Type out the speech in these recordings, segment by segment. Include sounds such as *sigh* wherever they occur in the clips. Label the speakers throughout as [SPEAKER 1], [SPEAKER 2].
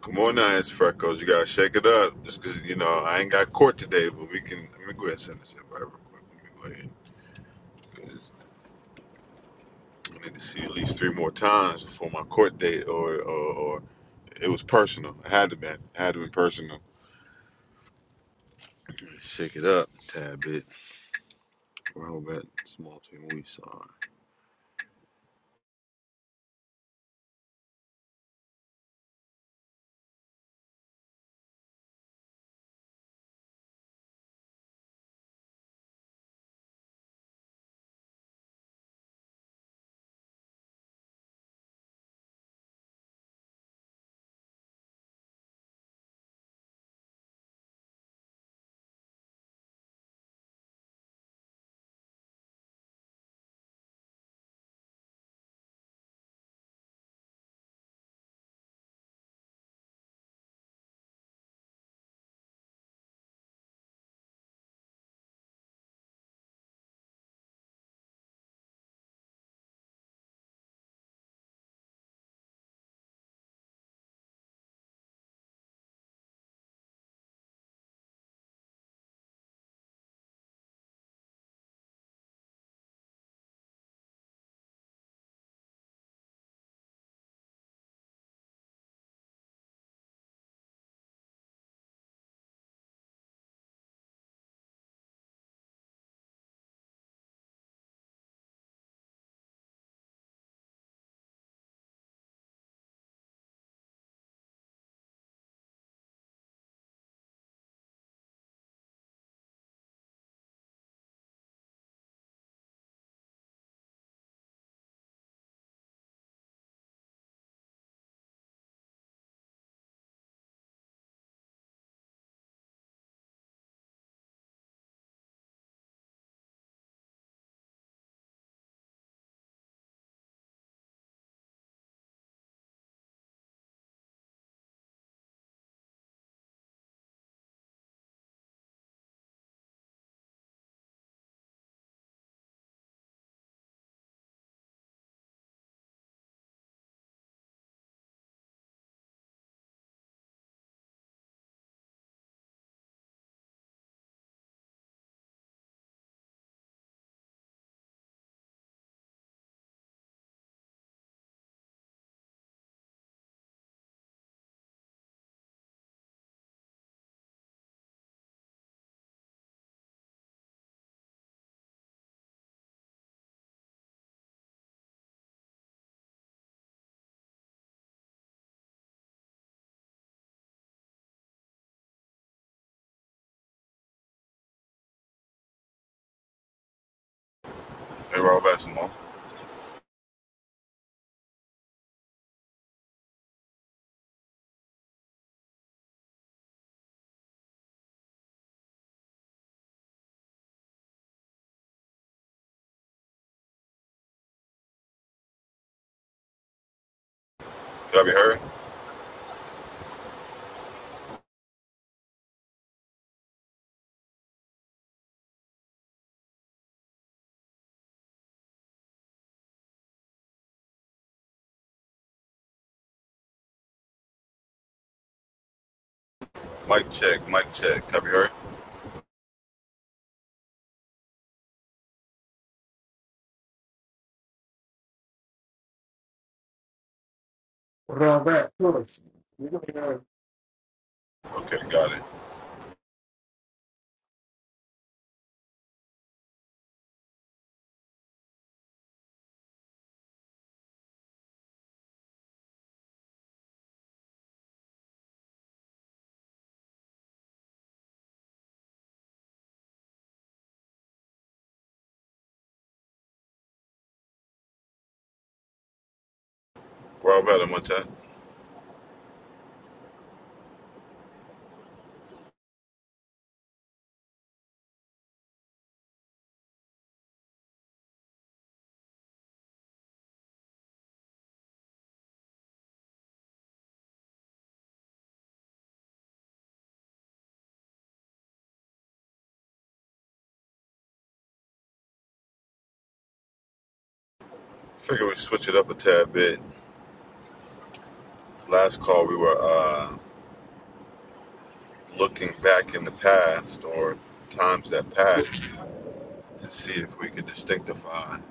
[SPEAKER 1] Come on now, it's Freckles. You gotta shake it up. Just 'cause you know, I ain't got court today, but we can. Let me go ahead and send this invite real quick. Let me go ahead. 'cause I need to see at least three more times before my court date, or, or, or it was personal. I had to be. It had to be personal. Shake it up a tad bit. Robert, small team, we saw. Hey, Robert, Simone. Can I be heard? Mic check, mic check. Can I be heard? Okay, got it. Robert, I'm on time. Figure we switch it up a tad bit. Last call, we were. uh looking back in the past or times that passed to see if we could distinctify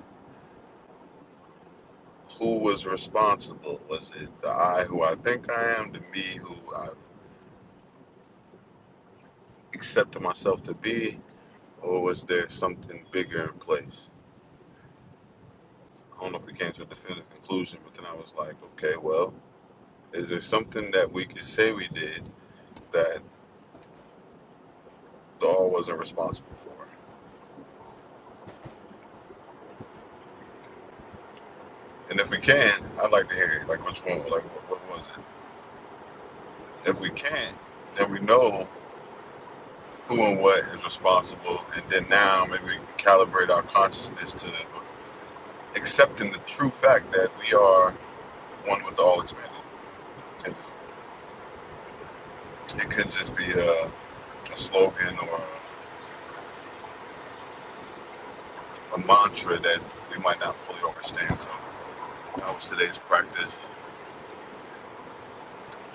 [SPEAKER 1] who was responsible. Was it the I who I think I am, the me who I've accepted myself to be, or was there something bigger in place? I don't know if we came to a definitive conclusion, but then I was like, okay, well, is there something that we could say we did that the all wasn't responsible for? And if we can, I'd like to hear it. Like, which one? Like, what, what was it? If we can't, then we know who and what is responsible, and then now maybe we can calibrate our consciousness to accepting the true fact that we are one with the all expanded. It it could just be a, a slogan or a mantra that we might not fully understand. So that was today's practice,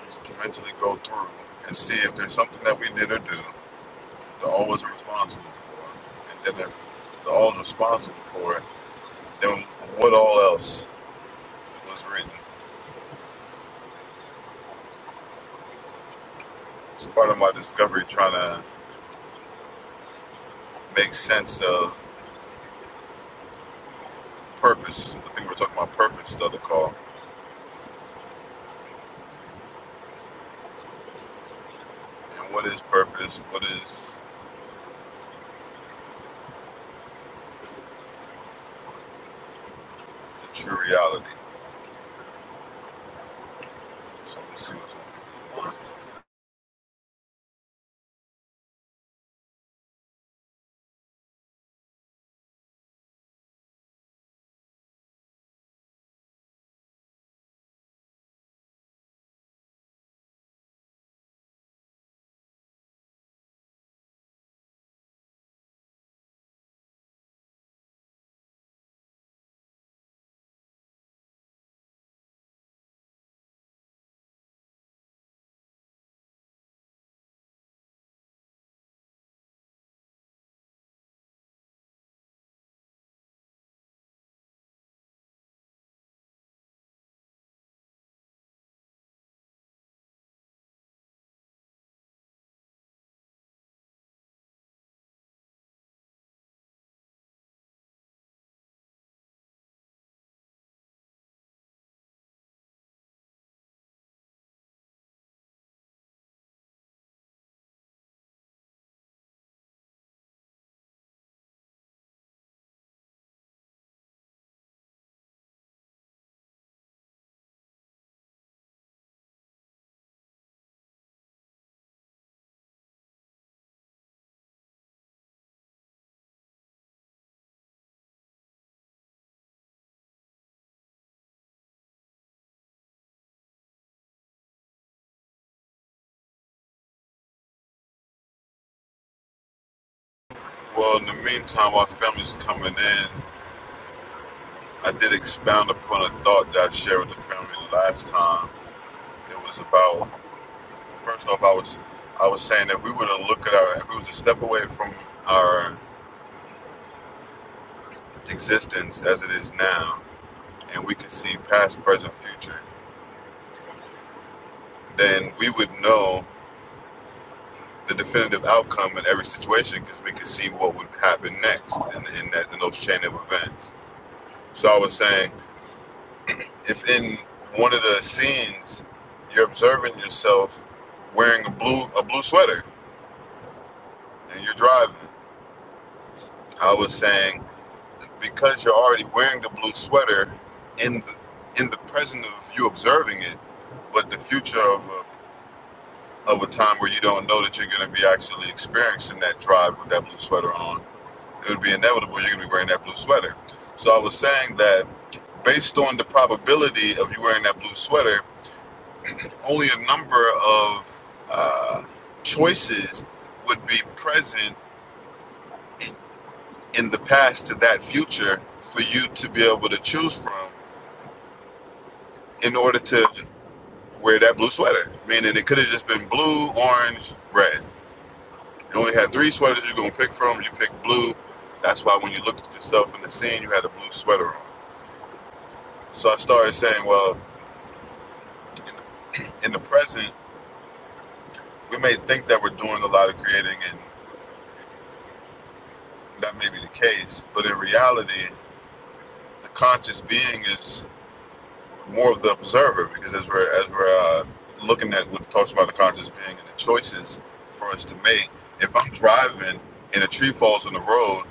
[SPEAKER 1] just to mentally go through and see if there's something that we did or do the all was responsible for, and then if the all is responsible for it, then what all else was written? It's part of my discovery trying to make sense of purpose. I think we we're talking about purpose the other call. And what is purpose? What is the true reality? So let's see what's on people's minds. Well, in the meantime, while family's coming in, I did expound upon a thought that I shared with the family last time. It was about first off, I was I was saying that if we were to look at our if we was to step away from our existence as it is now, and we could see past, present, future, then we would know. the definitive outcome in every situation because we could see what would happen next in, in that in those chain of events. So I was saying, if in one of the scenes you're observing yourself wearing a blue a blue sweater and you're driving, I was saying because you're already wearing the blue sweater in the in the present of you observing it, but the future of a, of a time where you don't know that you're going to be actually experiencing that drive with that blue sweater on it would be inevitable you're going to be wearing that blue sweater. So I was saying that based on the probability of you wearing that blue sweater, only a number of uh, choices would be present in the past to that future for you to be able to choose from in order to wear that blue sweater. Meaning it could have just been blue, orange, red. You only had three sweaters you're going to pick from. You picked blue. That's why when you looked at yourself in the scene, you had a blue sweater on. So I started saying, well, in the present, we may think that we're doing a lot of creating, and that may be the case. But in reality, the conscious being is more of the observer, because as we're as we're uh, looking at what talks about the conscious being and the choices for us to make. If I'm driving and a tree falls on the road,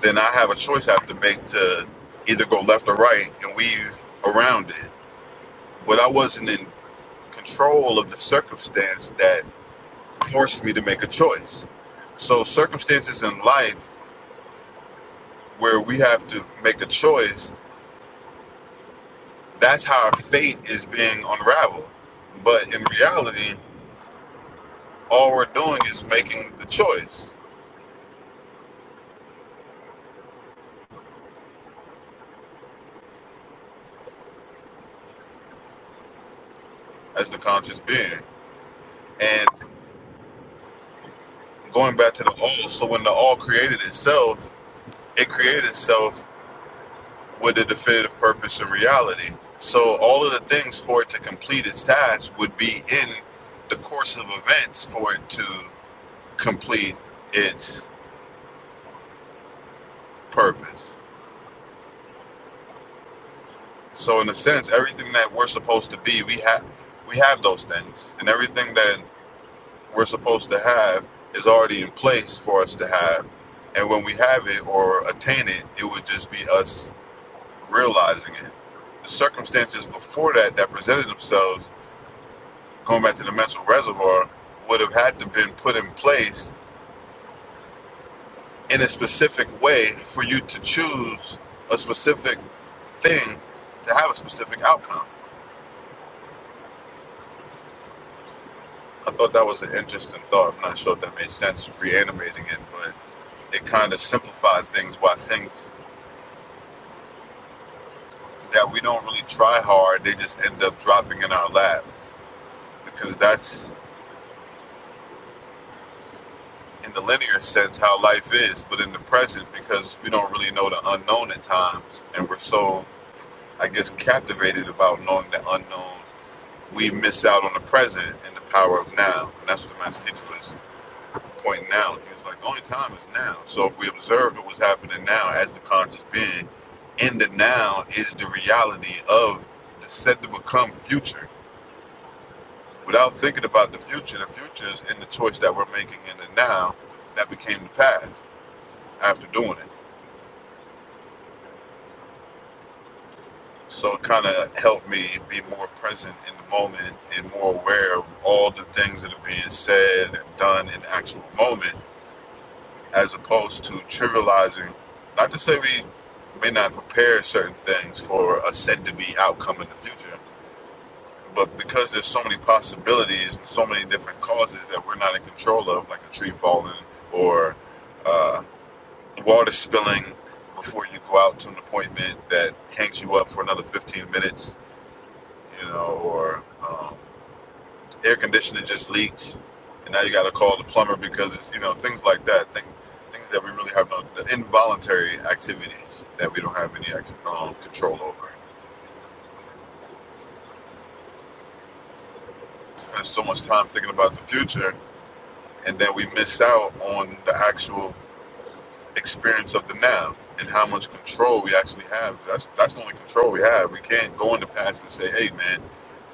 [SPEAKER 1] then I have a choice I have to make to either go left or right and weave around it. But I wasn't in control of the circumstance that forced me to make a choice. So circumstances in life where we have to make a choice, that's how our fate is being unraveled. But in reality, all we're doing is making the choice as the conscious being. And going back to the all, so when the all created itself, it created itself with a definitive purpose and reality. So all of the things for it to complete its task would be in the course of events for it to complete its. purpose. So in a sense, everything that we're supposed to be, we have we have those things, and everything that we're supposed to have is already in place for us to have. And when we have it or attain it, it would just be us realizing it. The circumstances before that that presented themselves, going back to the mental reservoir, would have had to been put in place in a specific way for you to choose a specific thing to have a specific outcome. I thought that was an interesting thought. I'm not sure if that made sense reanimating it, but it kind of simplified things why things that we don't really try hard, they just end up dropping in our lap because that's in the linear sense how life is, but in the present because we don't really know the unknown at times and we're so I guess captivated about knowing the unknown, we miss out on the present and the power of now. And that's what the master teacher was Pointing out, He was like, "The only time is now. So if we observe what's happening now as the conscious being, in the now is the reality of the said to become future. Without thinking about the future, the future is in the choice that we're making in the now that became the past after doing it. So it kind of helped me be more present in the moment and more aware of all the things that are being said and done in the actual moment as opposed to trivializing. Not to say we may not prepare certain things for a said to be outcome in the future, but because there's so many possibilities and so many different causes that we're not in control of, like a tree falling or uh, water spilling before you go out to an appointment that hangs you up for another 15 minutes, you know, or. Um, air conditioner just leaks, and now you got to call the plumber because it's, you know things like that. Things, things that we really have no the involuntary activities that we don't have any um, control over. We Spend so much time thinking about the future, and then we miss out on the actual experience of the now and how much control we actually have. That's that's the only control we have. We can't go in the past and say, "Hey, man,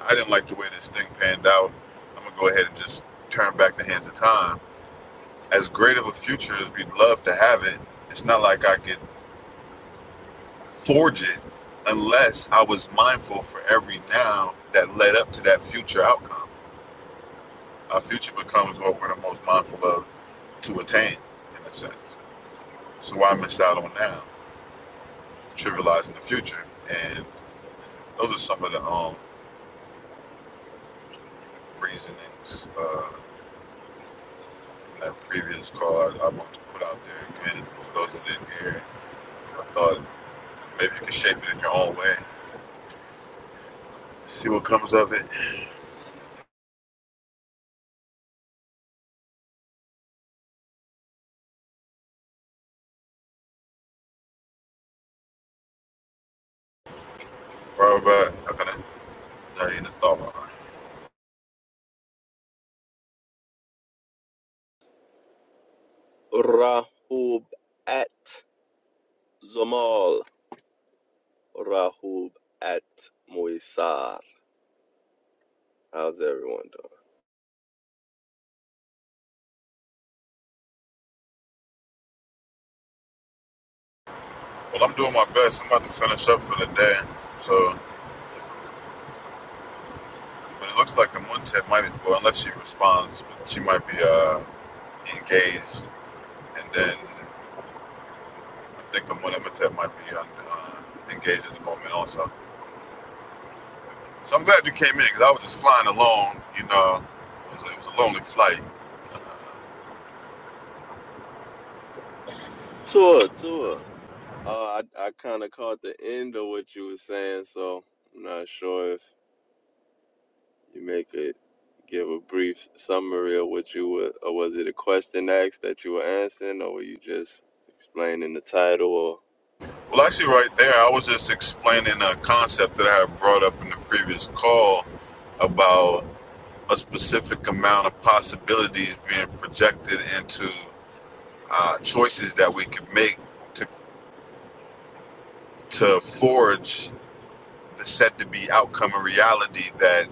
[SPEAKER 1] I didn't like the way this thing panned out. I'm gonna go ahead and just turn back the hands of time." as great of a future as we'd love to have it, it's not like I could forge it unless I was mindful for every now that led up to that future outcome. Our future becomes what we're the most mindful of to attain, in a sense. So why miss out on now, trivializing the future? And those are some of the um, reasonings uh, from that previous card I want to put out there again for those that didn't hear it. 'Cause I thought maybe you could shape it in your own way, see what comes of it Robert, I kinda that ain't a thought.
[SPEAKER 2] Rahub at Zomal. Rahub at Moisar. How's everyone doing?
[SPEAKER 1] Well I'm doing my best. I'm about to finish up for the day. So but it looks like the moon might be well unless she responds, but she might be uh engaged and then I think the moon might be uh, engaged at the moment also. So I'm glad you came in, cause I was just flying alone, you know. It was, it was a lonely flight. Uh,
[SPEAKER 2] Tour, tour. Uh, I, I kind of caught the end of what you were saying, so I'm not sure if you make it give a brief summary of what you were, or was it a question asked that you were answering, or were you just explaining the title? Or
[SPEAKER 1] well, actually, right there, I was just explaining a concept that I had brought up in the previous call about a specific amount of possibilities being projected into uh, choices that we can make to, to forge the said to be outcome and reality that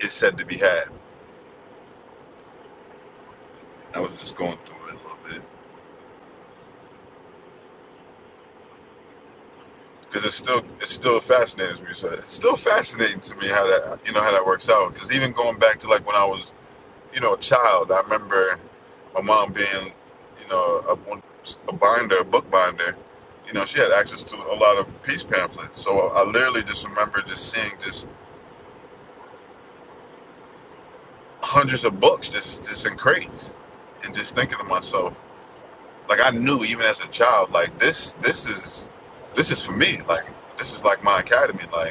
[SPEAKER 1] is said to be had. I was just going through it a little bit because it's still it's still fascinating to me. So it's still fascinating to me how that you know how that works out. Because even going back to like when I was you know, a child, I remember my mom being, you know, a, a binder, a book binder. You know, she had access to a lot of peace pamphlets. So I literally just remember just seeing just hundreds of books just, just in crates and just thinking to myself, like I knew even as a child, like this, this is, this is for me. Like this is like my academy. Like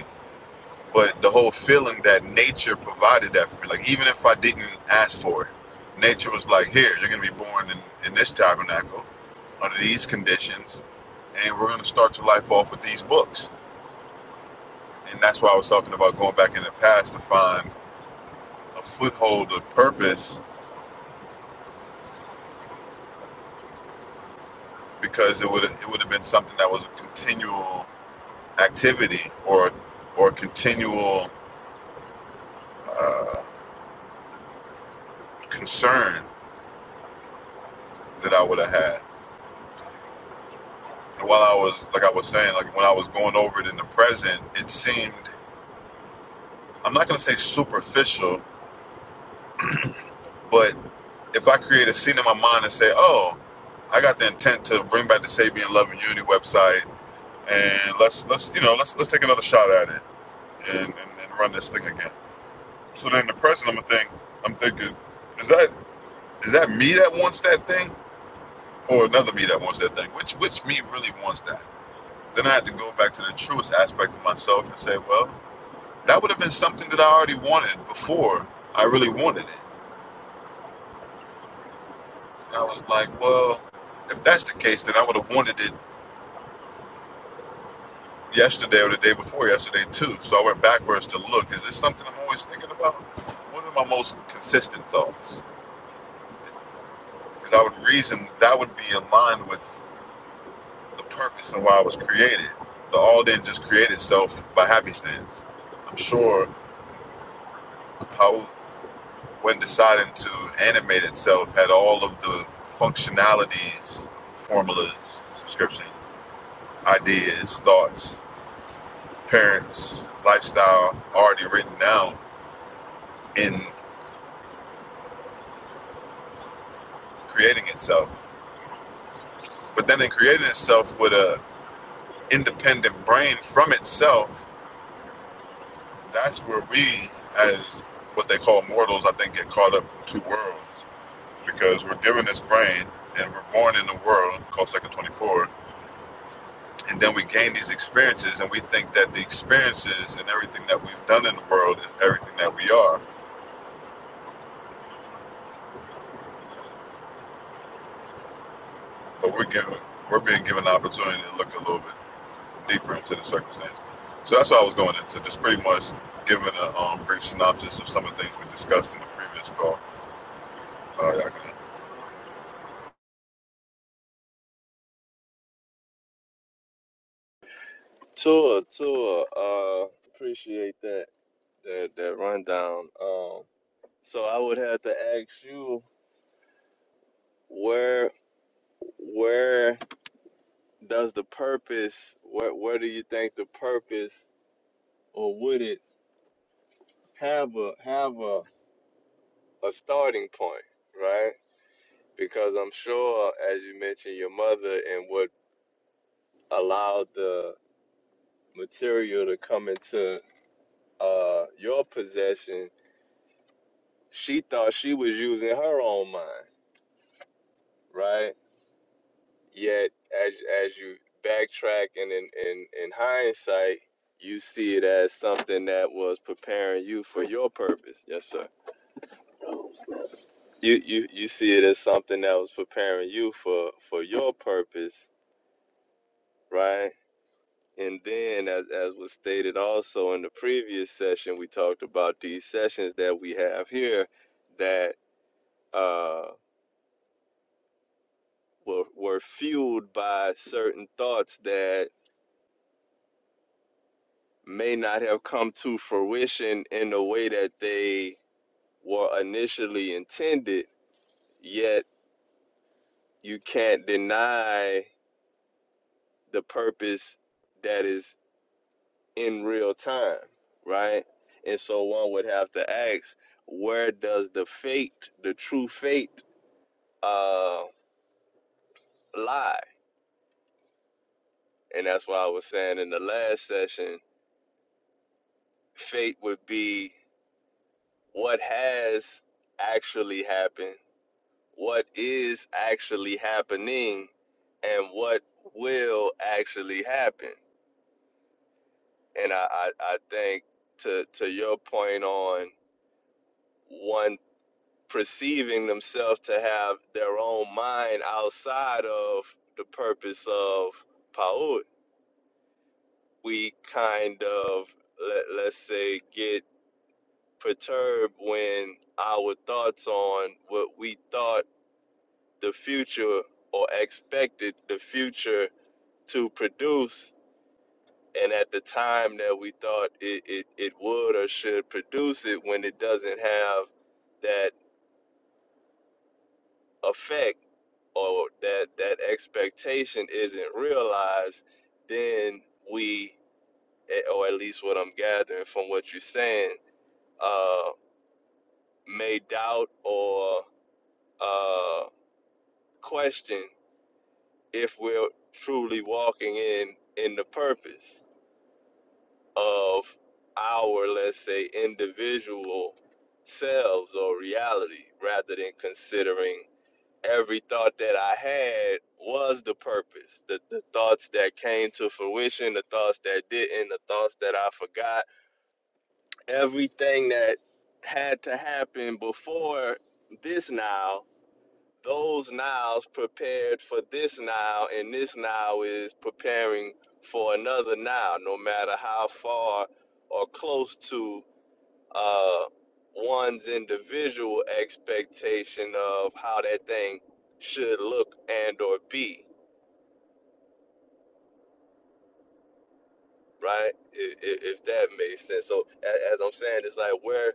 [SPEAKER 1] but the whole feeling that nature provided that for me like even if i didn't ask for it nature was like here you're going to be born in, in this tabernacle under these conditions and we're going to start your life off with these books and that's why i was talking about going back in the past to find a foothold of purpose because it would it would have been something that was a continual activity or or continual uh, concern that i would have had while I was like I was saying, like when I was going over it in the present, it seemed I'm not gonna say superficial, but if I create a scene in my mind and say, Oh, I got the intent to bring back the Sabian Love and Unity website and let's let's you know, let's let's take another shot at it and, and, and run this thing again. So then in the present I'm a think I'm thinking, is that is that me that wants that thing? Or another me that wants that thing? Which which me really wants that? Then I have to go back to the truest aspect of myself and say, well, that would have been something that I already wanted before I really wanted it. And I was like, well, if that's the case, then I would have wanted it yesterday or the day before yesterday too. So I went backwards to look. Is this something I'm always thinking about? What are my most consistent thoughts? Because I would reason that would be aligned with the purpose and why I was created. The all didn't just create itself by happenstance. I'm sure Paul when deciding to animate itself, had all of the functionalities, formulas, subscriptions, ideas, thoughts, parents, lifestyle already written down in creating itself. But then in creating itself with a independent brain from itself, that's where we as what they call mortals, I think, get caught up in two worlds because we're given this brain and we're born in a world called Second 24 and then we gain these experiences and we think that the experiences and everything that we've done in the world is everything that we are but we're given we're being given the opportunity to look a little bit deeper into the circumstance so that's what i was going into just pretty much giving a um, brief synopsis of some of the things we discussed in the previous call uh, y'all can,
[SPEAKER 2] tour, tour. Uh, appreciate that that that rundown. Um, so I would have to ask you where where does the purpose where where do you think the purpose or would it have a have a, a starting point right because i'm sure as you mentioned your mother and what allowed the material to come into uh your possession she thought she was using her own mind right Yet, as as you backtrack and in in, in hindsight, you see it as something that was preparing you for your purpose. Yes, sir. You you you see it as something that was preparing you for for your purpose, right? And then, as as was stated also in the previous session, we talked about these sessions that we have here that uh were were fueled by certain thoughts that may not have come to fruition in the way that they were initially intended, yet you can't deny the purpose that is in real time, right? And so one would have to ask, where does the fate, the true fate, uh, lie? And that's why I was saying in the last session, fate would be what has actually happened what is actually happening and what will actually happen. And I, I, I think to to your point on one perceiving themselves to have their own mind outside of the purpose of Paut, we kind of let, let's say get perturbed when our thoughts on what we thought the future or expected the future to produce and at the time that we thought it, it, it would or should produce it when it doesn't have that effect or that that expectation isn't realized then we eh, or at least what i'm gathering from what you're saying uh, may doubt or uh, question if we're truly walking in in the purpose of our, let's say, individual selves or reality rather than considering every thought that I had was the purpose. The, the thoughts that came to fruition, the thoughts that didn't, the thoughts that I forgot, everything that had to happen before this now those nows prepared for this now, and this now is preparing for another now. no matter how far or close to uh, one's individual expectation of how that thing should look and or be, right? If, if, if that makes sense. So a- as I'm saying, it's like where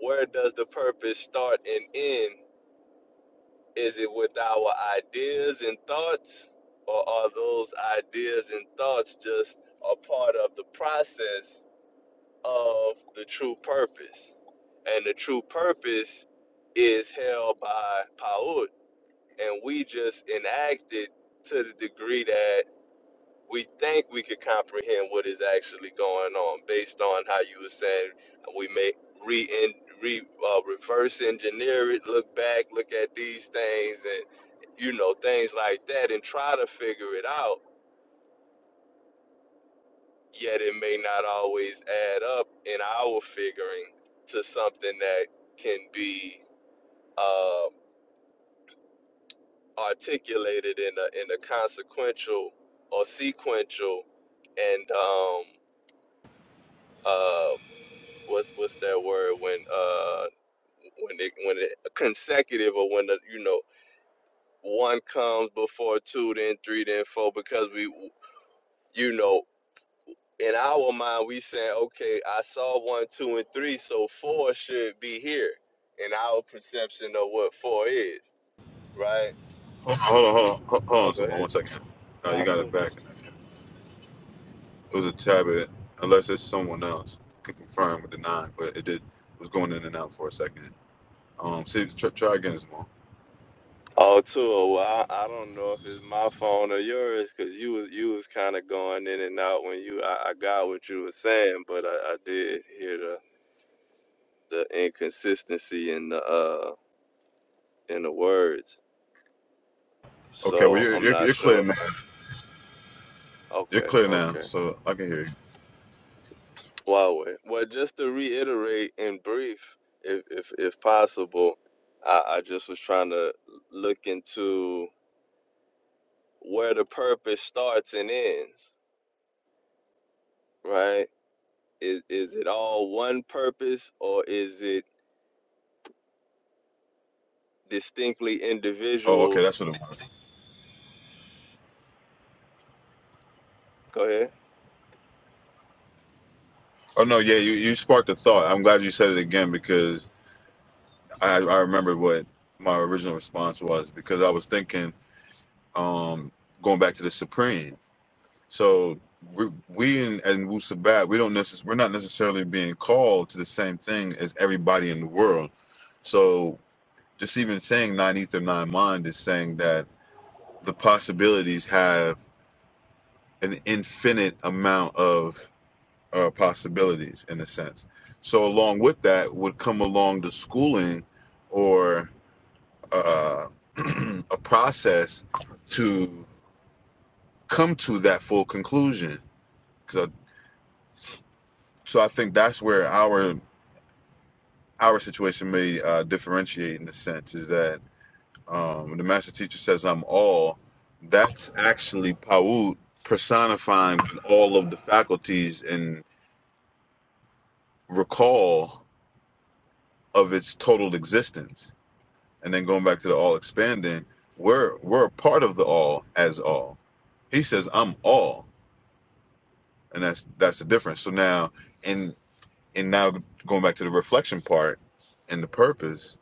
[SPEAKER 2] where does the purpose start and end Is it with our ideas and thoughts, or are those ideas and thoughts just a part of the process of the true purpose? And the true purpose is held by Paut, and we just enact it to the degree that we think we could comprehend what is actually going on based on how you were saying we may re, en- re uh, reverse engineer it look back look at these things and you know things like that and try to figure it out yet it may not always add up in our figuring to something that can be uh, articulated in a in a consequential or sequential and um, uh, what's what's that word when uh when it when it consecutive or when the you know one comes before two then three then four because we you know in our mind we saying okay I saw one two and three so four should be here in our perception of what four is right
[SPEAKER 1] hold on hold on hold on hold hold
[SPEAKER 2] oh
[SPEAKER 1] on
[SPEAKER 2] go
[SPEAKER 1] some
[SPEAKER 2] ahead
[SPEAKER 1] one second uh, you
[SPEAKER 2] no
[SPEAKER 1] got
[SPEAKER 2] two
[SPEAKER 1] it back it was a tab unless it's someone else can confirm or deny but it did was going in and out for a second um see try, try again Simone.
[SPEAKER 2] oh two oh, well I, I don't know if it's my phone or yours because you was you was kind of going in and out when you I, I got what you were saying but I, I did hear the the inconsistency in the uh in the words.
[SPEAKER 1] Okay, well
[SPEAKER 2] So
[SPEAKER 1] you're,
[SPEAKER 2] I'm
[SPEAKER 1] you're
[SPEAKER 2] not
[SPEAKER 1] you're clear
[SPEAKER 2] sure if
[SPEAKER 1] now.
[SPEAKER 2] I,
[SPEAKER 1] You're
[SPEAKER 2] okay,
[SPEAKER 1] clear now,
[SPEAKER 2] okay.
[SPEAKER 1] so I can hear you.
[SPEAKER 2] Wow. Well, just to reiterate in brief, if if if possible, I, I just was trying to look into where the purpose starts and ends, right? Is is it all one purpose or is it distinctly
[SPEAKER 1] Oh, okay,
[SPEAKER 2] individual?
[SPEAKER 1] that's what it was.
[SPEAKER 2] Go ahead.
[SPEAKER 1] Oh no, yeah, you you sparked a thought. I'm glad you said it again because I I remember what my original response was because I was thinking um going back to the Supreme. So we, we in and Wu Sabat, we don't necess- we're not necessarily being called to the same thing as everybody in the world. So just even saying nine ether nine mind is saying that the possibilities have an infinite amount of uh, possibilities in a sense. So along with that would come along the schooling or uh, *clears throat* a process to come to that full conclusion. So, So I think that's where our our situation may uh, differentiate in a sense is that um, the master teacher says I'm all. That's actually Paut personifying all of the faculties and recall of its total existence and then going back to the all expanding, we're we're a part of the all as all. He says, I'm all, and that's that's the difference. So now and and now going back to the reflection part and the purpose,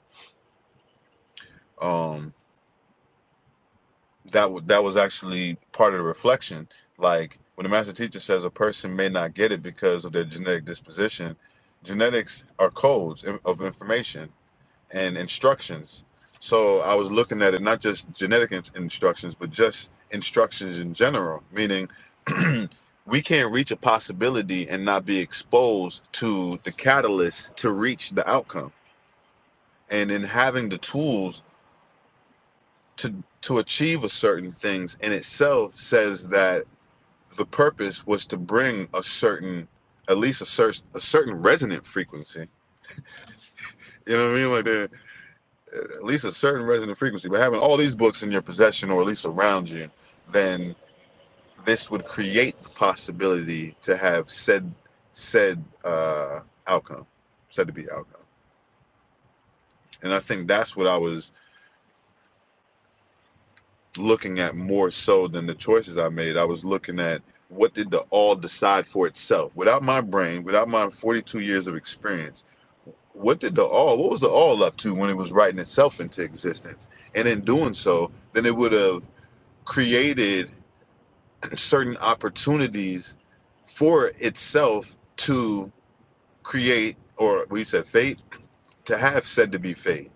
[SPEAKER 1] um, that w- that was actually part of the reflection. Like when the master teacher says a person may not get it because of their genetic disposition, genetics are codes of information and instructions. So I was looking at it not just genetic in- instructions, but just instructions in general, meaning *clears throat* we can't reach a possibility and not be exposed to the catalyst to reach the outcome. And in having the tools to to achieve a certain things in itself says that the purpose was to bring a certain at least a certain a certain resonant frequency. You know what I mean? Like at least a certain resonant frequency. But having all these books in your possession or at least around you, then this would create the possibility to have said said uh, outcome, said to be outcome. And I think that's what I was looking at more so than the choices I made. I was looking at what did the all decide for itself without my brain, without my 42 years of experience. What did the all? What was the all up to when it was writing itself into existence? And in doing so, then it would have created certain opportunities for itself to create, or we said fate, to have said to be fate.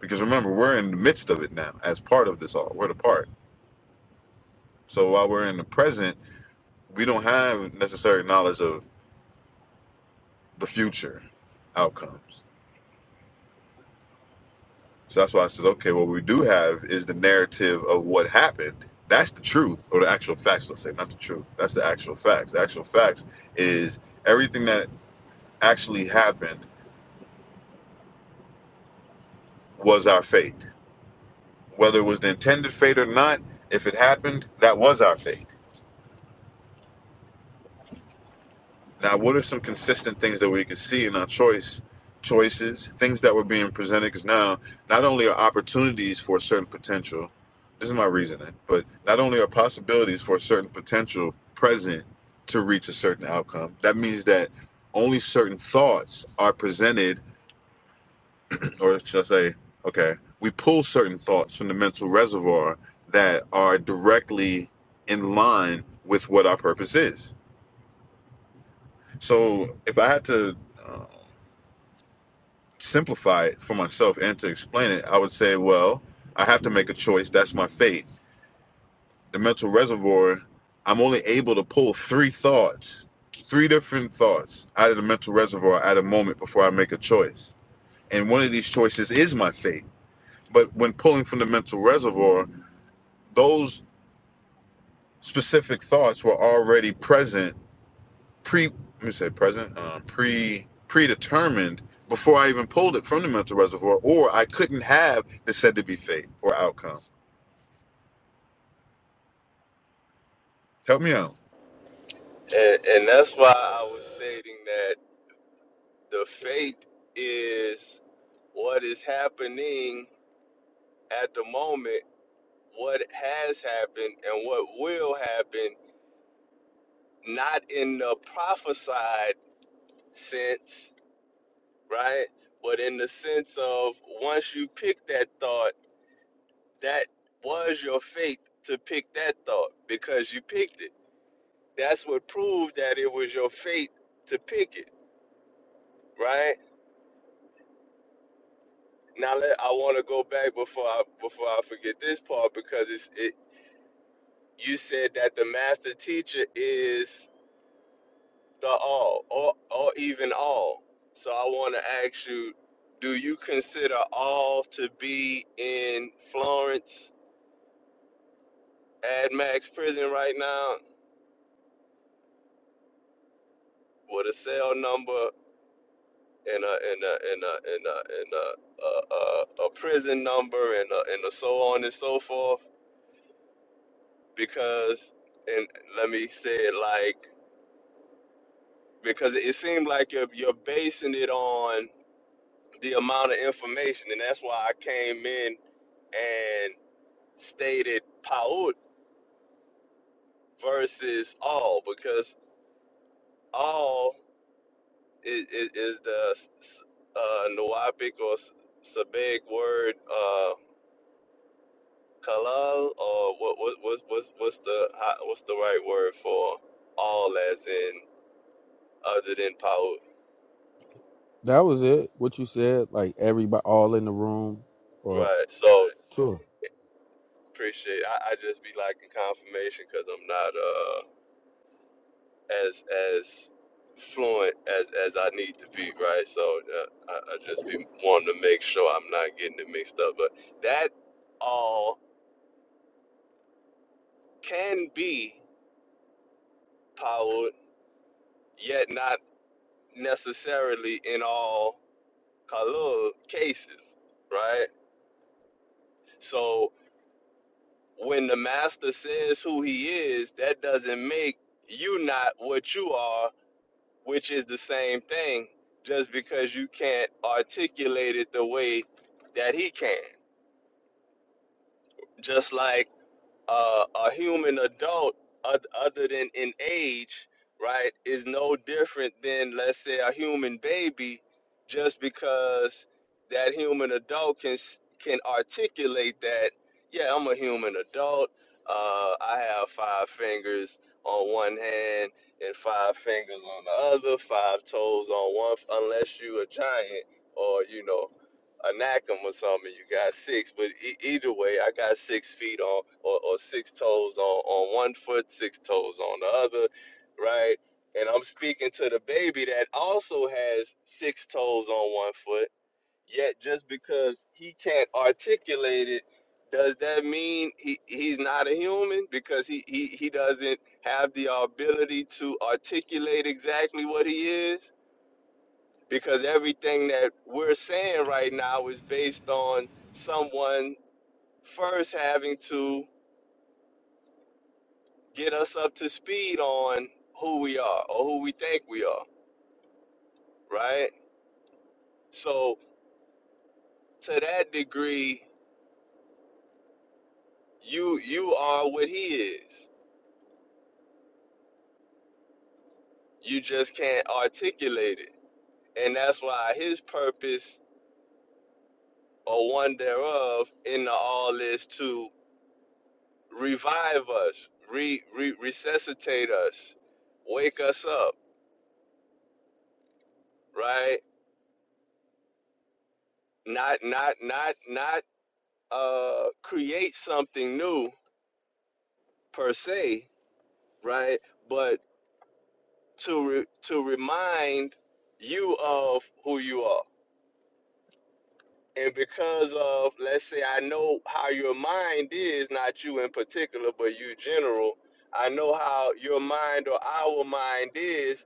[SPEAKER 1] Because remember, we're in the midst of it now as part of this all. We're the part. So while we're in the present, we don't have necessary knowledge of the future outcomes. So that's why I says, okay, what we do have is the narrative of what happened. That's the truth, or the actual facts, let's say, not the truth. That's the actual facts. The actual facts is everything that actually happened was our fate Whether it was the intended fate or not, if it happened, that was our fate. Now, what are some consistent things that we could see in our choice choices, things that were being presented? Because now, not only are opportunities for a certain potential, this is my reasoning, but not only are possibilities for a certain potential present to reach a certain outcome, that means that only certain thoughts are presented or should I say, okay, we pull certain thoughts from the mental reservoir that are directly in line with what our purpose is. So if I had to uh, simplify it for myself and to explain it, I would say, well, I have to make a choice. That's my fate. The mental reservoir, I'm only able to pull three thoughts, three different thoughts out of the mental reservoir at a moment before I make a choice. And one of these choices is my fate. But when pulling from the mental reservoir, those specific thoughts were already present pre let me say present uh, pre predetermined before I even pulled it from the mental reservoir or I couldn't have the said to be fate or outcome. Help me out.
[SPEAKER 2] And and that's why I was stating that The faith is what is happening at the moment, what has happened, and what will happen, not in the prophesied sense, right? But in the sense of once you pick that thought, that was your faith to pick that thought because you picked it. That's what proved that it was your faith to pick it, right? Now let, I want to go back before I before I forget this part because it's it. You said that the master teacher is the all, or or even all. So I want to ask you, do you consider all to be in Florence ad max prison right now with a cell number and a and a and a and a and a, a, a, a prison number and a, and a so on and so forth? Because and let me say it like because it seemed like you're you're basing it on. the amount of information, and that's why I came in and stated Paut versus all because all is, is, is the s- s- uh, Nuwapic or S- Sabaic word uh, kalal, or what, what, what, what's, what's the how- what's the right word for all as in other than Paut?
[SPEAKER 3] That was it. What you said, like everybody, all in the room, or
[SPEAKER 2] Right. So
[SPEAKER 3] tour,
[SPEAKER 2] appreciate. I, I just be liking confirmation because I'm not. uh, as as fluent as as I need to be, right? So uh, I, I just be wanting to make sure I'm not getting it mixed up. But that all can be powered, yet not necessarily in all kalul cases, right? So when the master says who he is, that doesn't make you not what you are which is the same thing, just because you can't articulate it the way that he can. Just like uh, a human adult oth- other than in age right is no different than let's say a human baby just because that human adult can s- can articulate that yeah i'm a human adult uh, i have five fingers on one hand and five fingers on the other five toes on one f- unless you a giant or you know anathema something. You got six, but e- either way, I got six feet on or, or six toes on on one foot, six toes on the other, right? And I'm speaking to the baby that also has six toes on one foot. Yet, just because he can't articulate it, does that mean he, he's not a human because he, he, he doesn't have the ability to articulate exactly what he is? because everything that we're saying right now is based on someone first having to get us up to speed on who we are or who we think we are, right? So to that degree, you you are what he is. You just can't articulate it. And that's why his purpose or one thereof in the all is to revive us, re, re resuscitate us, wake us up, right? not not not not uh create something new per se right but to re- to remind you of who you are and because of let's say i know how your mind is not you in particular but you general i know how your mind or our mind is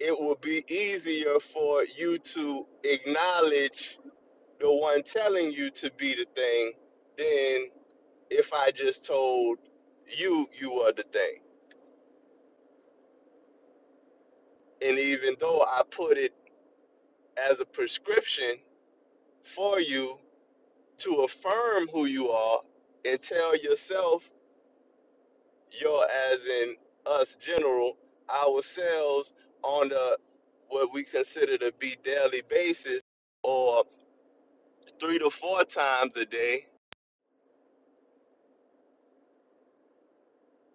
[SPEAKER 2] it will be easier for you to acknowledge the one telling you to be the thing than. if I just told you you are the thing. And even though I put it as a prescription for you to affirm who you are and tell yourself you're as in us general, ourselves on the what we consider to be daily basis or three to four times a day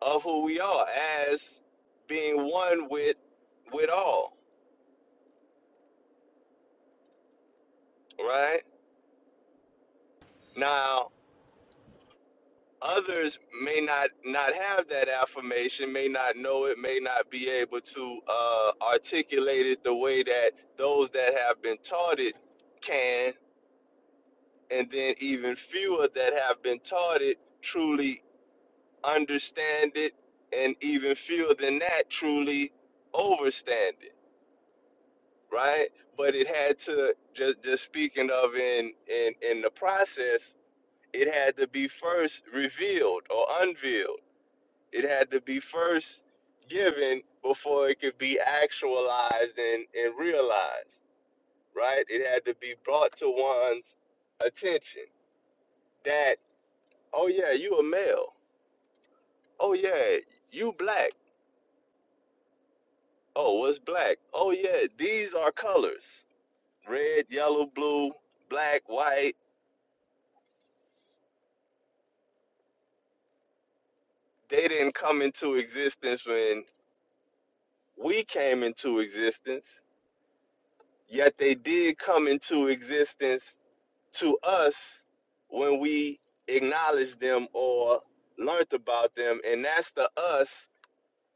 [SPEAKER 2] of who we are as being one with with all, right? Now others may not not have that affirmation may not know it may not be able to uh, articulate it the way that those that have been taught it can and then even fewer that have been taught it truly understand it and even fewer than that truly overstand it right but it had to just just speaking of in in in the process it had to be first revealed or unveiled It had to be first given before it could be actualized and, and realized, right? It had to be brought to one's attention that, oh yeah, you a male. Oh yeah, you black. Oh, what's black? Oh yeah, these are colors. Red, yellow, blue, black, white. They didn't come into existence when we came into existence, yet they did come into existence to us when we acknowledge them or learnt about them and that's the us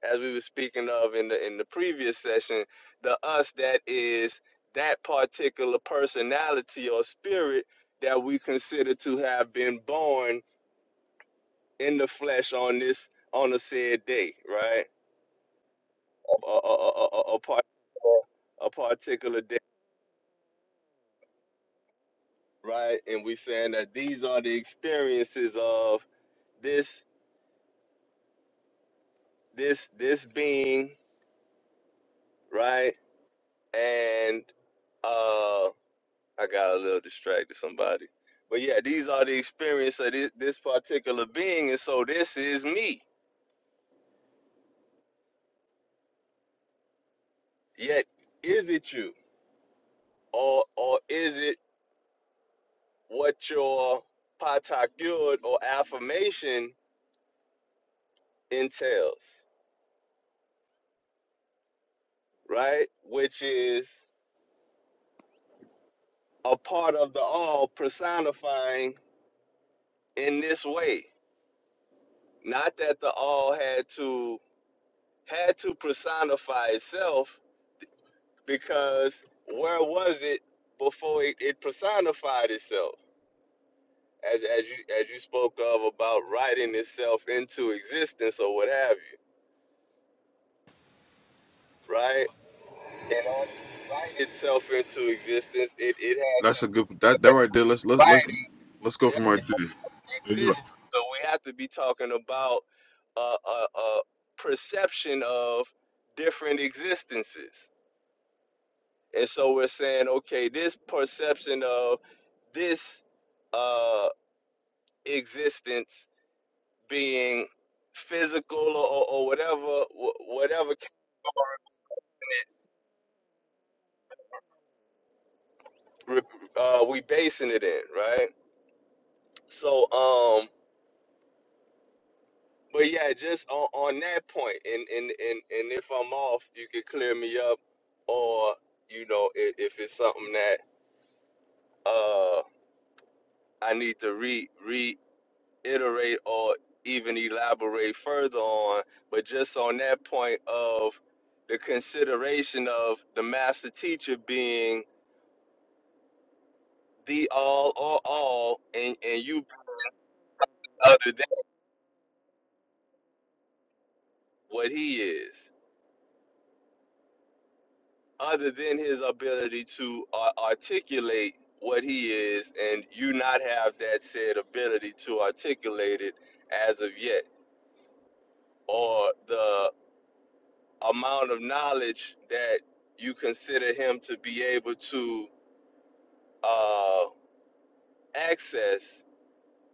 [SPEAKER 2] as we were speaking of in the in the previous session the us that is that particular personality or spirit that we consider to have been born in the flesh on this on a said day right a, a, a, a, a, a part, a particular day right and we saying that these are the experiences of this this this being right and uh i got a little distracted somebody but yeah these are the experience of this, this particular being and so this is me yet is it you or or is it what your patakud or affirmation entails right which is a part of the all personifying in this way not that the all had to had to personify itself because where was it before it, it personified itself? As as you as you spoke of about writing itself into existence or what have you, right? In order to write itself into existence, it, it had to
[SPEAKER 1] That's a good that that right there. Let's let's let's
[SPEAKER 2] write
[SPEAKER 1] let's go
[SPEAKER 2] their
[SPEAKER 1] from right there. Let's
[SPEAKER 2] existence. So we have to be talking about a, a, a perception of different existences And so we're saying, okay, this perception of this uh, existence being physical or, or whatever, wh- whatever uh, we basing it in, right? So, um, but yeah, just on, on that point, and, and and and if I'm off, you can clear me up, or you know, if, if it's something that uh I need to re re iterate or even elaborate further on, but just on that point of the consideration of the master teacher being the all or all, and, and you other than what he is, other than his ability to ar- articulate what he is, and you not have that said ability to articulate it as of yet, or the amount of knowledge that you consider him to be able to uh, access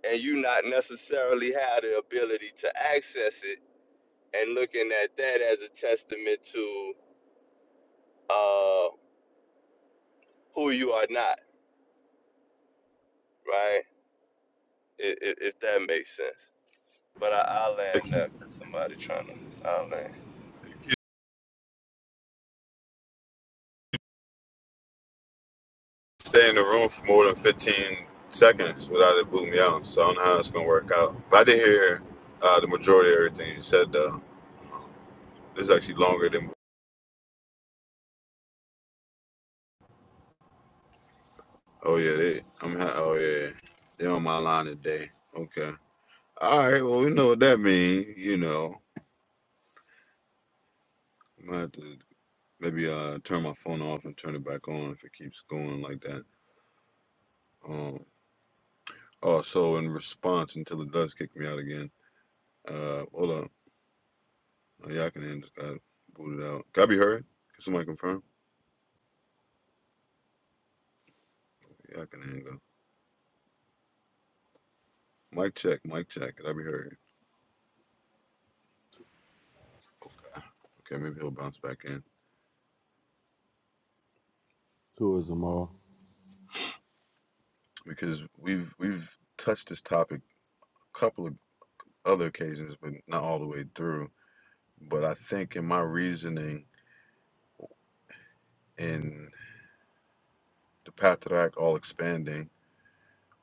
[SPEAKER 2] and you not necessarily have the ability to access it and looking at that as a testament to uh, who you are not, right? If, if, if that makes sense. But I, I'll
[SPEAKER 1] If
[SPEAKER 2] land that. Somebody trying to, I'll
[SPEAKER 1] you can stay in the room for more than fifteen seconds without it booting me out, so I don't know how it's gonna work out. But I did hear uh, the majority of everything you said though. Um, This is actually longer than Oh yeah, they. I'm. Ha- oh yeah, yeah. they on my line today. Okay. All right. Well, we know what that means. You know, I'm have to maybe uh turn my phone off and turn it back on if it keeps going like that. Um. Oh, so in response, until it does kick me out again. Uh, hold up. Uh, Yakanan just got booted out. Can I be heard? Can somebody confirm? Yakanan go. Mic check. Mic check. Can I be heard? Okay, maybe he'll bounce back in
[SPEAKER 3] tourism all.
[SPEAKER 1] because we've we've touched this topic a couple of other occasions, but not all the way through But I think in my reasoning in the Patriarch All Expanding,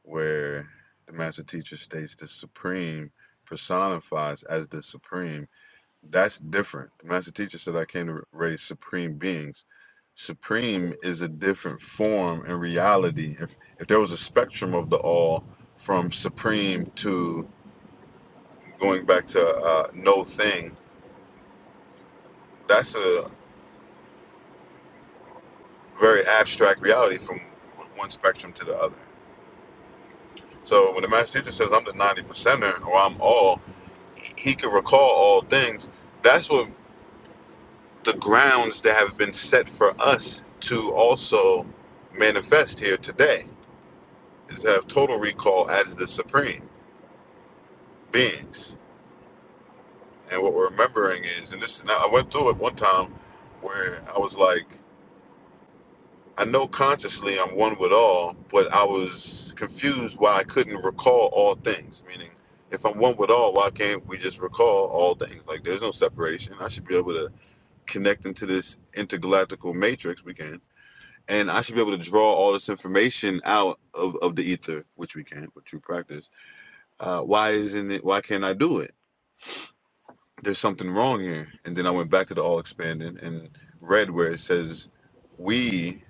[SPEAKER 1] where the master teacher states the supreme personifies as the supreme, that's different. The master teacher said I came to raise supreme beings. Supreme is a different form and reality. If if there was a spectrum of the all from supreme to going back to uh, no thing, that's a very abstract reality from one spectrum to the other. So when the master teacher says I'm the 90 percenter or I'm all, he can recall all things. That's what the grounds that have been set for us to also manifest here today is to have total recall as the supreme beings. And what we're remembering is, and this, now I went through it one time where I was like, I know consciously I'm one with all, but I was confused why I couldn't recall all things. Meaning, if I'm one with all, why can't we just recall all things? Like, there's no separation. I should be able to connect into this intergalactical matrix. We can. And I should be able to draw all this information out of, of the ether, which we can with true practice. Uh, why isn't it? Why can't I do it? there's something wrong here. And then I went back to the All Expanded and read where it says, We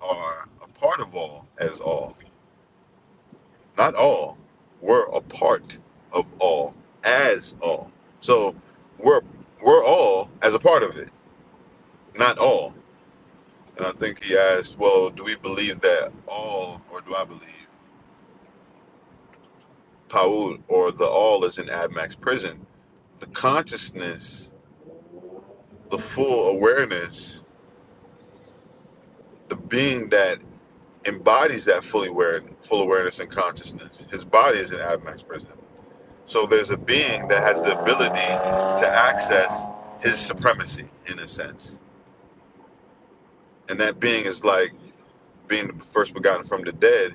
[SPEAKER 1] are a part of all as all. Not all. We're a part of all as all. So we're we're all as a part of it, not all. And I think he asked, Well, do we believe that all or do I believe Paul or the all is in Admax prison? The consciousness, the full awareness, the being that embodies that fully aware, full awareness and consciousness. His body is an Admax prison. So there's a being that has the ability to access his supremacy in a sense. And that being is like being the first begotten from the dead.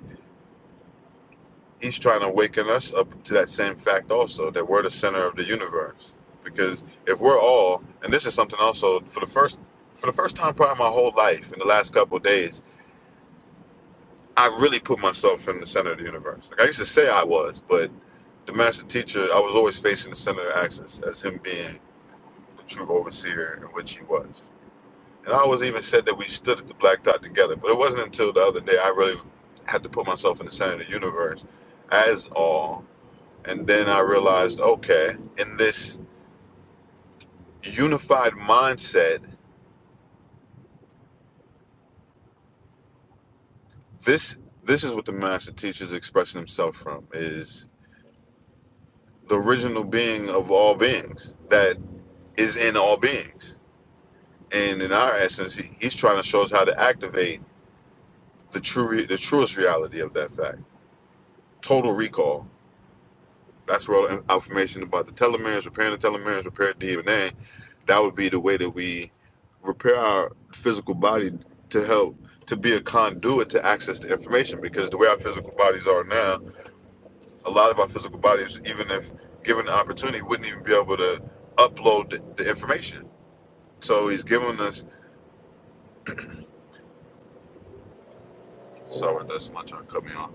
[SPEAKER 1] He's trying to awaken us up to that same fact also that we're the center of the universe. Because if we're all, and this is something also for the first for the first time probably my whole life in the last couple of days, I really put myself in the center of the universe. Like I used to say I was, but The master teacher, I was always facing the center of axis as him being the true overseer in which he was. And I always even said that we stood at the black dot together, but it wasn't until the other day I really had to put myself in the center of the universe as all. And then I realized, okay, in this unified mindset, this this is what the master teacher is expressing himself from is the original being of all beings that is in all beings. And in our essence, he, he's trying to show us how to activate the true re- the truest reality of that fact. Total recall. That's where all the information about the telomeres, repairing the telomeres, repair DNA. That would be the way that we repair our physical body to help to be a conduit to access the information. Because the way our physical bodies are now, a lot of our physical bodies, even if given the opportunity, wouldn't even be able to upload the, the information. So he's giving us. Sorry, that's my turn. Cut me off.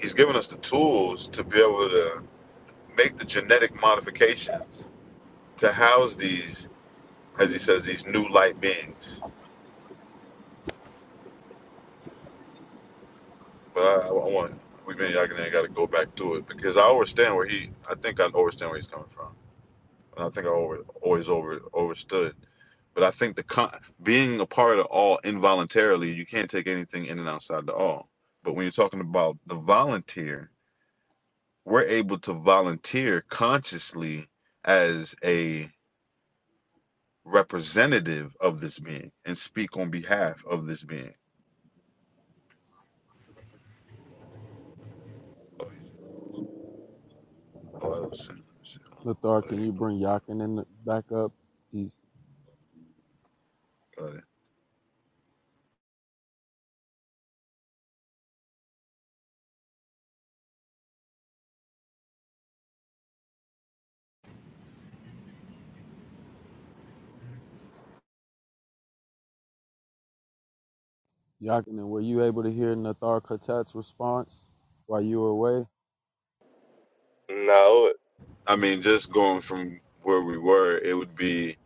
[SPEAKER 1] He's giving us the tools to be able to make the genetic modifications to house these, as he says, these new light beings. But I, I want we mean I got to go back to it because I understand where he. I think I understand where he's coming from, and I think I over, always over overstood. But I think the con- being a part of all involuntarily, you can't take anything in and outside the all. But when you're talking about the volunteer, we're able to volunteer consciously as a representative of this being and speak on behalf of this being Oh, shit, shit.
[SPEAKER 3] Nathar,
[SPEAKER 1] Oh, there
[SPEAKER 3] can you
[SPEAKER 1] it goes.
[SPEAKER 3] bring Yakin in the, back up? He's
[SPEAKER 1] Got it.
[SPEAKER 3] Yakin, and were you able to hear Nathar Khatat's response while you were away?
[SPEAKER 2] land. No,
[SPEAKER 1] I mean, just going from where we were, it would be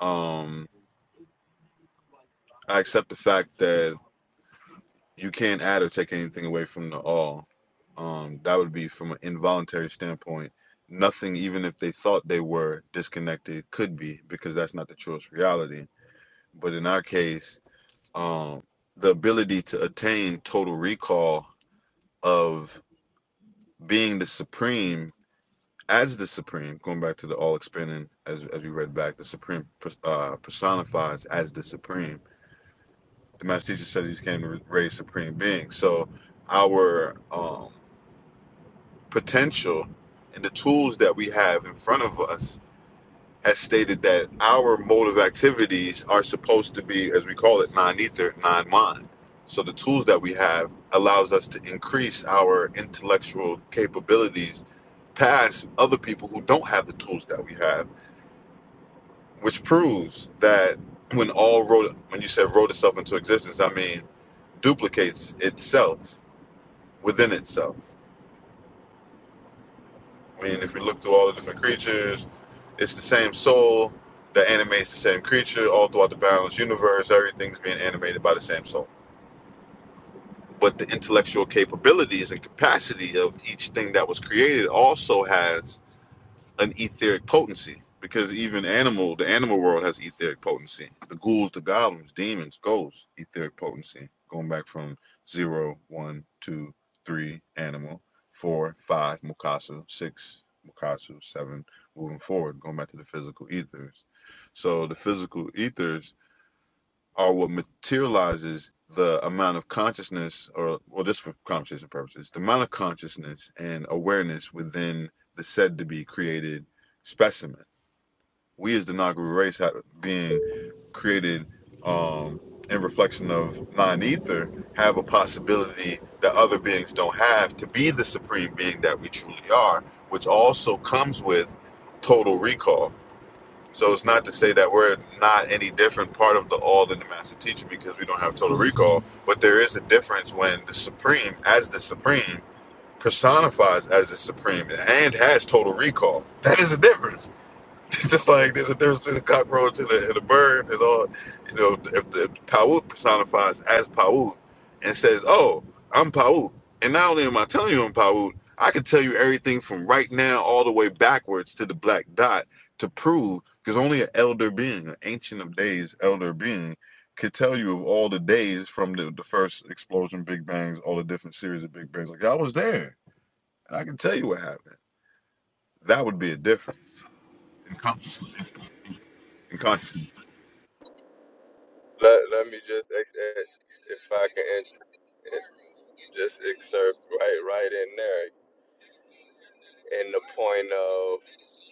[SPEAKER 1] um, I accept the fact that you can't add or take anything away from the all. Um, that would be from an involuntary standpoint. Nothing, even if they thought they were disconnected, could be because that's not the truest reality. But in our case, um, the ability to attain total recall of being the supreme as the supreme going back to the all expanding as as we read back the supreme uh, personifies as the supreme the master teacher said he's came to raise supreme being so our um, potential and the tools that we have in front of us has stated that our mode of activities are supposed to be as we call it non-ether non-mind so the tools that we have allows us to increase our intellectual capabilities past other people who don't have the tools that we have which proves that when all wrote when you said wrote itself into existence, I mean duplicates itself within itself. I mean, if we look through all the different creatures, it's the same soul that animates the same creature all throughout the balanced universe. Everything's being animated by the same soul. But the intellectual capabilities and capacity of each thing that was created also has an etheric potency because even animal, the animal world has etheric potency. The ghouls, the goblins, demons, ghosts, etheric potency. Going back from zero, one, two, three, animal, four, five, Mukasu, six, Mukasu, seven, moving forward, going back to the physical ethers. So the physical ethers are what materializes the amount of consciousness, or well, just for conversation purposes, the amount of consciousness and awareness within the said to be created specimen. We as the Nagaru race have, being created um, in reflection of non ether have a possibility that other beings don't have to be the supreme being that we truly are, which also comes with total recall so it's not to say that we're not any different part of the all in the master teacher because we don't have total recall, but there is a difference when the supreme, as the supreme, personifies as the supreme and has total recall. That is a difference. *laughs* just like there's a difference between a cockroach and a, and a bird and all you know if the if Paut personifies as Paut and says oh I'm Paut and not only am I telling you I'm Paut I can tell you everything from right now all the way backwards to the black dot to prove because only an elder being an ancient of days elder being could tell you of all the days from the, the first explosion big bangs all the different series of big bangs like I was there and I can tell you what happened that would be a difference In consciousness. in consciousness
[SPEAKER 2] let, let me just, ex- ex- if I can int- it- just excerpt right, right in there in the point of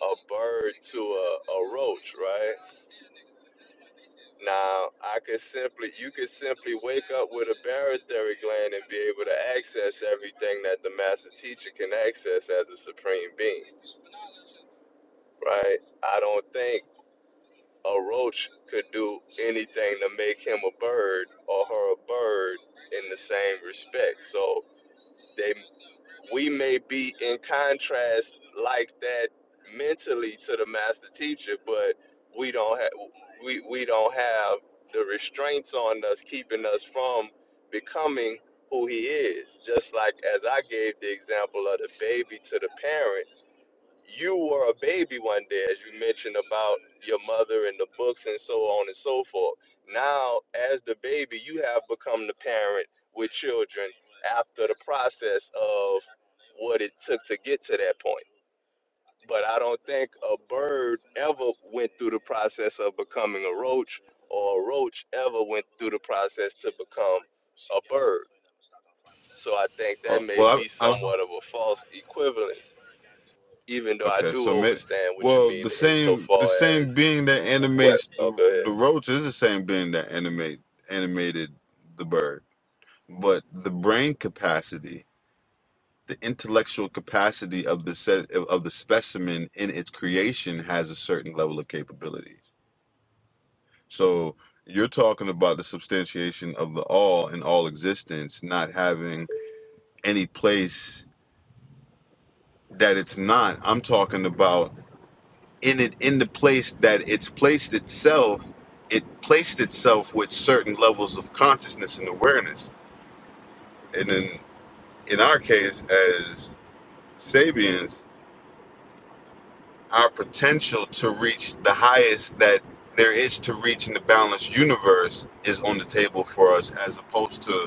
[SPEAKER 2] a bird to a, a roach, right? Now, I could simply, you could simply wake up with a barytheric gland and be able to access everything that the master teacher can access as a supreme being, right? I don't think a roach could do anything to make him a bird or her a bird in the same respect. So they we may be in contrast like that mentally to the master teacher, but we don't have we, we don't have the restraints on us keeping us from becoming who he is. Just like as I gave the example of the baby to the parent, you were a baby one day, as you mentioned about your mother and the books and so on and so forth. Now, as the baby, you have become the parent with children after the process of what it took to get to that point. But I don't think a bird ever went through the process of becoming a roach, or a roach ever went through the process to become a bird. So I think
[SPEAKER 1] Uh,
[SPEAKER 2] that may
[SPEAKER 1] well,
[SPEAKER 2] be
[SPEAKER 1] I, I don't know.
[SPEAKER 2] somewhat of a false equivalence even though I
[SPEAKER 1] Okay,
[SPEAKER 2] do
[SPEAKER 1] so maybe.
[SPEAKER 2] understand what you
[SPEAKER 1] Well,
[SPEAKER 2] mean
[SPEAKER 1] the same the
[SPEAKER 2] insofar as
[SPEAKER 1] same being that
[SPEAKER 2] what
[SPEAKER 1] animates
[SPEAKER 2] oh
[SPEAKER 1] the
[SPEAKER 2] go ahead.
[SPEAKER 1] the roach is the same being that animate animated the bird, but the brain capacity, the intellectual capacity of the set of the specimen in its creation has a certain level of capabilities. So you're talking about the substantiation of the all in all existence, not having any place that it's not. I'm talking about in it in the place that it's placed itself it placed itself with certain levels of consciousness and awareness and in in our case as sabians our potential to reach the highest that there is to reach in the balanced universe is on the table for us as opposed to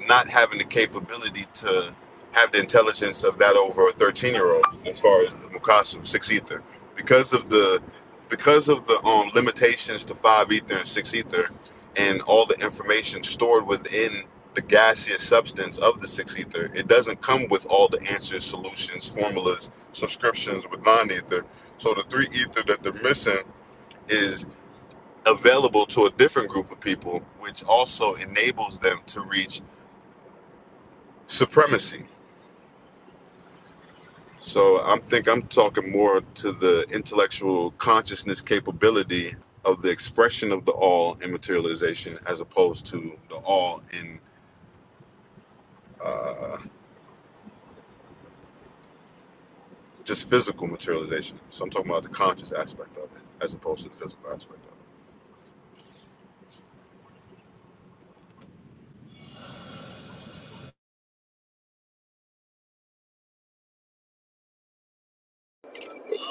[SPEAKER 1] not having the capability to have the intelligence of that over a 13 year old as far as the Mukasu, 6 ether. Because of the because of the um, limitations to 5 ether and 6 ether and all the information stored within the gaseous substance of the 6 ether, it doesn't come with all the answers, solutions, formulas, subscriptions with non ether. So the 3 ether that they're missing is available to a different group of people, which also enables them to reach supremacy So I think I'm talking more to the intellectual consciousness capability of the expression of the all in materialization as opposed to the all in uh, just physical materialization. So I'm talking about the conscious aspect of it as opposed to the physical aspect of it.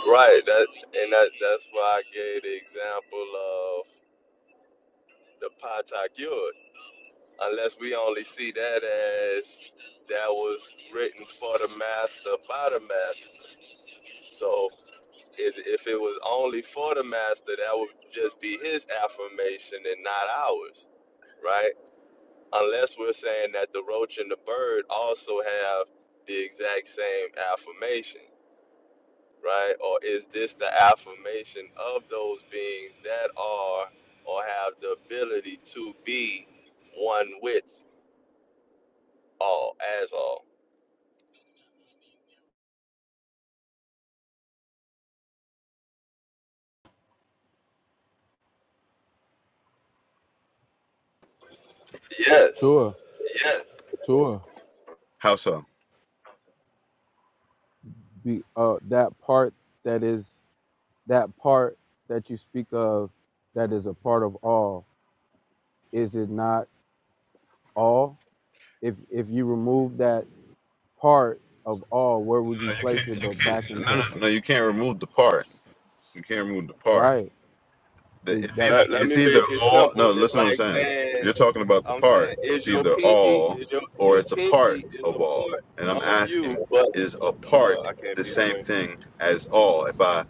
[SPEAKER 2] Right, that and that that's why I gave the example of the Patak Unless we only see that as that was written for the master by the master. So is if it was only for the master, that would just be his affirmation and not ours, right? Unless we're saying that the roach and the bird also have the exact same affirmation. right? Or is this the affirmation of those beings that are or have the ability to be one with all, as all? Yes.
[SPEAKER 3] Tour, tour.
[SPEAKER 1] How so?
[SPEAKER 3] Be uh that part that is that part that you speak of that is a part of all. Is it not all? If if you remove that part of all, where would you
[SPEAKER 1] No, you
[SPEAKER 3] place
[SPEAKER 1] can't.
[SPEAKER 3] it?
[SPEAKER 1] You
[SPEAKER 3] But
[SPEAKER 1] can't.
[SPEAKER 3] back
[SPEAKER 1] No,
[SPEAKER 3] into
[SPEAKER 1] no, no. You can't remove the part. You can't remove the part.
[SPEAKER 3] right. It,
[SPEAKER 1] It's
[SPEAKER 3] that
[SPEAKER 1] either
[SPEAKER 2] Let, let
[SPEAKER 3] and
[SPEAKER 2] me
[SPEAKER 1] it's either
[SPEAKER 2] make it
[SPEAKER 1] all.
[SPEAKER 2] simple.
[SPEAKER 1] No,
[SPEAKER 2] It's
[SPEAKER 1] listen, to what I'm
[SPEAKER 2] like
[SPEAKER 1] saying.
[SPEAKER 2] saying,
[SPEAKER 1] You're talking about the
[SPEAKER 2] I'm saying,
[SPEAKER 1] part.
[SPEAKER 2] is
[SPEAKER 1] It's
[SPEAKER 2] your
[SPEAKER 1] either
[SPEAKER 2] pinky,
[SPEAKER 1] all
[SPEAKER 2] is your, your
[SPEAKER 1] or it's a
[SPEAKER 2] pinky
[SPEAKER 1] part
[SPEAKER 2] is
[SPEAKER 1] of all. And
[SPEAKER 2] a
[SPEAKER 1] I'm
[SPEAKER 2] part of you,
[SPEAKER 1] asking,
[SPEAKER 2] but
[SPEAKER 1] is a
[SPEAKER 2] oh,
[SPEAKER 1] part
[SPEAKER 2] I can't
[SPEAKER 1] the
[SPEAKER 2] be
[SPEAKER 1] same
[SPEAKER 2] heard.
[SPEAKER 1] thing as all? If I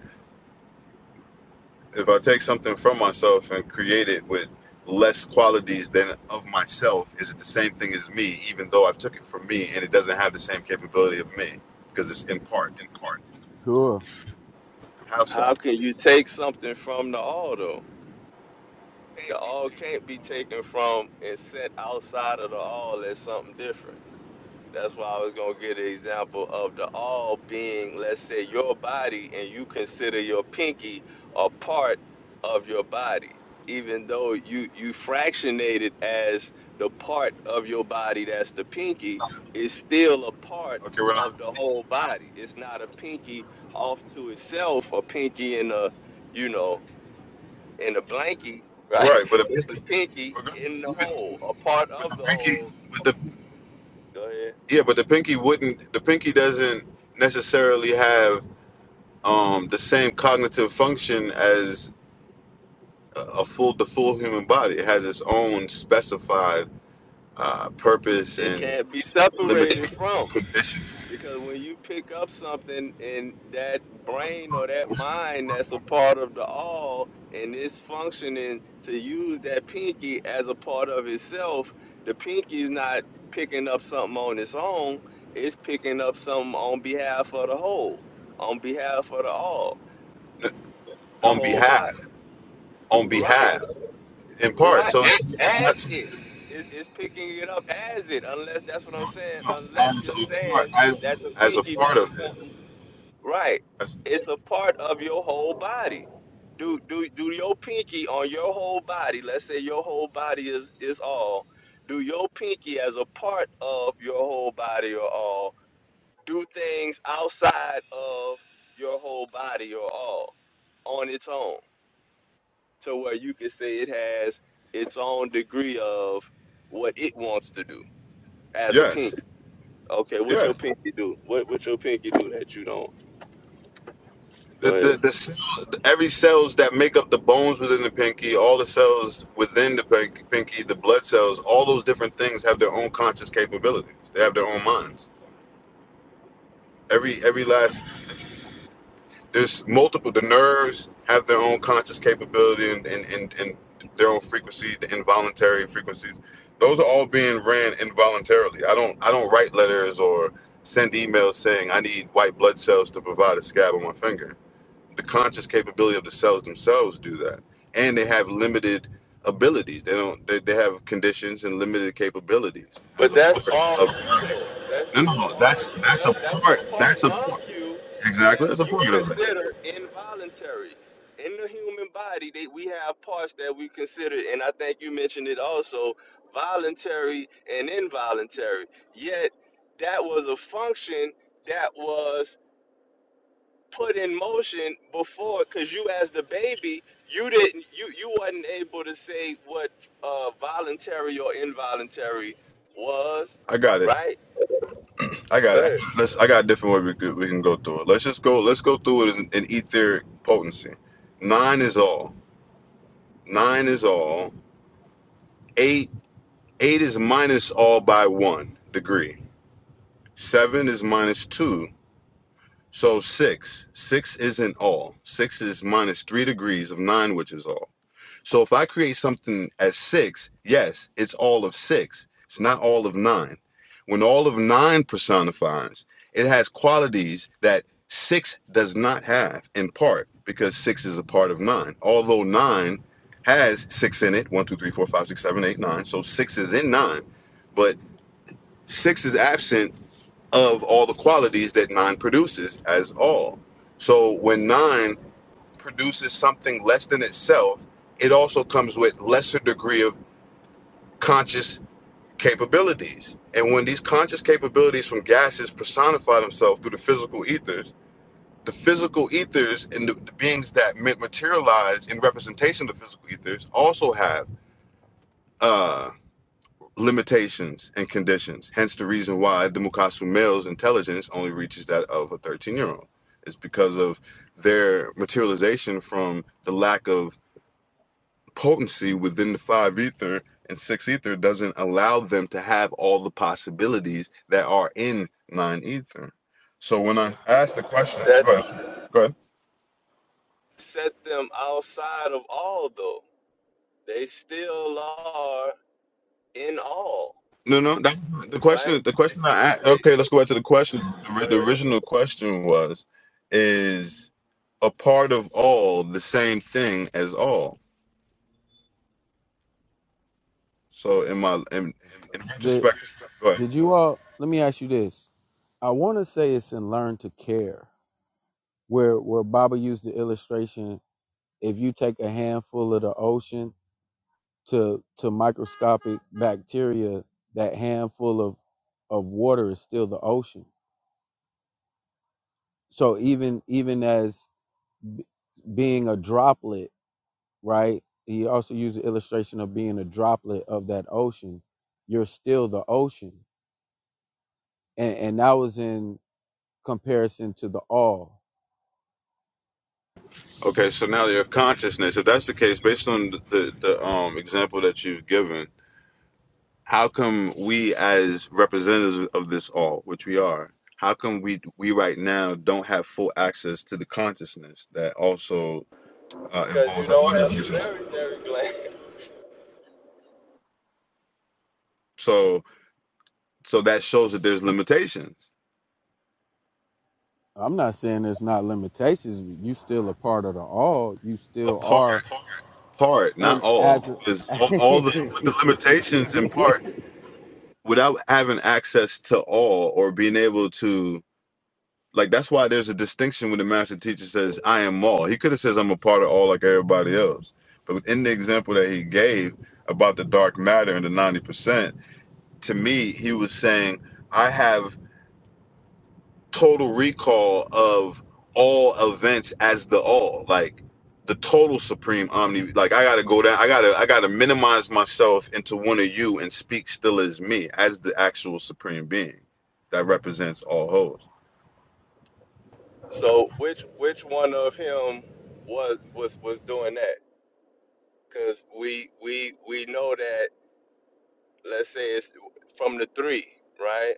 [SPEAKER 1] if I take something from myself and create it with less qualities than of myself, is it the same thing as me? Even though I've took it from me and it doesn't have the same capability of me because it's in part.
[SPEAKER 3] cool.
[SPEAKER 1] How so?
[SPEAKER 2] How can you take something from the all though? The all can't be taken from and set outside of the all as something different. That's why I was gonna give the example of the all being, let's say, your body, and you consider your pinky a part of your body, even though you you fractionate it as the part of your body that's the pinky, it's still a part
[SPEAKER 1] Okay, we're not
[SPEAKER 2] of the whole body. It's not a pinky off to itself, a pinky in a, you know, in a blankie, right?
[SPEAKER 1] right, but a
[SPEAKER 2] *laughs* It's a pinky
[SPEAKER 1] we're gonna,
[SPEAKER 2] in the
[SPEAKER 1] with,
[SPEAKER 2] whole, a part
[SPEAKER 1] with
[SPEAKER 2] of
[SPEAKER 1] a
[SPEAKER 2] the
[SPEAKER 1] pinky,
[SPEAKER 2] whole.
[SPEAKER 1] with the
[SPEAKER 2] Go ahead.
[SPEAKER 1] Yeah, but the pinky wouldn't. The pinky doesn't necessarily have um, the same cognitive function as a a full the full human body. It has its own specified uh, purpose
[SPEAKER 2] it
[SPEAKER 1] and
[SPEAKER 2] can't be separated
[SPEAKER 1] limitations,
[SPEAKER 2] from
[SPEAKER 1] conditions
[SPEAKER 2] because when you pick up something and that brain or that mind that's a part of the all and it's functioning to use that pinky as a part of itself the pinky's not picking up something on its own it's picking up something on behalf of the whole on behalf of the all the
[SPEAKER 1] on
[SPEAKER 2] whole body
[SPEAKER 1] behalf on
[SPEAKER 2] right
[SPEAKER 1] behalf in part.
[SPEAKER 2] Right,
[SPEAKER 1] So it's
[SPEAKER 2] a-
[SPEAKER 1] it's not
[SPEAKER 2] as
[SPEAKER 1] so-
[SPEAKER 2] it is is picking it up as it, unless that's what I'm saying.
[SPEAKER 1] no,
[SPEAKER 2] Unless
[SPEAKER 1] as
[SPEAKER 2] you're
[SPEAKER 1] a
[SPEAKER 2] saying
[SPEAKER 1] part as
[SPEAKER 2] that the
[SPEAKER 1] as a
[SPEAKER 2] pinky
[SPEAKER 1] part
[SPEAKER 2] does
[SPEAKER 1] of it.
[SPEAKER 2] something right, it's a part of your whole body. Do do do your pinky on your whole body? Let's say your whole body is is all. Do your pinky as a part of your whole body or all? Do things outside of your whole body or all on its own? to where you could say it has its own degree of what it wants to do as a pink.
[SPEAKER 1] Yes,
[SPEAKER 2] Okay, what your
[SPEAKER 1] yes.
[SPEAKER 2] pinky do? What what your pinky do that you don't?
[SPEAKER 1] the,
[SPEAKER 2] Go
[SPEAKER 1] the,
[SPEAKER 2] ahead.
[SPEAKER 1] the cell, every cells that make up the bones within the pinky, all the cells within the pin- pinky, the blood cells, all those different things have their own conscious capabilities. They have their own minds. Every every last there's multiple. The nerves have their own conscious capability and and and, and their own frequency, the involuntary frequencies. Those are all being ran involuntarily. I don't I don't write letters or send emails saying I need white blood cells to provide a scab on my finger the conscious capability of the cells themselves do that and they have limited abilities they don't they, they have conditions and limited capabilities as
[SPEAKER 2] But
[SPEAKER 1] a
[SPEAKER 2] that's
[SPEAKER 1] part
[SPEAKER 2] all
[SPEAKER 1] of
[SPEAKER 2] you though. That's
[SPEAKER 1] no no
[SPEAKER 2] still
[SPEAKER 1] no,
[SPEAKER 2] all
[SPEAKER 1] that's
[SPEAKER 2] you.
[SPEAKER 1] that's a
[SPEAKER 2] That's that's the
[SPEAKER 1] part
[SPEAKER 2] part
[SPEAKER 1] that's a
[SPEAKER 2] of
[SPEAKER 1] part
[SPEAKER 2] you that
[SPEAKER 1] exactly that's a
[SPEAKER 2] you
[SPEAKER 1] part of it
[SPEAKER 2] consider involuntary. In the human body, they, we have parts that we consider, and I think you mentioned it also, voluntary and involuntary. Yet that was a function that was put in motion before because you as the baby you didn't you you wasn't able to say what uh voluntary or involuntary was
[SPEAKER 1] i got it
[SPEAKER 2] right
[SPEAKER 1] i got
[SPEAKER 2] Go
[SPEAKER 1] it
[SPEAKER 2] ahead.
[SPEAKER 1] let's i got a different way we, could, we can go through it let's just go let's go through it in, in etheric potency nine is all nine is all eight eight is minus all by one degree seven is minus two So six, six isn't all. Six is minus three degrees of nine, which is all. So if I create something as six, yes, it's all of six. It's not all of nine. When all of nine personifies, it has qualities that six does not have in part because six is a part of nine. Although nine has six in it, one, two, three, four, five, six, seven, eight, nine. So six is in nine, but six is absent of all the qualities that nine produces as all. So when nine produces something less than itself, it also comes with lesser degree of conscious capabilities. And when these conscious capabilities from gases personify themselves through the physical ethers, the physical ethers and the, the beings that materialize in representation of the physical ethers also have uh, limitations and conditions. Hence the reason why the Mukasu male's intelligence only reaches that of a 13 year old. It's because of their materialization from the lack of potency within the five ether and six ether doesn't allow them to have all the possibilities that are in nine ether. So when I asked the question,
[SPEAKER 2] that
[SPEAKER 1] go ahead. Go ahead.
[SPEAKER 2] set them outside of all though they still are in all
[SPEAKER 1] No, no. That was the
[SPEAKER 2] right
[SPEAKER 1] question. The question I asked.
[SPEAKER 2] they
[SPEAKER 1] Okay, let's go back to the question. The,
[SPEAKER 2] Go
[SPEAKER 1] ri- the
[SPEAKER 2] ahead.
[SPEAKER 1] original question was: Is a part of all the same thing as all? So, in my in, in
[SPEAKER 3] Did
[SPEAKER 1] retrospect, go ahead.
[SPEAKER 3] did you all? Let me ask you this. I want to say it's in Learn to Care, where where Baba used the illustration. If you take a handful of the ocean to to microscopic bacteria, that handful of of water is still the ocean. So even even as b- being a droplet, right? He also used the illustration of being a droplet of that ocean. You're still the ocean, and and that was in comparison to the all.
[SPEAKER 1] okay. So now your consciousness. If that's the case, based on the, the, the um example that you've given, how come we as representatives of this all, which we are, how come we we right now don't have full access to the consciousness that also uh,
[SPEAKER 2] because you
[SPEAKER 1] involves
[SPEAKER 2] don't have a
[SPEAKER 1] the
[SPEAKER 2] very gland
[SPEAKER 1] So so that shows that there's limitations.
[SPEAKER 3] I'm not saying there's not limitations. but You still a part of the all. You
[SPEAKER 1] A
[SPEAKER 3] still
[SPEAKER 1] part,
[SPEAKER 3] are.
[SPEAKER 1] part, not
[SPEAKER 3] And as
[SPEAKER 1] all, is
[SPEAKER 3] *laughs*
[SPEAKER 1] all,
[SPEAKER 3] the
[SPEAKER 1] all the the limitations in part without having access to all or being able to like that's why there's a distinction when the master teacher says I am all. He could have says I'm a part of all like everybody else. But in the example that he gave about the dark matter and the ninety percent, to me he was saying I have total recall of all events as the all like the total supreme omni like i gotta go down i gotta i gotta minimize myself into one of you and speak still as me as the actual supreme being that represents all hosts
[SPEAKER 2] *laughs* so which which one of him was was was doing that because we we we know that let's say it's from the three, right?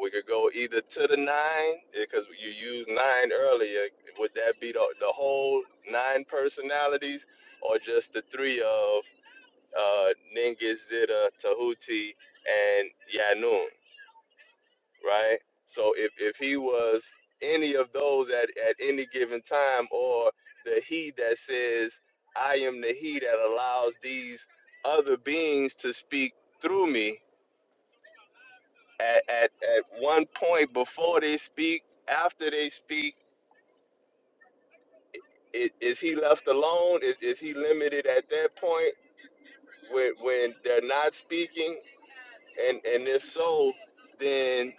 [SPEAKER 2] We could go either to the nine because you used nine earlier. Would that be the, the whole nine personalities or just the three of uh, Ningis, Zita, Tahuti, and Yanun, right? So if, if he was any of those at, at any given time or the he that says, I am the he that allows these other beings to speak through me, at, at, at one point before they speak, after they speak, is, is he left alone? Is, is he limited at that point when, when they're not speaking? And and if so, then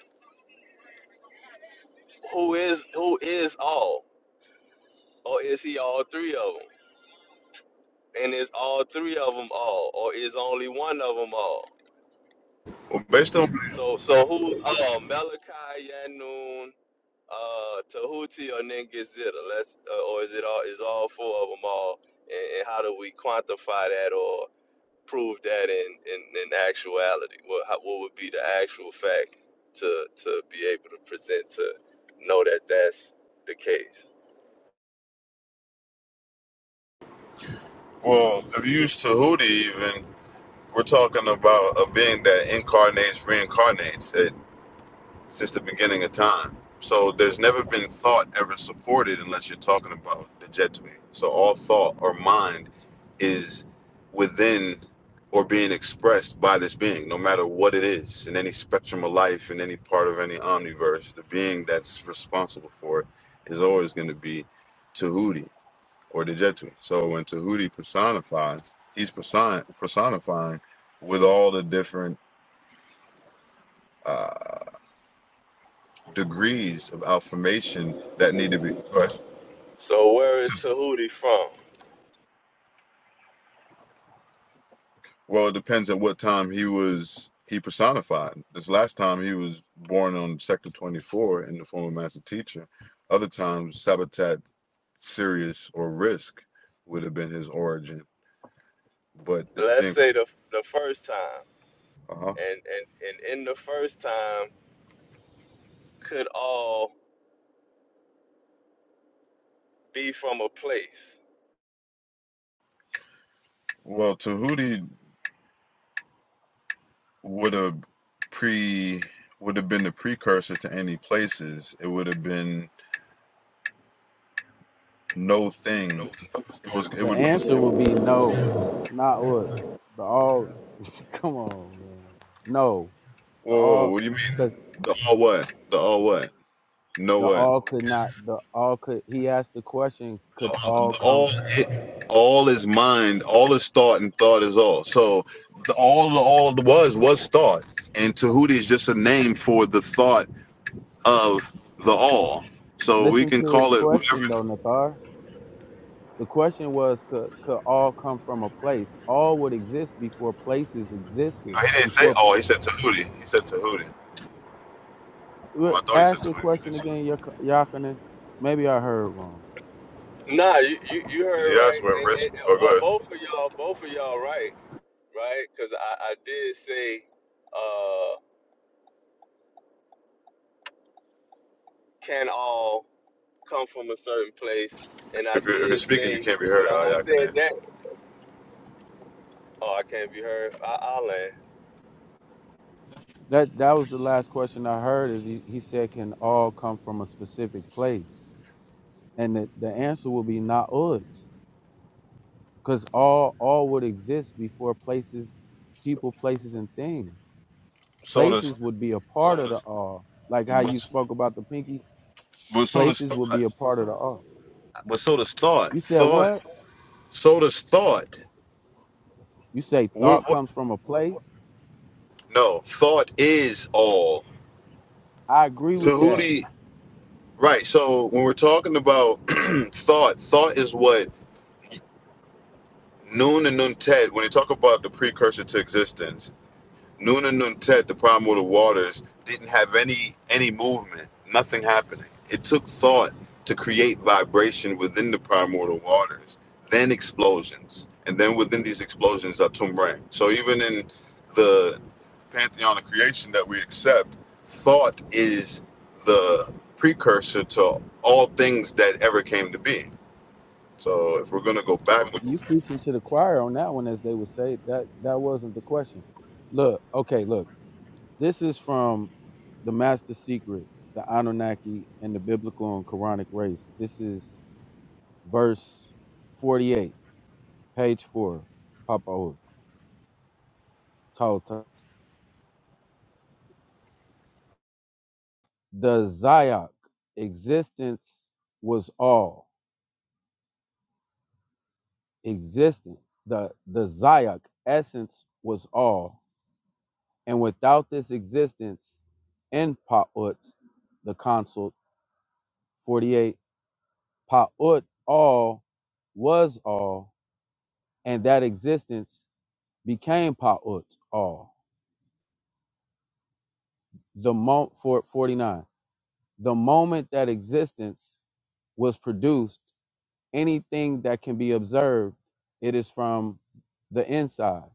[SPEAKER 2] who is who is all, or is he all three of them? And is all three of them all, or is only one of them all?
[SPEAKER 1] well, based on
[SPEAKER 2] So so who's all? Malachi, Yanun, Uh, Tahuti or Zita? Let's, uh, or is it all? Is all four of them all? And, and how do we quantify that or prove that in in, in actuality? What how, what would be the actual fact to to be able to present to know that that's the case?
[SPEAKER 1] well the views to hootie even we're talking about a being that incarnates reincarnates It since the beginning of time. So there's never been thought ever supported unless you're talking about the jet stream. So all thought or mind is within or being expressed by this being, no matter what it is, in any spectrum of life, in any part of any omniverse, the being that's responsible for it is always going to be Tahuti or the jet So when Tahuti personifies, he's person- personifying with all the different uh, degrees of affirmation that need to be
[SPEAKER 2] So where is Tahuti from?
[SPEAKER 1] well it depends on what time he was he personified this last time he was born on sector 24 in the form of master teacher other times sabotat sirius or risk would have been his origin but it's
[SPEAKER 2] Let's
[SPEAKER 1] being
[SPEAKER 2] say the the first time,
[SPEAKER 1] uh-huh.
[SPEAKER 2] and and and in the first time could all be from a place.
[SPEAKER 1] well tahuti would have pre would have been the precursor to any places it would have been no thing It It was. it would be.
[SPEAKER 3] answer will be no, not what the all. *laughs* Come on, man. No,
[SPEAKER 1] Whoa,
[SPEAKER 3] the all,
[SPEAKER 1] what do you mean?
[SPEAKER 3] because
[SPEAKER 1] The all what? The all what? No
[SPEAKER 3] the
[SPEAKER 1] what?
[SPEAKER 3] all could not. The all could. He asked the question.
[SPEAKER 1] The
[SPEAKER 3] Could
[SPEAKER 1] all,
[SPEAKER 3] all
[SPEAKER 1] the
[SPEAKER 3] come?
[SPEAKER 1] all it, all is mind. All is thought, and thought is all. So the all the all was was thought, and Tahuti is just a name for the thought of the all. So we
[SPEAKER 3] Listen
[SPEAKER 1] can
[SPEAKER 3] to his
[SPEAKER 1] call it whatever.
[SPEAKER 3] question though, Nathar. The question was could could all come from a place? All would exist before places
[SPEAKER 1] No,
[SPEAKER 3] existed.
[SPEAKER 1] he didn't say
[SPEAKER 3] Before
[SPEAKER 1] all. He said Tahuti. He said Tahuti. Well, I thought he
[SPEAKER 3] Well,
[SPEAKER 1] said
[SPEAKER 3] ask your
[SPEAKER 1] Tahuti. You
[SPEAKER 3] question
[SPEAKER 1] just
[SPEAKER 3] again, Yak- Yakinen. Maybe I heard wrong.
[SPEAKER 2] Nah, you, you, you
[SPEAKER 1] because
[SPEAKER 2] heard
[SPEAKER 1] you
[SPEAKER 2] right.
[SPEAKER 1] asked where
[SPEAKER 2] And, and,
[SPEAKER 1] rest.
[SPEAKER 2] and-
[SPEAKER 1] Oh,
[SPEAKER 2] well,
[SPEAKER 1] go ahead.
[SPEAKER 2] both of y'all, both of y'all, right, right? Because I, I did say, uh, can all come from a certain place, and I
[SPEAKER 1] If you're if you're
[SPEAKER 2] did
[SPEAKER 1] speaking, you
[SPEAKER 2] say,
[SPEAKER 1] can't be
[SPEAKER 2] but
[SPEAKER 1] heard.
[SPEAKER 2] I,
[SPEAKER 1] Oh,
[SPEAKER 2] I
[SPEAKER 1] yeah, I can.
[SPEAKER 2] said
[SPEAKER 1] hear.
[SPEAKER 2] that. Oh, I can't be heard. I, I land.
[SPEAKER 3] That that was the last question I heard. Is he, he said can all come from a specific place? And the, the answer will be na'ud, because all all would exist before places,
[SPEAKER 1] So
[SPEAKER 3] people, places, and things.
[SPEAKER 1] so does
[SPEAKER 3] Places would be a part of the all, like how you
[SPEAKER 1] but,
[SPEAKER 3] spoke about the pinky.
[SPEAKER 1] but so does
[SPEAKER 3] Places would
[SPEAKER 1] thought.
[SPEAKER 3] be a part of the all.
[SPEAKER 1] But so does thought.
[SPEAKER 3] You said
[SPEAKER 1] Thought.
[SPEAKER 3] what?
[SPEAKER 1] So does thought.
[SPEAKER 3] You say
[SPEAKER 1] We're,
[SPEAKER 3] thought
[SPEAKER 1] we
[SPEAKER 3] comes from a place.
[SPEAKER 1] no, thought is all.
[SPEAKER 3] I agree with
[SPEAKER 1] To who
[SPEAKER 3] that.
[SPEAKER 1] do you- right? So when we're talking about *clears throat* thought, thought is what noon and noon ted. When they talk about the precursor to existence, Noonan Nuntet, the problem with the waters, didn't have any any movement, nothing happening. It took thought to create vibration within the primordial waters, then explosions, and then within these explosions are Tumrang. So even in the pantheon of creation that we accept, thought is the precursor to all things that ever came to be. So if we're gonna go back,
[SPEAKER 3] You preaching to the choir on that one, as they would say. That that wasn't the question. Look, okay, look. This is from the Master Secret, the Anunnaki, and the Biblical and Quranic race. This is verse forty-eight, page four, Papa Tauta. The Zayak existence was all existent. The the Zayak essence was all. And without this existence in Pa'ut, the consult, 48, Pa'ut all was all, and that existence became Pa'ut all. The mo- for 49, the moment that existence was produced, anything that can be observed, it is from the inside.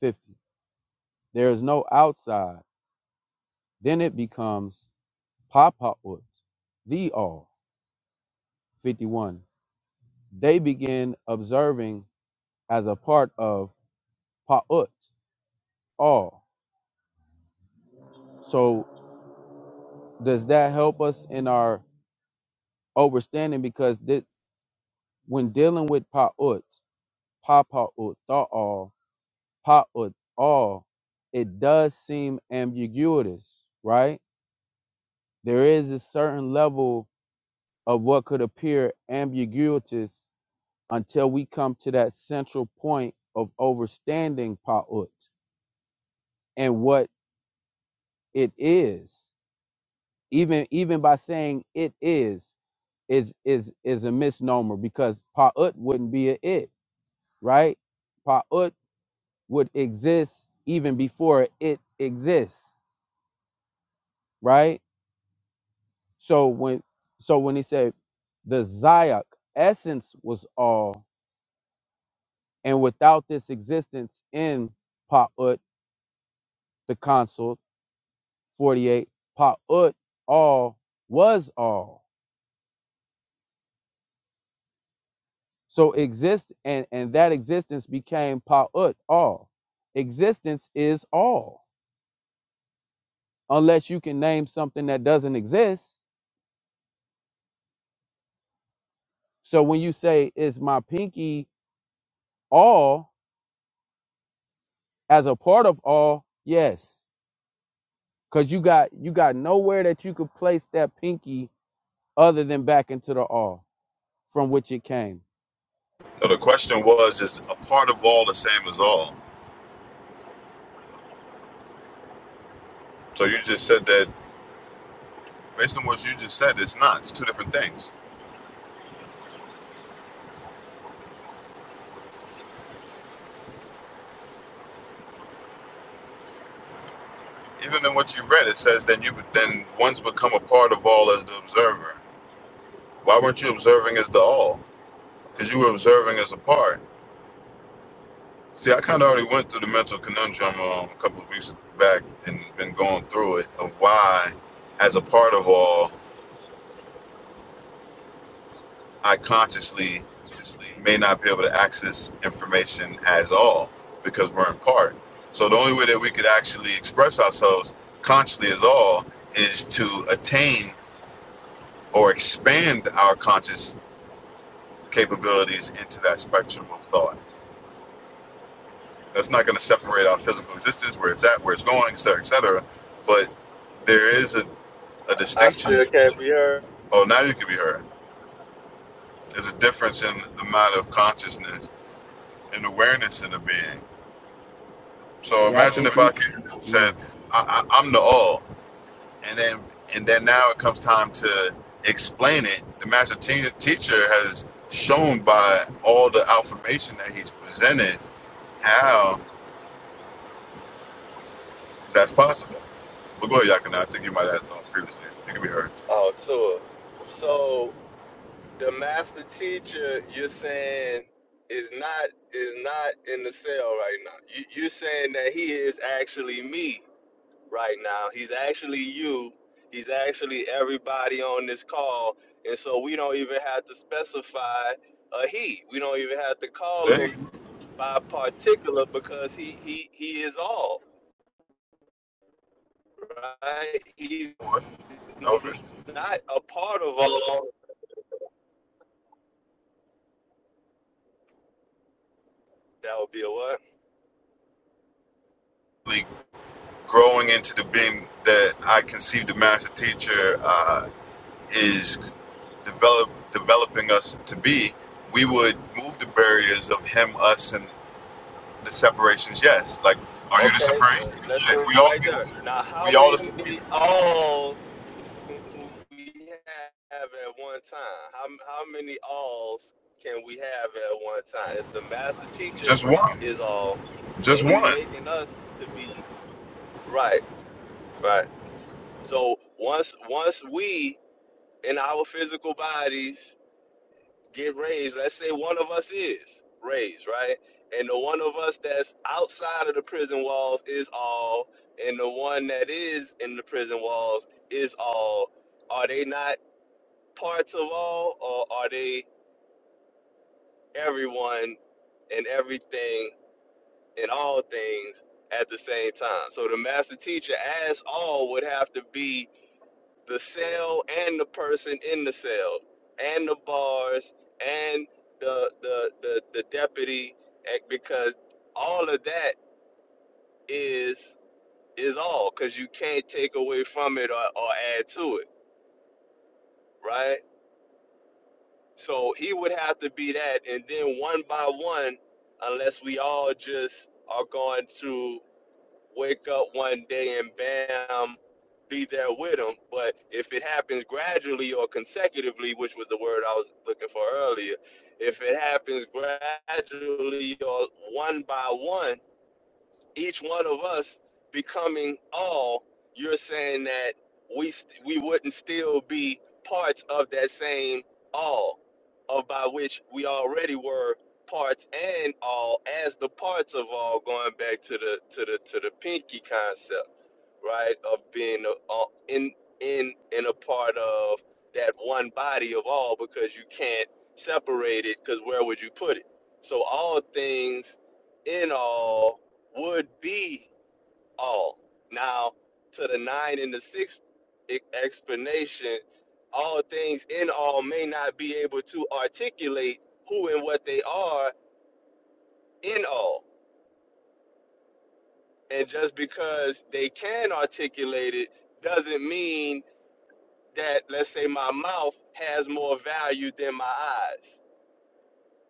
[SPEAKER 3] 50, there is no outside. Then it becomes pa'pa'ut, the all. 51. they begin observing as a part of pa'ut, all. So does that help us in our understanding? Because thi- when dealing with pa'ut, pa'pa'ut, ta'al, pa'ut, all, it does seem ambiguous, right? There is a certain level of what could appear ambiguous until we come to that central point of overstanding pa'ut and what it is. Even even by saying it is is is is a misnomer because pa'ut wouldn't be a it, right? Pa'ut would exist even before it exists, right? So when so when he said the zayak essence was all, and without this existence in pa'ut, the consul 48, pa'ut all was all So exist and and that existence became pa'ut, all. Existence is all, unless you can name something that doesn't exist. So when you say is my pinky all as a part of all, yes, because you got you got nowhere that you could place that pinky other than back into the all from which it came.
[SPEAKER 1] the question was: Is a part of all the same as all? So you just said that Based on what you just said, it's not. It's two different things. Even in what you read, it says then you then one's become a part of all as the observer. Why weren't you observing as the all? Because you were observing as a part. See, I kind of already went through the mental conundrum um, a couple of weeks back and been going through it of why, as a part of all, I consciously may not be able to access information as all because we're in part. So the only way that we could actually express ourselves consciously as all is to attain or expand our conscious capabilities into that spectrum of thought. That's not going to separate our physical existence, where it's at, where it's going, et cetera, et cetera. But there is a, a
[SPEAKER 2] I
[SPEAKER 1] distinction.
[SPEAKER 2] still can't be heard.
[SPEAKER 1] Oh, now you can be heard. There's a difference in the amount of consciousness and awareness in a being. So
[SPEAKER 3] Yeah, I
[SPEAKER 1] imagine
[SPEAKER 3] think
[SPEAKER 1] if I
[SPEAKER 3] we.
[SPEAKER 1] could said
[SPEAKER 3] Mm.
[SPEAKER 1] I, I, I'm the all, and then and then now it comes time to explain it. The master te- teacher has shown by all the affirmation that he's presented how that's possible. But go ahead, Yakuna. I think you might have known previously. You can be heard.
[SPEAKER 2] Oh, tour. So the master teacher, you're saying, is not is not in the cell right now. You, you're saying that he is actually me. right now. He's actually you. He's actually everybody on this call. And so we don't even have to specify a he. We don't even have to call
[SPEAKER 1] There you
[SPEAKER 2] him by particular because he he he is all, right? He's
[SPEAKER 1] go. That
[SPEAKER 2] not a part of all. That would be a what?
[SPEAKER 1] really growing into the being that I conceived the master teacher. uh, is develop developing us to be, we would move the barriers of him, us, and the separations. Yes, like are you the
[SPEAKER 2] Okay,
[SPEAKER 1] supreme?
[SPEAKER 2] uh, let's stay
[SPEAKER 1] Like, we all
[SPEAKER 2] right there. Now, how
[SPEAKER 1] we all the
[SPEAKER 2] many
[SPEAKER 1] supreme.
[SPEAKER 2] alls we have at one time? How, how many alls can we have at one time? If the master teacher
[SPEAKER 1] Just one,
[SPEAKER 2] is all,
[SPEAKER 1] just
[SPEAKER 2] and he's
[SPEAKER 1] one.
[SPEAKER 2] making us to be right, right. So once once we in our physical bodies get raised, let's say one of us is raised, right? And the one of us that's outside of the prison walls is all, and the one that is in the prison walls is all. Are they not? parts of all, or are they everyone and everything and all things at the same time? So the master teacher, as all, would have to be the cell and the person in the cell, and the bars and the the the, the deputy, eh, because all of that is is all, because you can't take away from it or, or add to it, right? So he would have to be that, and then one by one, unless we all just are going to wake up one day and bam, be there with him. But if it happens gradually or consecutively, which was the word I was looking for earlier, if it happens gradually or one by one, each one of us becoming all, you're saying that we st- we wouldn't still be parts of that same all, of by which we already were parts and all as the parts of all, going back to the to the to the pinky concept right? Of being a, in in and a part of that one body of all, because you can't separate it. Because where would you put it? So all things in all would be all. Now to the nine and the six e- explanation, all things in all may not be able to articulate who and what they are in all. And just because they can articulate it doesn't mean that let's say my mouth has more value than my eyes.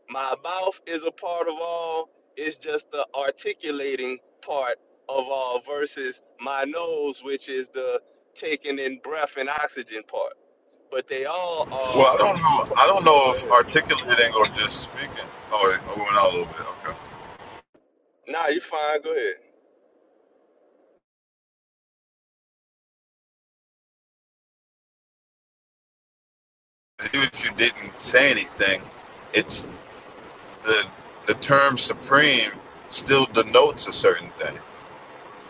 [SPEAKER 2] My mouth is a part of all, it's just the articulating part of all versus my nose, which is the taking in breath and oxygen part. But they all
[SPEAKER 1] Well,
[SPEAKER 2] are
[SPEAKER 1] I don't know. I don't
[SPEAKER 2] oh
[SPEAKER 1] know
[SPEAKER 2] go
[SPEAKER 1] if
[SPEAKER 2] ahead.
[SPEAKER 1] articulating or just speaking. Oh, it it went out a little bit. Okay.
[SPEAKER 2] Nah, you fine, go ahead.
[SPEAKER 1] Even if you didn't say anything, it's the the term supreme still denotes a certain thing.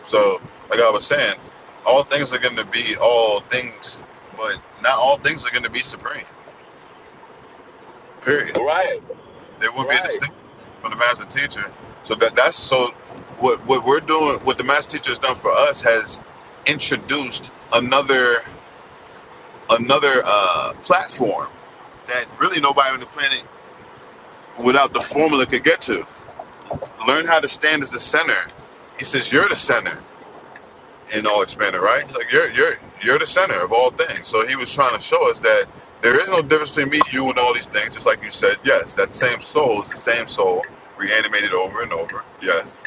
[SPEAKER 1] So, like I was saying, all things are going to be all things, but not all things are going to be supreme. Period.
[SPEAKER 2] Right,
[SPEAKER 1] There won't be a
[SPEAKER 2] right.
[SPEAKER 1] distinction from the master teacher. So that that's so what what we're doing, what the master teacher has done for us has introduced another another uh, platform that really nobody on the planet without the formula could get to. Learn how to stand as the center. He says you're the center. and all expanded, right? It's like you're you're you're the center of all things. So he was trying to show us that there is no difference between me, you, and all these things. Just like you said, yes, that same soul is the same soul, reanimated over and over. Yes,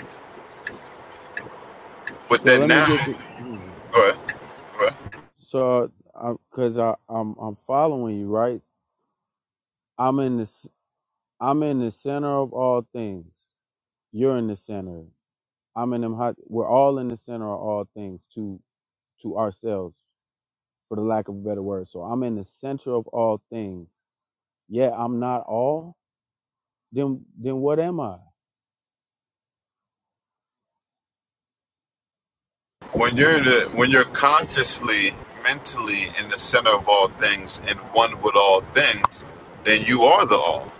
[SPEAKER 1] but
[SPEAKER 3] So
[SPEAKER 1] then
[SPEAKER 3] let me get
[SPEAKER 1] now,
[SPEAKER 3] the. Mm.
[SPEAKER 1] go ahead, go ahead.
[SPEAKER 3] So, because I, I'm I'm following you right. I'm in this. I'm in the center of all things. You're in the center. I'm in them hot. We're all in the center of all things to to ourselves, for the lack of a better word. So I'm in the center of all things. Yet I'm not all. Then then what am I?
[SPEAKER 1] when you're the, when you're consciously, mentally in the center of all things and one with all things, then you are the all.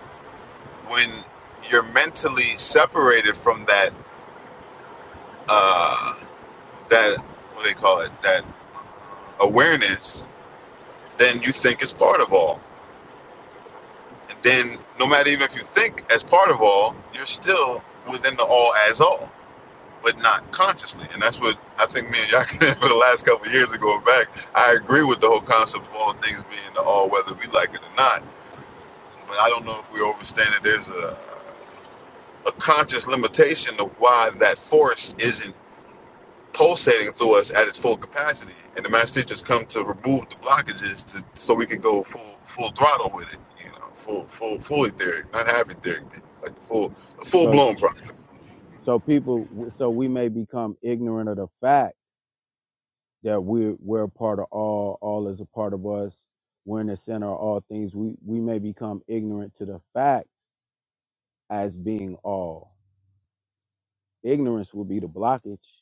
[SPEAKER 1] When you're mentally separated from that uh, that what do they call it that awareness Then you think it's part of all. And then, no matter even if you think as part of all, you're still within the all as all, but not consciously. And that's what I think me and y'all *laughs* Yakin for the last couple of years of going back. I agree with the whole concept of all things being the all, whether we like it or not. But I don't know if we understand that there's a, a conscious limitation of why that force isn't pulsating through us at its full capacity, and the master teachers come to remove the blockages to so we can go full full throttle with it, you know, full full full etheric, not half etheric, like a full the full
[SPEAKER 3] So
[SPEAKER 1] blown process.
[SPEAKER 3] so people. So we may become ignorant of the fact that we're we're a part of all. All is a part of us. We're in the center of all things. We we may become ignorant to the fact as being all Ignorance will be the blockage.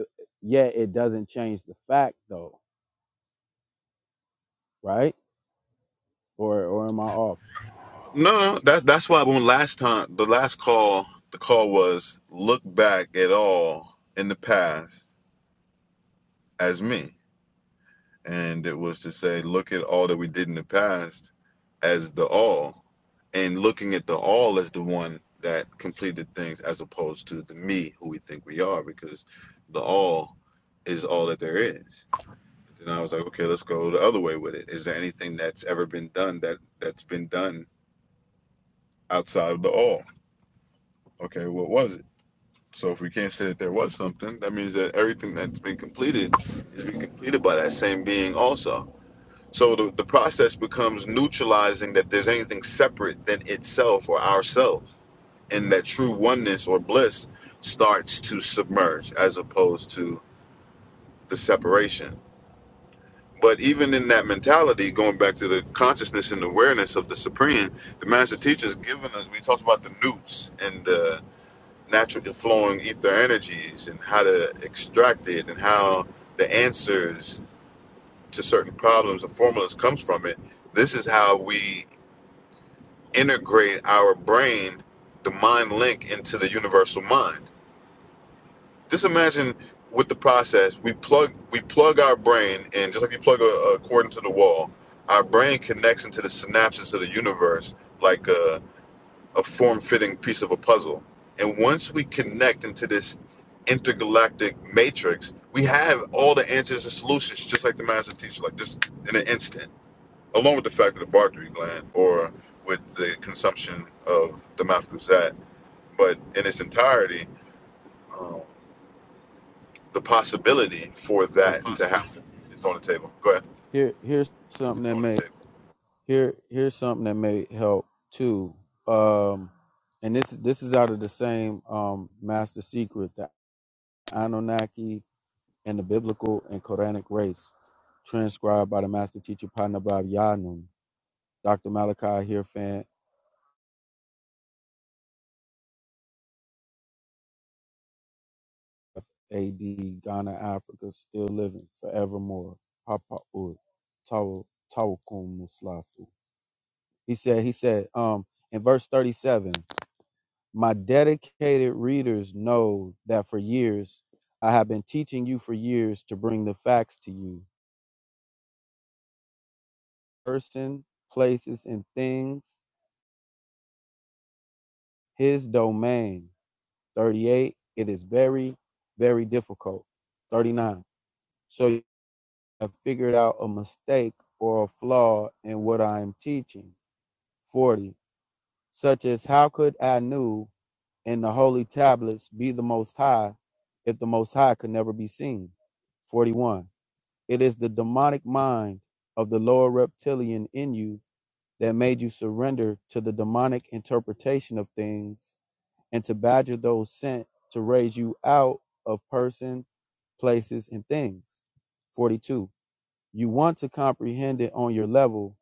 [SPEAKER 3] Uh, Yet it doesn't change the fact, though, right? Or or am I off?
[SPEAKER 1] No, no, that that's why when last time the last call the call was look back at all in the past as me. and it was to say, look at all that we did in the past as the all, and looking at the all as the one that completed things as opposed to the me who we think we are, because the all is all that there is. Then I was like, okay, let's go the other way with it. Is there anything that's ever been done that that's been done outside of the all? Okay, what was it? So if we can't say that there was something, that means that everything that's been completed is being completed by that same being also. So the, the process becomes neutralizing that there's anything separate than itself or ourself. And that true oneness or bliss starts to submerge as opposed to the separation. But even in that mentality, going back to the consciousness and awareness of the supreme, the master teacher's given us, we talked about the newts and the natural flowing ether energies and how to extract it and how the answers to certain problems and formulas comes from it. This is how we integrate our brain, the mind link into the universal mind. Just imagine with the process, we plug we plug our brain in, just like you plug a, a cord into the wall. Our brain connects into the synapses of the universe like a, a form-fitting piece of a puzzle. And once we connect into this intergalactic matrix, we have all the answers and solutions, just like the master teacher, like just in an instant along with the fact of the Bartholin gland or with the consumption of the Mafkuzat, but in its entirety, um, the possibility for
[SPEAKER 3] Hey,
[SPEAKER 1] that to happen is on the table. Go ahead.
[SPEAKER 3] Here here's something that may here here's something that may help too. Um, and this this is out of the same um master secret, the Anunnaki and the biblical and Quranic race, transcribed by the master teacher Panabab Yanun, Dr. Malachi Hirfan, AD, Ghana, Africa, still living forevermore. Papa Ud, Taw- Tawakum Muslafu. He said, he said, um, in verse 37, my dedicated readers know that for years I have been teaching you for years to bring the facts to you. Person, places, and things, his domain. 38, it is very, very difficult. 39. So. have figured out a mistake or a flaw in what I am teaching. 40. Such as how could Anu in the holy tablets be the Most High if the Most High could never be seen? 41. It is the demonic mind of the lower reptilian in you that made you surrender to the demonic interpretation of things and to badger those sent to raise you out of person, places, and things. 42. You want to comprehend it on your level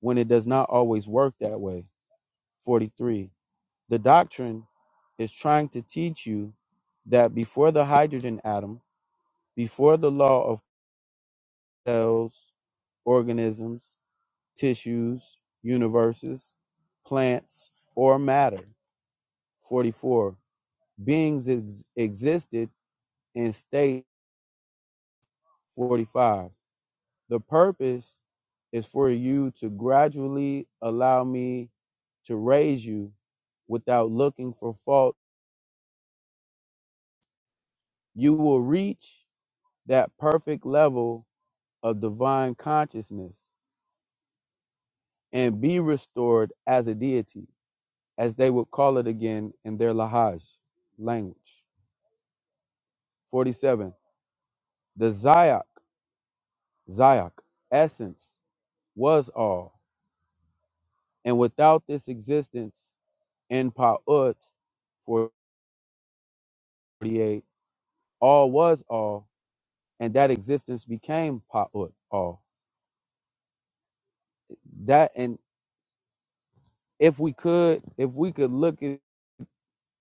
[SPEAKER 3] when it does not always work that way. 43. The doctrine is trying to teach you that before the hydrogen atom, before the law of cells, organisms, tissues, universes, plants, or matter. 44. Beings ex- existed in state. 45 The purpose is for you to gradually allow me to raise you without looking for fault. You will reach that perfect level of divine consciousness and be restored as a deity, as they would call it again in their Lahaj language. 47. The Zayak, Zayak, essence, was all. And without this existence in Pa'ut, 48. all was all and that existence became pa- uh, all that and if we could if we could look at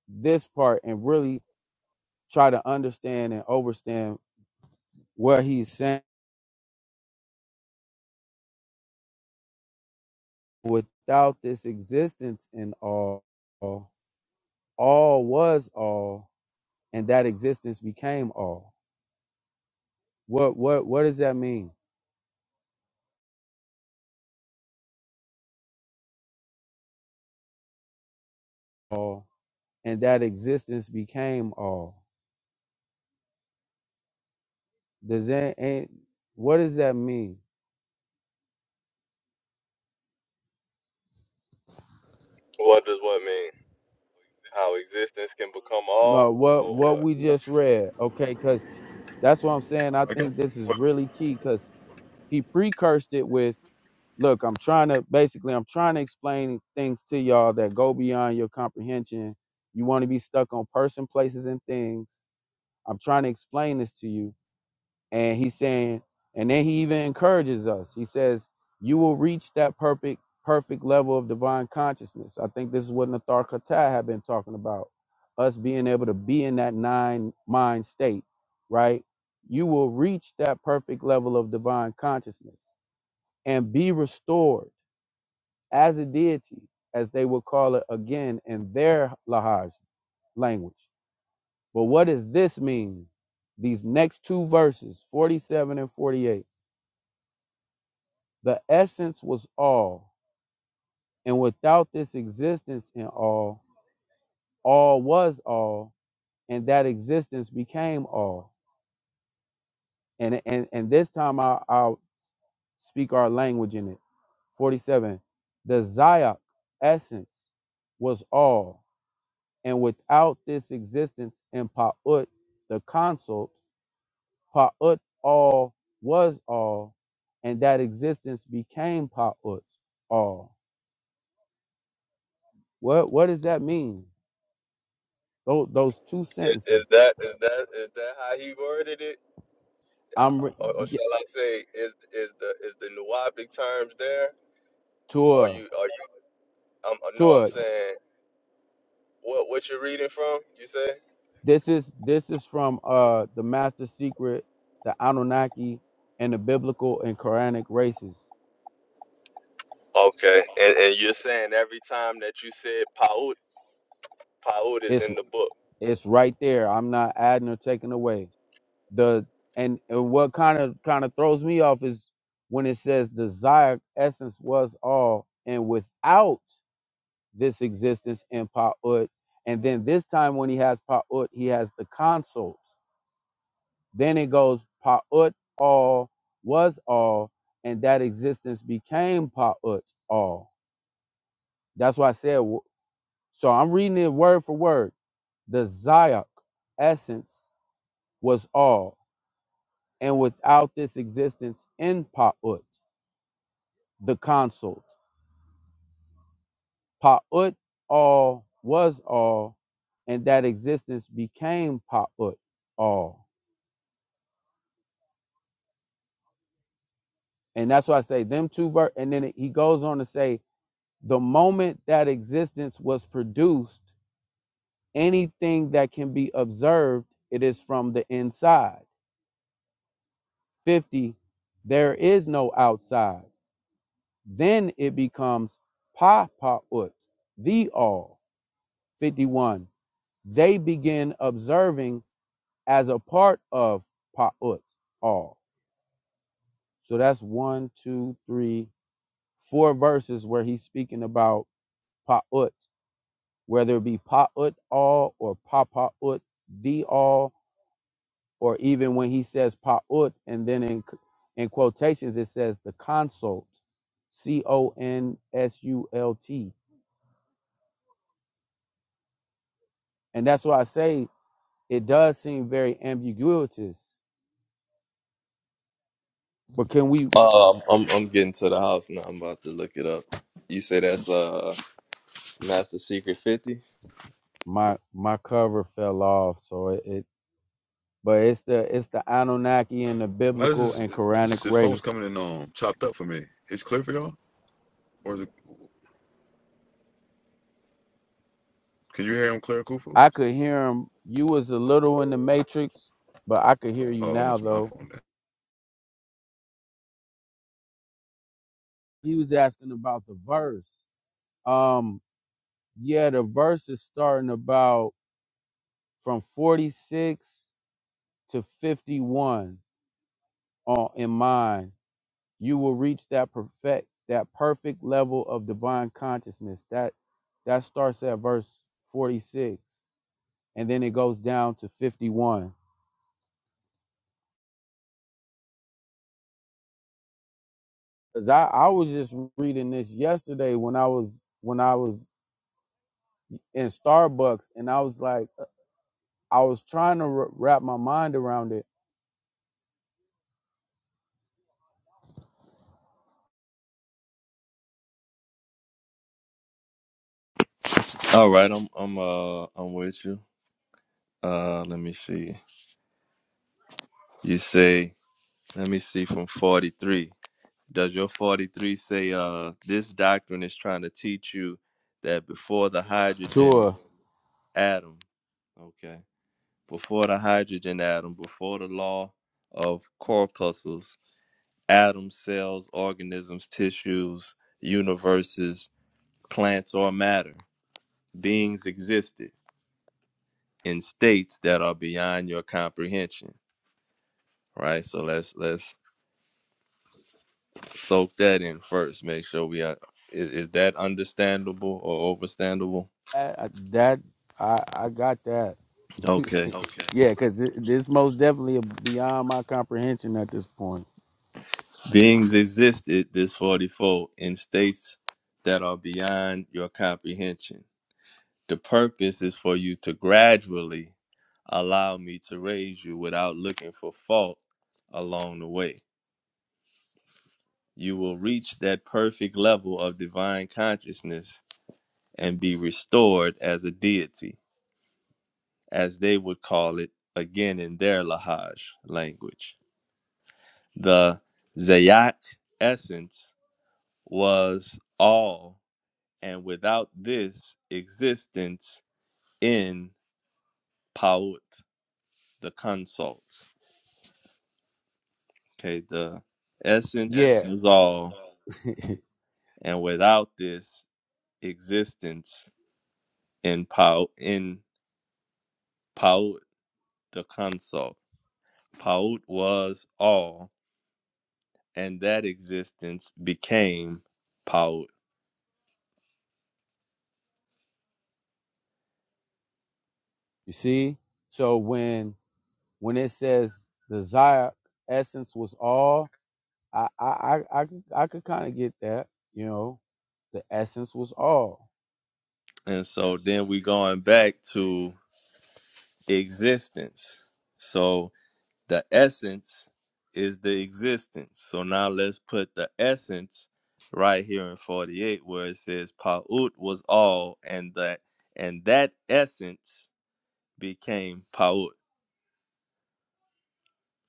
[SPEAKER 3] this part and really try to understand and overstand what he's saying without this existence in all all all was all and that existence became all what what what does that mean all and that existence became all does that and what does that mean
[SPEAKER 2] What does what mean? How existence can become
[SPEAKER 3] No,
[SPEAKER 2] all
[SPEAKER 3] what
[SPEAKER 2] or
[SPEAKER 3] what
[SPEAKER 2] what?
[SPEAKER 3] we just read, okay, because that's what I'm saying. I
[SPEAKER 1] I
[SPEAKER 3] think
[SPEAKER 1] guess.
[SPEAKER 3] this is really key because he precursed it with, look, I'm trying to basically I'm trying to explain things to y'all that go beyond your comprehension. You want to be stuck on person, places, and things. I'm trying to explain this to you. And he's saying, and then he even encourages us. He says, You will reach that perfect, perfect level of divine consciousness. I think this is what Nathar Khatat had been talking about. Us being able to be in that nine mind state, right? You will reach that perfect level of divine consciousness and be restored as a deity, as they would call it again in their Lahaj language. But what does this mean? These next two verses, 47 and 48. The essence was all, and without this existence in all, all was all, and that existence became all. And and and this time I'll, I'll speak our language in it. Forty-seven. The zayat essence was all, and without this existence in paut, the consult paut all was all, and that existence became paut all. What what does that mean? Those those two
[SPEAKER 2] Is, is
[SPEAKER 3] sentences.
[SPEAKER 2] that is that is that how he worded it?
[SPEAKER 3] I'm re-
[SPEAKER 2] uh, or, or
[SPEAKER 3] y-
[SPEAKER 2] shall I say, is is the is the Nuwabic terms there? Or
[SPEAKER 3] tour
[SPEAKER 2] you are you? Um, uh, no, I'm
[SPEAKER 3] tour.
[SPEAKER 2] saying what what you're reading from? You say?
[SPEAKER 3] This is this is from uh the Master Secret, the Anunnaki, and the biblical and Quranic races.
[SPEAKER 2] Okay, and and you're saying every time that you said paut, paut is
[SPEAKER 3] It's
[SPEAKER 2] in the book.
[SPEAKER 3] it's right there. I'm not adding or taking away the and, and what kind of kind of throws me off is when it says desire essence was all and without this existence in Pa'ut. And then this time when he has Pa'ut, he has the consult. Then it goes pa'ut all was all, and that existence became pa'ut all. That's why I said. So I'm reading it word for word. The zayak essence was all, and without this existence in pa'ut, the consult pa'ut all was all, and that existence became pa'ut all. And that's why I say them two ver. And then he goes on to say the moment that existence was produced, anything that can be observed, it is from the inside. 50, there is no outside. Then it becomes pa pa ut, the all. 51, they begin observing as a part of pa ut, all. So that's one, two, three, four verses where he's speaking about pa ut, whether it be pa ut all or pa pa ut, the all or even when he says pa'ut, and then in in quotations it says the consult, C O N S U L T, and that's why I say it does seem very ambiguous. But can we?
[SPEAKER 2] Um, I'm I'm getting to the house now. I'm about to look it up. You say that's uh Master Secret Fifty.
[SPEAKER 3] My my cover fell off, so it. it but it's the it's the Anunnaki and the
[SPEAKER 1] Why
[SPEAKER 3] biblical
[SPEAKER 1] does
[SPEAKER 3] and
[SPEAKER 1] this,
[SPEAKER 3] Quranic
[SPEAKER 1] this, his phone's
[SPEAKER 3] race.
[SPEAKER 1] coming in um, chopped up for me? It's clear for y'all? Or is it, can you hear him clear, Kufu?
[SPEAKER 3] I could hear him. You was a little in the Matrix, but I could hear you
[SPEAKER 1] Oh, it
[SPEAKER 3] now
[SPEAKER 1] must be my
[SPEAKER 3] though.
[SPEAKER 1] phone then.
[SPEAKER 3] He was asking about the verse. Um, Yeah, the verse is starting about from 46 to 51 on in mind. You will reach that perfect that perfect level of divine consciousness. That that starts at verse 46 and then it goes down to 51. Cuz I I was just reading this yesterday when I was when I was in Starbucks and I was like I was trying to wra- wrap my mind around it.
[SPEAKER 2] All right, I'm I'm uh I'm with you. Uh, let me see. You say. Let me see from 43. Does your 43 say uh this doctrine is trying to teach you that before the hydrogen
[SPEAKER 3] Tour.
[SPEAKER 2] atom, okay, before the hydrogen atom, before the law of corpuscles, atoms, cells, organisms, tissues, universes, plants or matter, beings existed in states that are beyond your comprehension, right? So let's let's soak that in first, make sure we are is, is that understandable or overstandable?
[SPEAKER 3] I- that I I got that. *laughs*
[SPEAKER 2] Okay.
[SPEAKER 3] yeah, because this most definitely beyond my comprehension at this point.
[SPEAKER 2] Beings existed, this 44, in states that are beyond your comprehension. The purpose is for you to gradually allow me to raise you without looking for fault along the way. You will reach that perfect level of divine consciousness and be restored as a deity, as they would call it again in their Lahaj language. The Zayak essence was all and without this existence in Paut, the consult. Okay, the essence
[SPEAKER 3] Yeah,
[SPEAKER 2] is all, and without this existence in Paut, in Paut, the consult. Paut was all, and that existence became Paut.
[SPEAKER 3] you see. So when when it says desire essence was all, I I I I, could- I could kind of get that. You know, the essence was all.
[SPEAKER 2] And so then we going back to existence. So The essence is the existence. So now let's put the essence right here in 48 where it says Pa'ut was all and that and that essence became Pa'ut.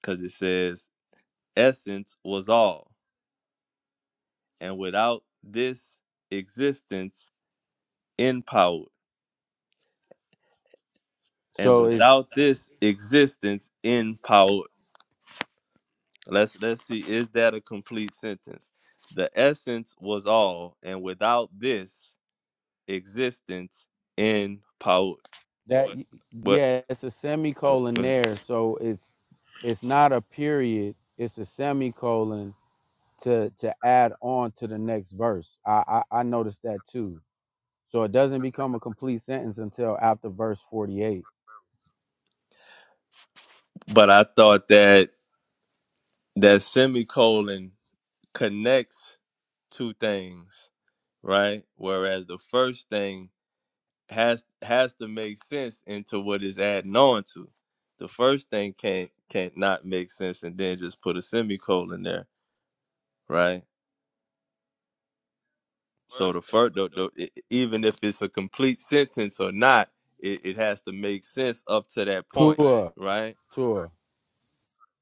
[SPEAKER 2] Because it says essence was all. And without this existence in Pa'ut. And
[SPEAKER 3] So it's
[SPEAKER 2] without this existence in Pa'ut. Let's let's see, is that a complete sentence? The essence was all, and without this existence in power.
[SPEAKER 3] that y-
[SPEAKER 2] But
[SPEAKER 3] yeah, it's a semicolon there. So it's it's not a period. It's a semicolon to to add on to the next verse. I, I I noticed that too. So it doesn't become a complete sentence until after verse forty eight.
[SPEAKER 2] but I thought that that semicolon connects two things, right? Whereas the first thing has has to make sense into what is adding on to. The first thing can't can't not make sense and then just put a semicolon there, right? So the first, the, the, e- e, even if it's a complete sentence or not, it, it has to make sense up to that point,
[SPEAKER 3] Tour,
[SPEAKER 2] right?
[SPEAKER 3] tour,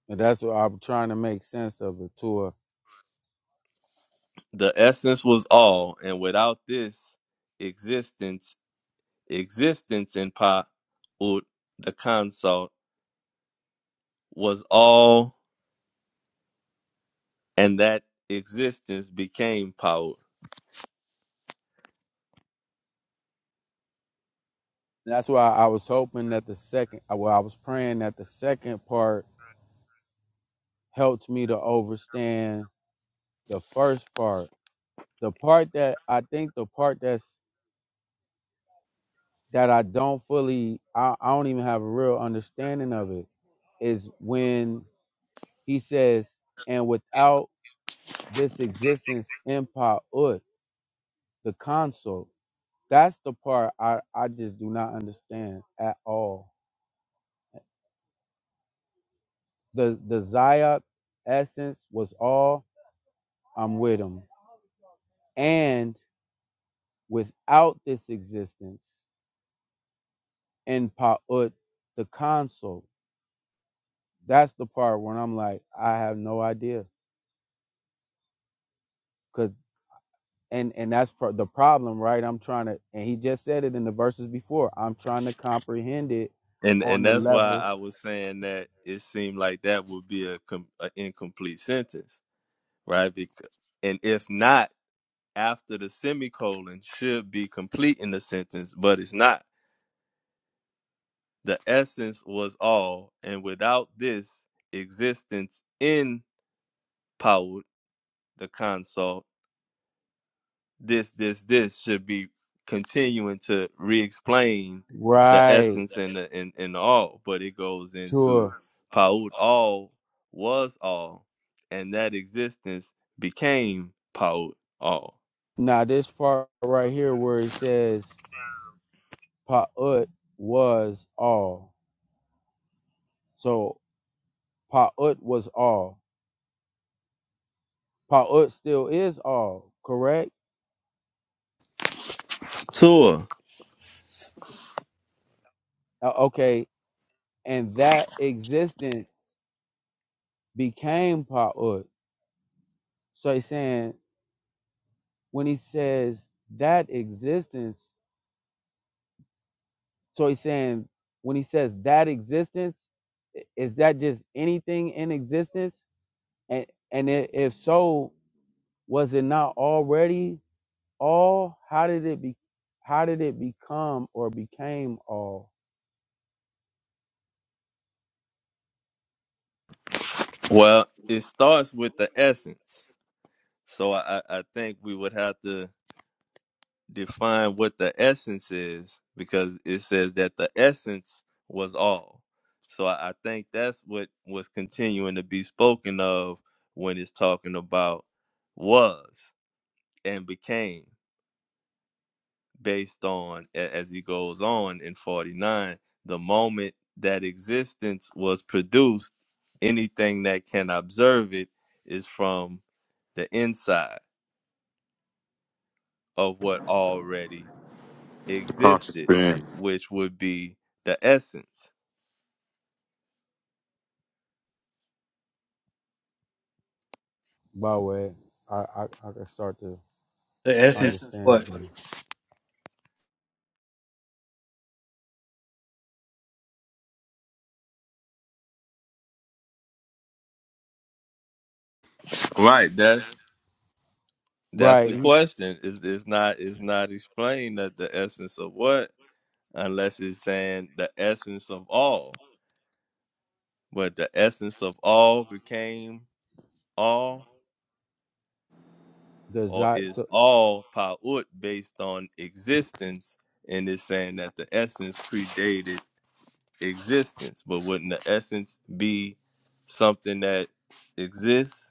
[SPEAKER 3] and that's what I'm trying to make sense of the tour.
[SPEAKER 2] The essence was all, and without this existence, existence in Pa ut the consult was all, and that existence became Paut.
[SPEAKER 3] That's why I was hoping that the second, well, I was praying that the second part helped me to overstand the first part. The part that I think the part that's that I don't fully I, I don't even have a real understanding of it is when he says, and without this existence empire ut, the console. That's the part I, I just do not understand at all. The the Zayat essence was all I'm with him. And without this existence, in Pa'ut, the console. that's the part when I'm like, I have no idea, cause and and that's pro- the problem, right? I'm trying to, and he just said it in the verses before. I'm trying to comprehend it
[SPEAKER 2] And and
[SPEAKER 3] on the
[SPEAKER 2] that's why I
[SPEAKER 3] level,
[SPEAKER 2] was saying that it seemed like that would be a, com- a incomplete sentence, right? Because, and if not, after the semicolon should be complete in the sentence, but it's not. The essence was all, and without this existence in powered the consult, this, this, this should be continuing to re explain the
[SPEAKER 3] right?
[SPEAKER 2] essence and the and, and the all, but it goes into
[SPEAKER 3] To
[SPEAKER 2] Paut all was all, and that existence became Paut all.
[SPEAKER 3] now this part right here where he says Pa'ut was all, so Pa'ut was all. Pa'ut still is all, correct?
[SPEAKER 2] Tour.
[SPEAKER 3] Uh, okay, and that existence became Pa'ut. So he's saying when he says that existence so he's saying when he says that existence i- is that just anything in existence and and i- if so was it not already all how did it be how did it become or became all
[SPEAKER 2] Well, it starts with the essence. So I, I I think we would have to define what the essence is because it says that the essence was all. So I, I think that's what was continuing to be spoken of when it's talking about was and became based on as he goes on in 49 the moment that existence was produced anything that can observe it is from the inside of what already existed,
[SPEAKER 1] Man,
[SPEAKER 2] which would be the essence.
[SPEAKER 3] by the way i i, I can start to
[SPEAKER 4] The essence of
[SPEAKER 3] understand it
[SPEAKER 4] what?
[SPEAKER 3] better
[SPEAKER 2] Right. That's That's
[SPEAKER 3] right
[SPEAKER 2] the
[SPEAKER 3] he
[SPEAKER 2] question. Is it's not it's not explained that the essence of what unless it's saying the essence of all. But the essence of all became all or
[SPEAKER 3] desire
[SPEAKER 2] is
[SPEAKER 3] so
[SPEAKER 2] all pa'ut based on existence and it's saying that the essence predated existence. But wouldn't the essence be something that exists?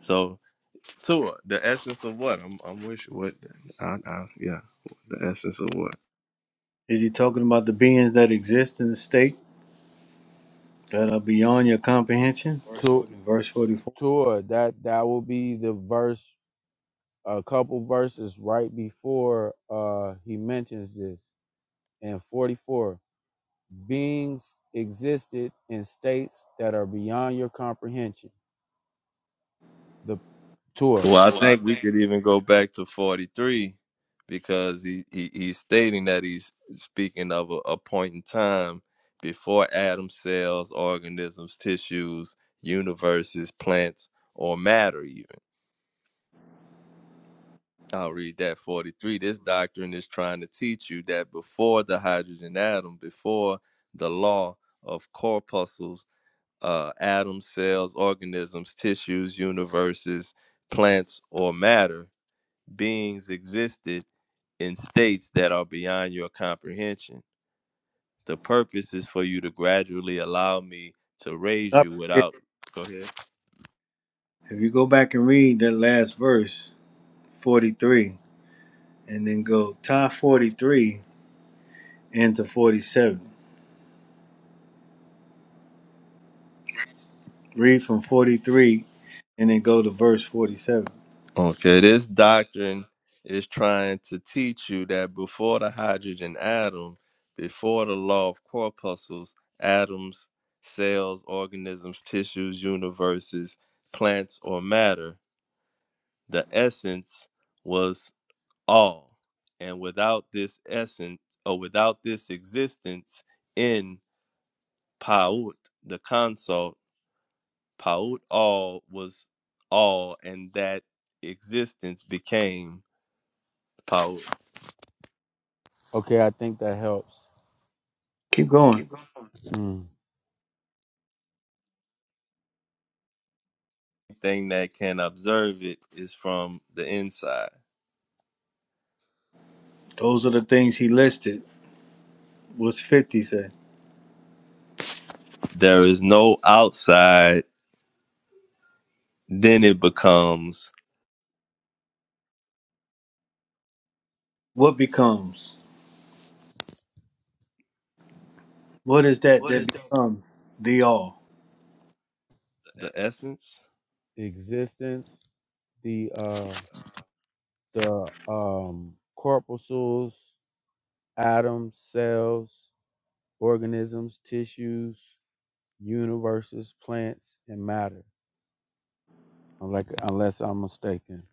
[SPEAKER 2] So. Tua, the essence of what? I'm, I'm wishing what? I, I, yeah, the essence of what?
[SPEAKER 4] Is he talking about the beings that exist in the state that are beyond your comprehension?
[SPEAKER 3] to
[SPEAKER 4] In verse 44.
[SPEAKER 3] tour that that will be the verse a couple verses right before uh, he mentions this in 44 beings existed in states that are beyond your comprehension the tour
[SPEAKER 2] Well, I think we could even go back to 43 because he, he he's stating that he's speaking of a, a point in time before atom cells, organisms, tissues, universes, plants, or matter, even. I'll read that 43. This doctrine is trying to teach you that before the hydrogen atom, before the law of corpuscles uh, atoms, cells, organisms, tissues, universes, plants, or matter, beings existed in states that are beyond your comprehension. The purpose is for you to gradually allow me to
[SPEAKER 4] Stop
[SPEAKER 2] raise
[SPEAKER 4] right
[SPEAKER 2] you without. Go ahead.
[SPEAKER 4] If you go back and read that last verse, 43, and then go tie 43 into 47. Read from 43 and then go to verse 47.
[SPEAKER 2] Okay, this doctrine is trying to teach you that before the hydrogen atom, before the law of corpuscles, atoms, cells, organisms, tissues, universes, plants, or matter, the essence was all and without this essence or without this existence in paut the consult paut all was all and that existence became paut
[SPEAKER 3] okay i think that helps
[SPEAKER 4] Keep going.
[SPEAKER 3] Mm.
[SPEAKER 2] The thing that can observe it is from the inside
[SPEAKER 4] Those are the things he listed. What's 50 say?
[SPEAKER 2] there is no outside then it becomes
[SPEAKER 4] What becomes? What is that that becomes? The all.
[SPEAKER 2] the essence
[SPEAKER 3] existence the uh the um corpuscles atoms cells organisms tissues universes plants and matter Unlike, unless I'm mistaken.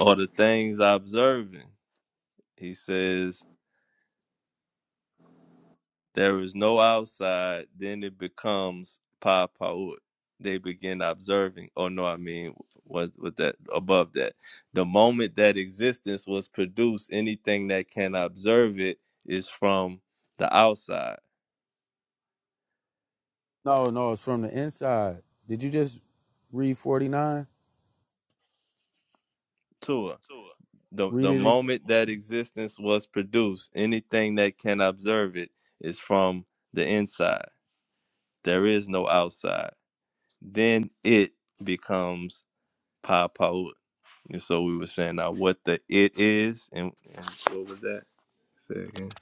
[SPEAKER 2] or the things observing he says There is no outside. Then it becomes pa paut. They begin observing. Oh no, I mean what? What that above that. The moment that existence was produced, anything that can observe it is from the outside.
[SPEAKER 3] No, no, it's from the inside. Did you just read 49?
[SPEAKER 2] Tua. The
[SPEAKER 3] Read
[SPEAKER 2] the
[SPEAKER 3] it again.
[SPEAKER 2] moment that existence was produced, anything that can observe it is from the inside. There is no outside. Then it becomes pa paut. And so we were saying now what the it is, and, and what was that? Say it again.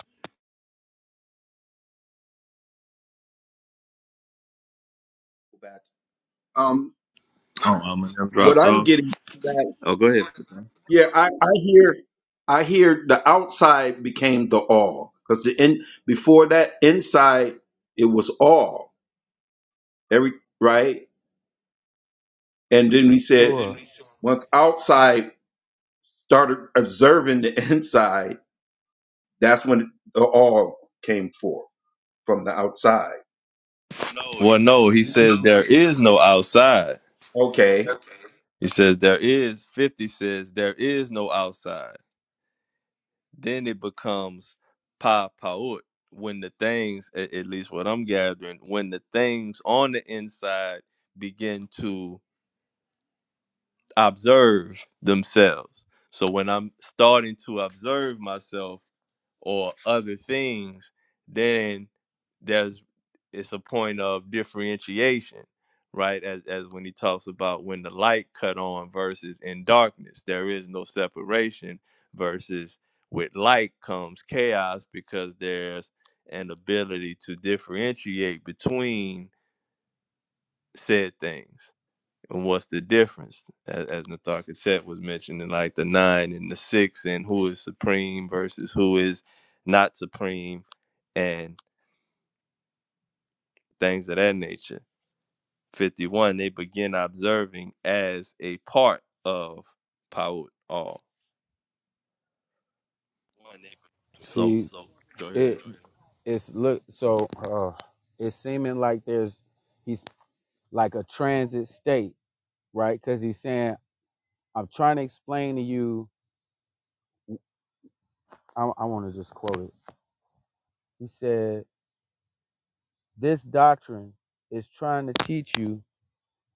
[SPEAKER 5] back. Um,
[SPEAKER 2] Oh, Eminem
[SPEAKER 5] what
[SPEAKER 2] dropped
[SPEAKER 5] I'm
[SPEAKER 2] off.
[SPEAKER 5] getting from that,
[SPEAKER 2] Oh, go ahead.
[SPEAKER 5] yeah, I, I hear, I hear the outside became the all because the in before that inside it was all every right, and then we said
[SPEAKER 3] Sure.
[SPEAKER 5] once outside started observing the *laughs* inside, that's when the all came forth from the outside.
[SPEAKER 2] Well, no, he says there is no outside.
[SPEAKER 5] Okay,
[SPEAKER 2] He says there is. Fifty says there is no outside. Then it becomes pa paut when the things, a- at least what I'm gathering, when the things on the inside begin to observe themselves. So when I'm starting to observe myself or other things, then there's it's a point of differentiation, right? As as when he talks about when the light cut on versus in darkness, there is no separation versus with light comes chaos because there's an ability to differentiate between said things and what's the difference? As, as Nathan Tet was mentioning, like the nine and the six, and who is supreme versus who is not supreme, and things of that nature. 51, they begin observing as a part of Paut all. So
[SPEAKER 3] See,
[SPEAKER 2] go ahead.
[SPEAKER 3] it it's look so uh, it's seeming like there's he's like a transit state, right? Because he's saying I'm trying to explain to you I, I want to just quote it. He said, This doctrine is trying to teach you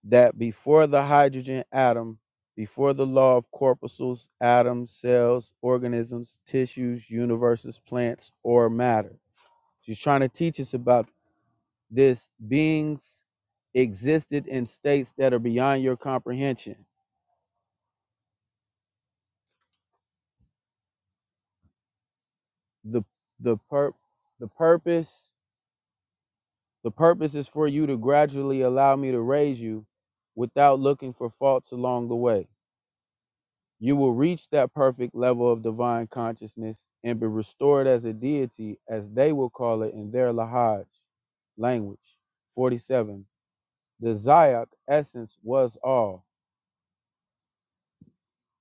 [SPEAKER 3] that before the hydrogen atom, before the law of corpuscles, atoms, cells, organisms, tissues, universes, plants, or matter. She's trying to teach us about this beings existed in states that are beyond your comprehension. The the per the purpose The purpose is for you to gradually allow me to raise you without looking for faults along the way. You will reach that perfect level of divine consciousness and be restored as a deity, as they will call it in their Lahaj language. 47. The Zayak essence was all.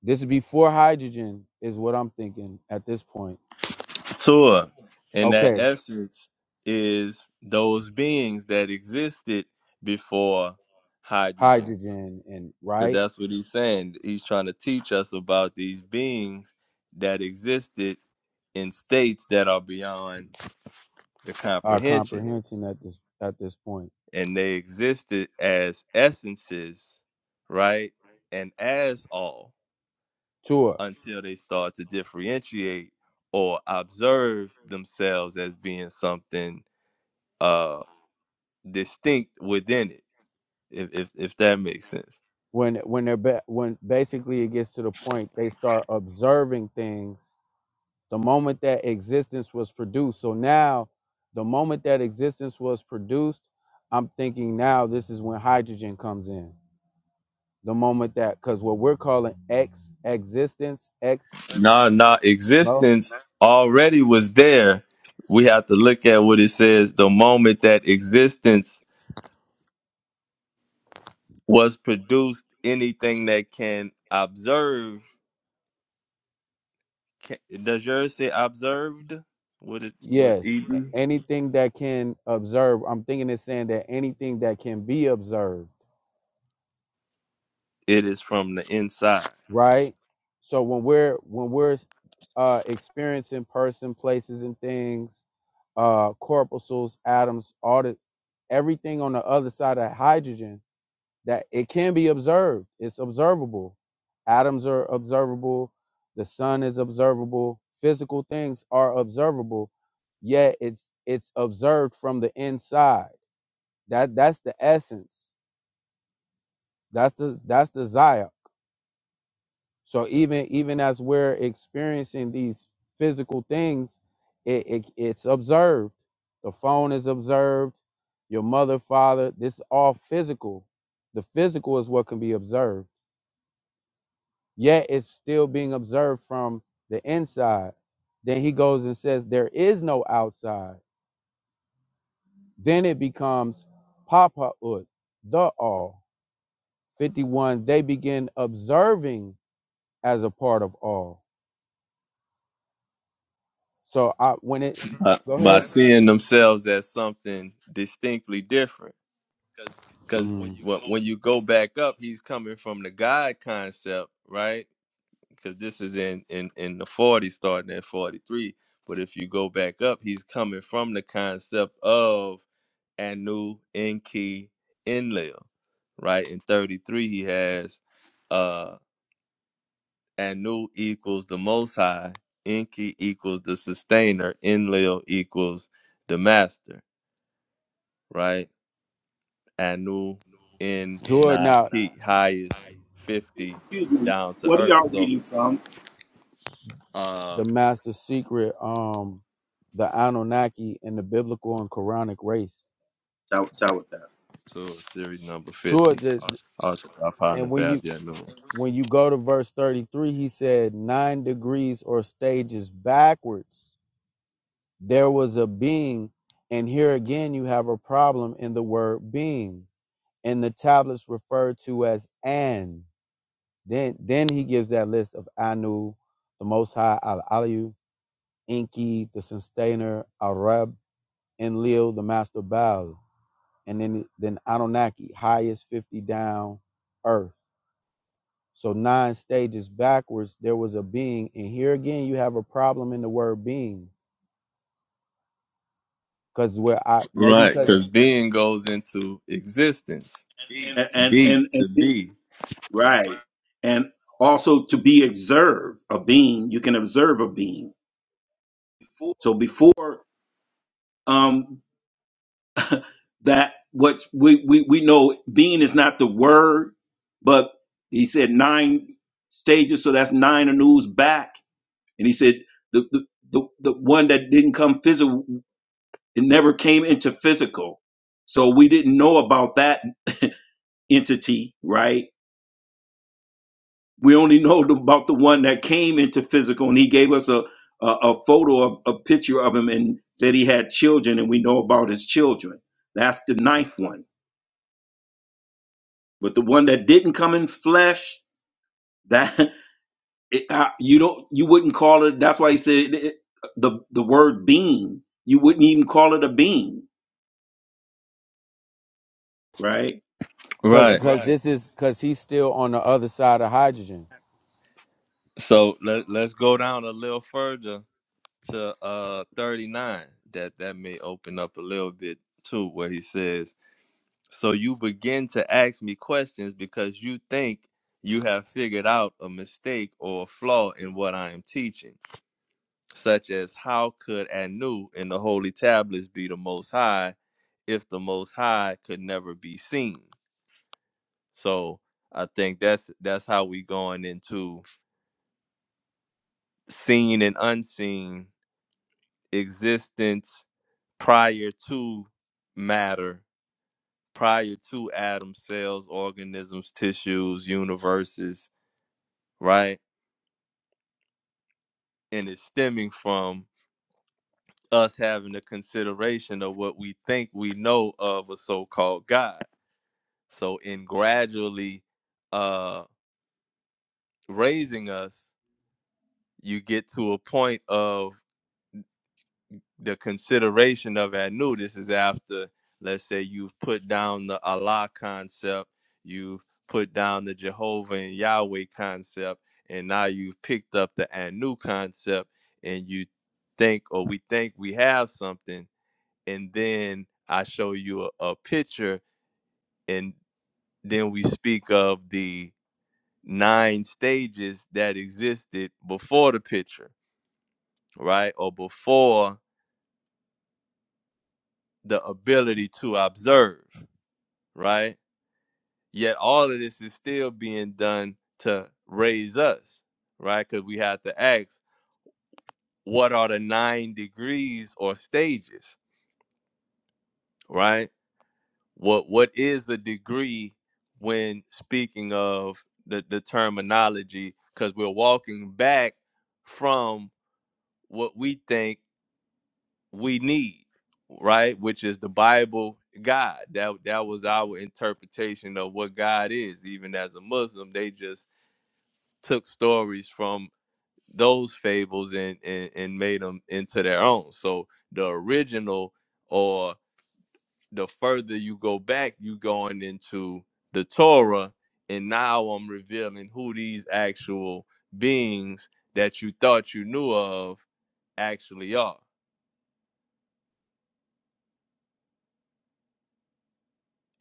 [SPEAKER 3] This is before hydrogen, is what I'm thinking at this point.
[SPEAKER 2] Torah, and that
[SPEAKER 3] Okay,
[SPEAKER 2] essence is those beings that existed before hydrogen
[SPEAKER 3] hydrogen and
[SPEAKER 2] Because
[SPEAKER 3] right,
[SPEAKER 2] that's what he's saying. He's trying to teach us about these beings that existed in states that are beyond the
[SPEAKER 3] our
[SPEAKER 2] comprehension.
[SPEAKER 3] comprehension at this at this point.
[SPEAKER 2] And they existed as essences, right? And as all
[SPEAKER 3] Tua.
[SPEAKER 2] until they start to differentiate or observe themselves as being something uh distinct within it, if if, if that makes sense.
[SPEAKER 3] when when they're ba- when basically it gets to the point they start observing things the moment that existence was produced so now the moment that existence was produced i'm thinking now this is when hydrogen comes in the moment that because what we're calling ex existence ex
[SPEAKER 2] Nah, nah,
[SPEAKER 3] no
[SPEAKER 2] existence already was there. We have to look at what it says. The moment that existence was produced, anything that can observe. Can, does yours say observed? What it what
[SPEAKER 3] yes a-
[SPEAKER 2] Eden?
[SPEAKER 3] anything that can observe i'm thinking it's saying that anything that can be observed
[SPEAKER 2] It is from the inside
[SPEAKER 3] right? So when we're when we're uh, experiencing person, places, and things, uh, corpuscles, atoms, all the everything on the other side of hydrogen that it can be observed. It's observable. Atoms are observable. The sun is observable. Physical things are observable. Yet it's it's observed from the inside. That that's the essence. That's the that's the zaya. So even even as we're experiencing these physical things, it, it it's observed. The phone is observed. Your mother, father, this is all physical. The physical is what can be observed. Yet it's still being observed from the inside. Then he goes and says, There is no outside. Then it becomes Papa Ut, the all. 51, they begin observing as a part of all. So I when it
[SPEAKER 2] by,
[SPEAKER 3] go
[SPEAKER 2] by
[SPEAKER 3] ahead.
[SPEAKER 2] seeing themselves as something distinctly different. Because
[SPEAKER 3] Mm.
[SPEAKER 2] when when you go back up, he's coming from the God concept, right? because this is in in in the 40s starting at 43 but if you go back up he's coming from the concept of anu enki enlil right in 33 he has uh anu equals the most high enki equals the sustainer enlil equals the master right anu in
[SPEAKER 3] Toward
[SPEAKER 2] not
[SPEAKER 3] now,
[SPEAKER 2] highest 50
[SPEAKER 5] excuse me.
[SPEAKER 2] down to
[SPEAKER 5] What are
[SPEAKER 2] earth
[SPEAKER 5] y'all
[SPEAKER 2] so
[SPEAKER 5] reading from?
[SPEAKER 2] uh
[SPEAKER 3] the master secret, um, the Anunnaki and the biblical and Quranic race.
[SPEAKER 5] Tell, tell with that,
[SPEAKER 2] so series number 50
[SPEAKER 3] Toward the,
[SPEAKER 2] Also, I find the
[SPEAKER 3] and when
[SPEAKER 2] bad
[SPEAKER 3] you
[SPEAKER 2] yeah, no.
[SPEAKER 3] when you go to verse 33, he said, nine degrees or stages backwards, there was a being. And here again, you have a problem in the word being. And the tablets referred to as an. Then, then he gives that list of Anu, the Most High, Al Aliyu, Enki, the sustainer, Arab, Enlil, the master of Baal, and then, then Anunnaki, highest 50 down earth. So nine stages backwards, there was a being. And here again, you have a problem in the word being. Cause where I maybe
[SPEAKER 2] Right,
[SPEAKER 3] because
[SPEAKER 2] because being goes into existence.
[SPEAKER 5] and and
[SPEAKER 2] Be
[SPEAKER 5] and,
[SPEAKER 2] to
[SPEAKER 5] and
[SPEAKER 2] be.
[SPEAKER 5] Right. And also to be observed, a being, you can observe a being. So before um that what we, we, we know being is not the word, but he said nine stages, so that's nine anews back. And he said the the, the, the one that didn't come physical it never came into physical. So we didn't know about that entity, right? we only know about the one that came into physical and he gave us a a, a photo a, a picture of him and said he had children and we know about his children that's the ninth one but the one that didn't come in flesh that *laughs* it, I, you don't you wouldn't call it that's why he said it, it- the the word being you wouldn't even call it a being right
[SPEAKER 3] because
[SPEAKER 2] Right.
[SPEAKER 3] because this is because he's still on the other side of hydrogen.
[SPEAKER 2] So let let's go down a little further to uh thirty nine. That that may open up a little bit too, where he says, So you begin to ask me questions because you think you have figured out a mistake or a flaw in what I am teaching. such as how could Anu in the holy tablets be the most high if the most high could never be seen? So I think that's that's how we going into seen and unseen existence prior to matter, prior to atom cells, organisms, tissues, universes, right? And it's stemming from us having a consideration of what we think we know of a so-called God So in gradually uh raising us, you get to a point of the consideration of Anu. This is after, let's say, you've put down the Allah concept, you've put down the Jehovah and Yahweh concept, and now you've picked up the Anu concept, and you think, or we think we have something, and then I show you a, a picture, and then we speak of the nine stages that existed before the picture, right? Or before the ability to observe, right? Yet all of this is still being done to raise us, right? Because we have to ask, what are the nine degrees or stages, right? What what is the degree when speaking of the, the terminology? Because we're walking back from what we think we need, right? Which is the Bible, God. That that was our interpretation of what God is. Even as a Muslim, they just took stories from those fables and and, and made them into their own. So the original, or the further you go back, you going into the Torah, and now I'm revealing who these actual beings that you thought you knew of actually are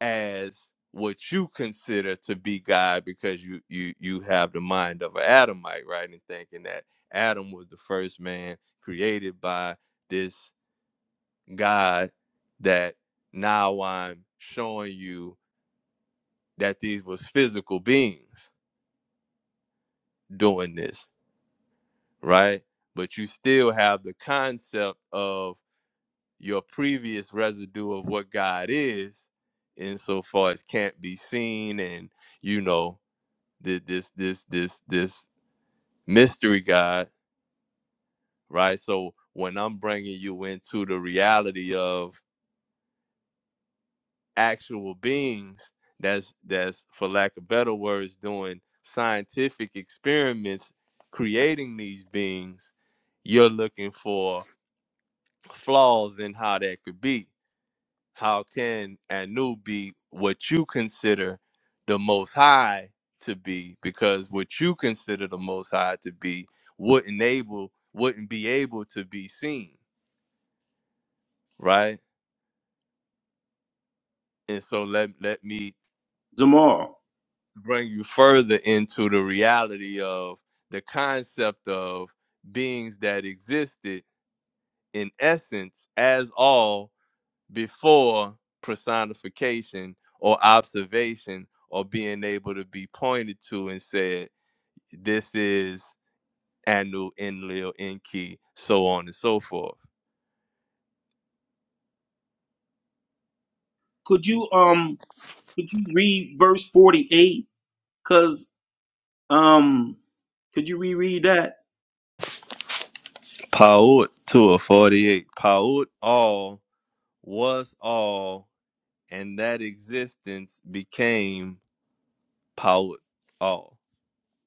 [SPEAKER 2] as what you consider to be God because you you you have the mind of an Adamite, right? And thinking that Adam was the first man created by this God that now I'm showing you that these was physical beings doing this, right? But you still have the concept of your previous residue of what God is insofar as can't be seen and you know thi- this this this this mystery god right so when i'm bringing you into the reality of actual beings that's that's for lack of better words doing scientific experiments creating these beings you're looking for flaws in how that could be How can Anu be what you consider the most high to be? Because what you consider the most high to be wouldn't able wouldn't be able to be seen, right? And so let let me
[SPEAKER 5] Zamal
[SPEAKER 2] bring you further into the reality of the concept of beings that existed in essence as all before personification or observation or being able to be pointed to and said, this is Anu, Enlil, Enki, so on and so forth.
[SPEAKER 5] could you um could you read verse 48 cuz um could you reread that
[SPEAKER 2] Paut 2 48. of Paut all was all, and that existence became Paut all.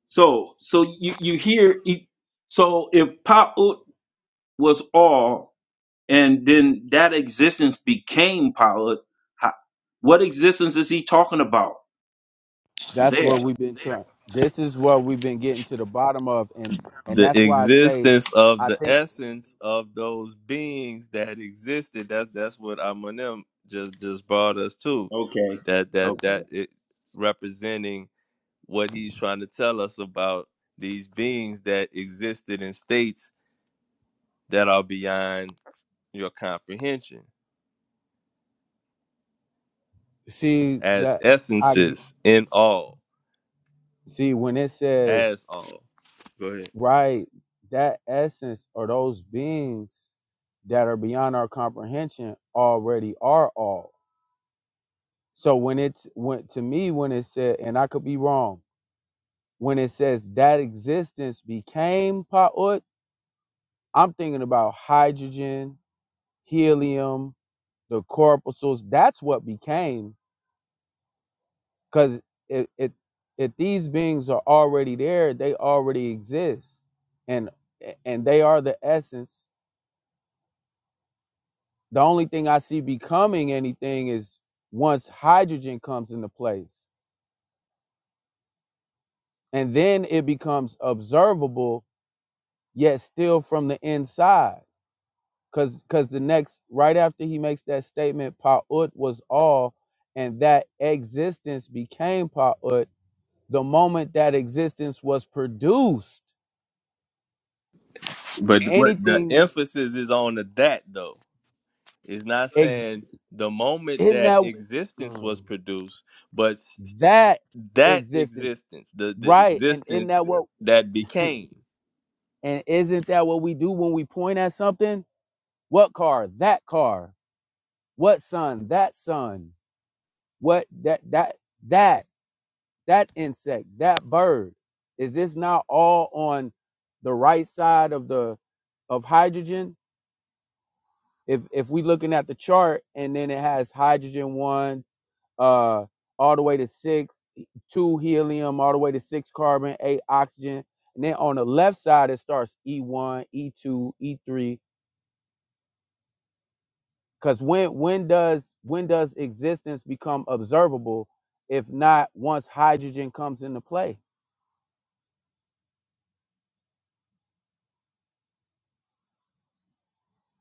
[SPEAKER 5] So, so you you hear it- so if Pa'ut was all, and then that existence became Pa'ut, ho- what existence is he talking about
[SPEAKER 3] That's
[SPEAKER 5] there?
[SPEAKER 3] what we've been trying. This is what we've been getting to the bottom of, and and
[SPEAKER 2] the
[SPEAKER 3] that's why I say,
[SPEAKER 2] existence of
[SPEAKER 3] I
[SPEAKER 2] the
[SPEAKER 3] think
[SPEAKER 2] essence of those beings that existed. That's that's what Amanim just just brought us to.
[SPEAKER 5] Okay,
[SPEAKER 2] That that
[SPEAKER 5] okay.
[SPEAKER 2] that it representing what he's trying to tell us about these beings that existed in states that are beyond your comprehension
[SPEAKER 3] see
[SPEAKER 2] as
[SPEAKER 3] that I
[SPEAKER 2] essences in all
[SPEAKER 3] see when it says
[SPEAKER 2] as all. Go ahead.
[SPEAKER 3] right that essence or those beings that are beyond our comprehension already are all so when it's when to me when it said and i could be wrong when it says that existence became pa'ut i'm thinking about hydrogen helium the corpuscles that's what became because it, it if these beings are already there they already exist and and they are the essence The only thing I see becoming anything is once hydrogen comes into place, and then it becomes observable, yet still from the inside. Because because the next right after he makes that statement, Pa'ut was all, and that existence became Pa'ut. The moment that existence was produced,
[SPEAKER 2] But what the
[SPEAKER 3] anything
[SPEAKER 2] emphasis is on the that though It's not
[SPEAKER 3] ex-
[SPEAKER 2] saying the moment
[SPEAKER 3] in
[SPEAKER 2] that
[SPEAKER 3] that
[SPEAKER 2] existence was
[SPEAKER 3] Mm.
[SPEAKER 2] produced, but s-
[SPEAKER 3] that
[SPEAKER 2] that
[SPEAKER 3] existence,
[SPEAKER 2] existence, the, the
[SPEAKER 3] right? And in
[SPEAKER 2] existence
[SPEAKER 3] that what?
[SPEAKER 2] that
[SPEAKER 3] *laughs*
[SPEAKER 2] became.
[SPEAKER 3] And isn't that what we do when we point at something? What car? That car. What sun? That sun. What that that that that insect, that bird. Is this not all on the right side of the of hydrogen? If if we looking at the chart and then it has hydrogen one, uh all the way to six, two helium, all the way to six carbon, eight oxygen. And then on the left side it starts E1, E2, E3, because when when does when does existence become observable if not once hydrogen comes into play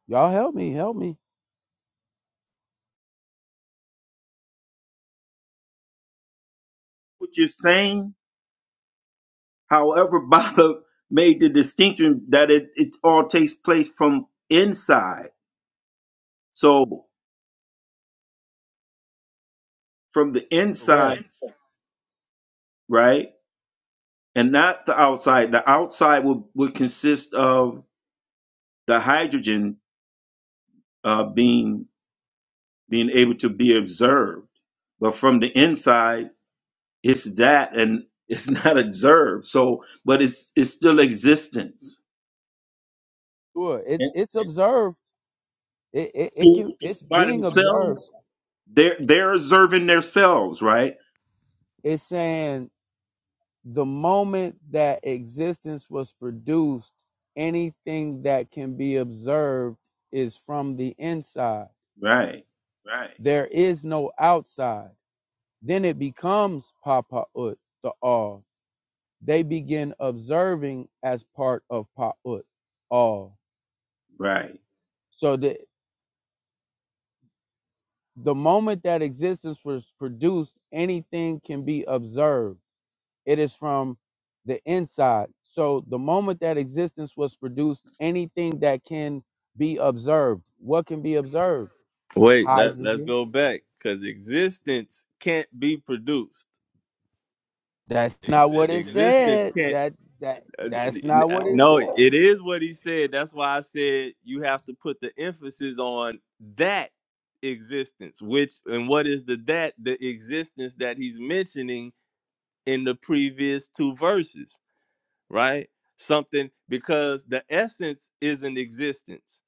[SPEAKER 3] y'all help me help me
[SPEAKER 5] What you're saying, however, *laughs* Baba made the distinction that it it all takes place from inside. So from the inside,
[SPEAKER 3] correct
[SPEAKER 5] right, and not the outside. The outside would would consist of the hydrogen uh, being being able to be observed. But from the inside, it's that and it's *laughs* not observed. So, but it's it's still existence.
[SPEAKER 3] sure it's
[SPEAKER 5] And
[SPEAKER 3] it's observed it, it, it
[SPEAKER 5] to-
[SPEAKER 3] can it's
[SPEAKER 5] by
[SPEAKER 3] being observed
[SPEAKER 5] themselves, they're they're observing themselves, right?
[SPEAKER 3] it's saying the moment that existence was produced anything that can be observed is from the inside
[SPEAKER 5] Right,
[SPEAKER 3] Right. there is no outside then it becomes papa ut the all they begin observing as part of pa'ut, all.
[SPEAKER 5] right,
[SPEAKER 3] So the the moment that existence was produced, anything can be observed. It is from the inside. So the moment that existence was produced, anything that can be observed. What can be observed?
[SPEAKER 2] Wait, let, let's
[SPEAKER 3] Hydrogen.
[SPEAKER 2] go back because existence can't be produced.
[SPEAKER 3] That's not what it
[SPEAKER 2] Existence
[SPEAKER 3] said.
[SPEAKER 2] can't.
[SPEAKER 3] That that
[SPEAKER 2] Uh,
[SPEAKER 3] that's
[SPEAKER 2] n-
[SPEAKER 3] not what it
[SPEAKER 2] no,
[SPEAKER 3] said.
[SPEAKER 2] it is what he said. That's why I said you have to put the emphasis on that existence, which, and what is the that? The existence that he's mentioning in the previous two verses. right? Something because the essence is an existence.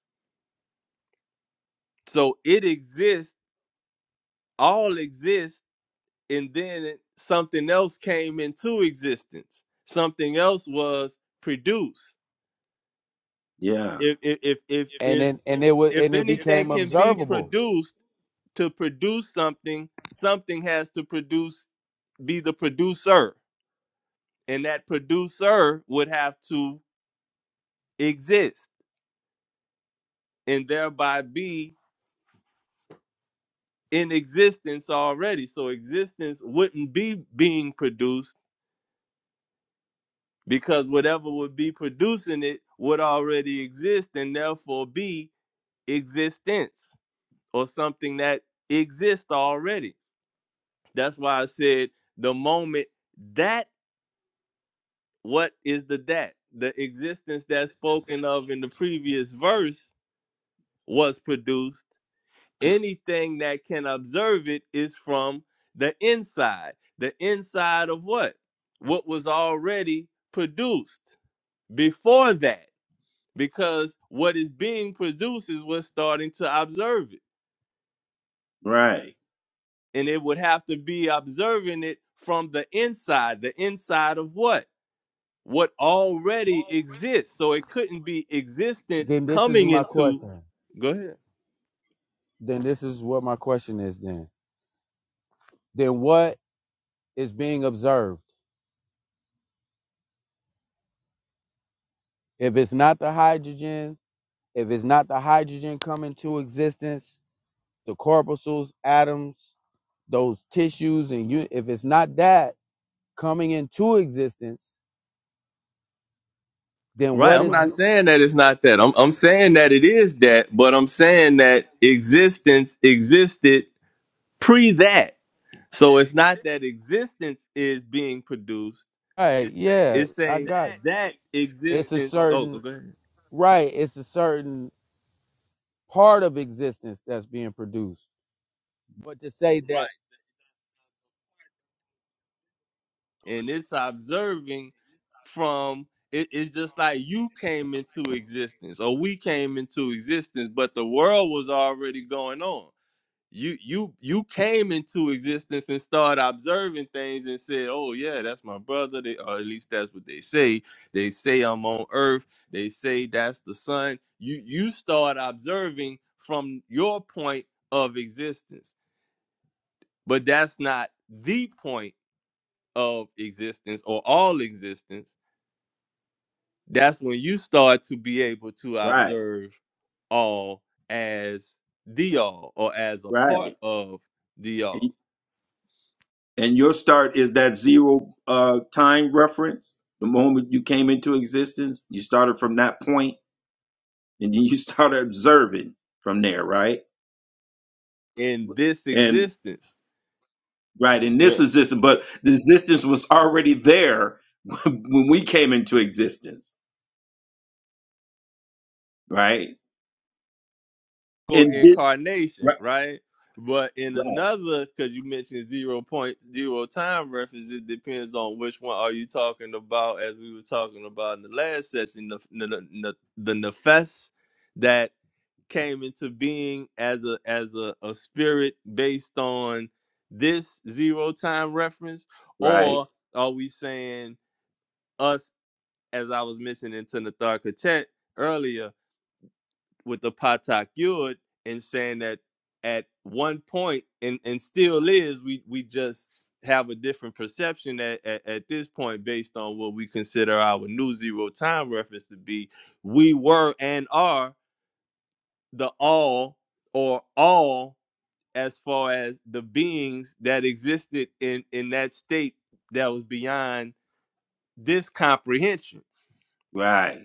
[SPEAKER 2] So it exists, all exists, and then something else came into existence. Something else was produced.
[SPEAKER 5] yeah,
[SPEAKER 2] If if if if
[SPEAKER 3] And
[SPEAKER 2] if,
[SPEAKER 3] then and it was
[SPEAKER 2] if
[SPEAKER 3] and it
[SPEAKER 2] anything
[SPEAKER 3] became
[SPEAKER 2] can be
[SPEAKER 3] observable.
[SPEAKER 2] produced to produce something, something has to produce be the producer. And that producer would have to exist and thereby be in existence already. So existence wouldn't be being produced because whatever would be producing it would already exist and therefore be existence or something that exists already. That's why I said the moment that what is the that? The existence that's spoken of in the previous verse was produced anything that can observe it is from the inside the inside of what what was already produced before that because what is being produced is what's starting to observe it
[SPEAKER 5] right,
[SPEAKER 2] and it would have to be observing it from the inside the inside of what what already exists so it couldn't be existence
[SPEAKER 3] Then this is
[SPEAKER 2] coming
[SPEAKER 3] my
[SPEAKER 2] into
[SPEAKER 3] question.
[SPEAKER 2] go ahead
[SPEAKER 3] then this is what my question is then. Then what is being observed? If it's not the hydrogen, if it's not the hydrogen coming to existence, the corpuscles, atoms, those tissues, and you, if it's not that coming into existence, then
[SPEAKER 2] Right.
[SPEAKER 3] what
[SPEAKER 2] I'm
[SPEAKER 3] is?
[SPEAKER 2] not
[SPEAKER 3] Be-
[SPEAKER 2] saying that it's not that. I'm I'm saying that it is that, but I'm saying that existence existed pre that. So it's not that existence is being produced.
[SPEAKER 3] right? Yeah,
[SPEAKER 2] It's
[SPEAKER 3] I
[SPEAKER 2] saying
[SPEAKER 3] got. it.
[SPEAKER 2] that
[SPEAKER 3] It's a
[SPEAKER 2] existence oh go
[SPEAKER 3] certain
[SPEAKER 2] ahead.
[SPEAKER 3] right. It's a certain part of existence that's being produced. But to say that,
[SPEAKER 2] And it's observing from it, it's just like you came into existence or we came into existence, but the world was already going on. you you you came into existence and started observing things and said, "Oh yeah, that's my brother." They, or at least that's what they say. They say I'm on Earth. They say that's the sun. You you start observing from your point of existence, but that's not the point of existence or all existence. That's when you start to be able to
[SPEAKER 5] right,
[SPEAKER 2] observe all as the all or as a
[SPEAKER 5] right.
[SPEAKER 2] part of the all
[SPEAKER 5] And, and your start is that zero uh time reference. The moment you came into existence, you started from that point, and then you *laughs* started observing from there, right?
[SPEAKER 2] in this
[SPEAKER 5] And
[SPEAKER 2] existence,
[SPEAKER 5] Right, in this
[SPEAKER 2] yeah,
[SPEAKER 5] existence, but the existence was already there *laughs* when we came into existence, right?
[SPEAKER 2] or
[SPEAKER 5] In this,
[SPEAKER 2] incarnation,
[SPEAKER 5] right,
[SPEAKER 2] right? But in
[SPEAKER 5] right,
[SPEAKER 2] another, because you mentioned zero point zero time reference, it depends on which one are you talking about. As we were talking about in the last session, the the, the, the nefes that came into being as a as a, a spirit based on this zero time reference,
[SPEAKER 5] right,
[SPEAKER 2] or are we saying us as I was mentioning to Natharka Tet earlier? with the Patak Yud and saying that at one point and and still is we we just have a different perception at, at, at this point based on what we consider our new zero time reference to be we were and are the all or all as far as the beings that existed in in that state that was beyond this comprehension
[SPEAKER 5] right.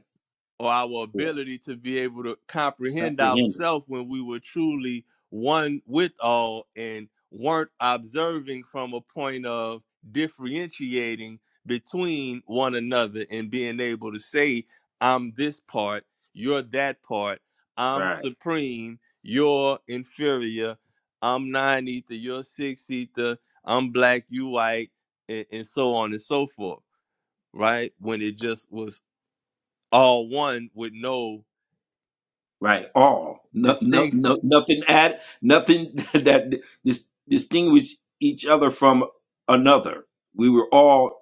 [SPEAKER 2] or our
[SPEAKER 5] Yeah,
[SPEAKER 2] ability to be able to comprehend
[SPEAKER 5] comprehended,
[SPEAKER 2] ourselves when we were truly one with all and weren't observing from a point of differentiating between one another and being able to say, I'm this part, you're that part, I'm
[SPEAKER 5] right,
[SPEAKER 2] supreme, you're inferior, I'm nine ether, you're six ether, I'm black, you white, and, and so on and so forth, right? When it just was all one with no
[SPEAKER 5] right. All, no, no,
[SPEAKER 2] distinction.
[SPEAKER 5] no, nothing add, nothing *laughs* that dis- distinguish each other from another. We were all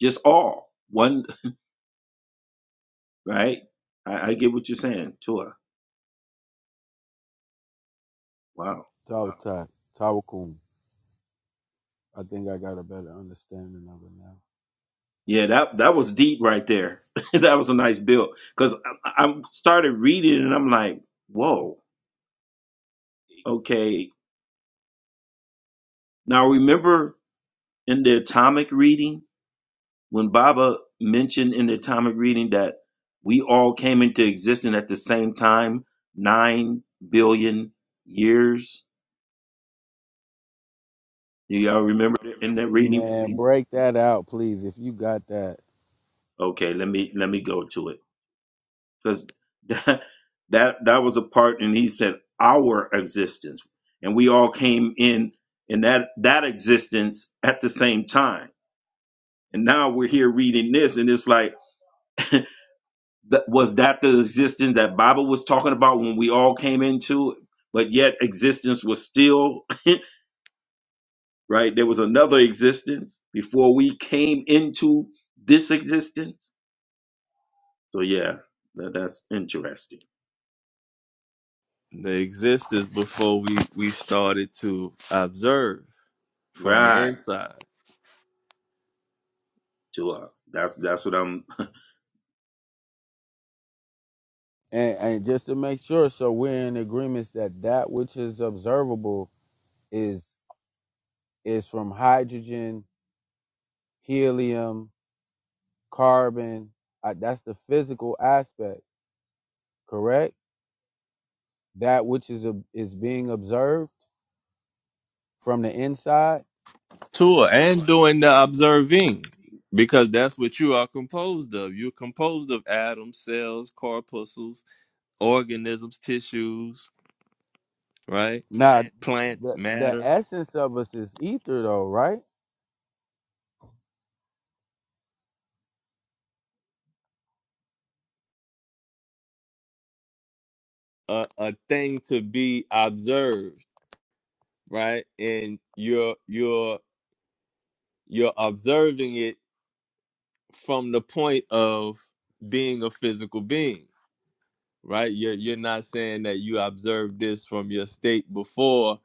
[SPEAKER 5] just all one, *laughs* right? I, I get what you're saying, Tua. Wow.
[SPEAKER 3] Right. Talk I think I got a better understanding of it now.
[SPEAKER 5] Yeah, that that was deep right there. *laughs* that was a nice build because I, I started reading and I'm like, whoa, okay. Now remember in the atomic reading when Baba mentioned in the atomic reading that we all came into existence at the same time, nine billion years. Do y'all remember in that reading?
[SPEAKER 3] Man, break that out, please, if you got that.
[SPEAKER 5] Okay, let me let me go to it. because *laughs* that, that that was a part and he said our existence and we all came in in that that existence at the same time and now we're here reading this and it's like *laughs* that was that the existence that bible was talking about when we all came into it but yet existence was still *laughs* right there was another existence before we came into this existence so yeah that, that's interesting
[SPEAKER 2] They existed before we, we started to observe from the
[SPEAKER 5] right
[SPEAKER 2] inside.
[SPEAKER 5] to us that's that's what i'm
[SPEAKER 3] And, and just to make sure, so we're in agreement that that which is observable is is from hydrogen, helium, carbon. Uh, that's the physical aspect, correct? That which is ob- is being observed from the inside.
[SPEAKER 2] Tour and doing the observing. Because that's what you are composed of. You're composed of atoms, cells, corpuscles, organisms, tissues, right?
[SPEAKER 3] Now,
[SPEAKER 2] Plants,
[SPEAKER 3] the the
[SPEAKER 2] matter,
[SPEAKER 3] essence of us is ether, though, right?
[SPEAKER 2] a, a thing to be observed, right? And you're you're you're observing it from the point of being a physical being right? You're you're not saying that you observed this from your state before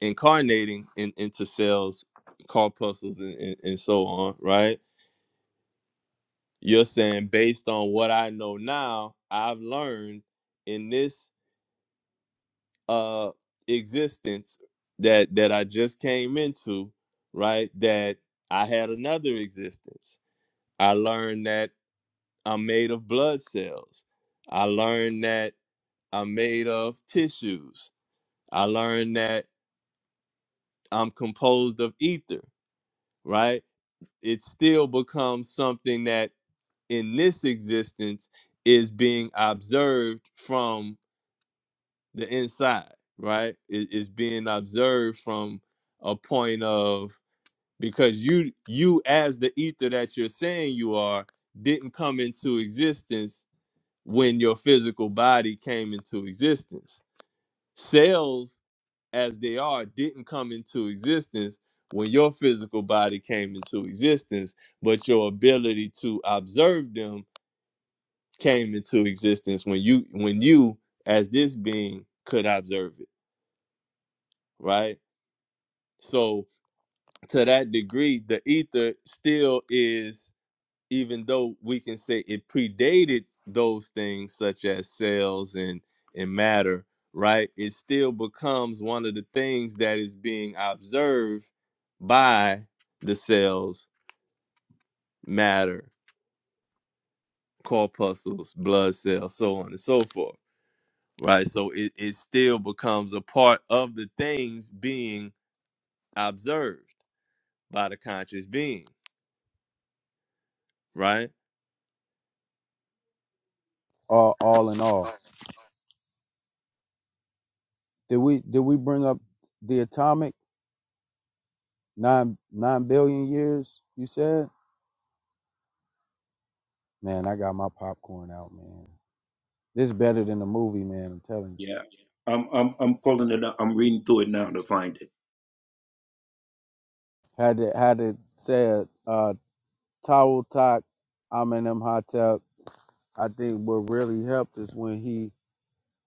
[SPEAKER 2] incarnating in, into cells, corpuscles, and, and, and so on, right? You're saying based on what I know now, I've learned in this uh existence that that I just came into, right? That I had another existence. I learned that I'm made of blood cells. I learned that I'm made of tissues. I learned that I'm composed of ether, right? It still becomes something that in this existence is being observed from the inside, right? It is being observed from a point of because you you as the ether that you're saying you are didn't come into existence when your physical body came into existence. Cells as they are didn't come into existence when your physical body came into existence, but your ability to observe them came into existence when you when you as this being could observe it, right? So to that degree, the ether still is even though we can say it predated those things such as cells and and matter right it still becomes one of the things that is being observed by the cells matter corpuscles blood cells so on and so forth right so it, it still becomes a part of the things being observed by the conscious being right
[SPEAKER 3] All all in all, did we did we bring up the atomic? Nine nine billion years, you said? Man, I got my popcorn out, man. This is better than the movie, man, I'm telling you.
[SPEAKER 5] Yeah, I'm I'm I'm pulling it up. I'm reading through it now to find it. *laughs*
[SPEAKER 3] Had to had to say it, uh Towel Talk, I'm in them hot I think what really helped is when he,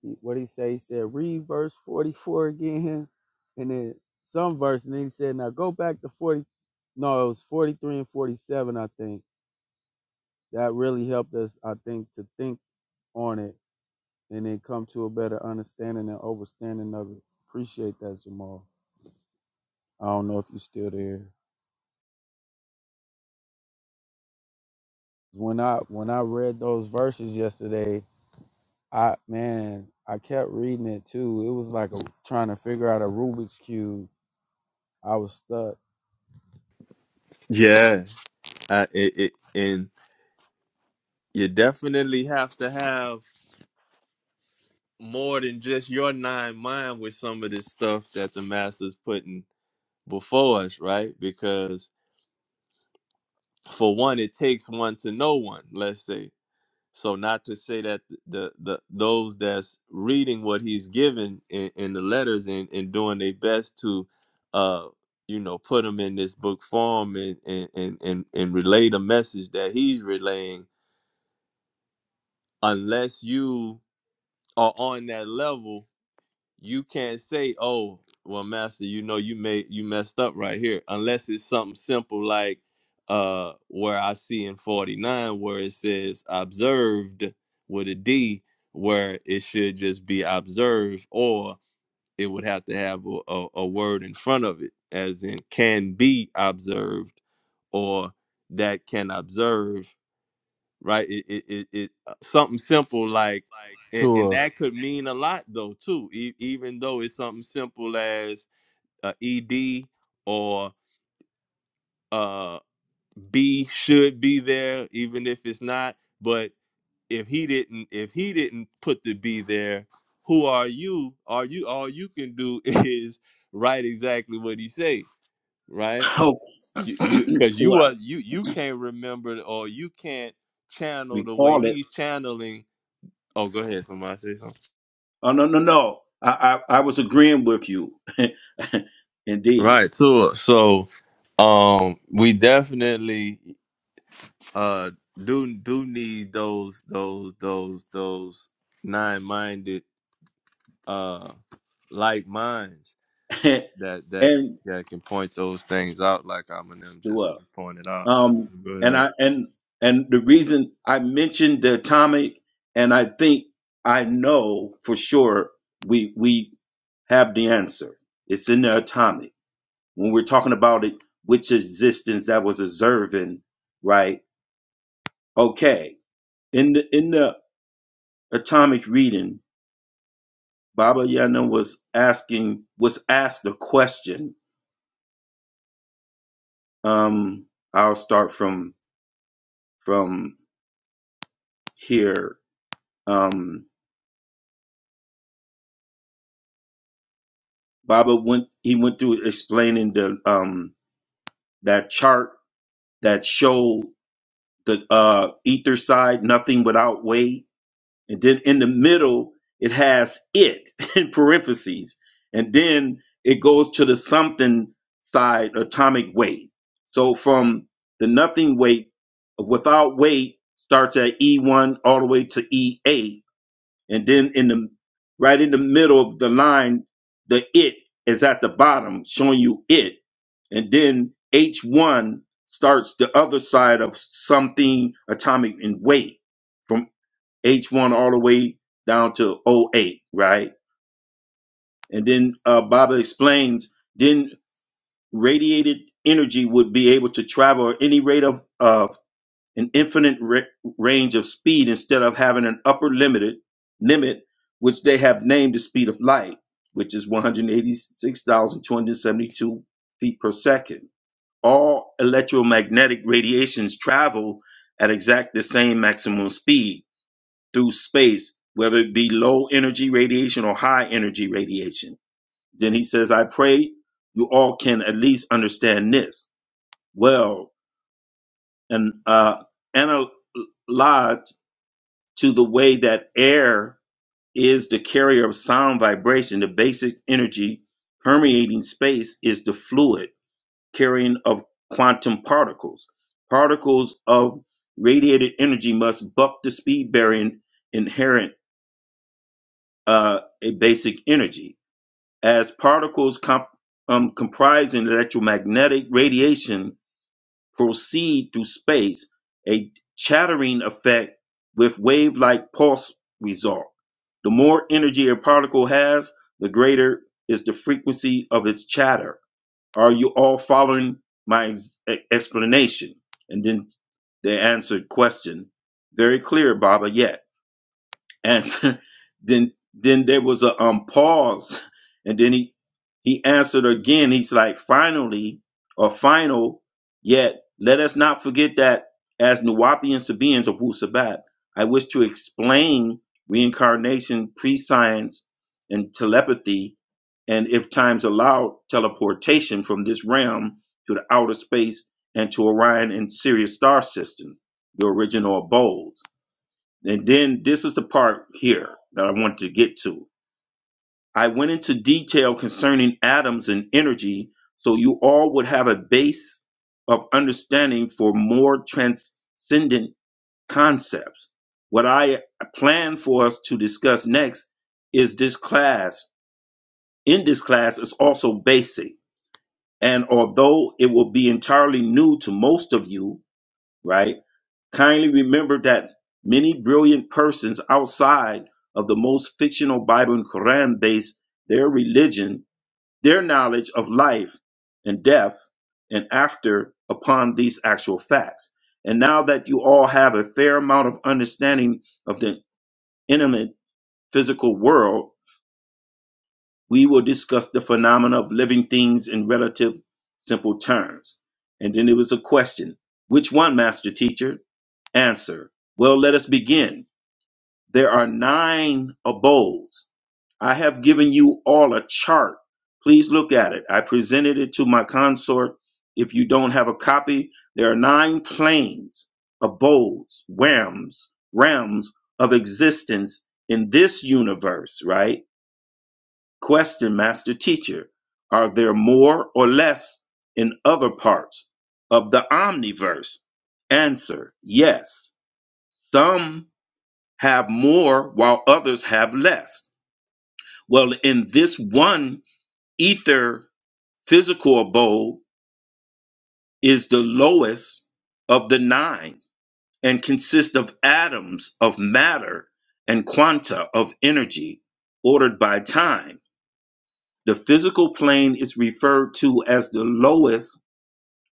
[SPEAKER 3] he what he say, he said, read verse forty four again and then some verse and then he said, Now go back to forty no, it was forty three and forty seven, I think. That really helped us, I think, to think on it and then come to a better understanding and overstanding of it. Appreciate that, Jamal. I don't know if you're still there. When I when I read those verses yesterday, I man, I kept reading it too. It was like a, trying to figure out a Rubik's cube. I was stuck.
[SPEAKER 2] yeah I, it, it, and you definitely have to have more than just your nine mind with some of this stuff that the master's putting before us, right? Because for one, it takes one to know one, let's say. So not to say that the the those that's reading what he's given in, in the letters and, and doing their best to uh you know put them in this book form and and and and, and relay the message that he's relaying unless you are on that level you can't say, "Oh, well, master, you know you made you messed up right here," unless it's something simple like uh where I see in 49 where it says observed with a D where it should just be observed or it would have to have a, a, a word in front of it as in can be observed or that can observe right? It it, it, it uh, something simple like, and, and
[SPEAKER 3] To a
[SPEAKER 2] that could mean a lot though too. E- even though it's something simple as uh, ed or uh, B should be there, even if it's not. But if he didn't, if he didn't put the B there, who are you? Are you all you can do *laughs* is write exactly what he say,
[SPEAKER 5] *clears throat*
[SPEAKER 2] right?
[SPEAKER 5] Oh,
[SPEAKER 2] You you
[SPEAKER 5] *clears throat*
[SPEAKER 2] because
[SPEAKER 5] so
[SPEAKER 2] you
[SPEAKER 5] I
[SPEAKER 2] are you you can't remember or you can't channel the way
[SPEAKER 5] recall it.
[SPEAKER 2] he's channeling Oh, go ahead. Somebody say something.
[SPEAKER 5] Oh no no no. I I, I was agreeing with you. *laughs* Indeed.
[SPEAKER 2] Right. So, so, um, we definitely uh do do need those those those those nine minded uh like minds
[SPEAKER 5] *laughs*
[SPEAKER 2] that that can,
[SPEAKER 5] and
[SPEAKER 2] that can point those things out like I'm and them
[SPEAKER 5] so
[SPEAKER 2] just
[SPEAKER 5] what?
[SPEAKER 2] pointed out.
[SPEAKER 5] Um,
[SPEAKER 2] Go
[SPEAKER 5] and
[SPEAKER 2] ahead.
[SPEAKER 5] I and and the reason I mentioned the atomic, and I think I know for sure we we have the answer. It's in the atomic. When we're talking about it, which existence that was observing, right? Okay. In the in the atomic reading, Baba Yana was asking was asked a question. Um, I'll start from from here. Um, Baba went he went through explaining the um that chart that showed the uh ether side, nothing without weight. And then in the middle it has it *laughs* in parentheses. And then it goes to the something side, atomic weight. So from the nothing weight without weight starts at E1 all the way to E8 and then in the right in the middle of the line the it is at the bottom showing you it and then h1 starts the other side of something atomic in weight from h1 all the way down to O eight, right and then uh, baba explains then radiated energy would be able to travel at any rate of uh, an infinite ra- range of speed instead of having an upper limited limit, which they have named the speed of light, which is 186,272 feet per second. All electromagnetic radiations travel at exact the same maximum speed through space, whether it be low energy radiation or high energy radiation. Then he says, I pray you all can at least understand this. Well, and uh, analyze to the way that air is the carrier of sound vibration, the basic energy permeating space is the fluid carrying of quantum particles. Particles of radiated energy must buck the speed bearing inherent uh, a basic energy. As particles comp- um, comprising electromagnetic radiation proceed through space, a chattering effect with wave like pulse result. The more energy a particle has, the greater is the frequency of its chatter. Are you all following my ex- e- explanation? And then they answered question, very clear, Baba, yes and *laughs* then then there was a um pause and then he he answered again he's like finally or final yet let us not forget that as Nuwapi Sabians of Wu Sabat, I wish to explain reincarnation, pre-science, and telepathy, and if times allow, teleportation from this realm to the outer space and to Orion and Sirius star system, the original abodes. And then this is the part here that I wanted to get to. I went into detail concerning atoms and energy so you all would have a base of understanding for more transcendent concepts. What I plan for us to discuss next is this class. In this class is also basic. And although it will be entirely new to most of you, right? Kindly remember that many brilliant persons outside of the most fictional Bible and Quran base their religion, their knowledge of life and death and after upon these actual facts. And now that you all have a fair amount of understanding of the intimate physical world, we will discuss the phenomena of living things in relative simple terms. And then it was a question. Which one, master teacher? Answer. Well, let us begin. There are nine abodes. I have given you all a chart. Please look at it. I presented it to my consort. If you don't have a copy, there are nine planes, abodes, realms, realms of existence in this universe, right? Question, master teacher. Are there more or less in other parts of the omniverse? Answer, yes. Some have more while others have less. Well, in this one ether physical abode is the lowest of the nine and consists of atoms of matter and quanta of energy ordered by time. The physical plane is referred to as the lowest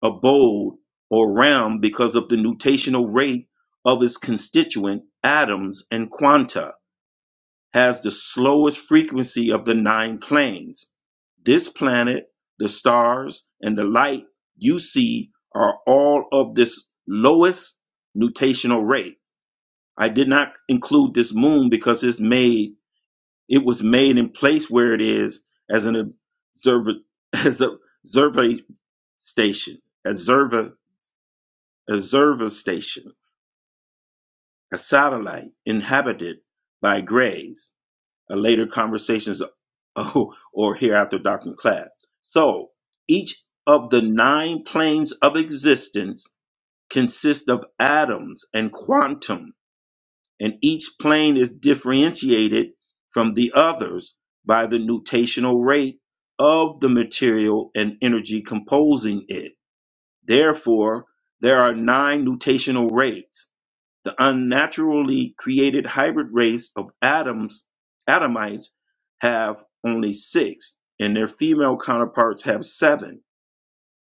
[SPEAKER 5] abode or realm because of the nutational rate of its constituent atoms and quanta. has the slowest frequency of the nine planes. This planet, the stars, and the light you see are all of this lowest nutational rate. I did not include this moon because it's made it was made in place where it is as an observer *laughs* as a observer station, observer observer station, a satellite inhabited by grays. a later conversations *laughs* oh, or hereafter doctrine class. So each of the nine planes of existence consists of atoms and quantum, and each plane is differentiated from the others by the nutational rate of the material and energy composing it. Therefore, there are nine nutational rates the unnaturally created hybrid race of Adams, Adamites have only six, and their female counterparts have seven.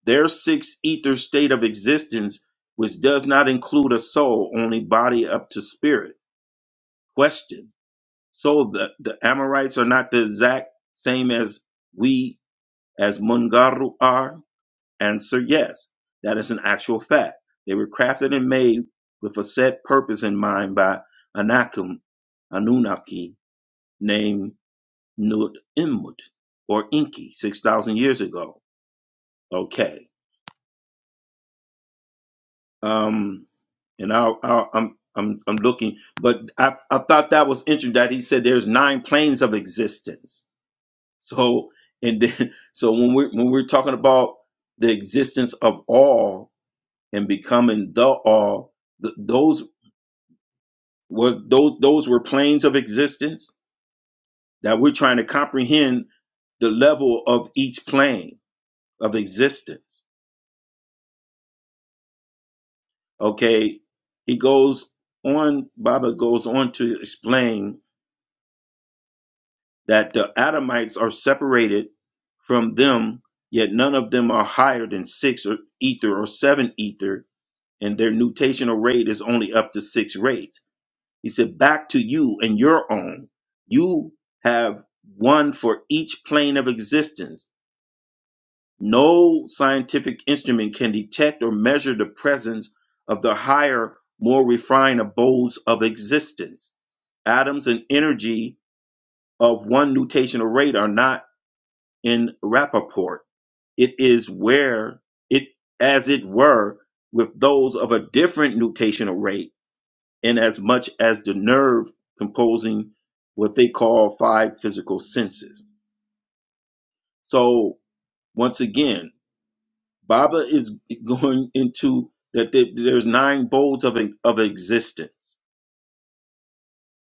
[SPEAKER 5] Their six ether state of existence, which does not include a soul, only body up to spirit. Question. So the, the Amorites are not the exact same as we, as Mungaru are? Answer yes. That is an actual fact. They were crafted and made with a set purpose in mind by Anakim, Anunnaki named Nut Immut or Inki 6,000 years ago. Okay. Um, and I, I, I'm, I'm, I'm looking, but I, I thought that was interesting that he said there's nine planes of existence. So, and then, *laughs* so when we're, when we're talking about the existence of all, and becoming the all th- those was those those were planes of existence that we're trying to comprehend the level of each plane of existence okay he goes on baba goes on to explain that the adamites are separated from them yet none of them are higher than six or ether or seven ether and their nutational rate is only up to six rates He said, Back to you and your own. You have one for each plane of existence. No scientific instrument can detect or measure the presence of the higher, more refined abodes of existence. Atoms and energy of one nutational rate are not in rapport. It is where it, as it were, with those of a different nutational rate inasmuch as the nerve composing what they call five physical senses. So once again, Baba is *laughs* going into that there- there's nine bowls of of existence,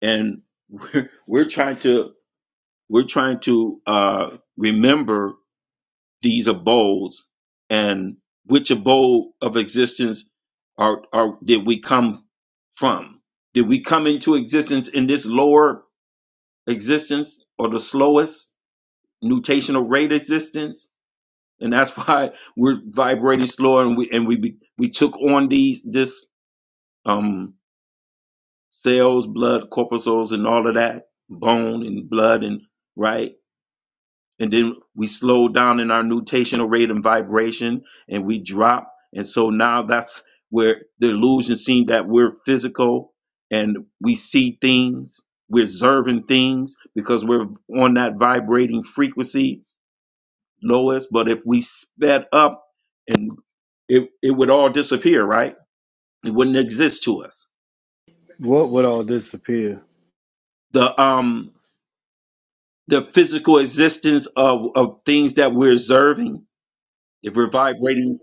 [SPEAKER 5] and we're, we're trying to we're trying to uh, remember these abodes and which abode of existence are are did we come from? Did we come into existence in this lower? existence or the slowest nutational rate existence and that's *laughs* why we're vibrating slower and we and we be, we took on these this um cells blood corpuscles and all of that bone and blood and right and then we slow down in our nutational rate and vibration and we drop and so now that's where the illusion seems that we're physical and we see things we're observing things because we're on that vibrating frequency lowest but if we sped up and it, it would all disappear right it wouldn't exist to us
[SPEAKER 4] What would all disappear?
[SPEAKER 5] the um the physical existence of of things that we're observing if we're vibrating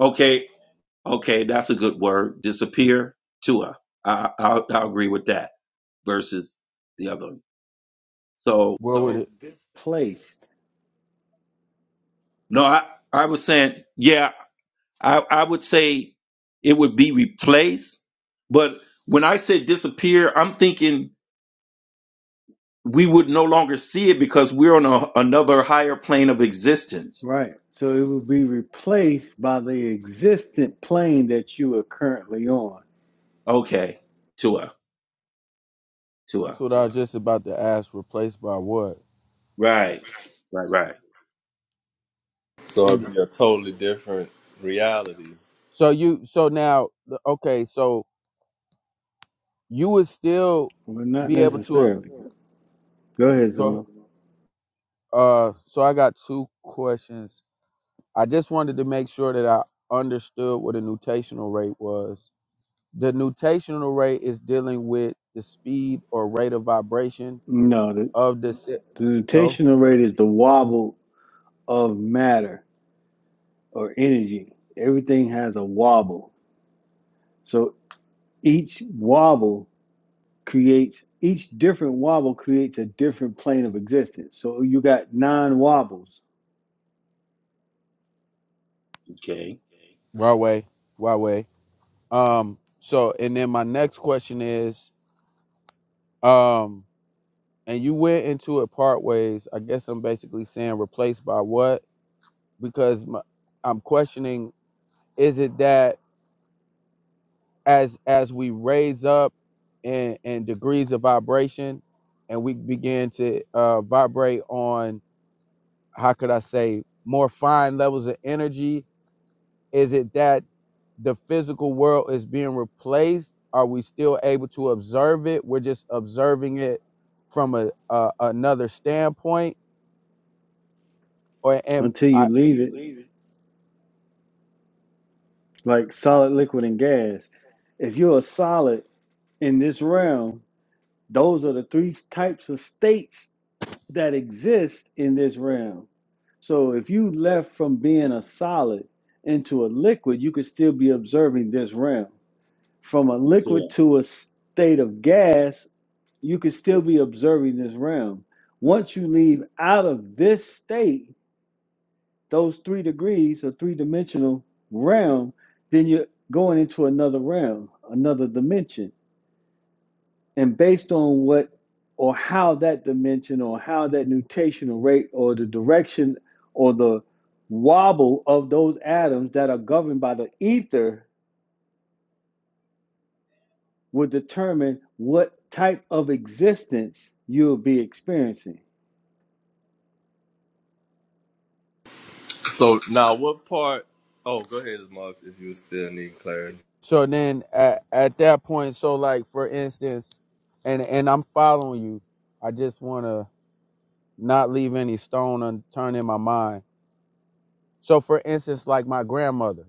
[SPEAKER 5] okay Okay, that's a good word. Disappear, Tua. I, I, I agree with that versus the other one. So,
[SPEAKER 3] what would it?
[SPEAKER 4] Placed.
[SPEAKER 5] no, I, I was saying, yeah, I, I would say it would be replaced. But when I say disappear, I'm thinking we would no longer see it because we're on a, another higher plane of existence.
[SPEAKER 4] Right. So it would be replaced by the existent plane that you are currently on.
[SPEAKER 5] Okay, Tua,
[SPEAKER 3] That's
[SPEAKER 5] Tua.
[SPEAKER 3] what I was just about to ask. Replaced by what?
[SPEAKER 5] Right, right, right.
[SPEAKER 2] So
[SPEAKER 3] And
[SPEAKER 2] it'd be a totally different reality.
[SPEAKER 3] so you so now okay. So you would still
[SPEAKER 4] Well, not
[SPEAKER 3] be able to
[SPEAKER 4] necessarily. Go ahead,
[SPEAKER 3] go
[SPEAKER 4] Simone.
[SPEAKER 3] uh so I got two questions. I just wanted to make sure that I understood what a nutational rate was. The nutational rate is dealing with the speed or rate of vibration
[SPEAKER 4] No, the,
[SPEAKER 3] of the si-
[SPEAKER 4] the
[SPEAKER 3] no
[SPEAKER 4] rotational rate is the wobble of matter or energy. Everything has a wobble. So each wobble creates, each different wobble creates a different plane of existence. So you got nine wobbles
[SPEAKER 5] Okay,
[SPEAKER 3] right way, right way. Um so and then my next question is um and you went into it part ways. I guess I'm basically saying replaced by what because my, I'm questioning Is it that as as we raise up in, in degrees of vibration and we begin to uh, vibrate on how could I say more fine levels of energy? Is it that the physical world is being replaced? Are we still able to observe it? We're just observing it from a, a another standpoint, or and
[SPEAKER 4] until you
[SPEAKER 3] I,
[SPEAKER 4] leave it. like solid, liquid, and gas. If you're a solid in this realm, those are the three types of states that exist in this realm. So if you left from being a solid into a liquid, you could still be observing this realm. From a liquid
[SPEAKER 5] Tua.
[SPEAKER 4] to a state of gas, you could still be observing this realm. Once you leave out of this state, those three degrees or three dimensional realm, then you're going into another realm, another dimension. And based on what or how that dimension or how that nutational rate or the direction or the wobble of those atoms that are governed by the ether will determine what type of existence you'll be experiencing.
[SPEAKER 2] So now, what part? Oh, go ahead, Muff, if you still need clarity.
[SPEAKER 3] so then at, at that point, so like for instance, and and I'm following you. I just want to not leave any stone unturned in my mind. So for instance, like my grandmother,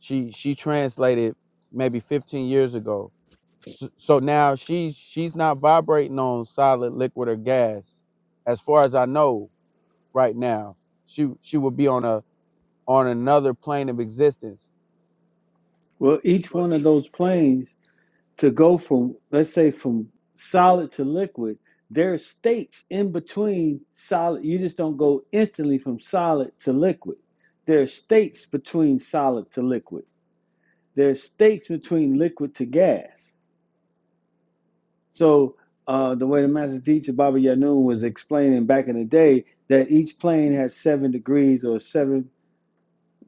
[SPEAKER 3] she she translated maybe 15 years ago. So, so now she's she's not vibrating on solid liquid or gas as far as I know right now. She she would be on a on another plane of existence.
[SPEAKER 4] Well, each one of those planes to go from let's say from solid to liquid there are states in between solid you just don't go instantly from solid to liquid there are states between solid to liquid there are states between liquid to gas so uh, the way the master teacher baba yanun was explaining back in the day that each plane has seven degrees or seven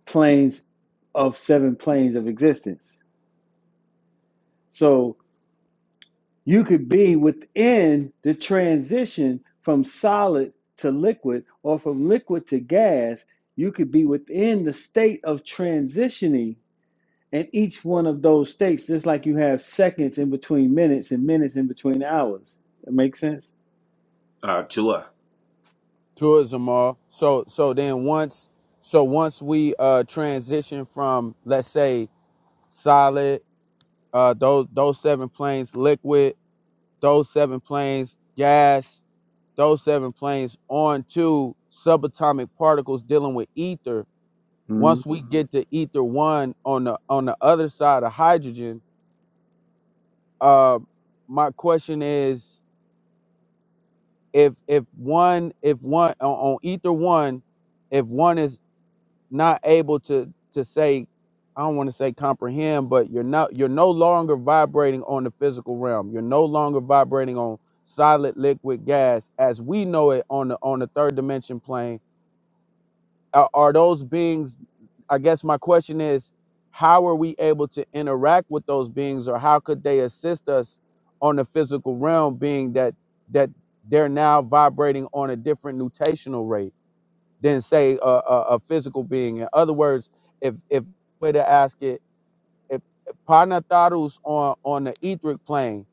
[SPEAKER 4] planes of seven planes of existence so you could be within the transition from solid to liquid or from liquid to gas. You could be within the state of transitioning in each one of those states, just like you have seconds in between minutes and minutes in between hours. That makes sense?
[SPEAKER 5] Uh, Tua.
[SPEAKER 3] Tourism all. So so then once so once we uh transition from let's say solid uh those those seven planes liquid those seven planes gas, those seven planes onto subatomic particles dealing with ether.
[SPEAKER 4] Mhm.
[SPEAKER 3] Once we Mhm. get to ether one on the on the other side of hydrogen, uh, my question is if if one if one on, on ether one, if one is not able to to say i don't want to say comprehend but you're not you're no longer vibrating on the physical realm you're no longer vibrating on solid liquid gas as we know it on the on the third dimension plane are, are those beings i guess my question is how are we able to interact with those beings or how could they assist us on the physical realm being that that they're now vibrating on a different nutational rate than say a, a, a physical being. In other words, if if way to ask it, if Panatharu's on on the etheric plane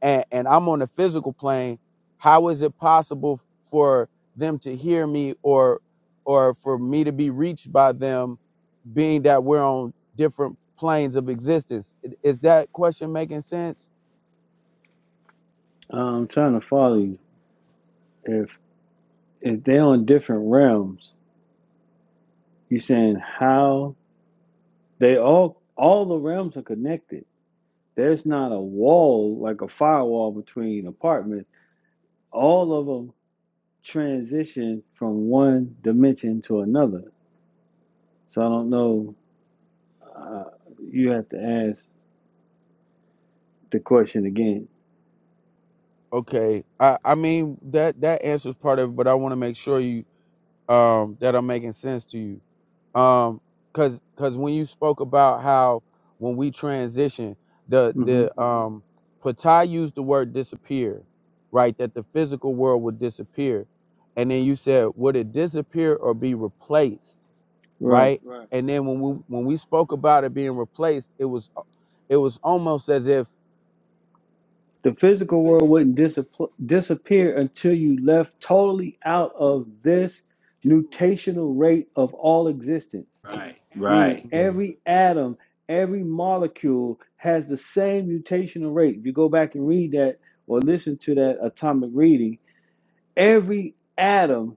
[SPEAKER 3] and and I'm on the physical plane, how is it possible for them to hear me or or for me to be reached by them, being that we're on different planes of existence? I- Is that question making sense?
[SPEAKER 4] I'm trying to follow you. If if they're on different realms, you saying how they all all the realms are connected. There's not a wall like a firewall between apartments all of them transition from one dimension to another. So I don't know. Uh, you have to ask the question again.
[SPEAKER 3] Okay, I I mean that that answers part of it, but I want to make sure you um, that are making sense to you. Um, cause, cause when you spoke about how when we transition, the
[SPEAKER 4] hmm
[SPEAKER 3] the um, Patai used the word disappear, right? That the physical world would disappear, and then you said would it disappear or be replaced,
[SPEAKER 4] Right.
[SPEAKER 3] right? And then when we when we spoke about it being replaced, it was it was almost as if
[SPEAKER 4] The physical world wouldn't disap- disappear until you left totally out of this nutational rate of all existence, meaning
[SPEAKER 5] Right,
[SPEAKER 4] every atom, every molecule has the same mutational rate. If you go back and read that or listen to that atomic reading, every atom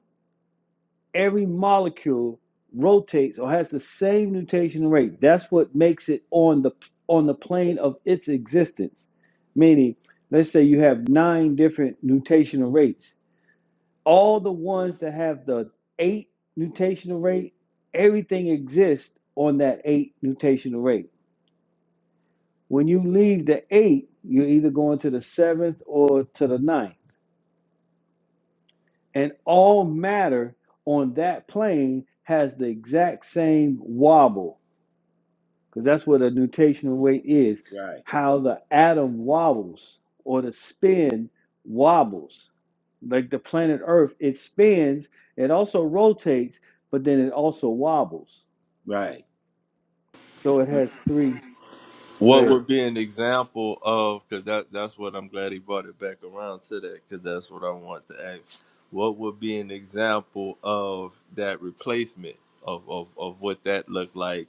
[SPEAKER 4] every molecule rotates or has the same nutation rate. That's what makes it on the on the plane of its existence. Meaning, let's say you have nine different nutational rates. All the ones that have the eight nutational rate, everything exists on that eight nutational rate. When you leave the eight, you're either going to the seventh or to the ninth. And all matter on that plane has the exact same wobble because that's what a nutational weight is
[SPEAKER 5] right,
[SPEAKER 4] how the atom wobbles or the spin wobbles like the planet earth it spins it also rotates but then it also wobbles
[SPEAKER 5] right.
[SPEAKER 4] so it has three go
[SPEAKER 2] What
[SPEAKER 4] ahead
[SPEAKER 2] would be an example of because that that's what I'm glad he brought it back around to that because that's what I want to ask. What would be an example of that replacement of of, of what that looked like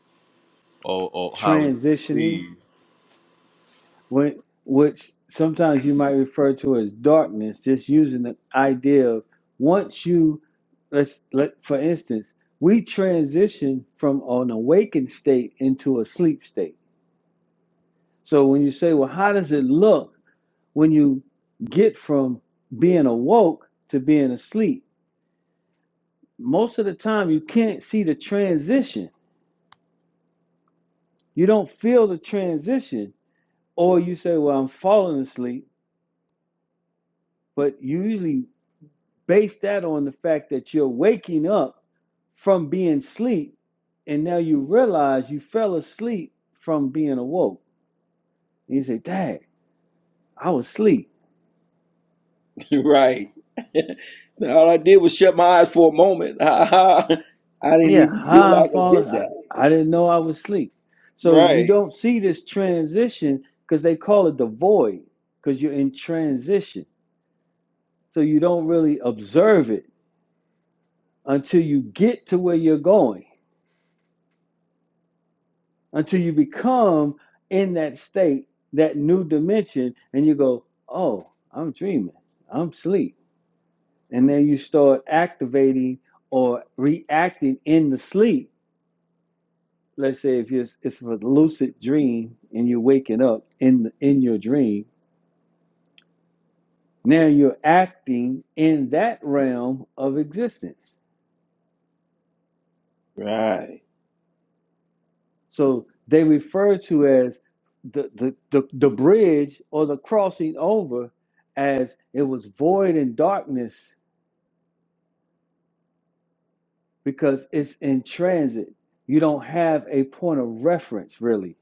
[SPEAKER 2] or, or how it's
[SPEAKER 4] transitioning
[SPEAKER 2] received?
[SPEAKER 4] when which sometimes you might refer to as darkness just using the idea of once you let's let for instance we transition from an awakened state into a sleep state So when you say, well, how does it look when you get from being awoke to being asleep? Most of the time, you can't see the transition. You don't feel the transition. Or you say, well, I'm falling asleep. But you usually base that on the fact that you're waking up from being asleep. And now you realize you fell asleep from being awoke. And you say, dang, I was asleep.
[SPEAKER 5] Right. *laughs* All I did was shut my eyes for a moment. *laughs* I didn't
[SPEAKER 4] Yeah,
[SPEAKER 5] even
[SPEAKER 4] how
[SPEAKER 5] realize
[SPEAKER 4] I
[SPEAKER 5] I
[SPEAKER 4] fall,
[SPEAKER 5] did
[SPEAKER 4] I,
[SPEAKER 5] that.
[SPEAKER 4] I didn't know I was asleep. So you
[SPEAKER 5] Right.
[SPEAKER 4] don't see this transition because they call it the void because you're in transition. So you don't really observe it until you get to where you're going, until you become in that state, that new dimension, and you go, oh, I'm dreaming, I'm asleep. And then you start activating or reacting in the sleep let's say if you're, it's a lucid dream and you're waking up in the, in your dream now you're acting in that realm of existence
[SPEAKER 5] Right.
[SPEAKER 4] so they refer to as the the, the, the bridge or the crossing over as it was void in darkness because it's in transit you don't have a point of reference really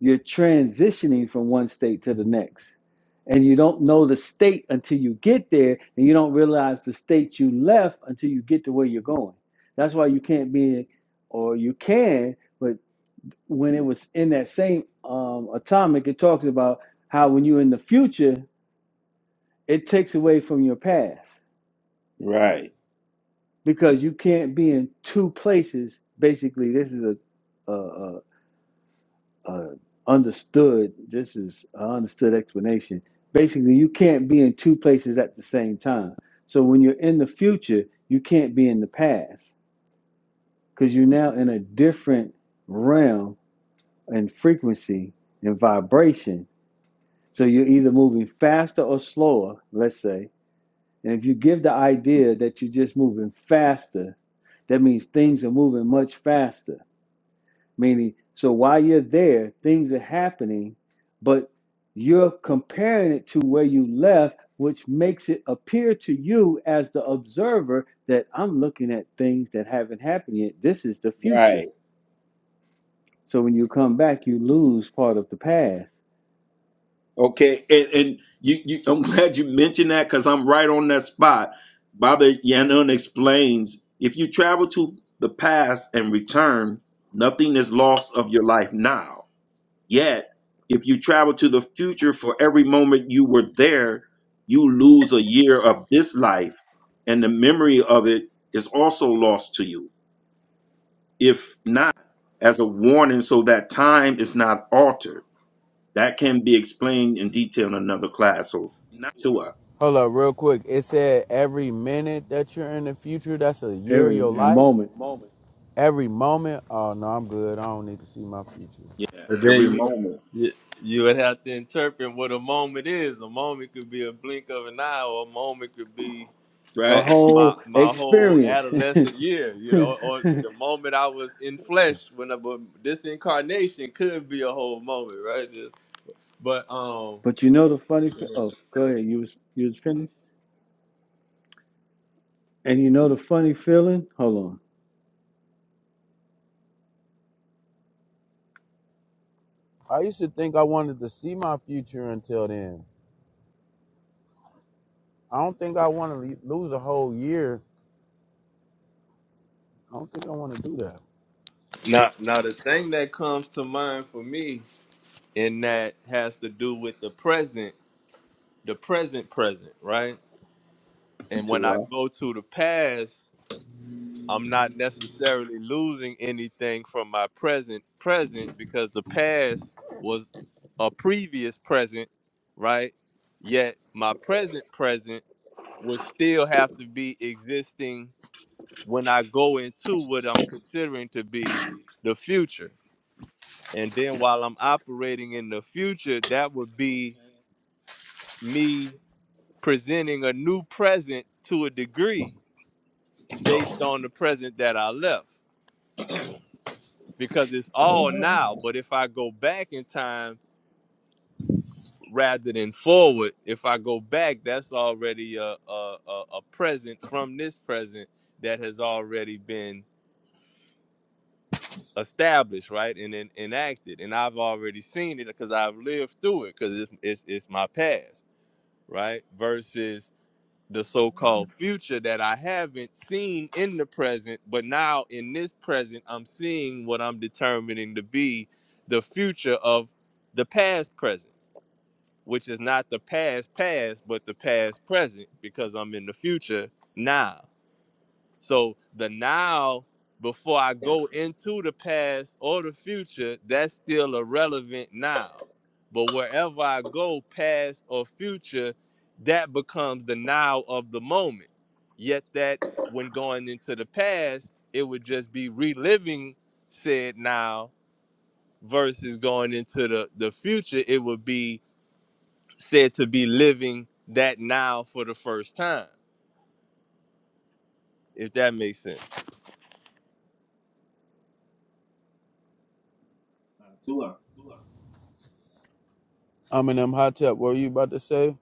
[SPEAKER 4] You're transitioning from one state to the next. And you don't know the state until you get there, and you don't realize the state you left until you get to where you're going. That's why you can't be, in, or you can, but when it was in that same um, atomic, it talks about how when you're in the future, it takes away from your past
[SPEAKER 5] Right.
[SPEAKER 4] because you can't be in two places. Basically, this is a, a, uh, understood. This is an understood explanation. Basically, you can't be in two places at the same time. So when you're in the future, you can't be in the past because you're now in a different realm and frequency and vibration. So you're either moving faster or slower, let's say. And if you give the idea that you're just moving faster, that means things are moving much faster Meaning, so while you're there, things are happening, but you're comparing it to where you left, which makes it appear to you as the observer that I'm looking at things that haven't happened yet. This is the future.
[SPEAKER 5] Right.
[SPEAKER 4] So when you come back, you lose part of the past
[SPEAKER 5] Okay. And, and you, you, I'm *laughs* glad you mentioned that because I'm right on that spot. Baba Yanun explains if you travel to the past and return, nothing is lost of your life now. Yet, if you travel to the future for every moment you were there, you lose a year of this life, and the memory of it is also lost to you. If not, as a warning so that time is not altered. That can be explained in detail in another class So, tua,
[SPEAKER 3] Hold up, real quick. It said every minute that you're in the future, that's a year of
[SPEAKER 4] every
[SPEAKER 3] your Every life.
[SPEAKER 4] moment,
[SPEAKER 3] Every moment. Oh no, I'm good. I don't need to see my future.
[SPEAKER 5] Yeah,
[SPEAKER 2] And then
[SPEAKER 5] every
[SPEAKER 2] you,
[SPEAKER 5] moment,
[SPEAKER 2] you you would have to interpret what a moment is. A moment could be a blink of an eye, or a moment could be
[SPEAKER 4] a
[SPEAKER 5] right? *laughs*
[SPEAKER 2] my
[SPEAKER 4] whole
[SPEAKER 2] my whole
[SPEAKER 4] experience. *laughs*
[SPEAKER 2] adolescent year, you know, or the
[SPEAKER 4] but
[SPEAKER 2] moment I was in flesh when I but this incarnation could be a whole moment, right? Just, but um
[SPEAKER 4] you know the funny. Fe- oh, go ahead. You was you was finished. And you know the funny feeling. Hold on.
[SPEAKER 3] I used to think I wanted to see my future until then. I don't think I want to le- lose a whole year. I don't think I want to do that.
[SPEAKER 2] now now the thing that comes to mind for me and that has to do with the present, the present present, right? And when I
[SPEAKER 5] Tua,
[SPEAKER 2] go to the past I'm not necessarily losing anything from my present present because the past was a previous present, right? Yet my present present would still have to be existing when I go into what I'm considering to be the future. And then while I'm operating in the future, that would be me presenting a new present to a degree based on the present that I left. because it's all now. But if I go back in time rather than forward, if I go back, that's already a a, a, a present from this present that has already been established, right, and then enacted, and I've already seen it because I've lived through it because it's, it's it's my past, right? Versus the so-called future that I haven't seen in the present, but now in this present, I'm seeing what I'm determining to be the future of the past present, which is not the past past, but the past present, because I'm in the future now. So the now, before I go into the past or the future, that's still a relevant now. But wherever I go, past or future, that becomes the now of the moment. Yet that when going into the past, it would just be reliving said now versus going into the, the future, it would be said to be living that now for the first time, if that makes sense.
[SPEAKER 5] Uh, Tua.
[SPEAKER 3] I'm in them hot tub. What were you about to say?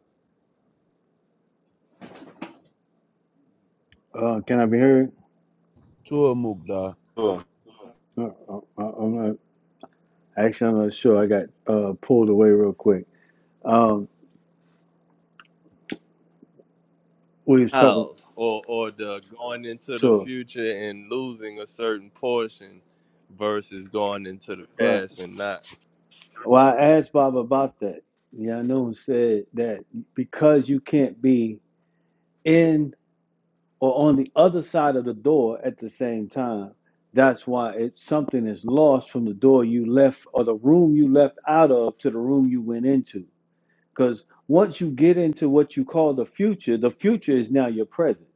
[SPEAKER 4] Uh, can I be heard?
[SPEAKER 3] To a mukda.
[SPEAKER 2] Sure.
[SPEAKER 4] Uh, uh, uh, I'm not. Actually, I'm not sure. I got uh, pulled away real quick. Um, we was talking.
[SPEAKER 2] house or or the going into the
[SPEAKER 4] So
[SPEAKER 2] future and losing a certain portion versus going into the
[SPEAKER 4] right.
[SPEAKER 2] past and not.
[SPEAKER 4] Well, I asked Bob about that. Yeah, I Yanu said that because you can't be in or on the other side of the door at the same time, that's why it something is lost from the door you left or the room you left out of to the room you went into. Because once you get into what you call the future, the future is now your present.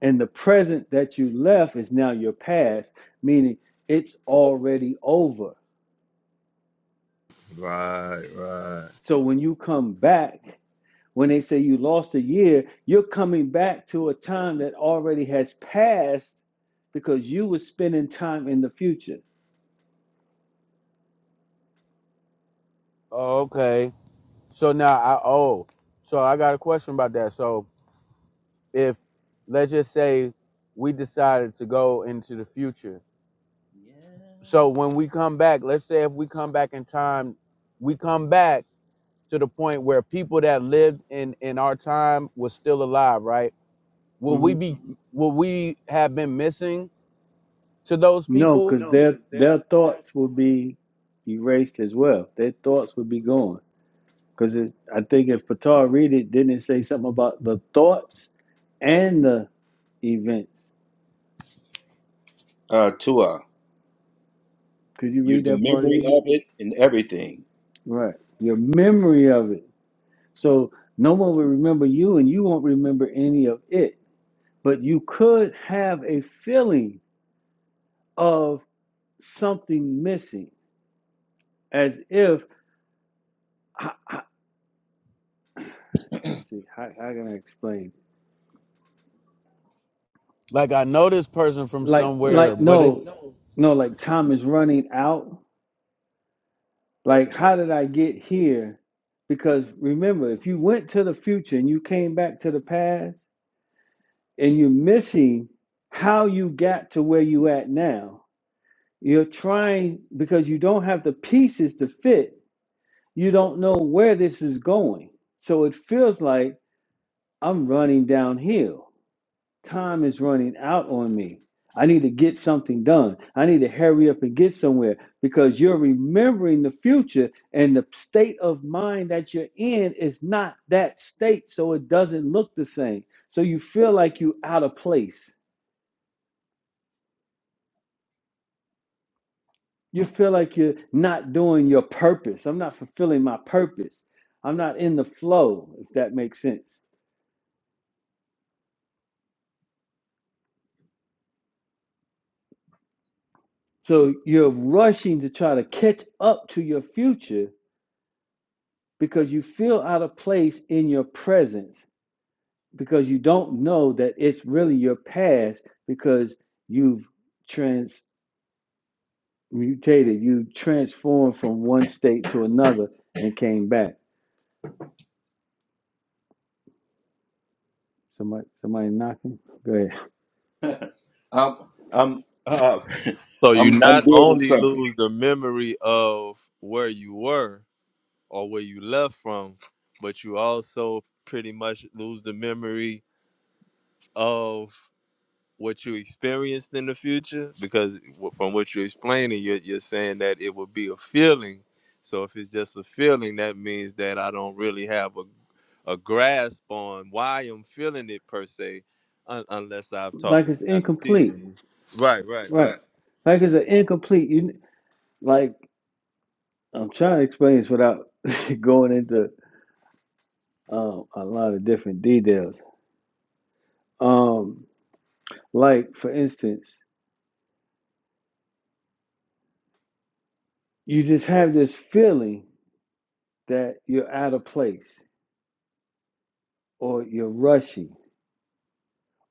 [SPEAKER 4] And the present that you left is now your past, meaning it's already over.
[SPEAKER 2] Right, right.
[SPEAKER 4] So when you come back, when they say you lost a year, you're coming back to a time that already has passed because you were spending time in the future.
[SPEAKER 3] Oh, okay. So now I oh, so I got a question about that. So if let's just say we decided to go into the future
[SPEAKER 5] Yeah.
[SPEAKER 3] So when we come back, let's say if we come back in time, we come back to the point where people that lived in in our time was still alive, right? Will we
[SPEAKER 4] hmm
[SPEAKER 3] be will we have been missing to those
[SPEAKER 4] No,
[SPEAKER 3] people?
[SPEAKER 4] because
[SPEAKER 3] No,
[SPEAKER 4] their
[SPEAKER 3] because they're
[SPEAKER 4] their thoughts will be erased as well. Their thoughts will be gone. Because I think if Patar read it, didn't it say something about the thoughts and the events?
[SPEAKER 5] Uh, Tua.
[SPEAKER 4] Could you
[SPEAKER 5] You
[SPEAKER 4] read
[SPEAKER 5] the
[SPEAKER 4] that part
[SPEAKER 5] memory
[SPEAKER 4] again?
[SPEAKER 5] of it and everything.
[SPEAKER 4] Right. Your memory of it. So no one will remember you and you won't remember any of it. But you could have a feeling of something missing as if, I, I, let's see, how, how can I explain?
[SPEAKER 3] Like I know this person from like,
[SPEAKER 4] Like,
[SPEAKER 3] somewhere,
[SPEAKER 4] like,
[SPEAKER 3] but like,
[SPEAKER 4] no,
[SPEAKER 3] it's no.
[SPEAKER 4] no, like time is running out. Like, how did I get here? Because remember, if you went to the future and you came back to the past and you're missing how you got to where you at now, You're trying because you don't have the pieces to fit. You don't know where this is going. So it feels like I'm running downhill. Time is running out on me. I need to get something done. I need to hurry up and get somewhere because you're remembering the future and the state of mind that you're in is not that state. So it doesn't look the same. So you feel like you're out of place you feel like you're not doing your purpose. I'm not fulfilling my purpose. I'm not in the flow, if that makes sense. So you're rushing to try to catch up to your future because you feel out of place in your presence because you don't know that it's really your past because you've transmutated, you transformed from one state to another and came back. Somebody, somebody knocking. Go ahead.
[SPEAKER 5] *laughs* I'm I'm uh, *laughs*
[SPEAKER 2] So you
[SPEAKER 5] I'm I'm
[SPEAKER 2] not
[SPEAKER 5] building
[SPEAKER 2] only
[SPEAKER 5] something.
[SPEAKER 2] lose the memory of where you were or where you left from, but you also pretty much lose the memory of what you experienced in the future? Because w- from what you're explaining, you're, you're saying that it would be a feeling. So if it's just a feeling, that means that I don't really have a, a grasp on why I'm feeling it per se, un- unless I've talked
[SPEAKER 4] Like
[SPEAKER 2] to the
[SPEAKER 4] it's
[SPEAKER 2] master teacher.
[SPEAKER 4] incomplete
[SPEAKER 2] Mhm. Right, right,
[SPEAKER 4] Right.
[SPEAKER 2] right.
[SPEAKER 4] Like it's an incomplete. You like I'm trying to explain this without *laughs* going into um, a lot of different details. Um, like for instance, you just have this feeling that you're out of place, or you're rushing,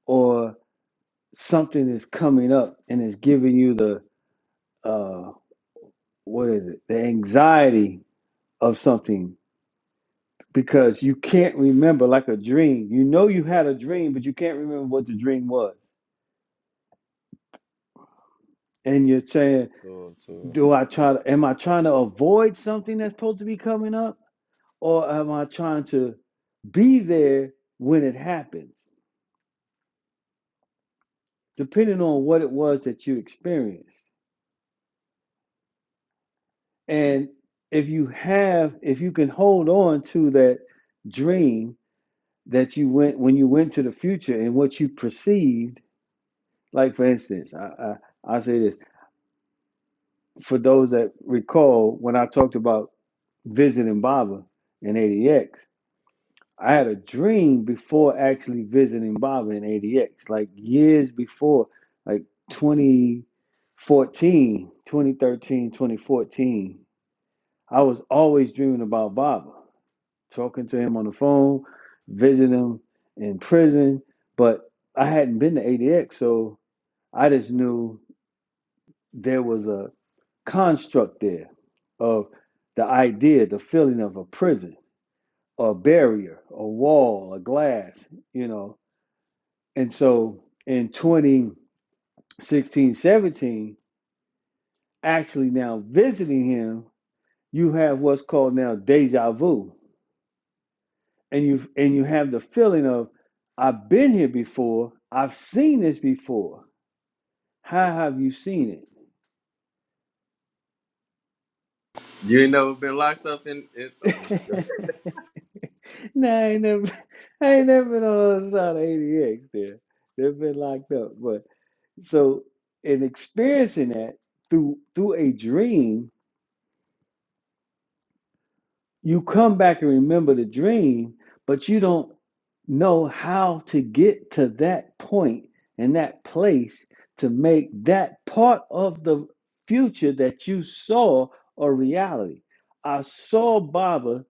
[SPEAKER 4] or something is coming up and is giving you the uh, what is it? The anxiety of something because you can't remember like a dream. You know you had a dream, but you can't remember what the dream was and you're saying,
[SPEAKER 2] So, so
[SPEAKER 4] do I try to, am I trying to avoid something that's supposed to be coming up? Or am I trying to be there when it happens, depending on what it was that you experienced? And if you have, if you can hold on to that dream that you went, when you went to the future and what you perceived, like for instance, I, I, I say this for those that recall when I talked about visiting Baba in 80X, I had a dream before actually visiting Baba in ADX, like years before, like twenty fourteen, twenty thirteen, twenty fourteen. I was always dreaming about Baba, talking to him on the phone, visiting him in prison, but I hadn't been to ADX, so I just knew there was a construct there of the idea, the feeling of a prison, or a barrier, a wall, a glass, you know And so in twenty sixteen seventeen, actually now visiting him, you have what's called now deja vu. And you and you have the feeling of, I've been here before, I've seen this before. How have you seen
[SPEAKER 2] you ain't never been locked up in it. Oh, no.
[SPEAKER 4] it? *laughs* nah, I ain't never *laughs* I ain't never been on the other side of 80X there. They've been locked up. But so in experiencing that through through a dream, you come back and remember the dream, but you don't know how to get to that point and that place to make that part of the future that you saw a reality. I saw Baba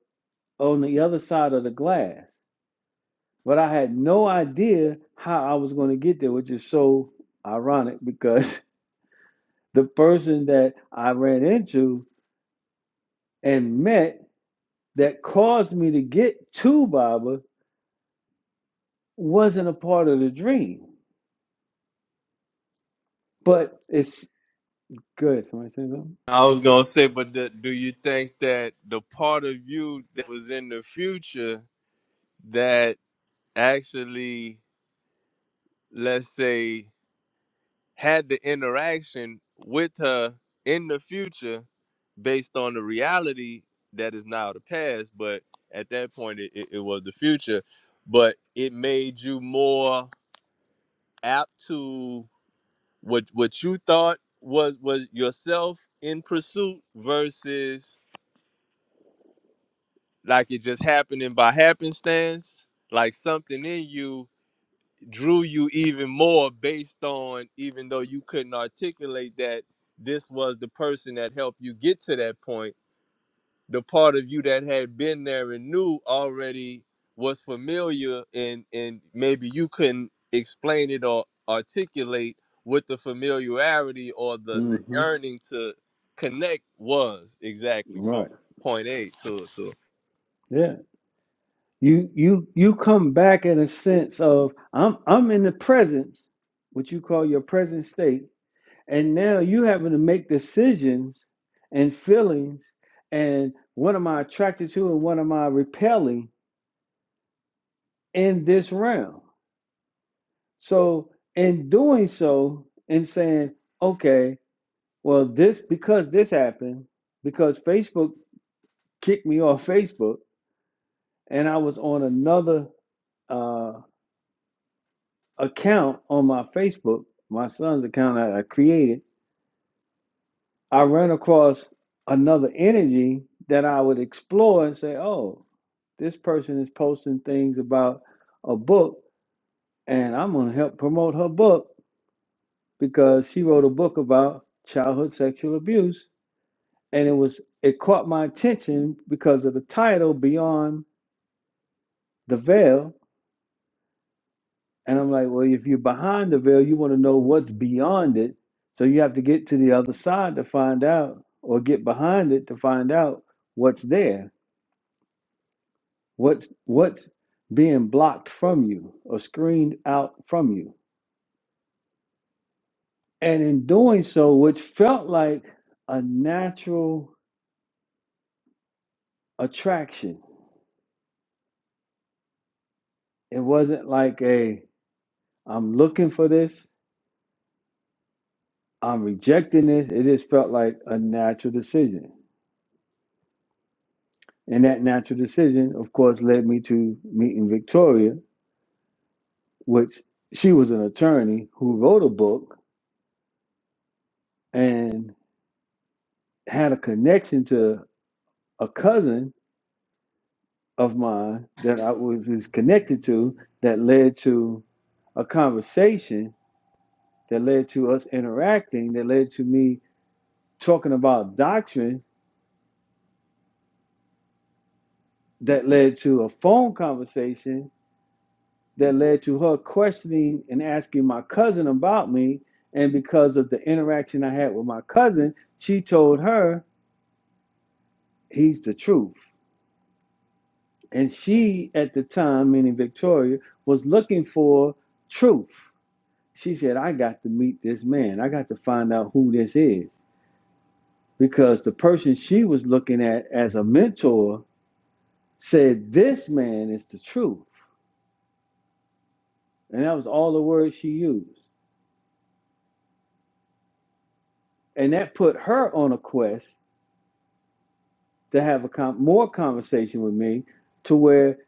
[SPEAKER 4] on the other side of the glass, but I had no idea how I was going to get there, which is so ironic because *laughs* the person that I ran into and met that caused me to get to Baba wasn't a part of the dream. But it's good. Somebody say something.
[SPEAKER 2] I was gonna say, but the, do you think that the part of you that was in the future that actually? let's say, had the interaction with her in the future based on the reality that is now the past, but at that point it, it, it was the future. But it made you more apt to what what you thought was was yourself in pursuit versus like it just happening by happenstance, like something in you drew you even more based on even though you couldn't articulate that this was the person that helped you get to that point the part of you that had been there and knew already was familiar and and maybe you couldn't explain it or articulate what the familiarity or the the
[SPEAKER 4] Mm-hmm.
[SPEAKER 2] yearning to connect was exactly from
[SPEAKER 4] Right.
[SPEAKER 2] point a to to
[SPEAKER 4] Yeah. You you you come back in a sense of I'm I'm in the presence, what you call your present state, and now you having to make decisions and feelings and what am I attracted to and what am I repelling in this realm. So in doing so and saying, okay, well this because this happened, because Facebook kicked me off Facebook, and I was on another uh, account on my Facebook, my son's account that I created. I ran across another energy that I would explore and say, "Oh, this person is posting things about a book, and I'm going to help promote her book because she wrote a book about childhood sexual abuse." And it was it caught my attention because of the title, "Beyond the Veil," And I'm like, well, if you're behind the veil, you want to know what's beyond it. So you have to get to the other side to find out, or get behind it to find out what's there, what's what's being blocked from you or screened out from you. And in doing so, which felt like a natural attraction. It wasn't like a I'm looking for this, I'm rejecting this. It just felt like a natural decision. And that natural decision, of course, led me to meeting Victoria, which she was an attorney who wrote a book and had a connection to a cousin of mine that I was connected to that led to a conversation that led to us interacting, that led to me talking about doctrine, that led to a phone conversation that led to her questioning and asking my cousin about me. And because of the interaction I had with my cousin, she told her he's the truth. And she, at the time, meaning Victoria, was looking for truth. She said, I got to meet this man. I got to find out who this is. Because the person she was looking at as a mentor said, This man is the truth. And that was all the words she used. And that put her on a quest to have a com- more conversation with me to where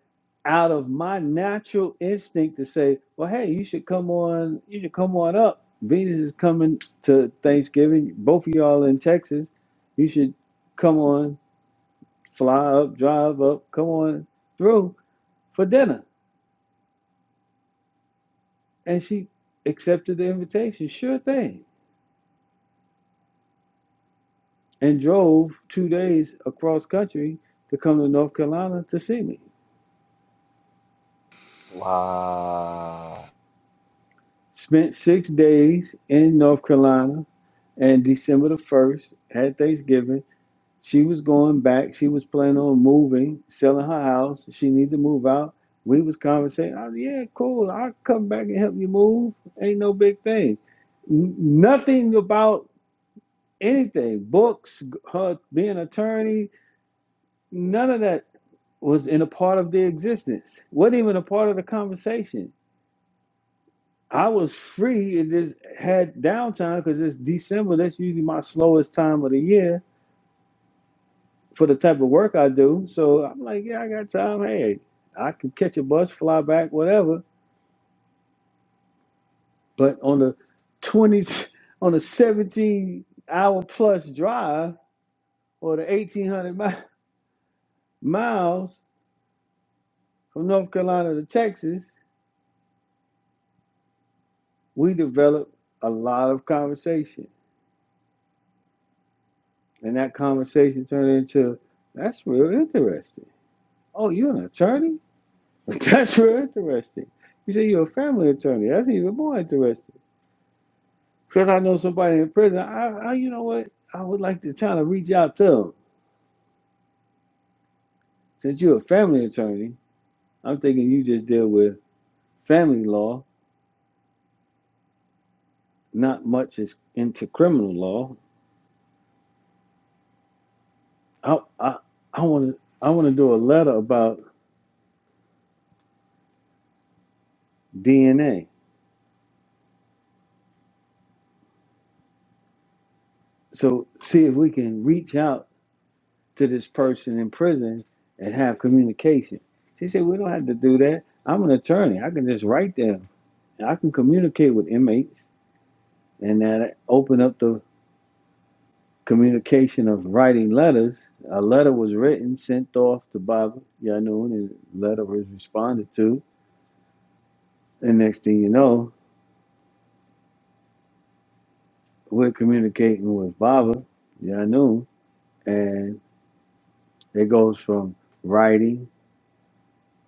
[SPEAKER 4] out of my natural instinct to say, well, hey, you should come on, you should come on up. Venus is coming to Thanksgiving. Both of y'all in Texas. You should come on, fly up, drive up, come on through for dinner. And she accepted the invitation, sure thing, and drove two days across country to come to North Carolina to see me. Spent six days in North Carolina and December the first had Thanksgiving. She was going back. She was planning on moving, selling her house. She needed to move out. We was conversating. Oh yeah, cool. I'll come back and help you move. Ain't no big thing. N- nothing about anything. Books, her being an attorney, none of that was in a part of the existence. Wasn't even a part of the conversation. I was free and just had downtime because it's December. That's usually my slowest time of the year for the type of work I do. So I'm like, yeah, I got time. Hey, I can catch a bus, fly back, whatever. But on the 20s, *laughs* on a 17 hour plus drive or the 1800 mi- miles from North Carolina to Texas, we developed a lot of conversation. And that conversation turned into, that's real interesting. Oh, you're an attorney? *laughs* That's real interesting. You say you're a family attorney. That's even more interesting. because I know somebody in prison, I, I, you know what, I would like to try to reach out to them. Since you're a family attorney, I'm thinking you just deal with family law, not much is into criminal law. I, I, I want to, I want to do a letter about DNA. So see if we can reach out to this person in prison and have communication. She said, we don't have to do that. I'm an attorney. I can just write them. I can communicate with inmates and that open up the communication of writing letters. A letter was written, sent off to Baba Yanun, and the letter was responded to. And next thing you know, we're communicating with Baba Yanun, and it goes from writing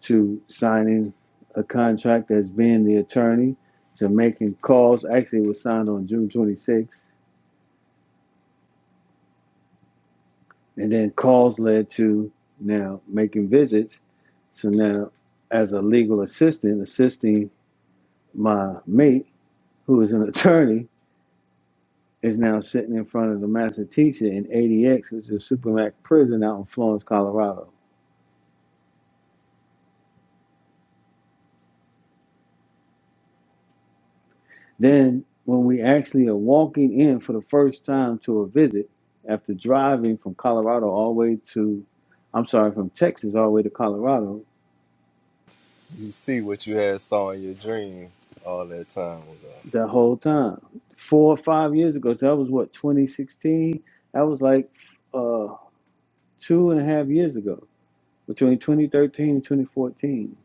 [SPEAKER 4] to signing a contract as being the attorney to making calls. Actually, it was signed on June 26th, and then calls led to now making visits. So now, as a legal assistant, assisting my mate who is an attorney, is now sitting in front of the master teacher in ADX, which is a Supermax prison out in Florence, Colorado. Then, when we actually are walking in for the first time to a visit after driving from Colorado all the way to, I'm sorry, from Texas all the way to Colorado,
[SPEAKER 2] You see what you had saw in your dream all that time ago.
[SPEAKER 4] the whole time, four or five years ago, so that was what, 2016? That was like uh, two and a half years ago, between 2013 and 2014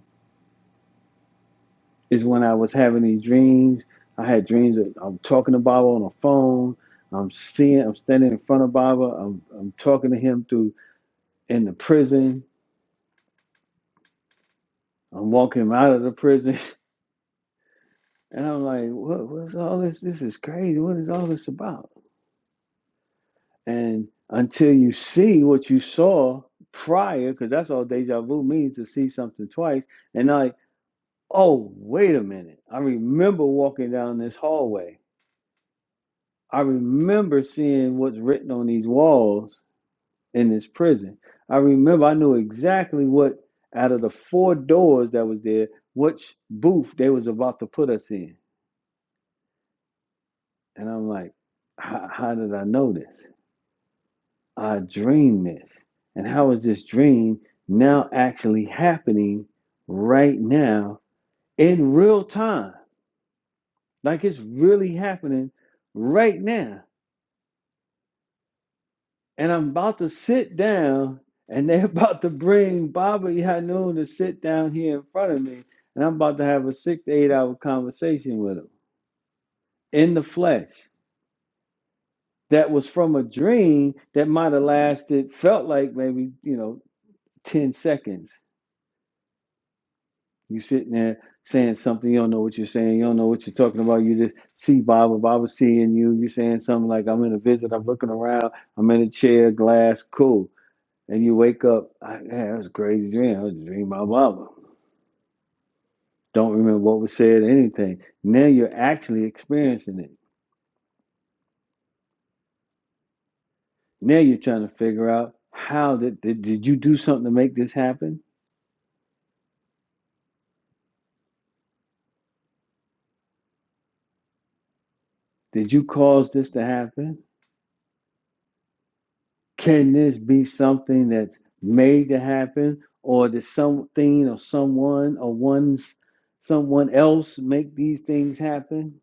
[SPEAKER 4] is when I was having these dreams. I had dreams of I'm talking to Baba on the phone. I'm seeing, I'm standing in front of Baba. I'm, I'm talking to him through in the prison. I'm walking him out of the prison. *laughs* And I'm like, what, what's all this? This is crazy. What is all this about? And until you see what you saw prior, because that's all deja vu means to see something twice. And like, oh, wait a minute. I remember walking down this hallway I remember seeing what's written on these walls in this prison. I remember I knew exactly what out of the four doors that was there, which booth they was about to put us in. And I'm like, "H- how did I know this? I dreamed this. And how is this dream now actually happening right now in real time? Like it's really happening right now. and I'm about to sit down, and they're *laughs* about to bring Baba Yanun to sit down here in front of me, and I'm about to have a six to eight hour conversation with him in the flesh that was from a dream that might have lasted, felt like maybe, you know, 10 seconds. You sitting there saying something, you don't know what you're saying, you don't know what you're talking about. You just see Baba, Baba seeing you, you saying something like, I'm in a visit, I'm looking around, I'm in a chair, glass, cool And you wake up, I had was a crazy dream. I was dreaming my mama. Don't remember what was said, anything. Now you're actually experiencing it. Now you're trying to figure out how did, did did you do something to make this happen? Did you cause this to happen? Can this be something that's made to happen? Or did something or someone or one's someone else make these things happen?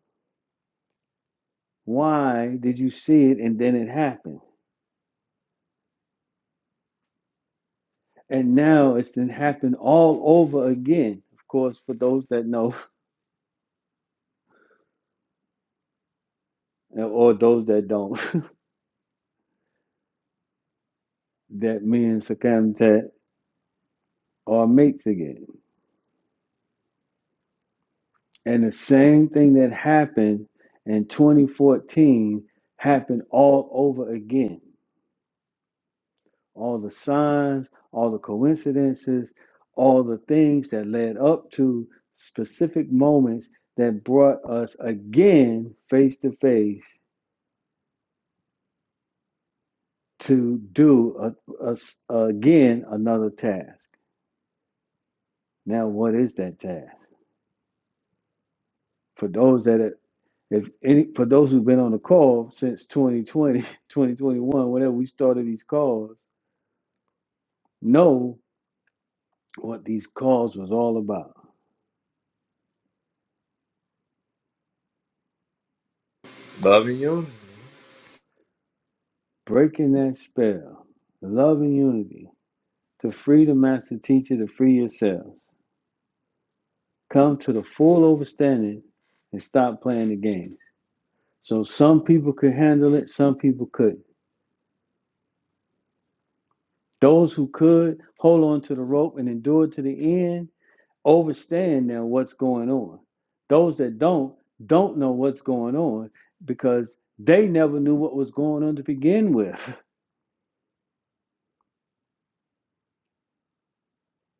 [SPEAKER 4] Why did you see it and then it happened? And now it's then happened all over again. Of course, for those that know *laughs* or those that don't, *laughs* that me and Sakamtat are mates again. And the same thing that happened in 2014 happened all over again. All the signs, all the coincidences, all the things that led up to specific moments that brought us again face to face to do a, a s- again another task. Now, what is that task? For those that are, if any, for those who've been on the call since 2020, 2021, *laughs* whenever we started these calls, know what these calls was all about.
[SPEAKER 2] Loving you?
[SPEAKER 4] Breaking that spell, love and unity, to free the master teacher, to free yourself. Come to the full understanding and stop playing the game. So some people could handle it, some people couldn't. Those who could hold on to the rope and endure to the end overstand now what's going on. Those that don't, don't know what's going on because they never knew what was going on to begin with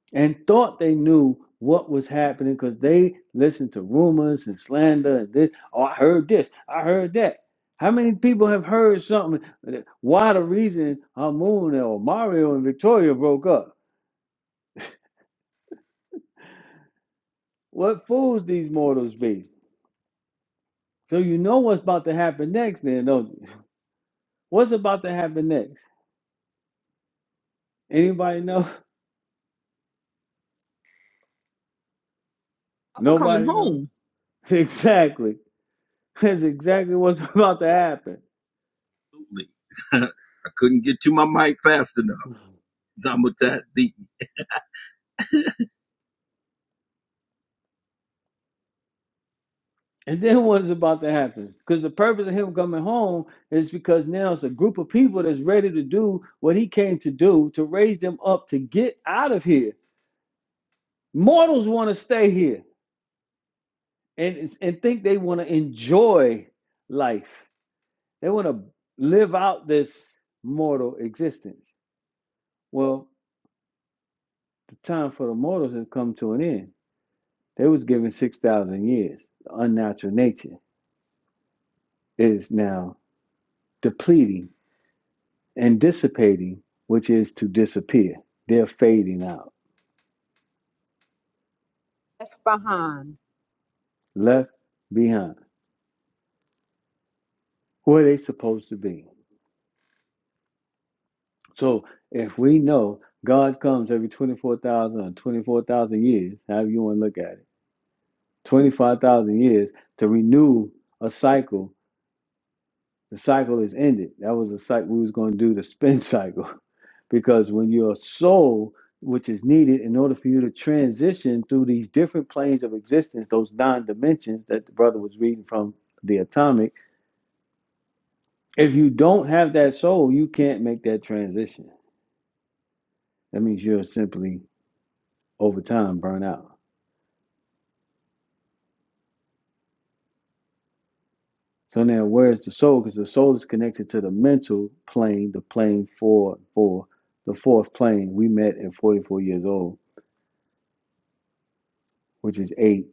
[SPEAKER 4] *laughs* and thought they knew what was happening because they listened to rumors and slander and this. Oh, I heard this, I heard that. How many people have heard something? Why the reason Hamun or Mario and Victoria broke up? What fools these mortals be? So you know what's about to happen next, then, don't you? What's about to happen next? Anybody know? *laughs*
[SPEAKER 6] I was coming
[SPEAKER 4] Nobody knows.
[SPEAKER 6] home.
[SPEAKER 4] *laughs* Exactly. That's exactly what's *laughs* about to happen.
[SPEAKER 5] Absolutely. *laughs* I couldn't get to my mic fast enough. Zamutat beat me.
[SPEAKER 4] And then what's about to happen? Because the purpose of him coming home is because now it's a group of people that's ready to do what he came to do to raise them up to get out of here. Mortals want to stay here and, and think they want to enjoy life. They want to live out this mortal existence. Well, the time for the mortals had come to an end. They was given six thousand years. The unnatural nature is now depleting and dissipating, which is to disappear. They're fading out,
[SPEAKER 6] Left behind.
[SPEAKER 4] left behind. Where they supposed to be. So if we know God comes every twenty-four thousand or twenty-four thousand years, however you want to look at it, twenty-five thousand years to renew a cycle The cycle is ended. That was a cycle we was going to do the spin cycle, *laughs* because when your soul, which is needed in order for you to transition through these different planes of existence, those nine dimensions that the brother was reading from the atomic, if you don't have that soul, you can't make that transition. That means you're simply over time burn out. So now, where's the soul? Because the soul is connected to the mental plane, the plane four, four, the fourth plane we met at 44 years old, which is eight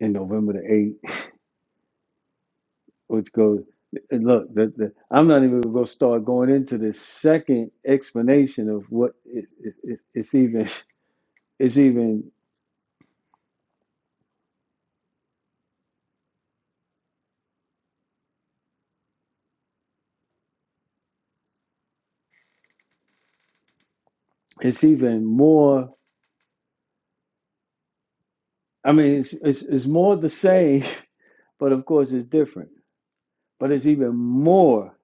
[SPEAKER 4] in November the 8th, which goes, look, the, the, I'm not even going to start going into the second explanation of what it, it, it- it's even, *laughs* it's even, it's even more, I mean, it's, it's, it's more the same, *laughs* but of course it's different, but it's even more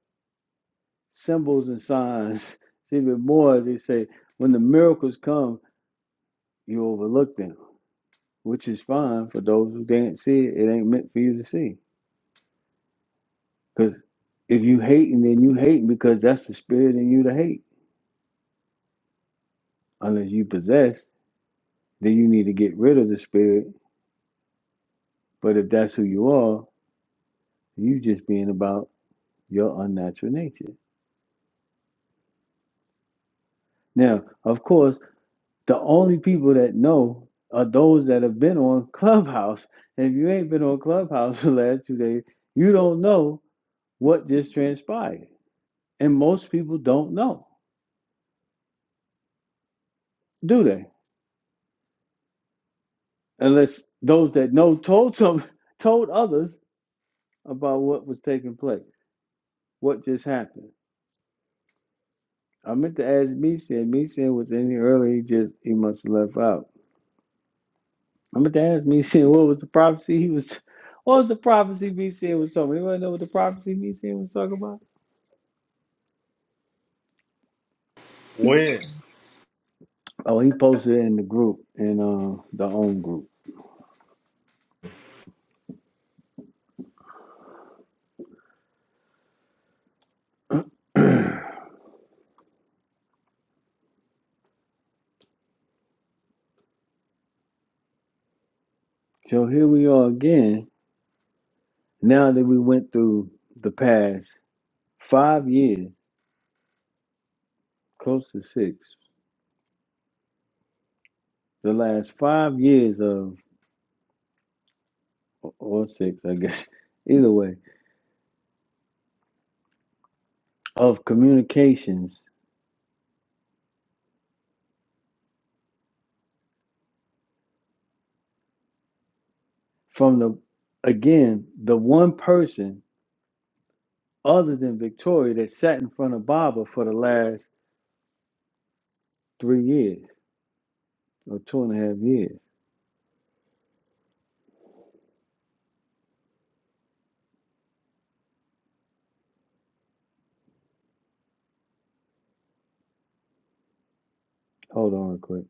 [SPEAKER 4] symbols and signs, *laughs* it's even more, they say, when the miracles come, you overlook them, which is fine for those who didn't see it. It ain't meant for you to see Because if you hating, then you hating because that's the spirit in you to hate. Unless you possess, then you need to get rid of the spirit. But if that's who you are, you just being about your unnatural nature. Now, of course, the only people that know are those that have been on *laughs* Clubhouse. If you ain't been on Clubhouse *laughs* the last two days, you don't know what just transpired. And most people don't know, do they? Unless those that know told some *laughs* told others about what was taking place, what just happened. I meant to ask Meeson. Meeson was in here earlier. He just he must have left out. I meant to ask Meeson *laughs* what was the prophecy he was. What was the prophecy Meeson was talking? about? Anybody know what the prophecy Meeson was talking about?
[SPEAKER 2] When?
[SPEAKER 4] Oh, he posted it in the group in uh, the own group. So here we are again. Now that we went through the past five years, close to six, the last five years of or six, I guess. *laughs* Either way, of communications from the again the one person other than Victoria that sat in front of Baba for the last three years or two and a half years. Hold on, real quick.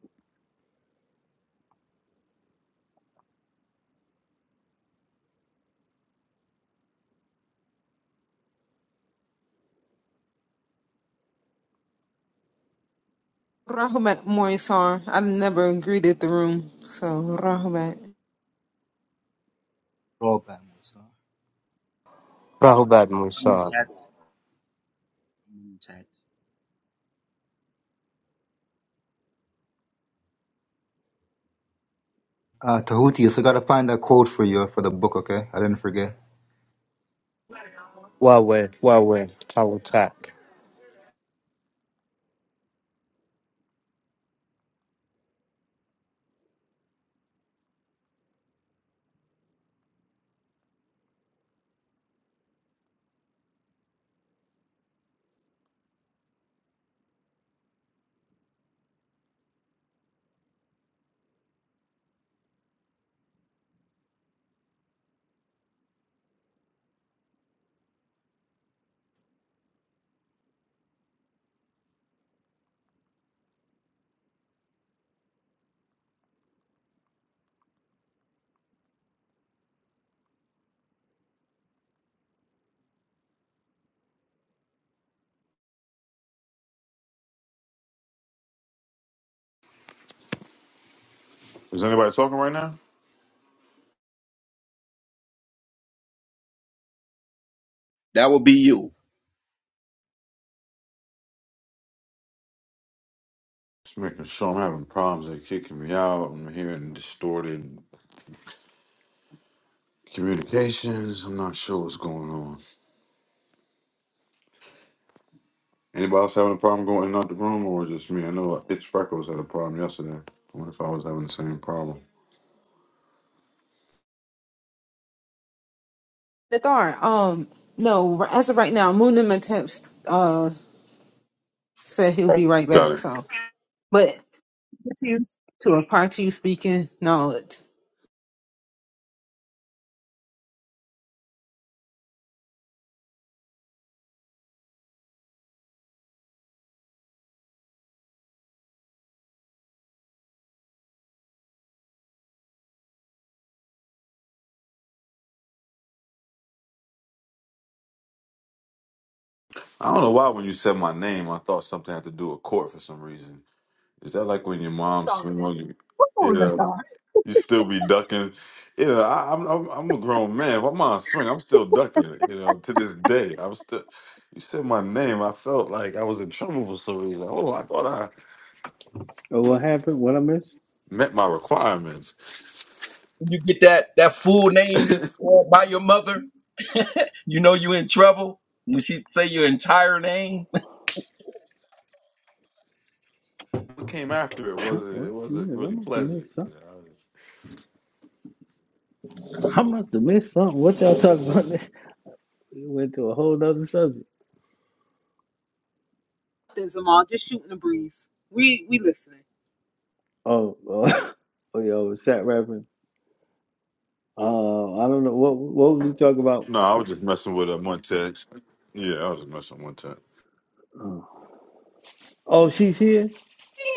[SPEAKER 6] Rahmat Morisar. I never greeted the room. So Rahmat.
[SPEAKER 7] drawback, Musa.
[SPEAKER 8] Rahubad
[SPEAKER 5] But
[SPEAKER 8] Musa,
[SPEAKER 5] Zamutat, Zamutat.
[SPEAKER 7] Uh, Tahuti, I still gotta find that quote for you for the book, okay? I didn't forget.
[SPEAKER 8] Wawe, Wawe, Tawatak.
[SPEAKER 1] is anybody talking right now?
[SPEAKER 5] That would be you.
[SPEAKER 1] Just making sure I'm having problems. They're kicking me out. I'm hearing distorted communications. I'm not sure what's going on. Anybody else having a problem going in and out the room, or is it just me? I know Itch Freckles had a problem yesterday. I wonder if I was having the same problem.
[SPEAKER 6] Nadar, um, no, as of right now, Moonim attempts uh said he'll be right
[SPEAKER 1] Got
[SPEAKER 6] back,
[SPEAKER 1] it.
[SPEAKER 6] so but to you to a part to you speaking knowledge.
[SPEAKER 1] I don't know why when you said my name, I thought something had to do with court for some reason. Is that like when your mom
[SPEAKER 6] Sorry
[SPEAKER 1] swing
[SPEAKER 6] man.
[SPEAKER 1] on you? Yeah, you still be ducking. Yeah, I, I'm, I'm I'm a grown man. If my mom swing, I'm still ducking. You know, to this day, I'm still. You said my name, I felt like I was in trouble for some reason. Oh, I thought I
[SPEAKER 4] Oh, what happened? What I missed?
[SPEAKER 1] met my requirements.
[SPEAKER 5] When you get that that full
[SPEAKER 1] *laughs*
[SPEAKER 5] name called by your mother, *laughs* you know you in trouble. When she say your entire name, *laughs* the,
[SPEAKER 1] what came after it
[SPEAKER 4] *laughs*
[SPEAKER 1] wasn't
[SPEAKER 4] what?
[SPEAKER 1] it wasn't
[SPEAKER 4] Yes, I
[SPEAKER 1] really
[SPEAKER 4] must have
[SPEAKER 1] pleasant.
[SPEAKER 4] missed
[SPEAKER 1] You
[SPEAKER 4] something.
[SPEAKER 1] know, I was just,
[SPEAKER 4] I must have missed something. What y'all talking about? *laughs* we went to a whole other subject.
[SPEAKER 6] There's Amal just shooting the breeze. We we listening.
[SPEAKER 4] Oh, oh, *laughs* oh, y'all was sat rapping. Uh, I don't know what what was we talking about.
[SPEAKER 1] no, I was just messing with a one text. Yeah, I was just messing with one text.
[SPEAKER 4] Oh, oh she's here.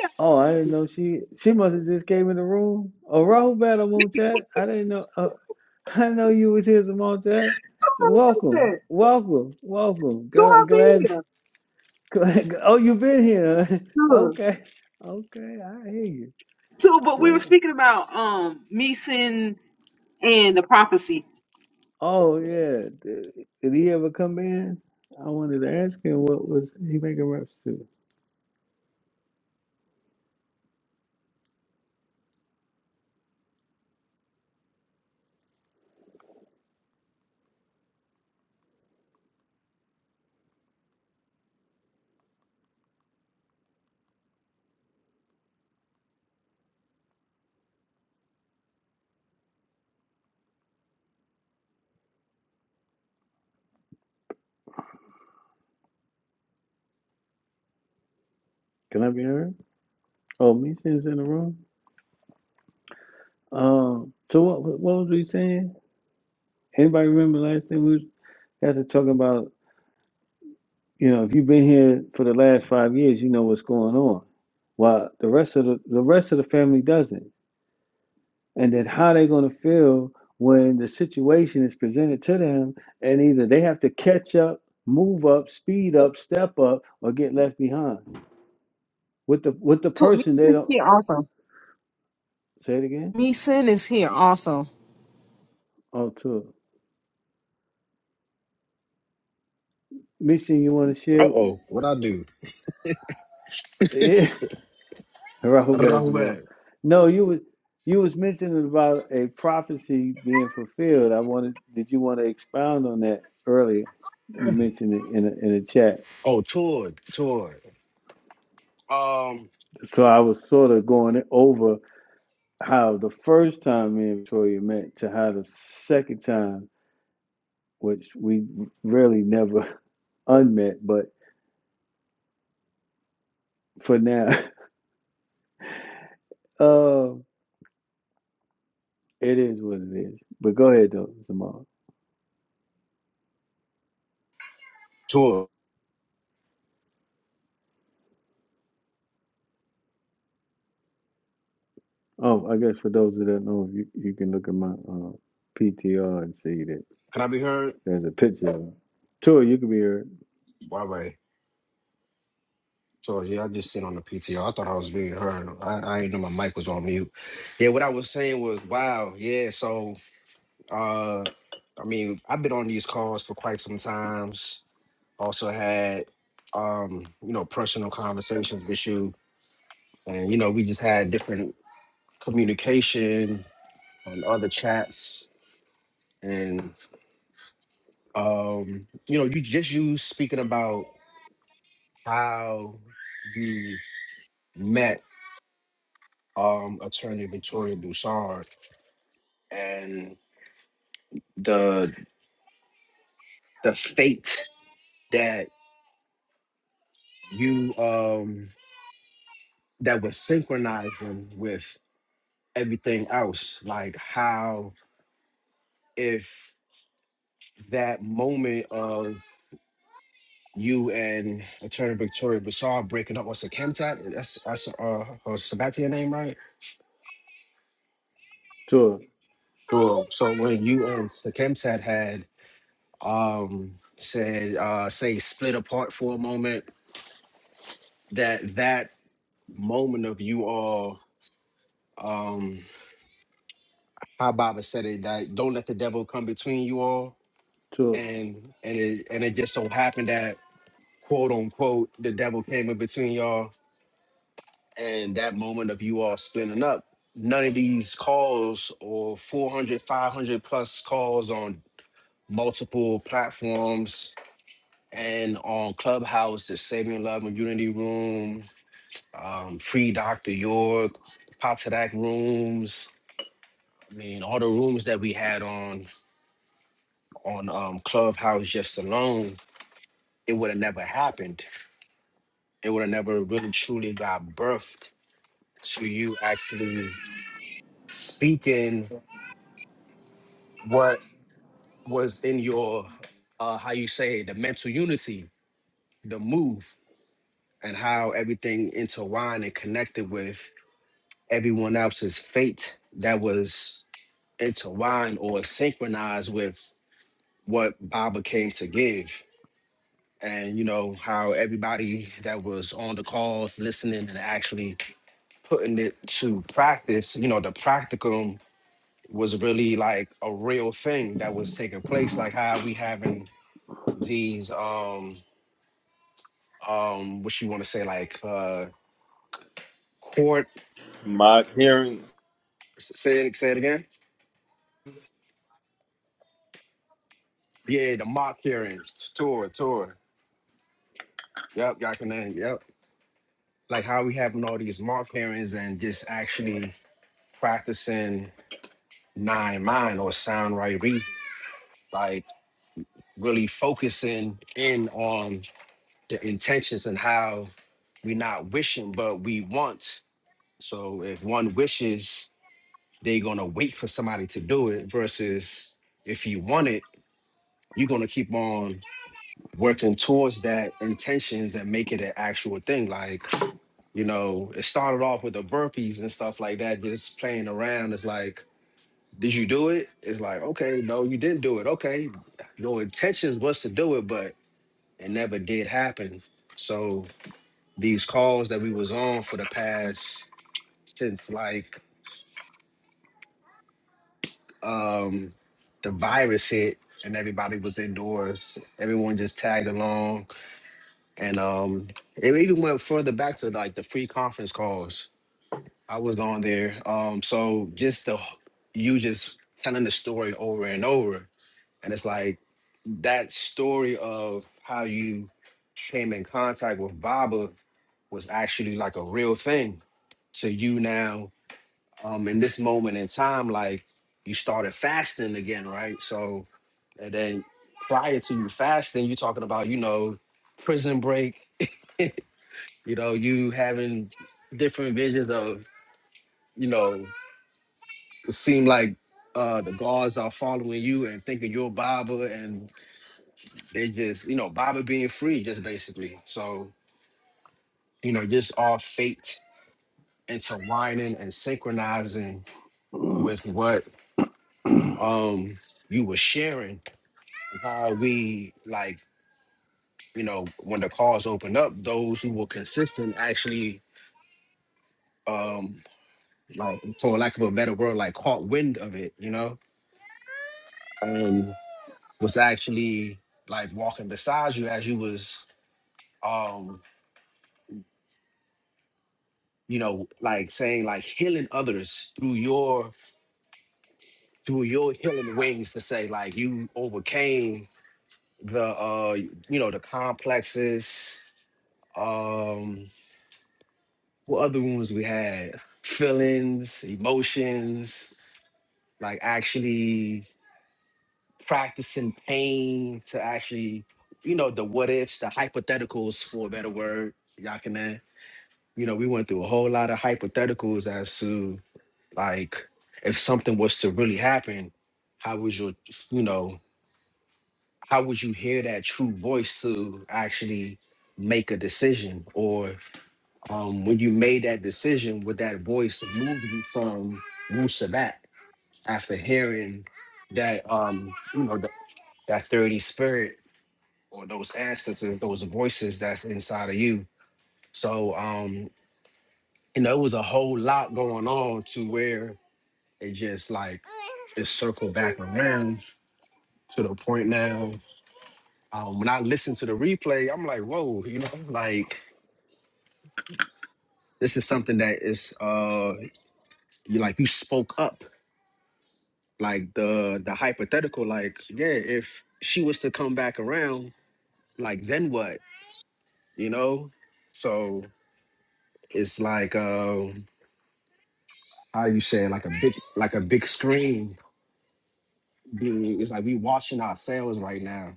[SPEAKER 6] Yeah,
[SPEAKER 4] Oh, I didn't know she she must have just came in the room. Oh, Rahul Battle Moon Chat. I didn't know. Uh, *laughs* I know you was here, Simone Chat.
[SPEAKER 6] to like
[SPEAKER 4] Welcome,
[SPEAKER 6] that.
[SPEAKER 4] welcome, welcome.
[SPEAKER 6] So i
[SPEAKER 4] Glad, glad,
[SPEAKER 6] here.
[SPEAKER 4] *laughs* glad. Oh, you've been here. huh? *laughs*
[SPEAKER 6] Sure.
[SPEAKER 4] okay, okay. I hear you.
[SPEAKER 6] So but we were
[SPEAKER 4] Glad.
[SPEAKER 6] speaking about um Meeson and the prophecy.
[SPEAKER 4] Oh yeah. Did, did he ever come in? I wanted to ask him what was he making reps to. Can I be heard? Oh, me since in the room. Um. So what? What was we saying? Anybody remember last thing we was, had to talk about? You know, if you've been here for the last five years, you know what's going on. While the rest of the, the rest of the family doesn't. And then how they are gonna feel when the situation is presented to them and either they have to catch up, move up, speed up, step up, or get left behind. With the with the
[SPEAKER 6] To
[SPEAKER 4] person they
[SPEAKER 6] Meeson
[SPEAKER 4] don't
[SPEAKER 6] here also.
[SPEAKER 4] say it again?
[SPEAKER 6] Meeson is here also.
[SPEAKER 4] Oh too. Missy, you wanna
[SPEAKER 9] Uh
[SPEAKER 4] share?
[SPEAKER 9] oh, what I do?
[SPEAKER 4] Yeah. *laughs* *laughs* Rahub as
[SPEAKER 9] Rahul
[SPEAKER 4] well.
[SPEAKER 9] back.
[SPEAKER 4] No, you was you was mentioning about a prophecy being fulfilled. I wanted. Did you want to expound on that earlier? You mentioned it in a, in a chat.
[SPEAKER 9] Oh, Todd, Todd. Um,
[SPEAKER 4] So I was sort of going over how the first time me and Victoria met to how the second time, which we really never *laughs* unmet, but for now, *laughs* uh, it is what it is. But go ahead though, Jamal.
[SPEAKER 9] Todd,
[SPEAKER 4] Oh, I guess for those that don't know, you, you can look at my uh, PTR and see that
[SPEAKER 9] can I be heard?
[SPEAKER 4] there's a picture of him. Tour, you can be here.
[SPEAKER 9] Why, way? Todd, yeah, I just sit on the PTO. I thought I was being heard. I, I didn't know my mic was on mute. Yeah, what I was saying was, wow, yeah. So, uh, I mean, I've been on these calls for quite some times. Also had, um, you know, personal conversations with you, and you know, we just had different communication on other chats. and. Um, you know, you just you speaking about how you met um attorney Victoria Broussard and the the fate that you um that was synchronizing with everything else. Like how if that moment of you and attorney Victoria Broussard breaking up with Sakemtat, that's that's uh her Sabatier name, right?
[SPEAKER 4] Tour,
[SPEAKER 9] Cool. So when you and Sakemtat had um said uh say split apart for a moment that that moment of you all um how baba said it that don't let the devil come between you all
[SPEAKER 4] tour.
[SPEAKER 9] and and it and it just so happened that quote unquote the devil came in between y'all and that moment of you all splitting up none of these calls or 400, 500 plus calls on multiple platforms and on clubhouse the saving love and unity room um, free Dr. York, Potsdam rooms. I mean, all the rooms that we had on on um, Clubhouse just alone, it would have never happened. It would have never really truly got birthed to you actually speaking what was in your uh, how you say it, the mental unity, the move, and how everything intertwined and connected with everyone else's fate that was intertwined or synchronized with what Baba came to give. And you know how everybody that was on the calls listening and actually putting it to practice, you know, the practicum was really like a real thing that was taking place. Like how we having these um um what you want to say, like uh court
[SPEAKER 2] My hearing
[SPEAKER 9] s- say it say it again? Yeah, the mock hearings, tour, tour. Yep, y'all can name, yep. Like how we having all these mock hearings and just actually practicing nine mind or sound right reading, like really focusing in on the intentions and how we're not wishing, but we want. So if one wishes, they're gonna wait for somebody to do it versus if you want it, you're gonna keep on working towards that intentions and make it an actual thing. Like, you know, it started off with the burpees and stuff like that, just playing around. It's like Did you do it? It's like, okay, no, you didn't do it. Okay. Your intentions was to do it, but it never did happen. So these calls that we was on for the past since like um the virus hit and everybody was indoors, everyone just tagged along. And um it even went further back to like the free conference calls. I was on there. Um so just the you just telling the story over and over. And it's like that story of how you came in contact with Baba was actually like a real thing to you now. Um, in this moment in time, like you started fasting again, right? So, and then prior to you fasting, you're talking about, you know, prison break, *laughs* you know, you having different visions of, you know, it seem like uh the guards are following you and thinking you're Baba and. They just, you know, Baba being free, just basically. So, you know, just all fate intertwining and synchronizing with what um you were sharing. How we like, you know, when the calls open up, those who were consistent actually um like for lack of a better word, like caught wind of it, you know, and was actually like walking beside you as you was um you know like saying like healing others through your through your healing wings to say like you overcame the uh you know the complexes um what other wounds we had feelings emotions like actually practicing pain to actually you know the what ifs the hypotheticals for a better word y'all can uh, you know we went through a whole lot of hypotheticals as to like if something was to really happen how would your you know how would you hear that true voice to actually make a decision or um, when you made that decision would that voice move you from Wusabat after hearing that um you know th- that 30 spirit or those ancestors those voices that's inside of you so um you know it was a whole lot going on to where it just like it circled back around to the point now Um, when I listen to the replay, I'm like, whoa, you know, like this is something that is uh you like you spoke up. Like the the hypothetical, like, yeah, if she was to come back around, like then what? You know? So it's like um how you say like a big like a big screen being it's like we watching ourselves right now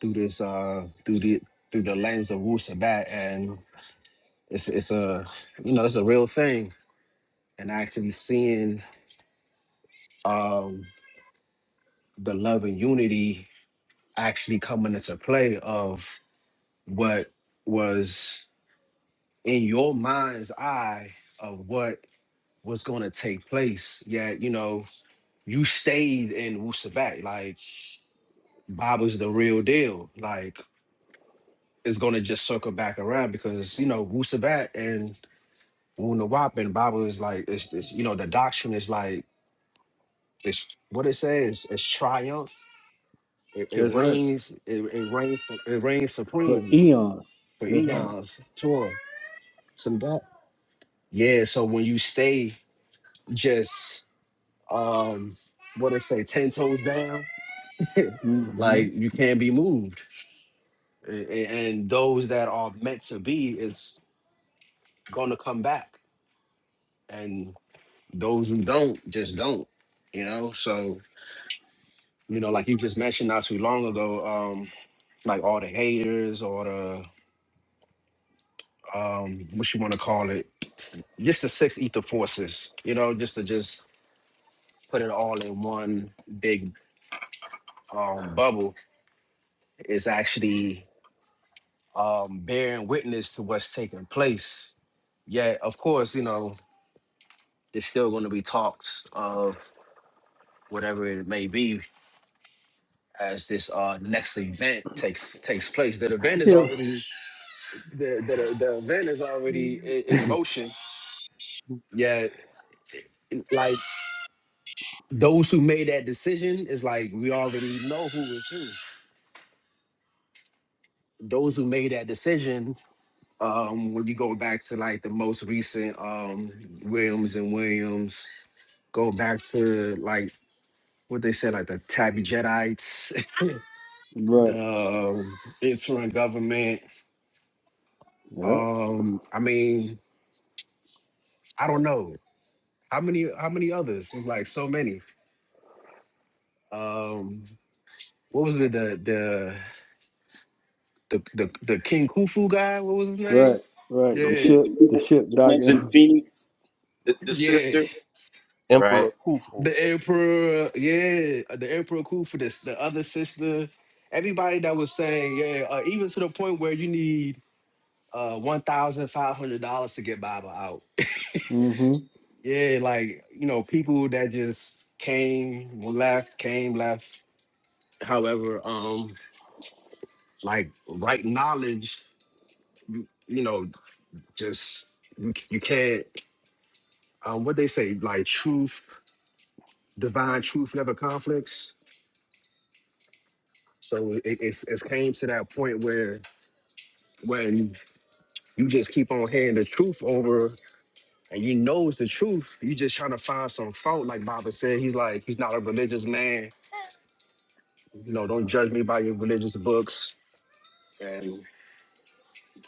[SPEAKER 9] through this uh through the through the lens of Wu Sabat and it's it's a you know it's a real thing and actually seeing um, the love and unity actually coming into play of what was in your mind's eye of what was going to take place. Yet, you know, you stayed in Wusabat. Like, Bob is the real deal. Like, it's going to just circle back around because, you know, Wusabat and Wunawap and Bible is like, it's, it's, you know, the doctrine is like, it's what it says, it's triumph It, it
[SPEAKER 4] That's right.
[SPEAKER 9] reigns. It, it reigns. It reigns
[SPEAKER 4] For
[SPEAKER 9] supreme
[SPEAKER 4] eons.
[SPEAKER 9] for
[SPEAKER 4] That's right.
[SPEAKER 9] eons. Torah, some that. Yeah. So when you stay just um, what I say, ten toes down, *laughs*
[SPEAKER 4] hmm
[SPEAKER 9] like you can't be moved, A- a- and those that are meant to be is gonna come back, and those who don't just don't. You know. So you know, like you just mentioned not too long ago, um, like all the haters or the um, what you want to call it, just the six ether forces, you know, just to just put it all in one big um, bubble is actually um, bearing witness to what's taking place. Yet, of course, you know, there's still going to be talks of whatever it may be as this uh, next event takes takes place. That event is
[SPEAKER 4] Yeah.
[SPEAKER 9] already the the, the event is already in, in motion. Yeah, like those who made that decision is like we already know who it's who. Those who made that decision, um, when you go back to like the most recent um Williams and Williams, go back to like what they said, like the Tabby Jedites, *laughs*
[SPEAKER 4] Right.
[SPEAKER 9] the um, interim government.
[SPEAKER 4] Yeah.
[SPEAKER 9] Um, I mean, I don't know. How many how many others? There's like so many. Um what was it, the the the the, the King Khufu guy? What was his name?
[SPEAKER 4] Right. Right. The
[SPEAKER 9] Yeah.
[SPEAKER 5] the,
[SPEAKER 4] ship. The
[SPEAKER 5] the,
[SPEAKER 4] ship
[SPEAKER 5] the ones in
[SPEAKER 4] docking.
[SPEAKER 5] Phoenix, the, the
[SPEAKER 9] Yeah,
[SPEAKER 5] sister, Right.
[SPEAKER 2] Emperor Khufu.
[SPEAKER 9] the emperor. Yeah, the emperor cool for this. The other sister, everybody that was saying yeah, uh, even to the point where you need uh one thousand five hundred dollars to get Baba out.
[SPEAKER 4] *laughs* mm hmm
[SPEAKER 9] Yeah, like you know people that just came left, came left. However, um, like right knowledge, you, you know, just you, you can't. Um, what they say, like truth, divine truth never conflicts. So it, it's it came to that point where when you just keep on hearing the truth over and you know it's the truth, you just trying to find some fault. Like Baba said, he's like, he's not a religious man. You know, don't judge me by your religious books. And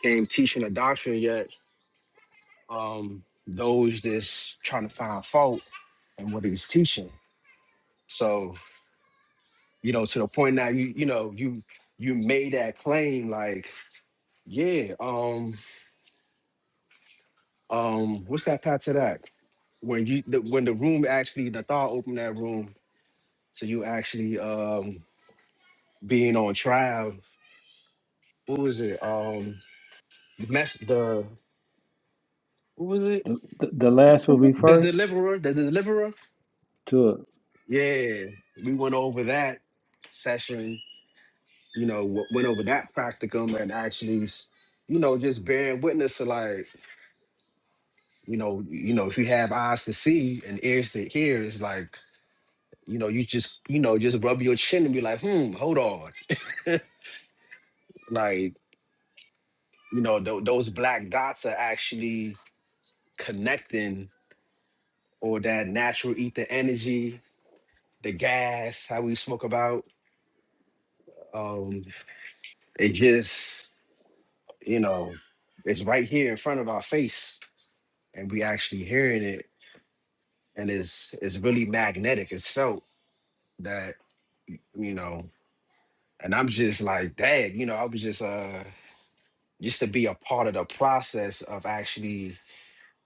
[SPEAKER 9] he ain't teaching a doctrine yet. Um, those just trying to find fault and what he's teaching. So, you know, to the point now you you know, you you made that claim like, yeah, um, um, what's that path to that? When you the, when the room actually Nathal opened that room So you actually um being on trial. What was it? Um mess the what was it?
[SPEAKER 4] The, the, the last will
[SPEAKER 6] Messenger
[SPEAKER 4] be
[SPEAKER 9] The
[SPEAKER 4] first.
[SPEAKER 9] deliverer, the deliverer.
[SPEAKER 4] Tour.
[SPEAKER 9] Yeah. We went over that session, you know, w- went over that practicum and actually s- you know, just bearing witness to like, you know, you know, if you have eyes to see and ears to hear, it's like, you know, you just, you know, just rub your chin and be like, hmm, hold on. *laughs* like, you know, tho- those black dots are actually connecting or that natural ether energy, the gas, how we smoke about. Um, it just, you know, it's right here in front of our face, and we actually hearing it, and it's it's really magnetic. It's felt that, you know, and I'm just like, dang, you know, I was just uh just to be a part of the process of actually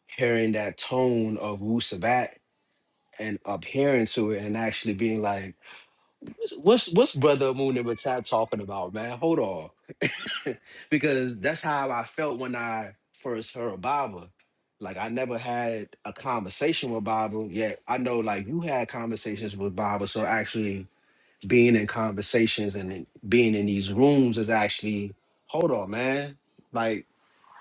[SPEAKER 9] hearing that tone of Wu Sabat and adhering to it and actually being like, what's what's what's brother Moon and Batat talking about, man? Hold on. *laughs* because that's how I felt when I first heard Baba. Like I never had a conversation with Baba yet. I know like you had conversations with Baba, so actually being in conversations and then being in these rooms is actually hold on, man. Like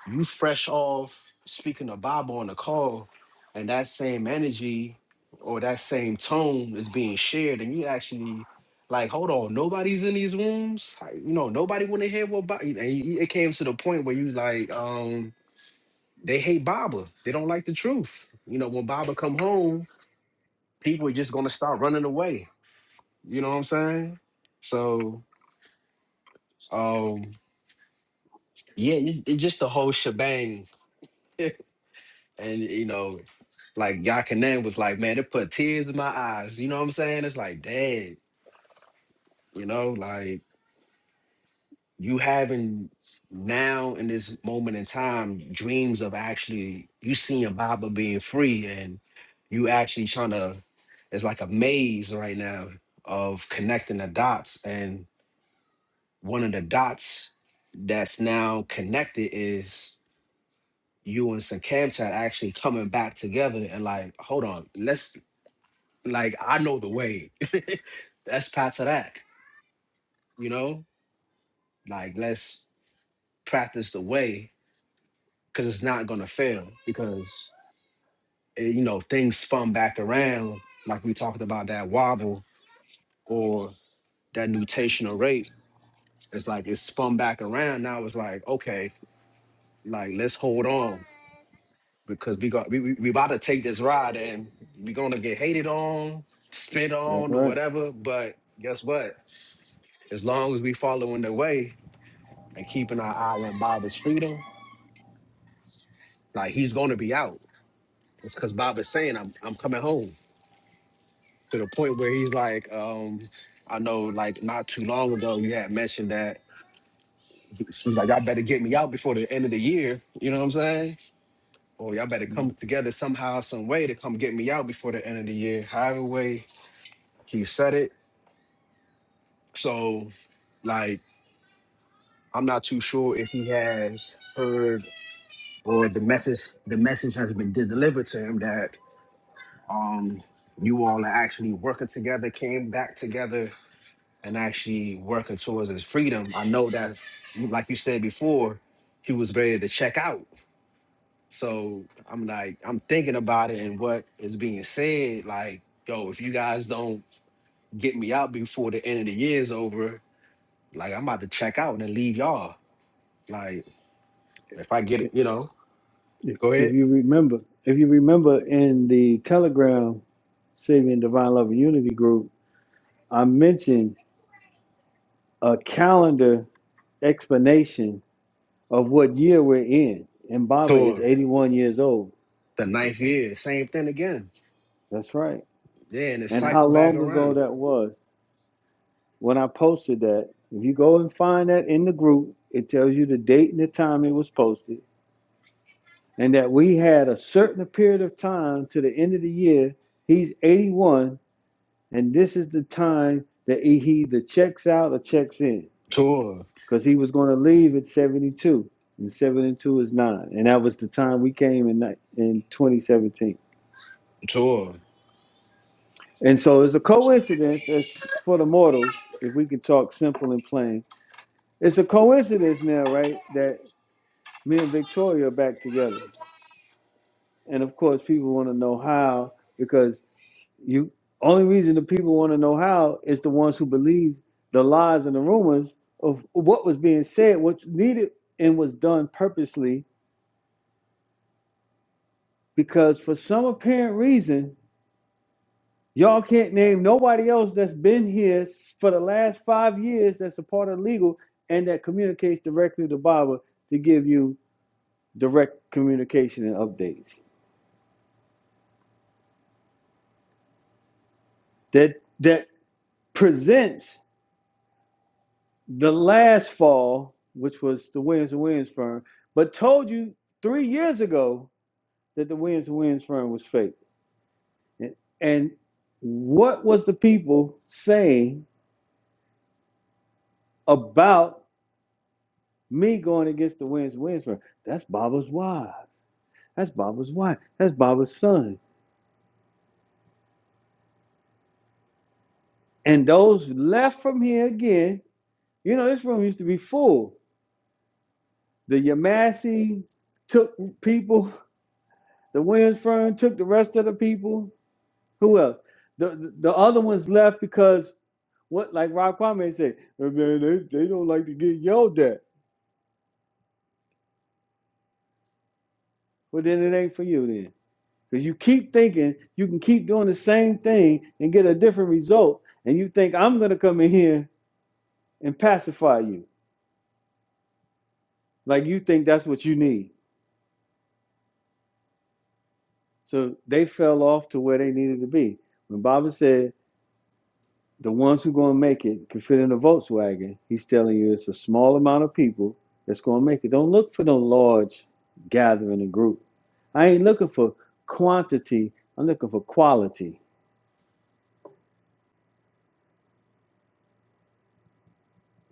[SPEAKER 9] you fresh off speaking the Bible on the call, and that same energy or that same tone is being shared, and you actually like, hold on, nobody's in these rooms. How- You know, nobody want to hear what Bob. And you- it came to the point where you like, um, they hate Baba. They don't like the truth. You know, when Baba come home, people are just gonna start running away. You know what I'm saying? So, um, yeah, it's, it's just the whole shebang. *laughs* and you know Like Yakanan was like, man, it put tears in my eyes. You know what I'm saying? It's like, dad, you know, like you having now in this moment in time dreams of actually you seeing Baba being free and you actually trying to it's like a maze right now of connecting the dots. And one of the dots that's now connected is you and Sakamtat actually coming back together and like, hold on, let's Like I know the way. *laughs* That's part of that, you know? Like let's practice the way because it's not gonna fail because eh, you know things spun back around like we talked about that wobble or that nutational rate. It's like it's spun back around. Now it's like, okay, like let's hold on because we got we, we, we about to take this ride and we're gonna get hated on, spit
[SPEAKER 4] That's
[SPEAKER 9] on or
[SPEAKER 4] right.
[SPEAKER 9] whatever. But guess what? As long as we following the way, and keeping our eye on Baba's freedom, like he's gonna be out. It's cause Baba's saying I'm I'm coming home to the point where he's like, um, I know like not too long ago you had mentioned that she's like, Y'all better get me out before the end of the year. You know what I'm saying? Or y'all better
[SPEAKER 4] Mhm.
[SPEAKER 9] come together somehow, some way to come get me out before the end of the year. However way he said it. So like I'm not too sure if he has heard or the message the message has been delivered to him that um, you all are actually working together, came back together, and actually working towards his freedom. I know that, like you said before, he was ready to check out. So I'm like, I'm thinking about it and what is being said. Like, yo, if you guys don't get me out before the end of the year is over, like I'm about to check out and leave y'all. Like, if I get it,
[SPEAKER 4] If,
[SPEAKER 9] you know,
[SPEAKER 4] if
[SPEAKER 9] go
[SPEAKER 4] if
[SPEAKER 9] ahead.
[SPEAKER 4] you remember, if you remember in the Telegram, Saving Divine Love and Unity group. I mentioned a calendar explanation of what year we're in. And Baba is
[SPEAKER 9] Tour
[SPEAKER 4] 81 years old.
[SPEAKER 9] the ninth year, same thing again.
[SPEAKER 4] That's right.
[SPEAKER 9] Yeah, and it
[SPEAKER 4] And how
[SPEAKER 9] cycled back
[SPEAKER 4] long ago
[SPEAKER 9] around.
[SPEAKER 4] that was when I posted that. If you go and find that in the group, it tells you the date and the time it was posted. And that we had a certain period of time to the end of the year. He's 81, and this is the time that he either checks out or checks in.
[SPEAKER 9] Tour,
[SPEAKER 4] because he was going to leave at 72 and 72 is 9 and that was the time we came in ni- in 2017
[SPEAKER 9] tour.
[SPEAKER 4] and so it's a coincidence as for the mortals if we can talk simple and plain it's a coincidence now right that me and victoria are back together and of course people want to know how because you only reason the people want to know how is the ones who believe the lies and the rumors of what was being said what needed and was done purposely because for some apparent reason, y'all can't name nobody else that's been here s- for the last five years that's a part of legal and that communicates directly to Baba to give you direct communication and updates. That that presents the last fall, which was the Williams and Williams firm, but told you three years ago that the Williams and Williams firm was fake. And, and what was the people saying about? Me going against the wind's whisper. That's Baba's wife. That's Baba's wife. That's Baba's son. And those left from here again, you know, this room used to be full. The Yamasi took people. The Williams firm took the rest of the people. Who else? The the, the other ones left because what like Rob Kwame said, "Hey, man, they, they don't like to get yelled at. Well then it ain't for you then. Because you keep thinking you can keep doing the same thing and get a different result. And you think, I'm going to come in here and pacify you. Like you think that's what you need. So they fell off to where they needed to be. When Baba said, the ones who are going to make it can fit in a Volkswagen, he's telling you it's a small amount of people that's going to make it. Don't look for no large gathering and group. I ain't looking for quantity, I'm looking for quality.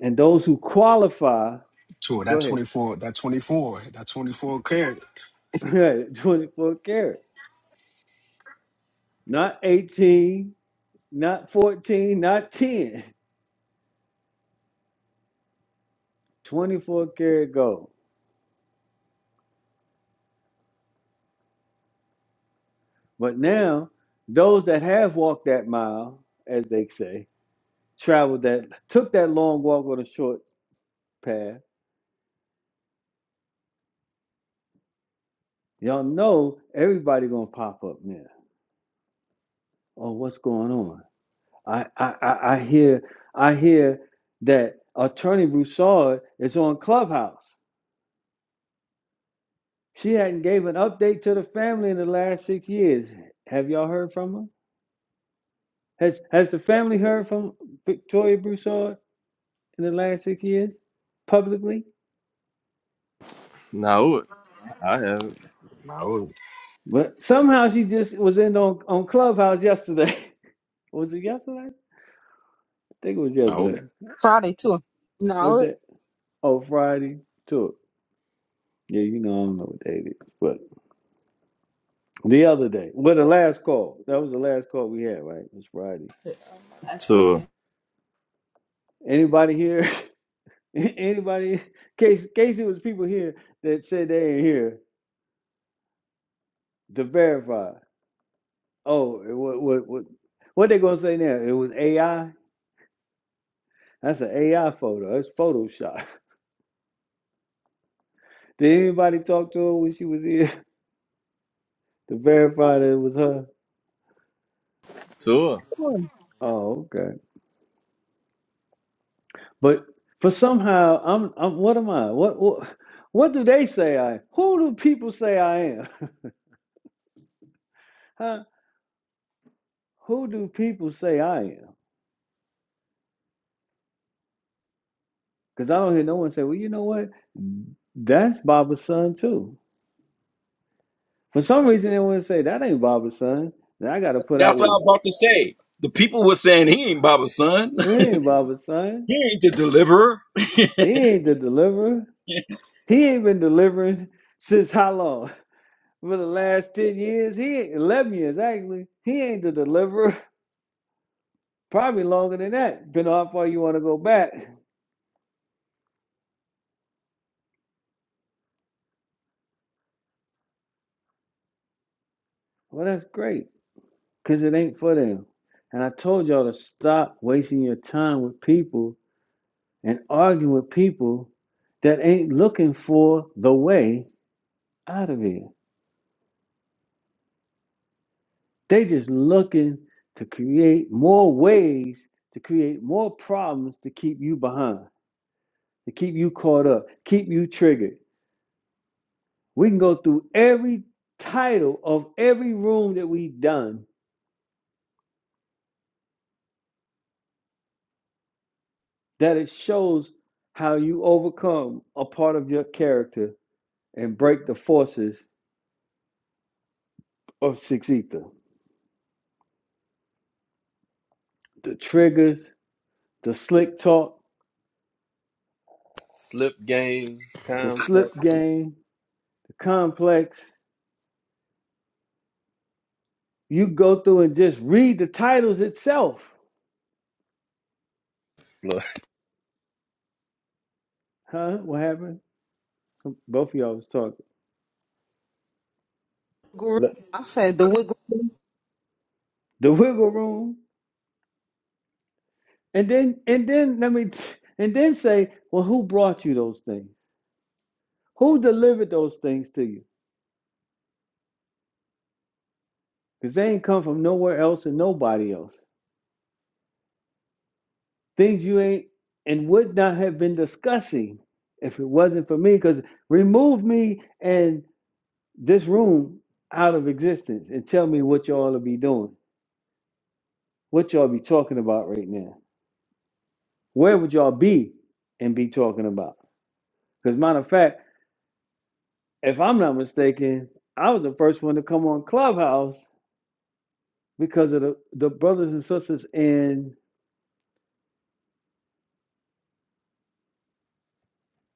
[SPEAKER 4] And those who qualify,
[SPEAKER 9] Tour
[SPEAKER 4] go
[SPEAKER 9] that
[SPEAKER 4] ahead.
[SPEAKER 9] 24, that 24, that 24 karat.
[SPEAKER 4] *laughs* Right, 24 karat. Not 18, not 14, not 10. *laughs* 24 karat gold. But now, those that have walked that mile, as they say, traveled that, took that long walk or the short path, y'all know everybody gonna pop up now. Oh, what's going on? I I I, I hear I hear that attorney Broussard is on Clubhouse. She hadn't gave an update to the family in the last six years. Have y'all heard from her? Has Has the family heard from Victoria Broussard in the last six years publicly?
[SPEAKER 2] Nah, I have it.
[SPEAKER 9] I was-
[SPEAKER 4] But somehow she just was in on, on Clubhouse yesterday. *laughs* was it yesterday? I think it was
[SPEAKER 1] No,
[SPEAKER 4] yesterday.
[SPEAKER 6] Friday too.
[SPEAKER 4] What
[SPEAKER 6] No, it-
[SPEAKER 4] that? Oh, Friday tour. Yeah, you know I don't know what day it is, but the other day, well, the last call. That was the last call we had, right? It was Friday.
[SPEAKER 2] Tour.
[SPEAKER 4] Anybody here? *laughs* Anybody? Casey, Casey was people here that said they ain't here to verify. Oh, what what what? What they gonna say now? It was AI. That's an AI photo. That's Photoshop. *laughs* Did anybody talk to her when she was here *laughs* to verify that it was her?
[SPEAKER 2] Tour.
[SPEAKER 4] Oh, okay. But for somehow, I'm I'm. What am I? What what? What do they say I am? Who do people say I am? *laughs* Huh? Who do people say I am? Because I don't hear no one say, well, you know what? That's Baba's son too. For some reason, they want to say that ain't Baba's son. Then I got to put out
[SPEAKER 5] That's what I
[SPEAKER 4] with
[SPEAKER 5] am about to say. The people were saying he ain't Baba's son. *laughs*
[SPEAKER 4] he ain't Baba's son.
[SPEAKER 5] He ain't the deliverer. *laughs*
[SPEAKER 4] He ain't the deliverer.
[SPEAKER 5] *laughs*
[SPEAKER 4] He ain't been delivering since how long? *laughs* For the last ten years, he ain't, eleven years actually. He ain't the deliverer. *laughs* Probably longer than that. Been how far you want to go back. Well, that's great because it ain't for them. And I told y'all to stop wasting your time with people and arguing with people that ain't looking for the way out of here. They just looking to create more ways to create more problems to keep you behind, to keep you caught up, keep you triggered. We can go through every title of every room that we've done that it shows how you overcome a part of your character and break the forces of six ether. The triggers, the slick talk,
[SPEAKER 2] Slip game
[SPEAKER 4] the
[SPEAKER 2] complex.
[SPEAKER 4] slip game, the complex. You go through and just read the titles itself
[SPEAKER 2] Look,
[SPEAKER 4] Huh? What happened? Both of y'all was talking.
[SPEAKER 6] Guru-
[SPEAKER 2] look,
[SPEAKER 6] I said the wiggle.
[SPEAKER 4] The wiggle room. And then and then let me t- and then say, well, who brought you those things? Who delivered those things to you? Because they ain't come from nowhere else and nobody else. Things you ain't and would not have been discussing if it wasn't for me. Because remove me and this room out of existence and tell me what y'all will be doing. What y'all be talking about right now. Where would y'all be and be talking about? Because matter of fact, if I'm not mistaken, I was the first one to come on Clubhouse because of the, the brothers and sisters in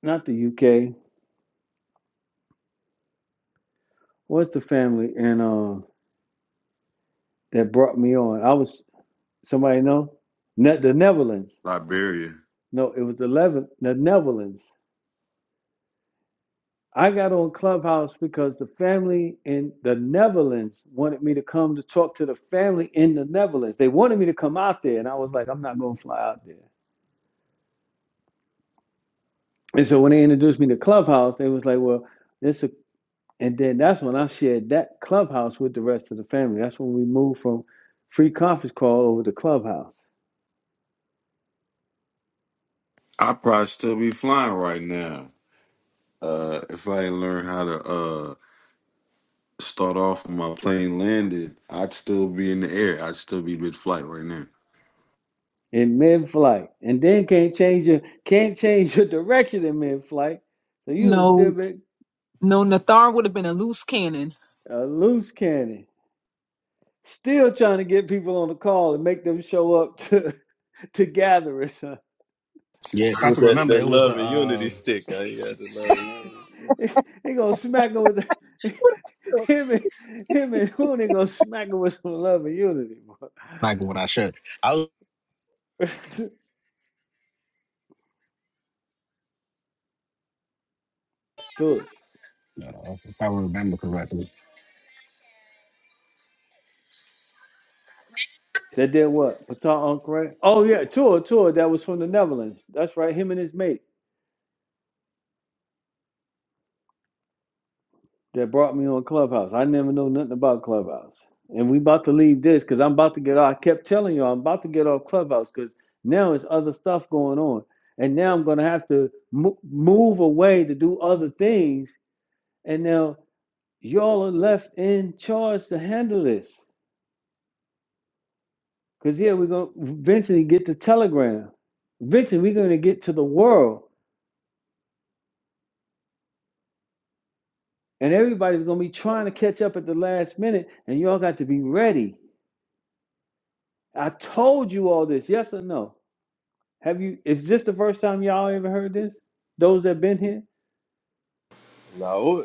[SPEAKER 4] not the UK. What's the family and uh, that brought me on? I was somebody know ne- the Netherlands.
[SPEAKER 1] Liberia.
[SPEAKER 4] No, it was the Leve- the Netherlands. I got on Clubhouse because the family in the Netherlands wanted me to come to talk to the family in the Netherlands. They wanted me to come out there, and I was like, I'm not gonna fly out there. And so when they introduced me to Clubhouse, they was like, Well, it's a And then that's when I shared that clubhouse with the rest of the family. That's when we moved from free conference call over to clubhouse
[SPEAKER 1] I probably still be flying right now. Uh, if I didn't learn how to uh start off when my plane landed, I'd still be in the air. I'd still be mid-flight right now.
[SPEAKER 4] in mid-flight. And then can't change your can't change your *laughs* direction in mid-flight. So you would have still
[SPEAKER 6] No,
[SPEAKER 4] been
[SPEAKER 6] no, Nathar would have been a loose cannon.
[SPEAKER 4] a loose cannon. Still trying to get people on the call and make them show up *laughs* to to gatherings. huh?
[SPEAKER 9] Yeah, if I
[SPEAKER 2] With
[SPEAKER 9] can
[SPEAKER 2] that,
[SPEAKER 9] remember,
[SPEAKER 2] that
[SPEAKER 9] it was the,
[SPEAKER 2] love and unity
[SPEAKER 9] uh,
[SPEAKER 2] stick. Huh? You got the love and unity stick.
[SPEAKER 4] *laughs* they gonna smack him with the, *laughs*
[SPEAKER 6] *laughs*
[SPEAKER 4] him and him and who they gonna smack him with some love and unity, bro.
[SPEAKER 9] like what I should. I was,
[SPEAKER 4] *laughs* Dude.
[SPEAKER 9] uh, if I remember correctly,
[SPEAKER 4] That did what? Patar Ankre? Oh yeah, tour, tour. That was from the Netherlands. That's right. Him and his mate that brought me on Clubhouse. I never know nothing about Clubhouse. And we about to leave this because I'm about to get off. I kept telling you I'm about to get off Clubhouse because now it's other stuff going on. And now I'm gonna have to mo- move away to do other things. And now y'all are left in charge to handle this. Cause yeah, we're gonna eventually get to Telegram. Eventually, we're gonna get to the world. And everybody's going to be trying to catch up at the last minute, and y'all got to be ready. I told you all this, yes or no? Have you, is this the first time y'all ever heard this? Those that been here?
[SPEAKER 2] Nah,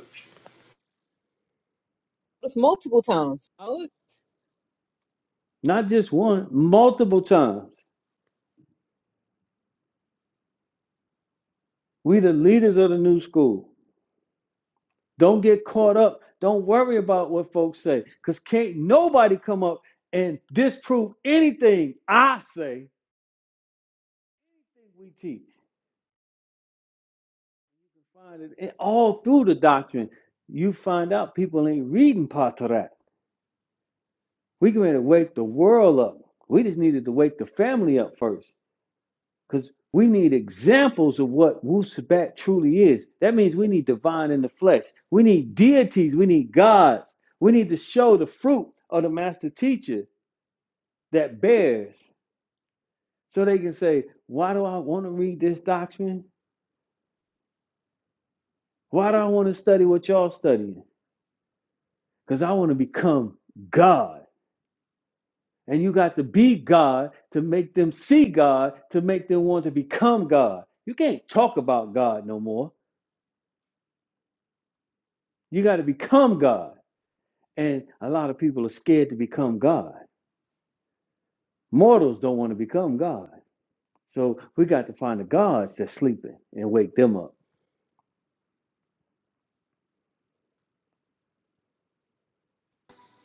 [SPEAKER 6] It's multiple times. I was,
[SPEAKER 4] Not just one, multiple times. We the leaders of the new school. Don't get caught up. Don't worry about what folks say, because can't nobody come up and disprove anything I say, we teach. You Find it in- All through the doctrine, you find out people ain't reading Patarak. We are going to wake the world up. We just needed to wake the family up first because we need examples of what Wu Sabat truly is. That means we need divine in the flesh. We need deities. We need gods. We need to show the fruit of the master teacher that bears so they can say, Why do I want to read this doctrine? Why do I want to study what y'all studying? Because I want to become God. And you got to be God to make them see God, to make them want to become God. You can't talk about God no more. You got to become God. And a lot of people are scared to become God. Mortals don't want to become God. So we got to find the gods that's sleeping and wake them up.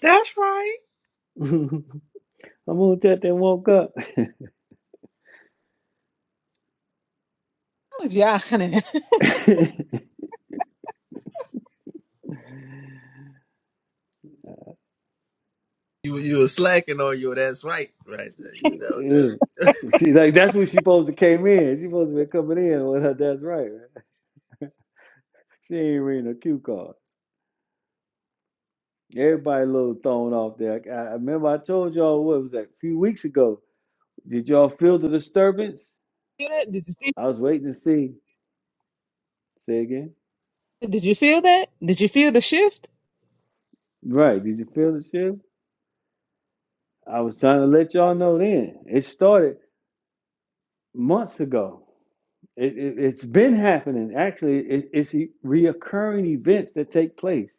[SPEAKER 2] That's right.
[SPEAKER 4] *laughs* I'm gonna tell them woke up. *laughs*
[SPEAKER 6] I was yakking
[SPEAKER 4] yeah.
[SPEAKER 2] You you were slacking on your that's right right there. You know that.
[SPEAKER 4] She like that's when she supposed to came in. She supposed to be coming in *laughs* with her. That's right. right? She ain't reading a cue card. Everybody a little thrown off there. I, I remember I told y'all what it was like a few weeks ago. Did y'all feel the disturbance?
[SPEAKER 6] it. *laughs*
[SPEAKER 4] I was waiting to see. Say again.
[SPEAKER 6] Did you feel that? Did you feel the shift?
[SPEAKER 4] Right. Did you feel the shift? I was trying to let y'all know then. It started months ago. It, it, it's been happening. Actually, it, it's e- reoccurring events that take place.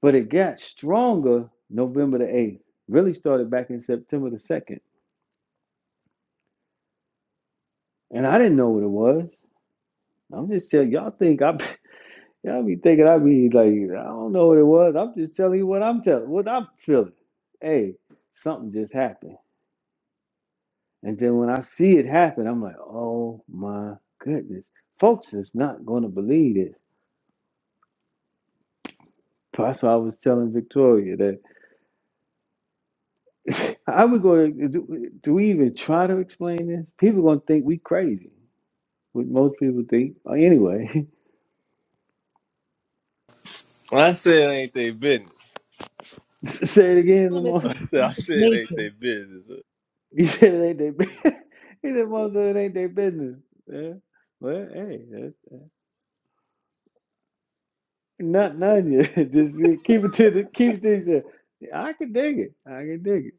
[SPEAKER 4] But it got stronger November the 8th. Really started back in September the 2nd. And I didn't know what it was. I'm just telling y'all think I *laughs* Yeah, I be thinking I be like, I don't know what it was. I'm just telling you what I'm telling, what I'm feeling. Hey, something just happened. And then when I see it happen, I'm like, oh my goodness. Folks is not going to believe this. That's why I was telling Victoria that *laughs* I would go do, do we even try to explain this? People going to think we crazy, what most people think. Uh, Anyway, *laughs*
[SPEAKER 2] I said it ain't they business.
[SPEAKER 4] say it again,
[SPEAKER 6] I'm in
[SPEAKER 4] Zamar.
[SPEAKER 2] *laughs*
[SPEAKER 4] *laughs*
[SPEAKER 2] I said it ain't
[SPEAKER 6] nature.
[SPEAKER 2] they business.
[SPEAKER 4] You said it ain't their business. *laughs* He said, most it ain't their business. Yeah. Well, hey, that's Not none yet. *laughs* Just uh, keep it to the keep it to yourself. Yeah, I can dig it. I can dig it.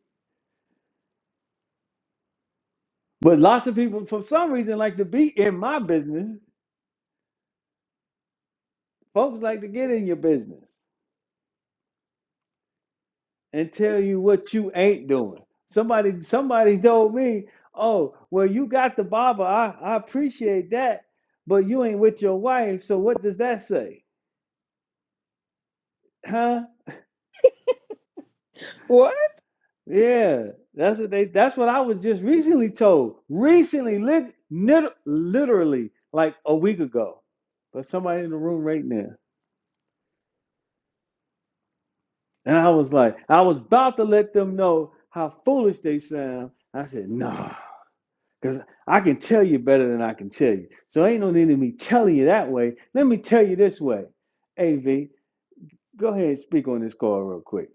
[SPEAKER 4] But lots of people, for some reason, like to be in my business. Folks like to get in your business and tell you what you ain't doing. Somebody, somebody told me, "Oh, well, you got the barber. I, I appreciate that, but you ain't with your wife. So what does that say, huh?"
[SPEAKER 6] What?
[SPEAKER 4] Yeah, that's what they. That's what I was just recently told. Recently, lit, nit, literally, like a week ago, but somebody in the room right now, and I was like, I was about to let them know how foolish they sound. I said, nah, because I can tell you better than I can tell you. So ain't no need of me telling you that way. Let me tell you this way. Av, go ahead and speak on this call real quick.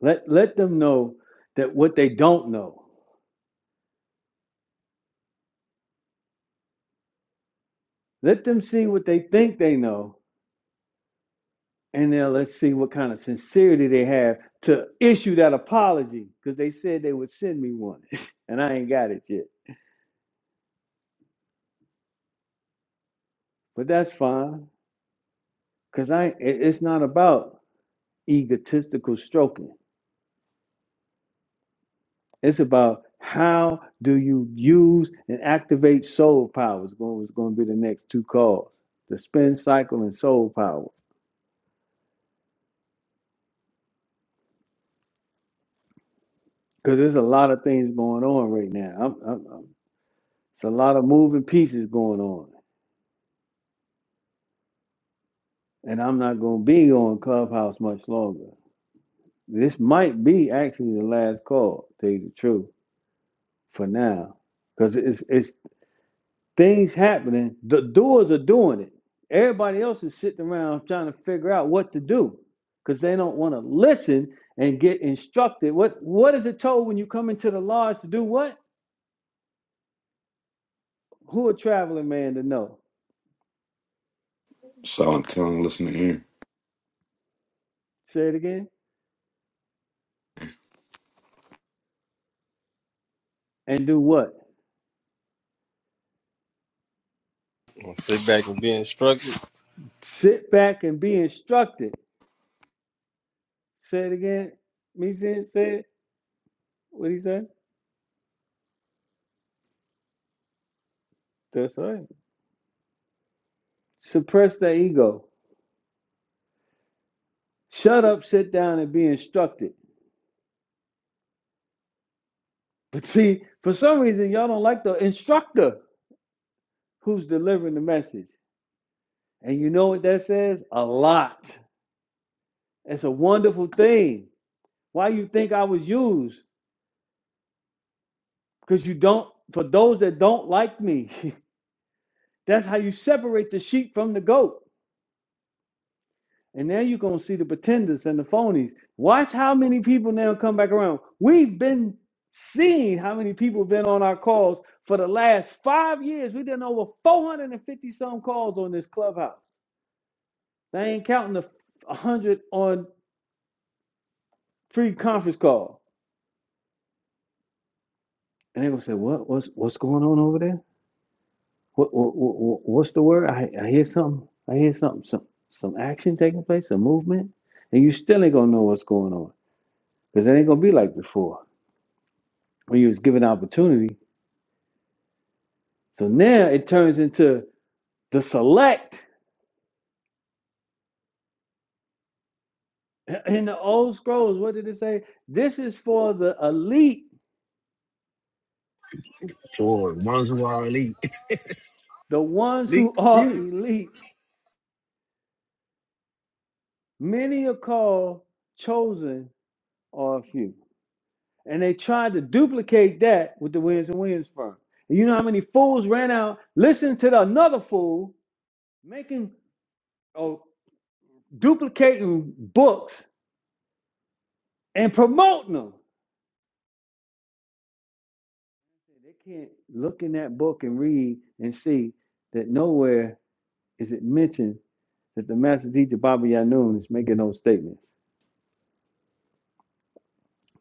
[SPEAKER 4] Let let them know that what they don't know. Let them see what they think they know And now let's see what kind of sincerity they have to issue that apology because they said they would send me one *laughs* and I ain't got it yet. But that's fine because I, it- it's not about egotistical stroking. It's about how do you use and activate soul power is going, is going to be the next two calls, the spin cycle and soul power. Because there's a lot of things going on right now. I'm, I'm, I'm, it's a lot of moving pieces going on. And I'm not going to be on Clubhouse much longer. this might be actually the last call, to tell you the truth, for now. Because it's it's things happening. The doers are doing it. Everybody else is sitting around trying to figure out what to do because they don't want to listen and get instructed. What what is it told when you come into the lodge to do what? Who a traveling man to know?
[SPEAKER 1] So I'm telling, listen to here.
[SPEAKER 4] Say it again. And do what?
[SPEAKER 2] Well, sit back and be instructed.
[SPEAKER 4] Sit back and be instructed. Say it again. Me saying say it. What he say? That's right. Suppress the ego Shut up, sit down, and be instructed. But see, for some reason, y'all don't like the instructor who's delivering the message. And you know what that says? A lot. It's a wonderful thing. Why you think I was used? Because you don't, for those that don't like me, *laughs* that's how you separate the sheep from the goat. And now you're gonna see the pretenders and the phonies. Watch how many people now come back around. We've been seeing how many people have been on our calls for the last five years. We've done over 450 some calls on this clubhouse. They ain't counting the 100 on free conference call. And they're gonna say, "What? What's what's going on over there? What, what, what what- what's the word? I I hear something. I hear something. Some some action taking place, a movement, and you still ain't gonna know what's going on because it ain't gonna be like before." when he was given opportunity. So now it turns into the select. *laughs* In the old scrolls, what did it say? This is for the elite,
[SPEAKER 9] Tour ones who are elite.
[SPEAKER 4] the ones
[SPEAKER 2] Meet
[SPEAKER 4] who are *laughs*
[SPEAKER 2] you.
[SPEAKER 4] elite. Many are called, chosen are a few. And they tried to duplicate that with the Williams and Williams firm. And you know how many fools ran out, listened to the, another fool, making or duplicating books and promoting them. They can't look in that book and read and see that nowhere is it mentioned that the master teacher Baba Yanun is making those statements.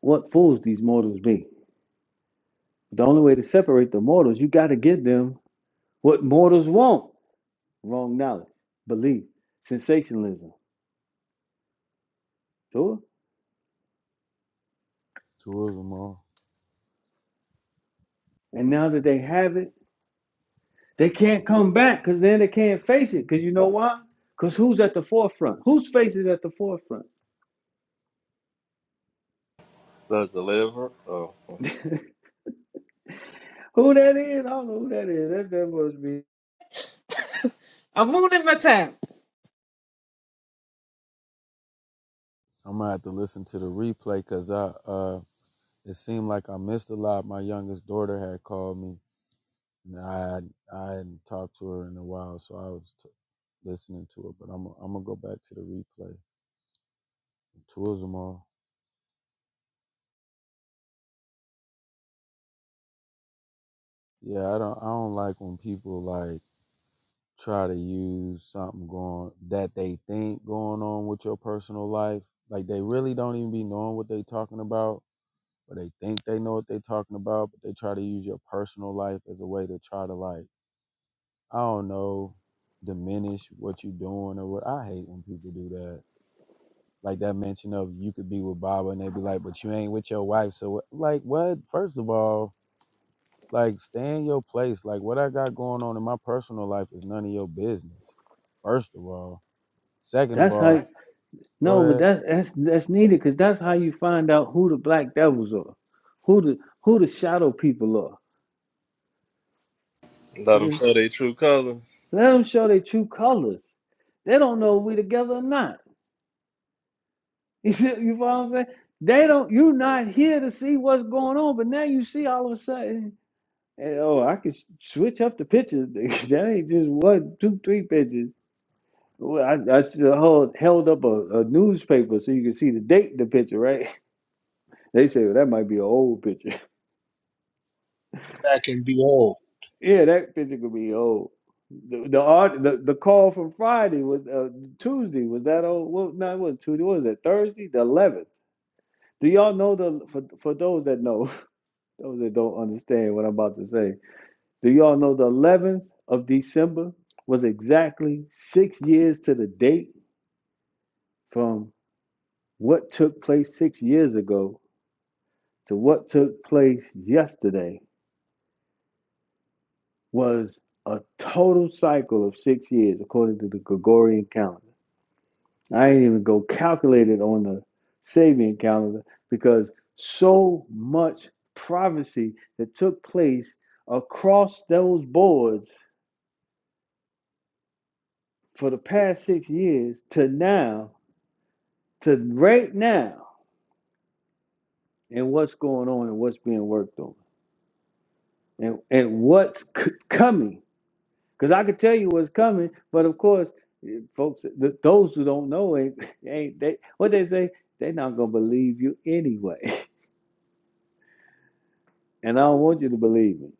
[SPEAKER 4] What fools these mortals be. The only way to separate the mortals, you got to give them what mortals want wrong knowledge, belief, sensationalism. So,
[SPEAKER 3] two of them all.
[SPEAKER 4] and now that they have it, they can't come back because then they can't face it. Because you know why? Because who's at the forefront? Whose face is at the forefront?
[SPEAKER 2] The deliver. Oh.
[SPEAKER 4] *laughs* who that is? I don't know who that is. That, that must be.
[SPEAKER 6] I'm moving my time.
[SPEAKER 3] I'm gonna have to listen to the replay because I uh it seemed like I missed a lot. My youngest daughter had called me and I I hadn't talked to her in a while, so I was listening to it, but I'm I'm gonna go back to the replay. Tourism all. Yeah, I don't I don't like when people like try to use something going that they think going on with your personal life. Like they really don't even be knowing what they talking about, but they think they know what they talking about, but they try to use your personal life as a way to try to like I don't know diminish what you doing or what. I hate when people do that like that mention of you could be with Baba and they be like, but you ain't with your wife. So what- like what? First of all, Like, stay in your place. Like, what I got going on in my personal life is none of your business. First of all. Second of
[SPEAKER 4] That's
[SPEAKER 3] all,
[SPEAKER 4] how.
[SPEAKER 3] That's- go
[SPEAKER 4] No, but
[SPEAKER 3] ahead.
[SPEAKER 4] that's that's that's needed because that's how you find out who the black devils are, who the who the shadow people are.
[SPEAKER 2] Let them
[SPEAKER 4] See,
[SPEAKER 2] show their true colors.
[SPEAKER 4] let them show their true colors. They don't know if we together or not. *laughs* You see, you follow what I'm saying? They don't. You're not here to see what's going on, but now you see all of a sudden. hey, oh, I can s- switch up the pictures. *laughs* that ain't just one, two, three pictures. Well, I, I still hold, held up a, a newspaper so you can see the date in the picture, right? *laughs* They say, well, that might be an old picture.
[SPEAKER 10] back and be old.
[SPEAKER 4] Yeah, that picture could be old. The the art the, the call from Friday was uh, Tuesday was that old? Well, no, it wasn't Tuesday. What was it Thursday? The eleventh. Do y'all know the for for those that know, *laughs* those that don't understand what I'm about to say? Do y'all know the eleventh of December was exactly six years to the date from what took place six years ago to what took place yesterday was a total cycle of six years according to the Gregorian calendar. I ain't even go calculate it on the Sabian calendar because so much prophecy that took place across those boards for the past six years to now, to right now, and what's going on and what's being worked on and, and what's c- coming. Because I could tell you what's coming, but of course, eh, folks, th- those who don't know ain't, *laughs* ain't they what they say, they're not gonna believe you anyway. *laughs* And I don't want you to believe me.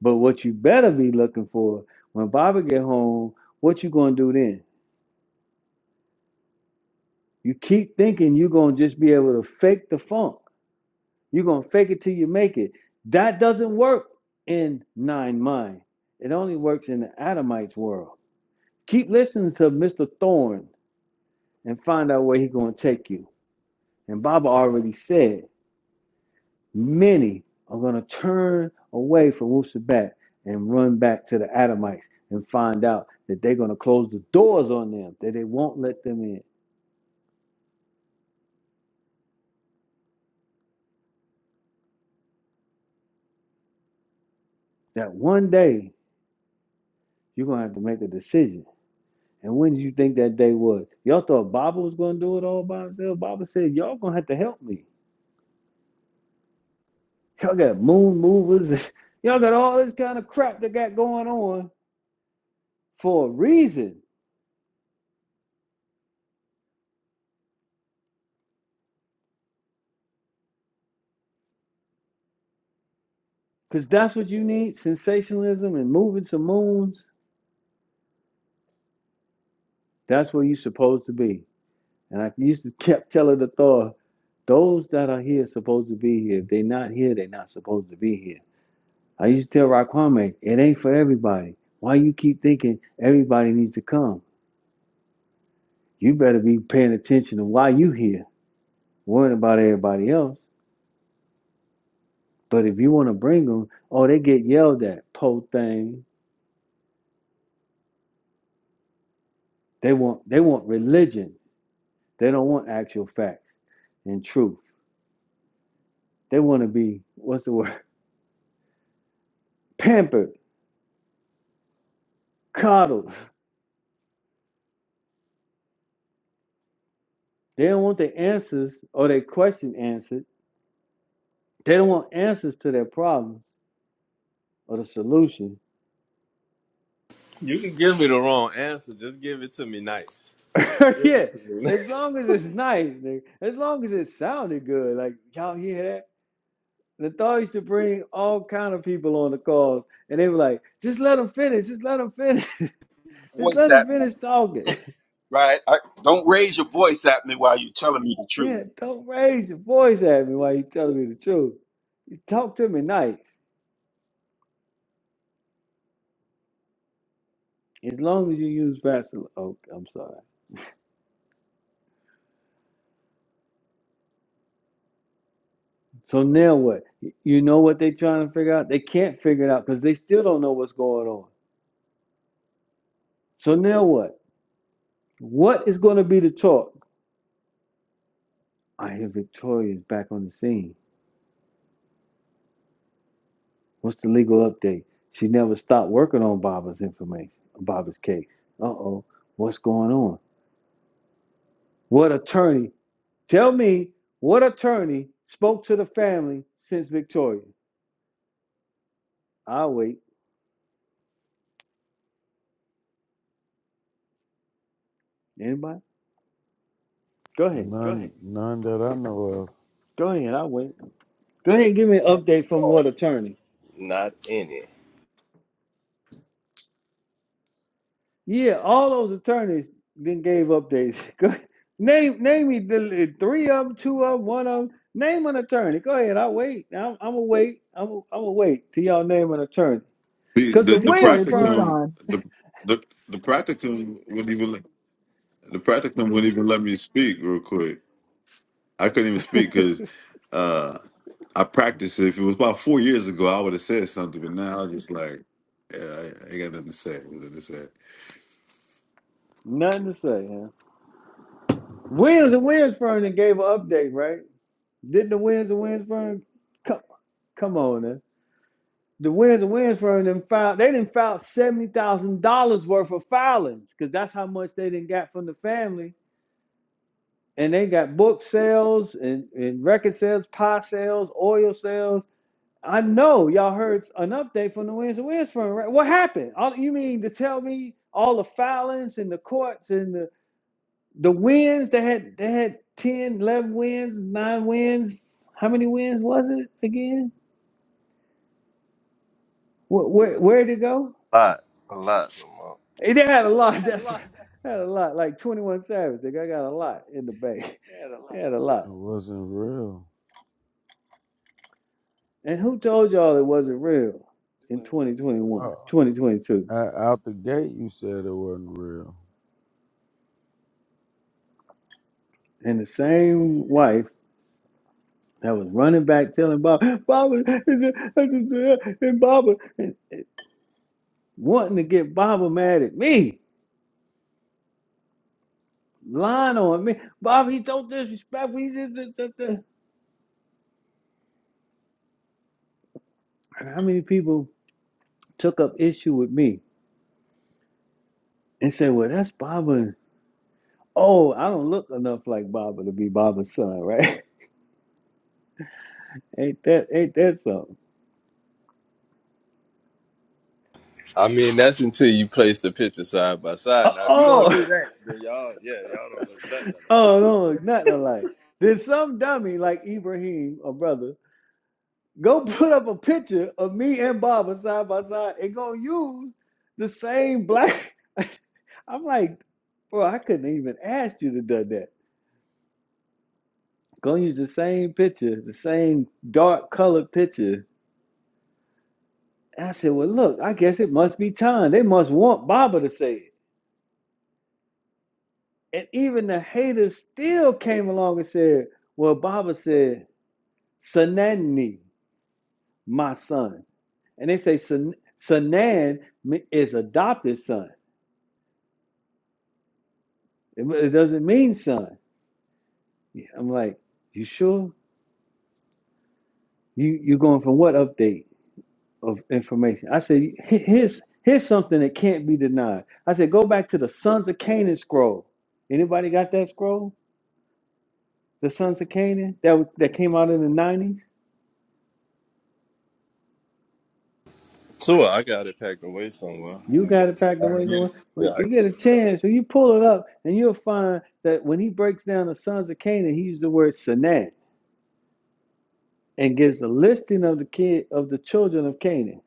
[SPEAKER 4] But what you better be looking for when Baba get home, what you gonna do then? You keep thinking you're gonna just be able to fake the funk. You're gonna fake it till you make it. That doesn't work in nine mind. It only works in the Adamites world. Keep listening to Mr. Thorne and find out where he's gonna take you. And Baba already said many are going to turn away from Wusabat and run back to the Adamites and find out that they're going to close the doors on them, that they won't let them in. That one day you're going to have to make a decision. And when do you think that day was? Y'all thought Baba was going to do it all by himself? Baba said, Y'all going to have to help me. Y'all got moon movers. *laughs* Y'all got all this kind of crap that got going on for a reason. Because that's what you need sensationalism and moving some moons. That's where you're supposed to be. And I used to kept telling the Thor, those that are here supposed to be here. If they not here, they not supposed to be here. I used to tell Raquame, it ain't for everybody. Why you keep thinking everybody needs to come? You better be paying attention to why you here, worrying about everybody else. But if you want to bring them, oh, they get yelled at, po thing. They want they want religion. They don't want actual facts and truth. They want to be what's the word? *laughs* Pampered, coddled. They don't want the answers or their question answered. They don't want answers to their problems or the solution.
[SPEAKER 2] You can give me the wrong answer. Just give it to me nice.
[SPEAKER 4] *laughs* yeah, as long as it's nice, nigga. as long as it sounded good. Like y'all hear that? The thought used to bring all kind of people on the calls, and they were like, "Just let them finish. Just let them finish. *laughs* just
[SPEAKER 5] voice
[SPEAKER 4] let
[SPEAKER 5] at
[SPEAKER 4] them finish
[SPEAKER 5] me,
[SPEAKER 4] talking." *laughs*
[SPEAKER 5] right? I, don't raise your voice at me while you're telling me the truth.
[SPEAKER 4] yeah, don't raise your voice at me while you telling me the truth. Talk to me nice. As long as you use Vaseline. Oh, I'm sorry. So now what? You know what they are trying to figure out? They can't figure it out because they still don't know what's going on. So now what? What is going to be the talk? I hear Victoria's back on the scene. What's the legal update? She never stopped working on Baba's information, Baba's case. Uh oh, what's going on? What attorney? Tell me what attorney spoke to the family since Victoria? I'll wait. Anybody? Go ahead.
[SPEAKER 3] None, ahead. none that I know of.
[SPEAKER 4] Go ahead. I'll wait. Go ahead and give me an update from what attorney.
[SPEAKER 2] Not any.
[SPEAKER 4] Yeah, all those attorneys then gave up their *laughs* go- name. Name me the three of them, two of them, one of them. Name an attorney. Go ahead. I'll wait. I'm, I'm gonna wait. I'm, I'm gonna wait till y'all name an attorney.
[SPEAKER 1] The
[SPEAKER 4] Cause the
[SPEAKER 1] the, the
[SPEAKER 4] Williams
[SPEAKER 6] Victoria
[SPEAKER 4] firm,
[SPEAKER 1] practicum
[SPEAKER 6] Broussard.
[SPEAKER 1] the the the practicum wouldn't even let- the practicum wouldn't even let me speak real quick. I couldn't even speak because uh, I practiced. it. If it was about four years ago, I would have said something, but now I'm just like, yeah, I, I ain't got nothing to say. Nothing to say.
[SPEAKER 4] nothing to say. Huh? Williams and Williams firm then gave an update, right? Didn't the Williams and Williams firm? Come, come on, then. The Williams and Williams firm then filed. They didn't file seventy thousand dollars worth of filings, cause that's how much they didn't got from the family and they got book sales and, and record sales, pie sales, oil sales. I know y'all heard an update from the Winds and Winds Firm. Right? What happened? All, you mean to tell me all the filings and the courts and the the wins they had they had 10, 11 wins, nine wins. How many wins was it again? Where where where'd it go?
[SPEAKER 2] A lot. A lot, Lamar.
[SPEAKER 4] Eh, They had a lot. *laughs* That's right. had a lot. Like 21 Savage. They got got a lot in the bank. *laughs* They had a lot.
[SPEAKER 3] It wasn't real.
[SPEAKER 4] And who told y'all it wasn't real in 2021,
[SPEAKER 3] Oh,
[SPEAKER 4] 2022?
[SPEAKER 3] o- out the gate, you said it wasn't real.
[SPEAKER 4] And the same wife that was running back telling Baba, Baba, and Baba, and wanting to get Baba mad at me, lying on me. Baba, he's so disrespectful. He's this, just, this, this." And how many people took up issue with me and said, well, that's Baba. Oh, I don't look enough like Baba to be Baba's son, right? *laughs* ain't that ain't that something?
[SPEAKER 2] I mean, that's until you place the picture side by
[SPEAKER 4] Uh
[SPEAKER 2] side. Now, if you don't
[SPEAKER 4] Oh, *laughs*
[SPEAKER 2] do that, then y'all, yeah, y'all don't look nothing at all.
[SPEAKER 4] Oh no, it's nothing alike. Did some dummy like Ibrahim, a brother, go put up a picture of me and Baba side by side and go use the same black? *laughs* I'm like, bro, I couldn't even ask you to do that. Go use the same picture, the same dark colored picture. And I said, well, look, I guess it must be time. They must want Baba to say it. And even the haters still came along and said, well, Baba said, Sanani, my son. And they say San- Sanan is adopted son. It, it doesn't mean son. Yeah, I'm like, you sure? You you're going from what update of information? I said, "Here- here's here's something that can't be denied. I said, go back to the sons of Canaan scroll. Anybody got that scroll? The sons of Canaan that was, that came out in the nineties.
[SPEAKER 2] Tua, I got it packed away somewhere. I
[SPEAKER 4] You
[SPEAKER 2] can
[SPEAKER 4] got it packed away
[SPEAKER 2] get it.
[SPEAKER 4] somewhere.
[SPEAKER 2] Yeah.
[SPEAKER 4] When you
[SPEAKER 2] I-
[SPEAKER 4] get a chance, when you pull it up, and you'll find that when he breaks down the sons of Canaan, he used the word Sanan and gives the listing of the kid of the children of Canaan.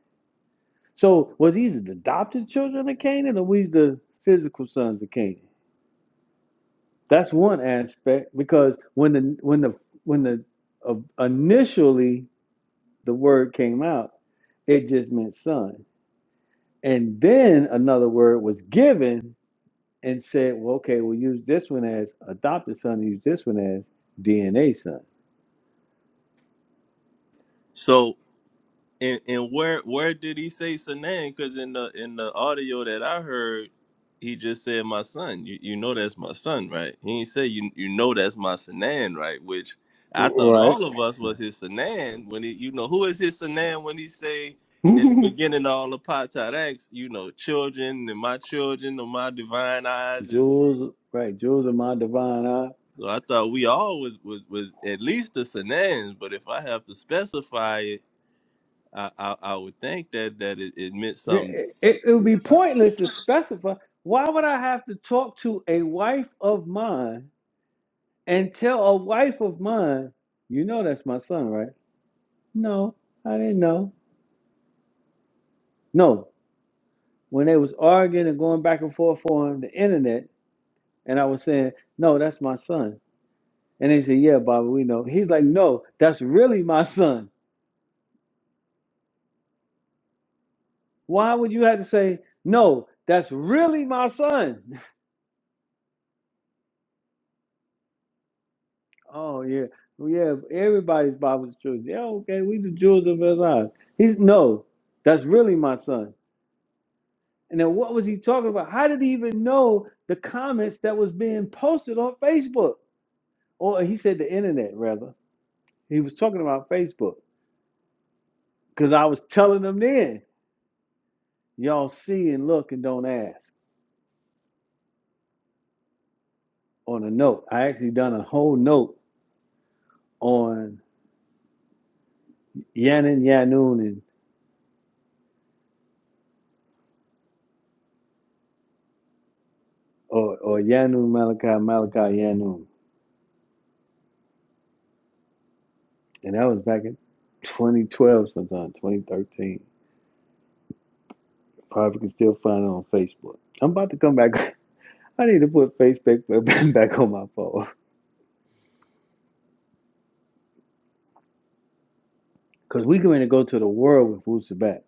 [SPEAKER 4] So was these the adopted children of Canaan or was he the physical sons of Canaan? That's one aspect because when the when the when the uh, initially the word came out, it just meant son. And then another word was given and said, well, okay, we'll use this one as adopted son, use this one as DNA son.
[SPEAKER 2] So, And and where where did he say Sanan? Because in the in the audio that I heard, he just said my son. You you know that's my son, right? He ain't say you you know that's my Sanan, right? Which I
[SPEAKER 4] R-
[SPEAKER 2] thought
[SPEAKER 4] Right.
[SPEAKER 2] all of us was his Sanan when he you know who is his Sanan when he say in the
[SPEAKER 4] *laughs*
[SPEAKER 2] beginning of all the Potat acts, you know, children and my children or my divine eyes is
[SPEAKER 4] Jewels, right, jewels of my divine eye.
[SPEAKER 2] so I thought we all was was, was at least the Sanans, but if I have to specify it I, I I would think that that it, it meant something
[SPEAKER 4] It, it, it would be pointless to specify. Why would I have to talk to a wife of mine and tell a wife of mine, you know that's my son, right? No, I didn't know. No, when they was arguing and going back and forth on the internet, and I was saying, no, that's my son. And they said, yeah, Baba, we know. He's like, no, that's really my son. Why would you have to say, no, that's really my son? Oh yeah, Well, yeah. Everybody's Bible's children. Yeah, okay. We the children of God. He's no. That's really my son. And then what was he talking about? How did he even know the comments that was being posted on Facebook? Or he said the internet rather. He was talking about Facebook because I was telling them then, y'all see and look and don't ask on a note. I actually done a whole note on Yannin Yanun and or or Yanun Malachi Malachi Yanun And that was back in 2012 sometime, 2013. Probably can still find it on Facebook. I'm about to come back. *laughs* I need to put Facebook *laughs* back on my phone. Because we're going to go to the world with Wusa back.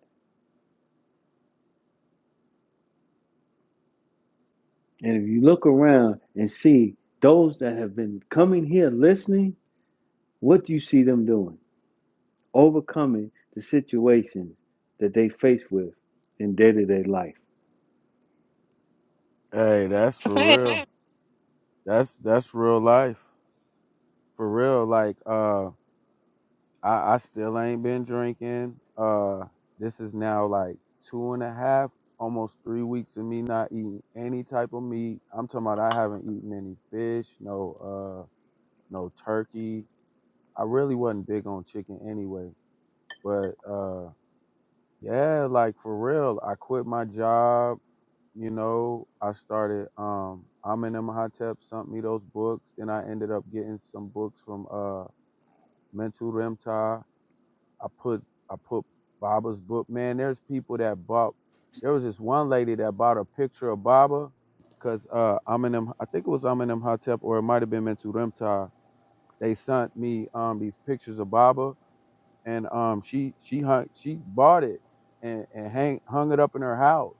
[SPEAKER 4] And if you look around and see those that have been coming here listening, what do you see them doing? Overcoming the situations that they face with in day to day life.
[SPEAKER 3] Hey, that's
[SPEAKER 6] It's a
[SPEAKER 3] for
[SPEAKER 6] fact.
[SPEAKER 3] real. *laughs* That's that's real life. For real, like uh. I, I still ain't been drinking. Uh, this is now like two and a half, almost three weeks of me not eating any type of meat. I'm talking about I haven't eaten any fish, no, uh, no turkey. I really wasn't big on chicken anyway, but uh, yeah, like for real, I quit my job. You know, I started. Um, I'm in Imhotep sent me those books, and I ended up getting some books from uh Mental Remta. I put I put Baba's book. Man, there's people that bought. There was this one lady that bought a picture of Baba, cause uh, Eminem. I think it was Eminem Hotep, or it might have been Mentu Remtar. They sent me um these pictures of Baba, and um she she hung she bought it and and hang hung it up in her house.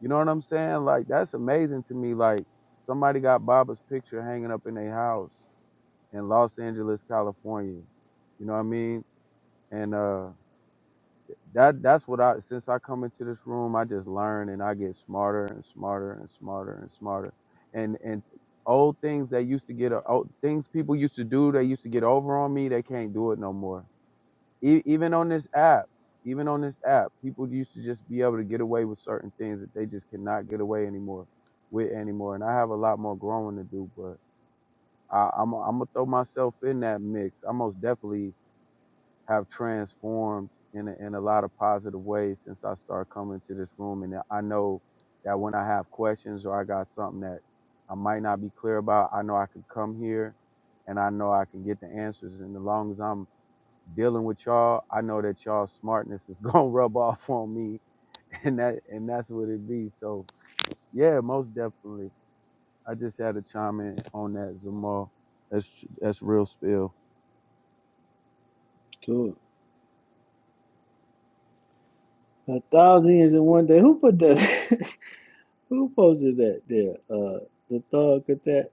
[SPEAKER 3] You know what I'm saying? Like that's amazing to me. Like somebody got Baba's picture hanging up in their house in Los Angeles, California. You know what I mean? And uh that that's what I since I come into this room, I just learn and I get smarter and smarter and smarter and smarter. And and old things that used to get old things people used to do, they used to get over on me, they can't do it no more. E- even on this app, even on this app, people used to just be able to get away with certain things that they just cannot get away anymore with anymore. And I have a lot more growing to do, but I, I'm I'm gonna throw myself in that mix. I most definitely have transformed in a, in a lot of positive ways since I started coming to this room. And I know that when I have questions or I got something that I might not be clear about, I know I can come here and I know I can get the answers. And as long as I'm dealing with y'all, I know that y'all smartness is *laughs* gonna rub off on me, and that and that's what it be. So yeah, most definitely. I just had to chime in on that, Zamal. That's tr- that's real spill.
[SPEAKER 4] Sure. A thousand years in one day. Who put that? *laughs* Who posted that there? Uh, the thug at that?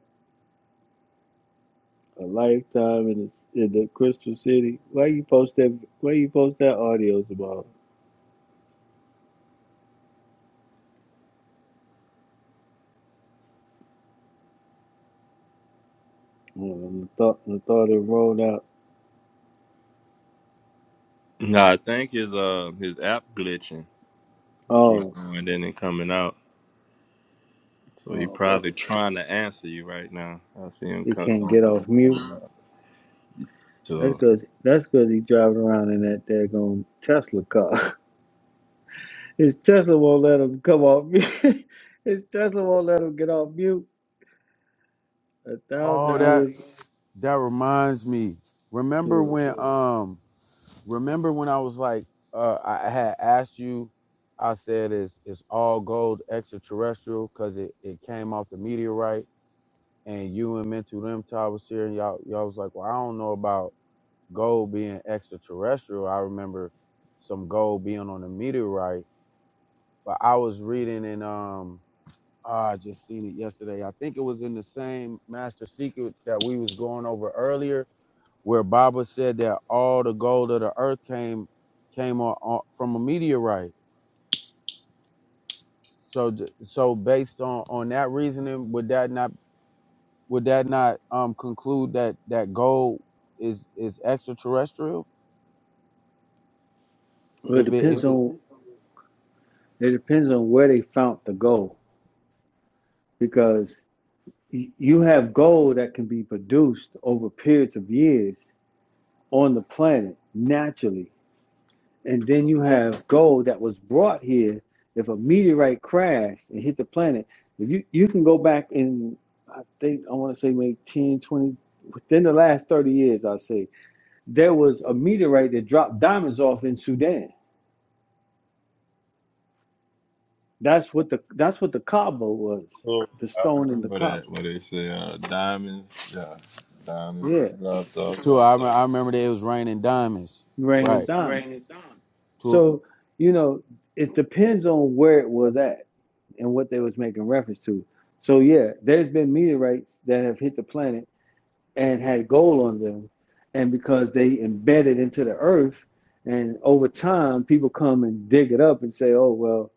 [SPEAKER 4] a lifetime in the, in the Crystal City. Why you post that? Why you post that audio about? Um, I thought the thought it rolled out.
[SPEAKER 2] Nah, I think his uh his app glitching. He keeps
[SPEAKER 4] Oh,
[SPEAKER 2] going in and coming out. So he
[SPEAKER 4] oh, what-
[SPEAKER 2] probably trying to answer you right now. I see him
[SPEAKER 4] it
[SPEAKER 2] come
[SPEAKER 4] can't
[SPEAKER 2] going
[SPEAKER 4] get
[SPEAKER 2] in
[SPEAKER 4] off
[SPEAKER 2] and
[SPEAKER 4] mute.
[SPEAKER 2] coming out.
[SPEAKER 4] That's
[SPEAKER 2] So
[SPEAKER 4] cause that's cause he driving around in that daggone Tesla car. *laughs* His Tesla won't let him come off mute. *laughs* His Tesla won't let him get off mute. A
[SPEAKER 3] Oh,
[SPEAKER 4] thousand
[SPEAKER 3] that
[SPEAKER 4] years
[SPEAKER 3] that reminds me. Remember
[SPEAKER 4] to
[SPEAKER 3] when um remember when I was like uh I I had asked you I said it's it's all gold extraterrestrial cuz it it came off the meteorite and you and Mental Them Todd was here and y'all y'all was like, "Well, I don't know about gold being extraterrestrial. I remember some gold being on the meteorite, but I was reading in um ah, I just seen it yesterday. I think it was in the same master secret that we was going over earlier where Baba said that all the gold of the earth came came on, on, from a meteorite. So so based on on that reasoning, would that not would that not um conclude that that gold is is extraterrestrial?
[SPEAKER 4] a, well, it
[SPEAKER 3] If it
[SPEAKER 4] depends
[SPEAKER 3] if it
[SPEAKER 4] on it depends on where they found the gold because you have gold that can be produced over periods of years on the planet naturally. And then you have gold that was brought here. If a meteorite crashed and hit the planet, if you, you can go back in, I think, I want to say maybe 10, 20, within the last 30 years, I'll say, there was a meteorite that dropped diamonds off in Sudan. That's what the that's what the cobble was,
[SPEAKER 2] oh,
[SPEAKER 4] the
[SPEAKER 2] I
[SPEAKER 4] stone in the
[SPEAKER 2] remember
[SPEAKER 4] cobble.
[SPEAKER 2] that what they say, uh diamonds, yeah. Diamonds
[SPEAKER 4] Yeah,
[SPEAKER 2] dropped off.
[SPEAKER 3] to I, rem- I remember that it was raining diamonds,
[SPEAKER 4] rain and
[SPEAKER 3] right?
[SPEAKER 4] diamonds.
[SPEAKER 3] To
[SPEAKER 4] So, you know, it depends on where it was at and what they was making reference to. So yeah, there's been meteorites that have hit the planet and had gold on them, and because they embedded into the earth, and over time people come and dig it up and say, oh well,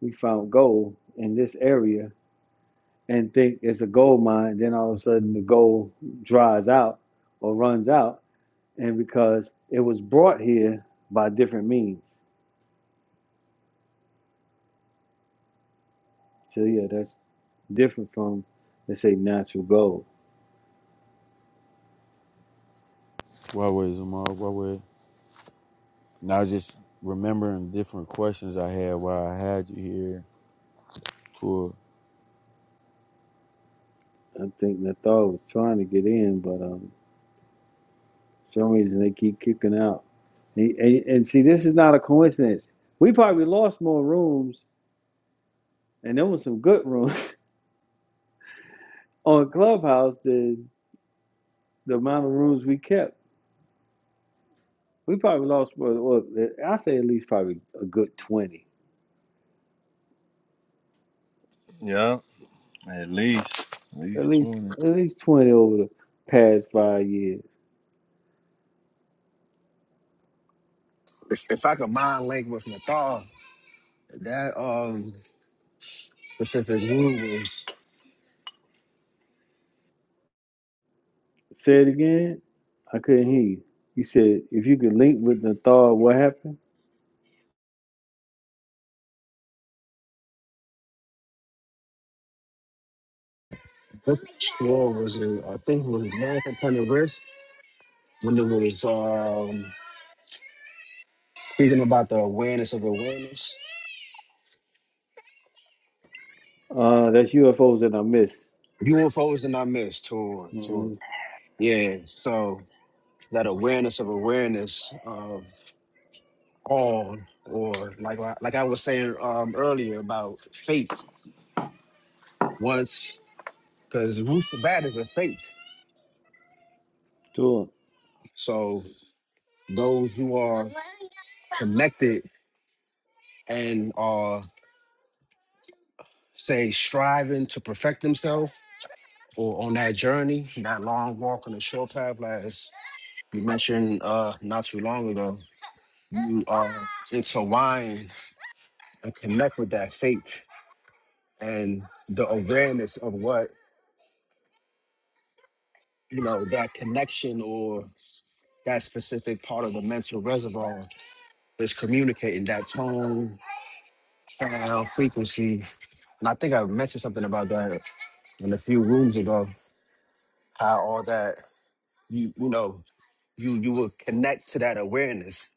[SPEAKER 4] we found gold in this area, and think it's a gold mine. Then all of a sudden the gold dries out or runs out, and because it was brought here by different means. So yeah, that's different from let's say natural gold.
[SPEAKER 3] what was it, Mark? What was? it? And I was just remembering different questions I had while I had you here. To
[SPEAKER 4] I think Nathal was trying to get in, but um, for some reason they keep kicking out. And, and, and see, this is not a coincidence. We probably lost more rooms, and there were some good rooms *laughs* on Clubhouse than the amount of rooms we kept. We probably lost, well, well, I say at least probably a good twenty,
[SPEAKER 2] Yeah, at least. At
[SPEAKER 4] at
[SPEAKER 2] least
[SPEAKER 4] least
[SPEAKER 2] twenty.
[SPEAKER 4] at least twenty over the past five years.
[SPEAKER 9] If, if I could mind link with Nathal, that um specific rule was,
[SPEAKER 4] Say it again. I couldn't hear you. You said if you could link with the Nathar, what happened?
[SPEAKER 9] what tour was it? I think it was Nathan Penn wrist when it was um speaking about the awareness of awareness.
[SPEAKER 4] Uh, that's UFOs that I missed.
[SPEAKER 9] UFOs and I miss, tour, tour.
[SPEAKER 4] Mm-hmm.
[SPEAKER 9] Yeah, so. that awareness of awareness of all, or like like I was saying um, earlier about fate. Once, because roots of bad is a fate.
[SPEAKER 4] Sure.
[SPEAKER 9] So those who are connected and are say striving to perfect themselves or on that journey, that long walk on the short path, like as you mentioned uh, not too long ago, you are intertwined and connect with that fate and the awareness of what you know that connection or that specific part of the mental reservoir is communicating that tone sound frequency and i think i mentioned something about that in a few rooms ago how all that you you know you you will connect to that awareness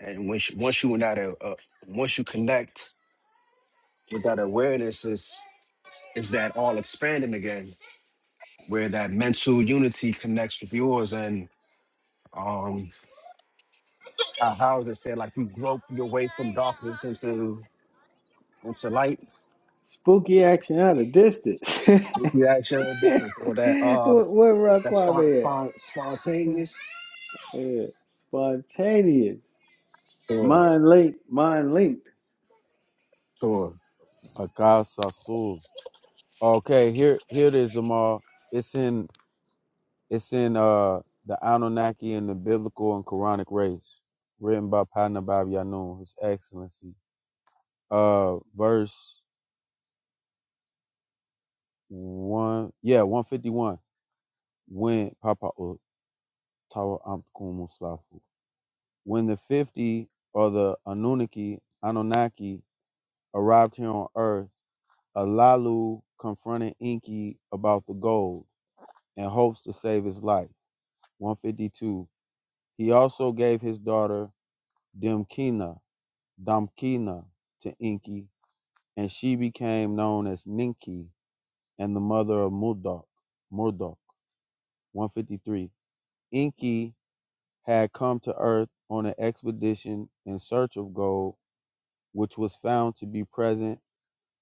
[SPEAKER 9] and once you- once you in that uh, uh, once you connect with that awareness is is that all expanding again where that mental unity connects with yours and um. uh, Howard said, like you grope your way from darkness into into light.
[SPEAKER 4] Spooky action out of distance. *laughs*
[SPEAKER 9] If you act your different or that
[SPEAKER 4] what
[SPEAKER 9] uh
[SPEAKER 4] what
[SPEAKER 9] that spon-
[SPEAKER 4] Raquame at?
[SPEAKER 9] spon- spontaneous.
[SPEAKER 4] Yeah. Spontaneous.
[SPEAKER 9] Sure,
[SPEAKER 4] Mind linked, mind linked
[SPEAKER 9] sure.
[SPEAKER 3] Akasasul. Okay, here here it is, Zamar. It's in it's in uh the Anunnaki and the biblical and Quranic race, written by Panabab Yanun, His Excellency. Uh verse one yeah, one fifty one. When Papa O- Tawa Amkum Muslafu. When the fifty or the Anunnaki Anunnaki arrived here on earth, Alalu confronted Inki about the gold and hopes to save his life. 152 He also gave his daughter Dimkina, Damkina, to Enki, and she became known as Ninki and the mother of Mudok, Murdoch. 153. Enki had come to earth on an expedition in search of gold, which was found to be present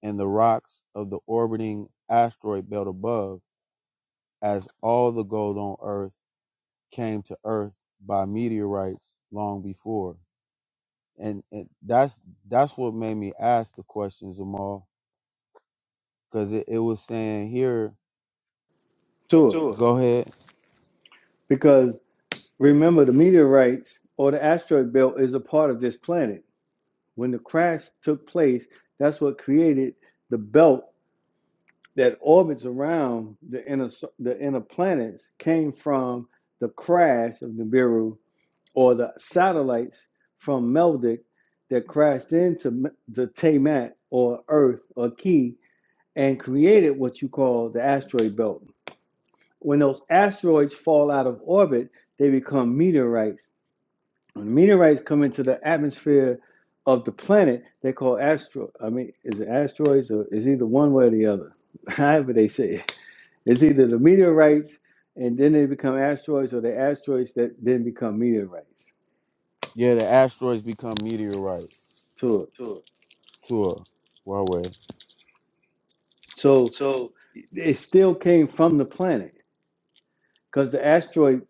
[SPEAKER 3] in the rocks of the orbiting asteroid belt above, as all the gold on earth came to earth by meteorites long before. and, and that's that's what made me ask the questions, Jamal, because it, it was saying here,
[SPEAKER 4] to it.
[SPEAKER 3] go ahead.
[SPEAKER 4] Because remember the meteorites or the asteroid belt is a part of this planet. When the crash took place, that's what created the belt that orbits around the inner the inner planets came from the crash of Nibiru or the satellites from Meldic that crashed into the Tamat or Earth or Key and created what you call the asteroid belt. When those asteroids fall out of orbit, they become meteorites. When meteorites come into the atmosphere of the planet, they call astro. I mean, is it asteroids or is either one way or the other? *laughs* However, they say it's either the meteorites and then they become asteroids or the asteroids that then become meteorites.
[SPEAKER 3] Yeah, the asteroids become meteorites.
[SPEAKER 4] So,
[SPEAKER 3] Sure, Huawei.
[SPEAKER 4] so it still came from the planet because the asteroid,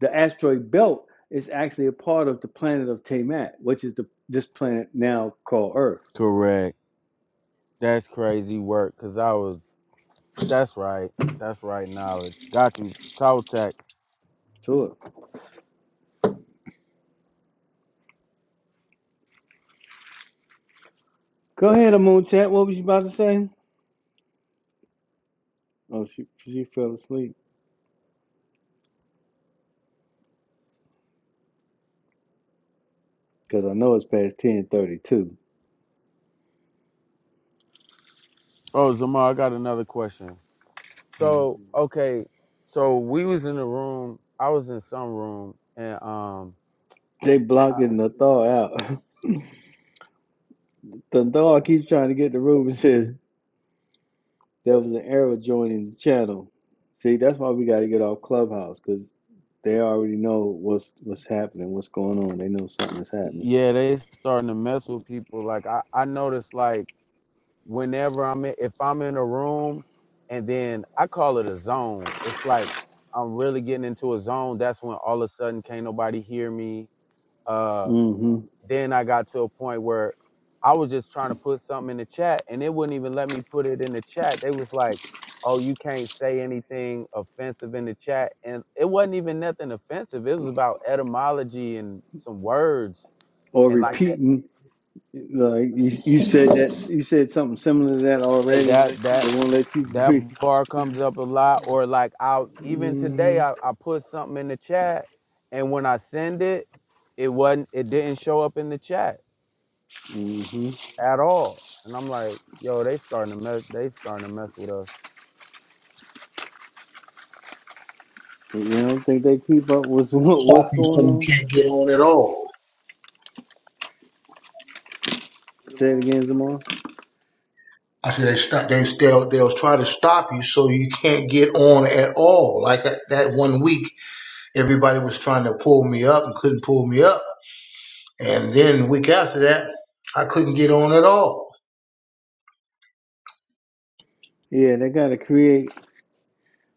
[SPEAKER 4] the asteroid belt is actually a part of the planet of Tamat, which is the this planet now called Earth.
[SPEAKER 3] Correct. That's crazy work, cause I was. That's right. That's right. Knowledge. Got you. Caltech.
[SPEAKER 4] Sure. go ahead, Amun Tat. What was you about to say? Oh, she she fell asleep because I know it's past ten thirty two.
[SPEAKER 3] Oh, Jamal, I got another question. So, okay, so we was in the room. I was in some room, and um,
[SPEAKER 4] They blocking the thaw out. *laughs* The thaw keeps trying to get in the room and says, There was an error joining the channel. See, that's why we got to get off Clubhouse because they already know what's what's happening, what's going on. They know something is happening.
[SPEAKER 3] yeah, they starting to mess with people. Like I, I noticed, like whenever I'm in, if I'm in a room and then I call it a zone. It's like I'm really getting into a zone. That's when all of a sudden can't nobody hear me. Uh
[SPEAKER 4] hmm
[SPEAKER 3] then I got to a point where I was just trying to put something in the chat and it wouldn't even let me put it in the chat. They was like, "Oh, you can't say anything offensive in the chat." And it wasn't even nothing offensive. It was about etymology and some words
[SPEAKER 4] Or
[SPEAKER 3] and like that
[SPEAKER 4] repeating, like you, you said that you said something similar to that
[SPEAKER 3] Hey,
[SPEAKER 4] already.
[SPEAKER 3] that that
[SPEAKER 4] They won't let you
[SPEAKER 3] that
[SPEAKER 4] breathe.
[SPEAKER 3] bar comes up a lot, or like I even today
[SPEAKER 4] hmm
[SPEAKER 3] I, I put something in the chat, and when I send it, it wasn't it didn't show up in the chat
[SPEAKER 4] hmm
[SPEAKER 3] at all, and I'm like, yo, they starting to mess they starting to mess with us,
[SPEAKER 4] You don't think they keep up with *laughs* what,
[SPEAKER 10] Stop
[SPEAKER 4] what's
[SPEAKER 10] you so
[SPEAKER 4] going
[SPEAKER 10] you
[SPEAKER 4] on?
[SPEAKER 10] can't get on at all.
[SPEAKER 4] Say it again, Zamar.
[SPEAKER 10] I said they stop. They still they'll try to stop you so you can't get on at all. Like uh, that, one week, everybody was trying to pull me up and couldn't pull me up, and then the week after that, I couldn't get on at all.
[SPEAKER 4] Yeah, they got to create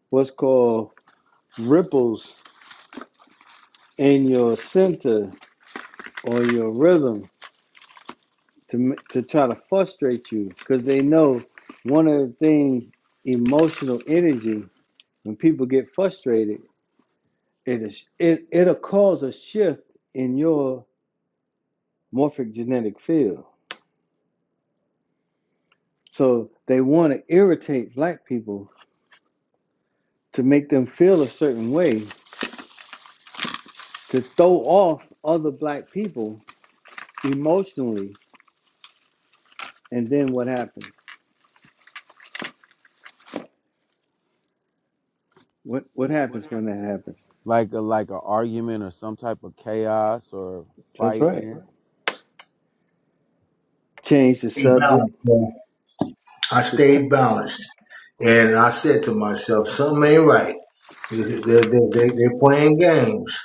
[SPEAKER 4] what's called ripples in your center or your rhythm to to try to frustrate you because they know one of the things emotional energy when people get frustrated it is it it'll cause a shift in your morphic genetic field so they want to irritate black people to make them feel a certain way to throw off other black people emotionally and then what happens what what happens when that happens
[SPEAKER 3] like a like a argument or some type of chaos or
[SPEAKER 4] that's right
[SPEAKER 3] fighting. Mhm.
[SPEAKER 4] change the
[SPEAKER 10] I Stayed
[SPEAKER 4] subject
[SPEAKER 10] balanced. man. I
[SPEAKER 4] The t-
[SPEAKER 10] stayed balanced, and I said to myself, "Something ain't right. They're, they're they're, they're playing games."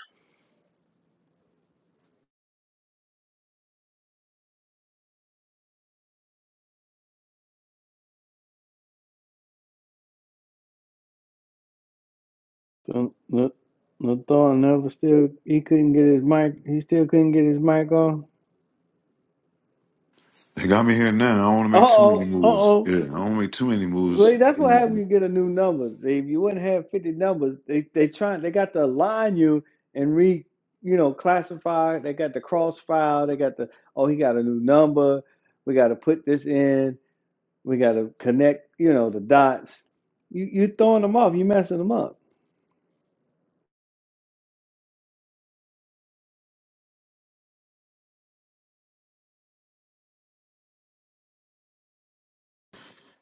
[SPEAKER 4] The the the Thorn never still he couldn't get his mic he still couldn't get his mic on.
[SPEAKER 1] They got me here now. I don't want to
[SPEAKER 4] Uh
[SPEAKER 1] make too many
[SPEAKER 4] oh, uh
[SPEAKER 1] moves.
[SPEAKER 4] oh.
[SPEAKER 1] Yeah, I don't want to make too many moves.
[SPEAKER 4] Well that's what happened
[SPEAKER 1] Mm.
[SPEAKER 4] you get a new number. They- If you wouldn't have fifty numbers, they they trying they got to align you and re you know, classify, they got the cross file, they got the oh he got a new number, we gotta put this in, we gotta connect, you know, the dots. You you throwing them off, you messing them up.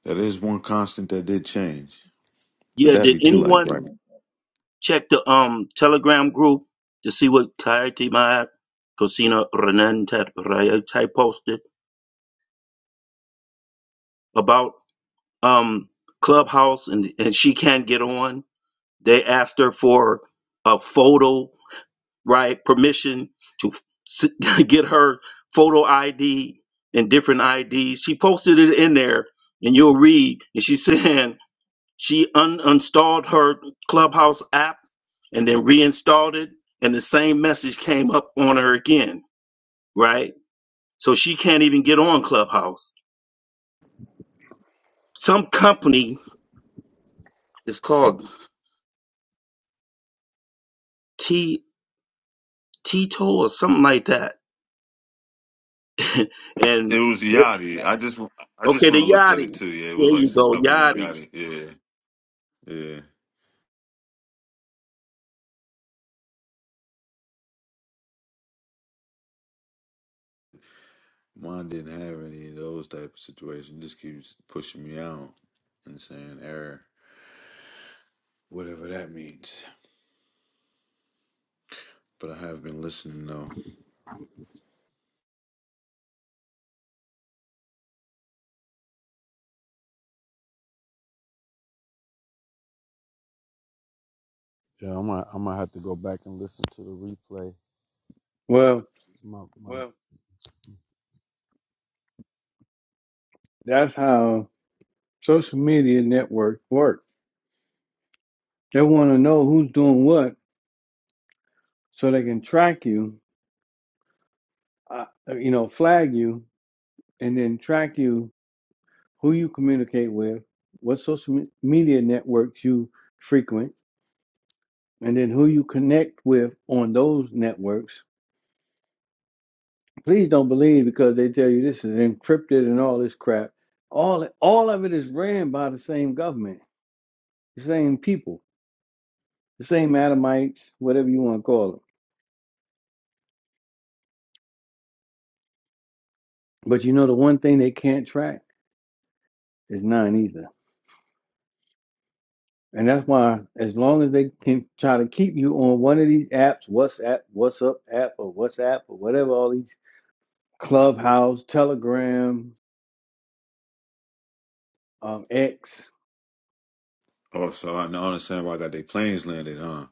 [SPEAKER 1] That is one constant that did change, but
[SPEAKER 5] Yeah,
[SPEAKER 1] that'd
[SPEAKER 5] did
[SPEAKER 1] be too like right.
[SPEAKER 5] anyone check the um Telegram group to see what Clarity Mad Cosina Renan Tat- Raya type posted about um Clubhouse and and she can't get on? They asked her for a photo, right? Permission to s- *laughs* get her photo ID and different IDs. She posted it in there, and you'll read. And she's *laughs* saying. She uninstalled her Clubhouse app and then reinstalled it, and the same message came up on her again, right? So she can't even get on Clubhouse. Some company is called T Tito or something like that. *laughs* and
[SPEAKER 1] It was Yachty. I just, I just
[SPEAKER 5] okay,
[SPEAKER 1] went and
[SPEAKER 5] the
[SPEAKER 1] looked at it
[SPEAKER 5] Yachty.
[SPEAKER 1] too. Yeah, it
[SPEAKER 5] There
[SPEAKER 1] was like
[SPEAKER 5] you
[SPEAKER 1] some
[SPEAKER 5] go,
[SPEAKER 1] company named
[SPEAKER 5] Yachty.
[SPEAKER 1] Yachty. Yeah, yeah. Mine didn't have any of those type of situations. Just keeps pushing me out and saying error. whatever that means. But I have been listening though.
[SPEAKER 3] Yeah, I'm gonna I'm gonna have to go back and listen to the replay.
[SPEAKER 4] Well,
[SPEAKER 3] It's My, my, Well,
[SPEAKER 4] that's how social media networks work They want to know who's doing what so they can track you, uh, you know, flag you, and then track you who you communicate with, what social me- media networks you frequent, and then who you connect with on those networks. Please don't believe because they tell you this is encrypted and all this crap. All all of it is ran by the same government, the same people, the same Adamites, whatever you want to call them. But you know the one thing they can't track is nine either. And that's why, as long as they can try to keep you on one of these apps, WhatsApp, WhatsApp app, or WhatsApp, or whatever, all these Clubhouse, Telegram, um, X,
[SPEAKER 1] Oh, so I now understand why I got their planes landed, huh?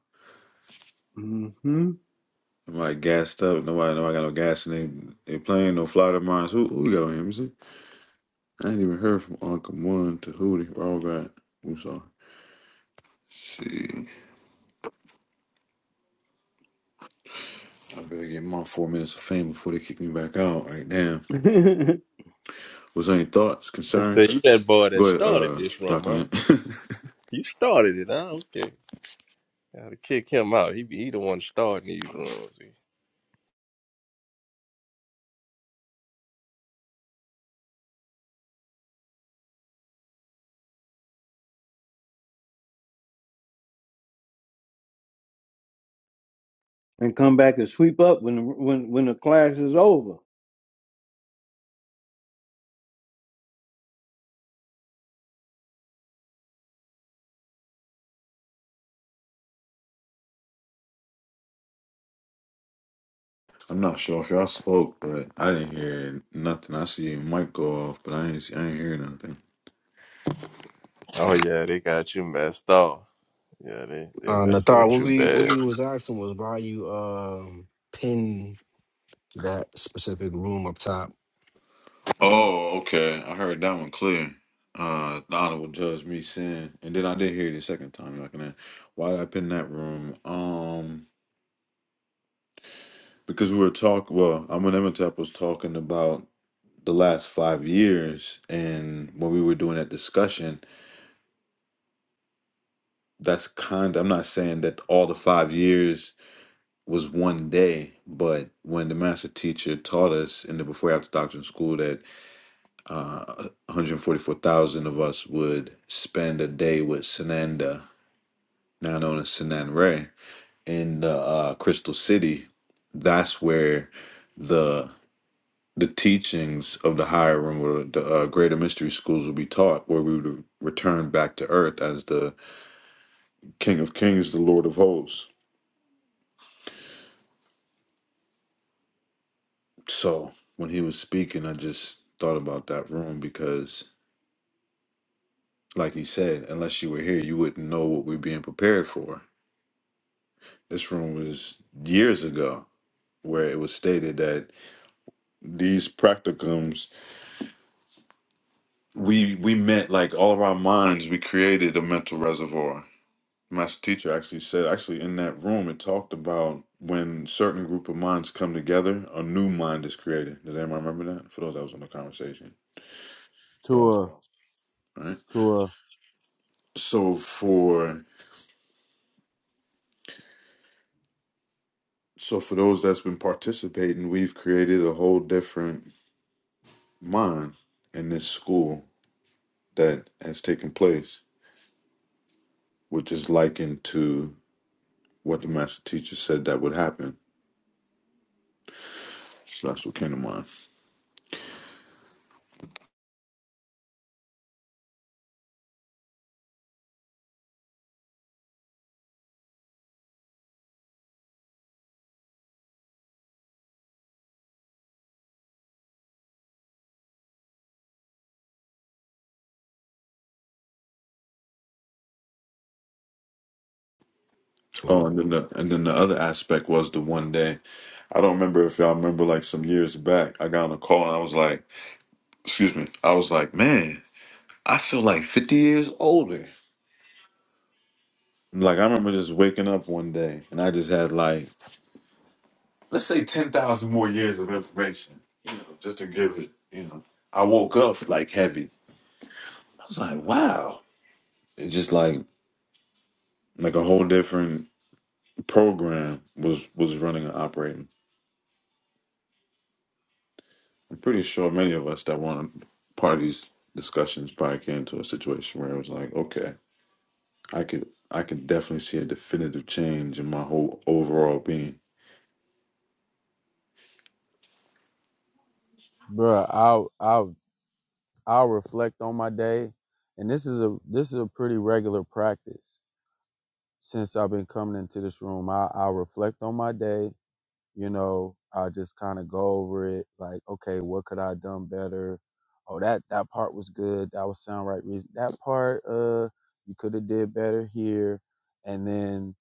[SPEAKER 4] hmm
[SPEAKER 1] Nobody gassed up. Nobody, nobody got no gas in they they plane. No flight of mine. So Who, who we got on here? Let me see. I ain't even heard from Uncle One to Hootie. We all got. I'm sorry. See, I better get my four minutes of fame before they kick me back out. Right now,
[SPEAKER 4] *laughs* and
[SPEAKER 1] was there any thoughts,
[SPEAKER 2] And say
[SPEAKER 1] concerns?
[SPEAKER 2] you that boy that
[SPEAKER 1] Go ahead,
[SPEAKER 2] started
[SPEAKER 1] uh,
[SPEAKER 2] this room, huh?
[SPEAKER 1] document. *laughs*
[SPEAKER 2] You started it, huh? Okay. Gotta kick him out. He be he the one starting these rooms.
[SPEAKER 4] come back and sweep up when the, when when the class is over.
[SPEAKER 1] I'm not sure if y'all spoke, but I didn't hear nothing. I see Mike go off, but I ain't, see, I ain't hear nothing.
[SPEAKER 2] Oh yeah, they got you messed up. Yeah, they they
[SPEAKER 9] Uh,
[SPEAKER 2] messing
[SPEAKER 9] Nathar,
[SPEAKER 2] with
[SPEAKER 9] what
[SPEAKER 2] you
[SPEAKER 9] we what
[SPEAKER 2] bad.
[SPEAKER 9] we was asking was why you um pin that specific room up top
[SPEAKER 1] Oh, okay. I heard that one clear. Uh, the honorable judge me sin, and then I did hear it a second time. Like, that. why did I pin that room? Um, because we were talking. Well, Amun Emetep was talking about the last five years, and when we were doing that discussion, that's kind. I'm not saying that all the five years was one day, but when the master teacher taught us in the before after doctrine school that uh, 144,000 of us would spend a day with Sananda, now known as Sanan Ray, in the uh, Crystal City. That's where the the teachings of the higher room or the uh, greater mystery schools would be taught, where we would return back to earth as the King of Kings, the Lord of Hosts. So when he was speaking, I just thought about that room because, like he said, unless you were here, you wouldn't know what we're being prepared for This room was years ago where it was stated that these practicums we we meant like all of our minds we created a mental reservoir. Master teacher actually said actually in that room it talked about when certain group of minds come together, a new mind is created. Does anyone remember that? For those that was in the conversation. So right?
[SPEAKER 3] to a to a
[SPEAKER 1] So for so for those that's been participating, we've created a whole different mind in this school that has taken place. which is likened to what the master teacher said that would happen. So that's what came to mind. Oh,
[SPEAKER 9] to
[SPEAKER 1] and then the and then the other aspect was the one day. I don't remember if y'all remember like some years back, I got on a call and I was like, excuse me, I was like, man, I feel like 50 years older. Like I remember just waking up one day and I just had like let's say 10,000 more years of information, you know, just to give it, you know. I woke up like heavy. I was like, wow. It's just like like a whole different program was was running and operating. I'm pretty sure many of us that wanted part of these discussions probably came to a situation where it was like, okay, I could I could definitely see a definitive change in my whole overall being.
[SPEAKER 3] bruh, I I I'll reflect on my day, and this is a this is a pretty regular practice since I've been coming into this room. I, I'll reflect on my day, you know, I just kind of go over it, like, okay, what could I have done better? Oh, that that part was good. That was sound right reason. That part, uh, you could have did better here. And then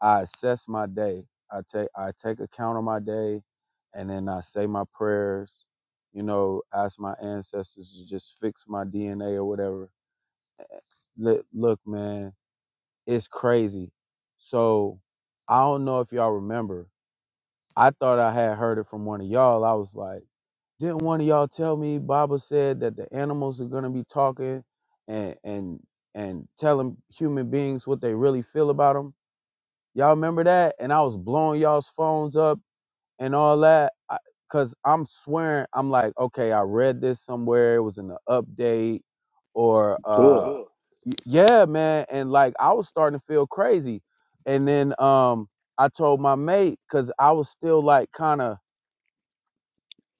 [SPEAKER 3] I assess my day. I take I take account of my day, and then I say my prayers. You know, ask my ancestors to just fix my DNA or whatever. Look, look, man, it's crazy. So I don't know if y'all remember, I thought I had heard it from one of y'all. I was like, didn't one of y'all tell me Baba said that the animals are gonna be talking and and and telling human beings what they really feel about them? Y'all remember that? And I was blowing y'all's phones up and all that. I, Cause I'm swearing, I'm like, okay, I read this somewhere. It was in the update, or uh,
[SPEAKER 4] So,
[SPEAKER 3] y- yeah, man. And like, I was starting to feel crazy. And then um, I told my mate, cause I was still like, kind of.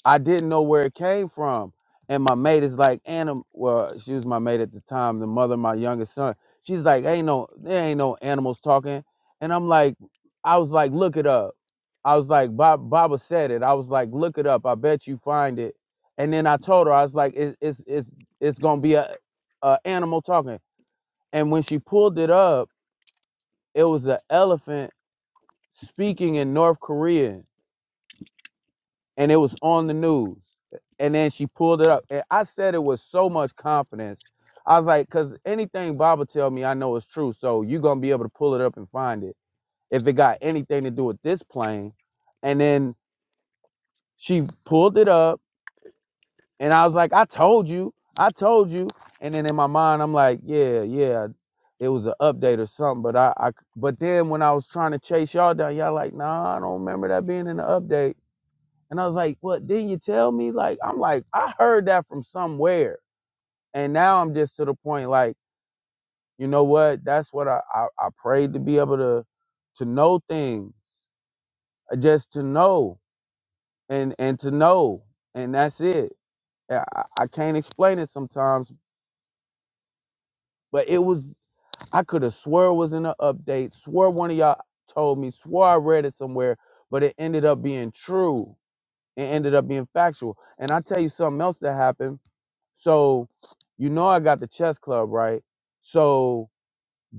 [SPEAKER 3] I didn't know where it came from. And my mate is like, anim well, she was my mate at the time, the mother of my youngest son. She's like, ain't no, there ain't no animals talking. And I'm like, I was like, look it up. I was like, Bob, Baba said it. I was like, look it up. I bet you find it. And then I told her, I was like, it, it's it's it's gonna be a, a animal talking. And when she pulled it up, it was an elephant speaking in North Korean and it was on the news. And then she pulled it up, and I said it with so much confidence. I was like, "Cause anything Baba tell me, I know is true. So you gonna be able to pull it up and find it if it got anything to do with this plane." And then she pulled it up, and I was like, "I told you, I told you." And then in my mind, I'm like, "Yeah, yeah, it was an update or something." But I, I, but then when I was trying to chase y'all down, y'all like, "Nah, I don't remember that being in the update." And I was like, What didn't you tell me? Like, I'm like, I heard that from somewhere. And now I'm just to the point, like, you know what? That's what I, I, I prayed to be able to to know things. uh, Just to know and and to know. And that's it. I, I I can't explain it sometimes, but it was I could have swore it was in an update, swore one of y'all told me, swore I read it somewhere, but it ended up being true. It ended up being factual. And I tell you something else that happened So, you know, I got the chess club, right? So,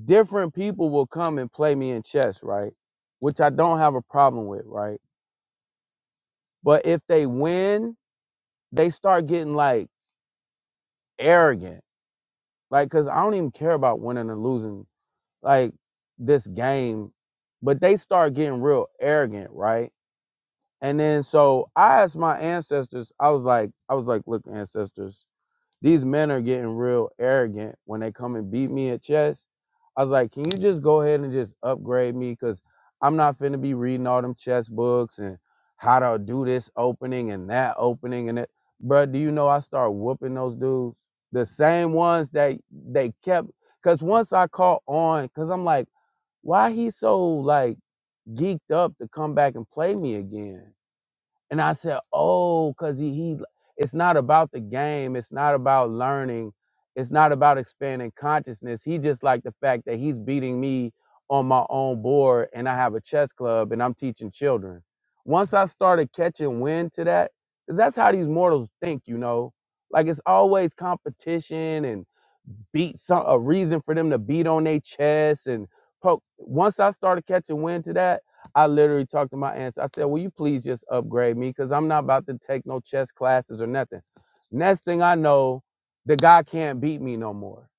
[SPEAKER 3] different people will come and play me in chess, right? Which I don't have a problem with, right? But if they win, they start getting like arrogant, like, because I don't even care about winning or losing, like this game, but they start getting real arrogant, right? And then so I asked my ancestors, I was like, I was like, look, ancestors, These men are getting real arrogant when they come and beat me at chess. I was like, can you just go ahead and just upgrade me? Cause I'm not finna be reading all them chess books and how to do this opening and that opening and that. Bruh, do you know I start whooping those dudes? The same ones that they kept. Cause once I caught on, cause I'm like, why he so like geeked up to come back and play me again? And I said, "Oh, cause he he. It's not about the game. It's not about learning. It's not about expanding consciousness. He just like the fact that he's beating me on my own board, and I have a chess club, and I'm teaching children. Once I started catching wind to that, cause that's how these mortals think, you know. Like it's always competition and." beat some a reason for them to beat on their chest and poke. Once I started catching wind to that, I literally talked to my aunts. I said, "Will you please just upgrade me? Because I'm not about to take no chess classes or nothing." Next thing I know, the guy can't beat me no more.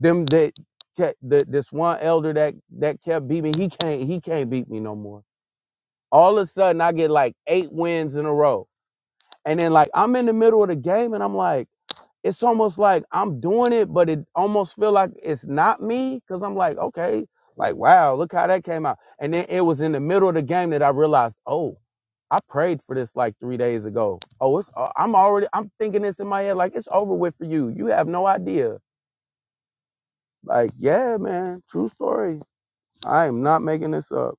[SPEAKER 3] Them that kept, the, this one elder that that kept beating me, he can't he can't beat me no more. All of a sudden, I get like eight wins in a row, and then like I'm in the middle of the game, and I'm like it's almost like I'm doing it, but it almost feel like it's not me because I'm like, okay, like wow, look how that came out. And then it was in the middle of the game that I realized, oh, I prayed for this like three days ago. Oh, it's uh, I'm already I'm thinking this in my head like it's over with for you. You have no idea. Like yeah, man, true story. I am not making this up.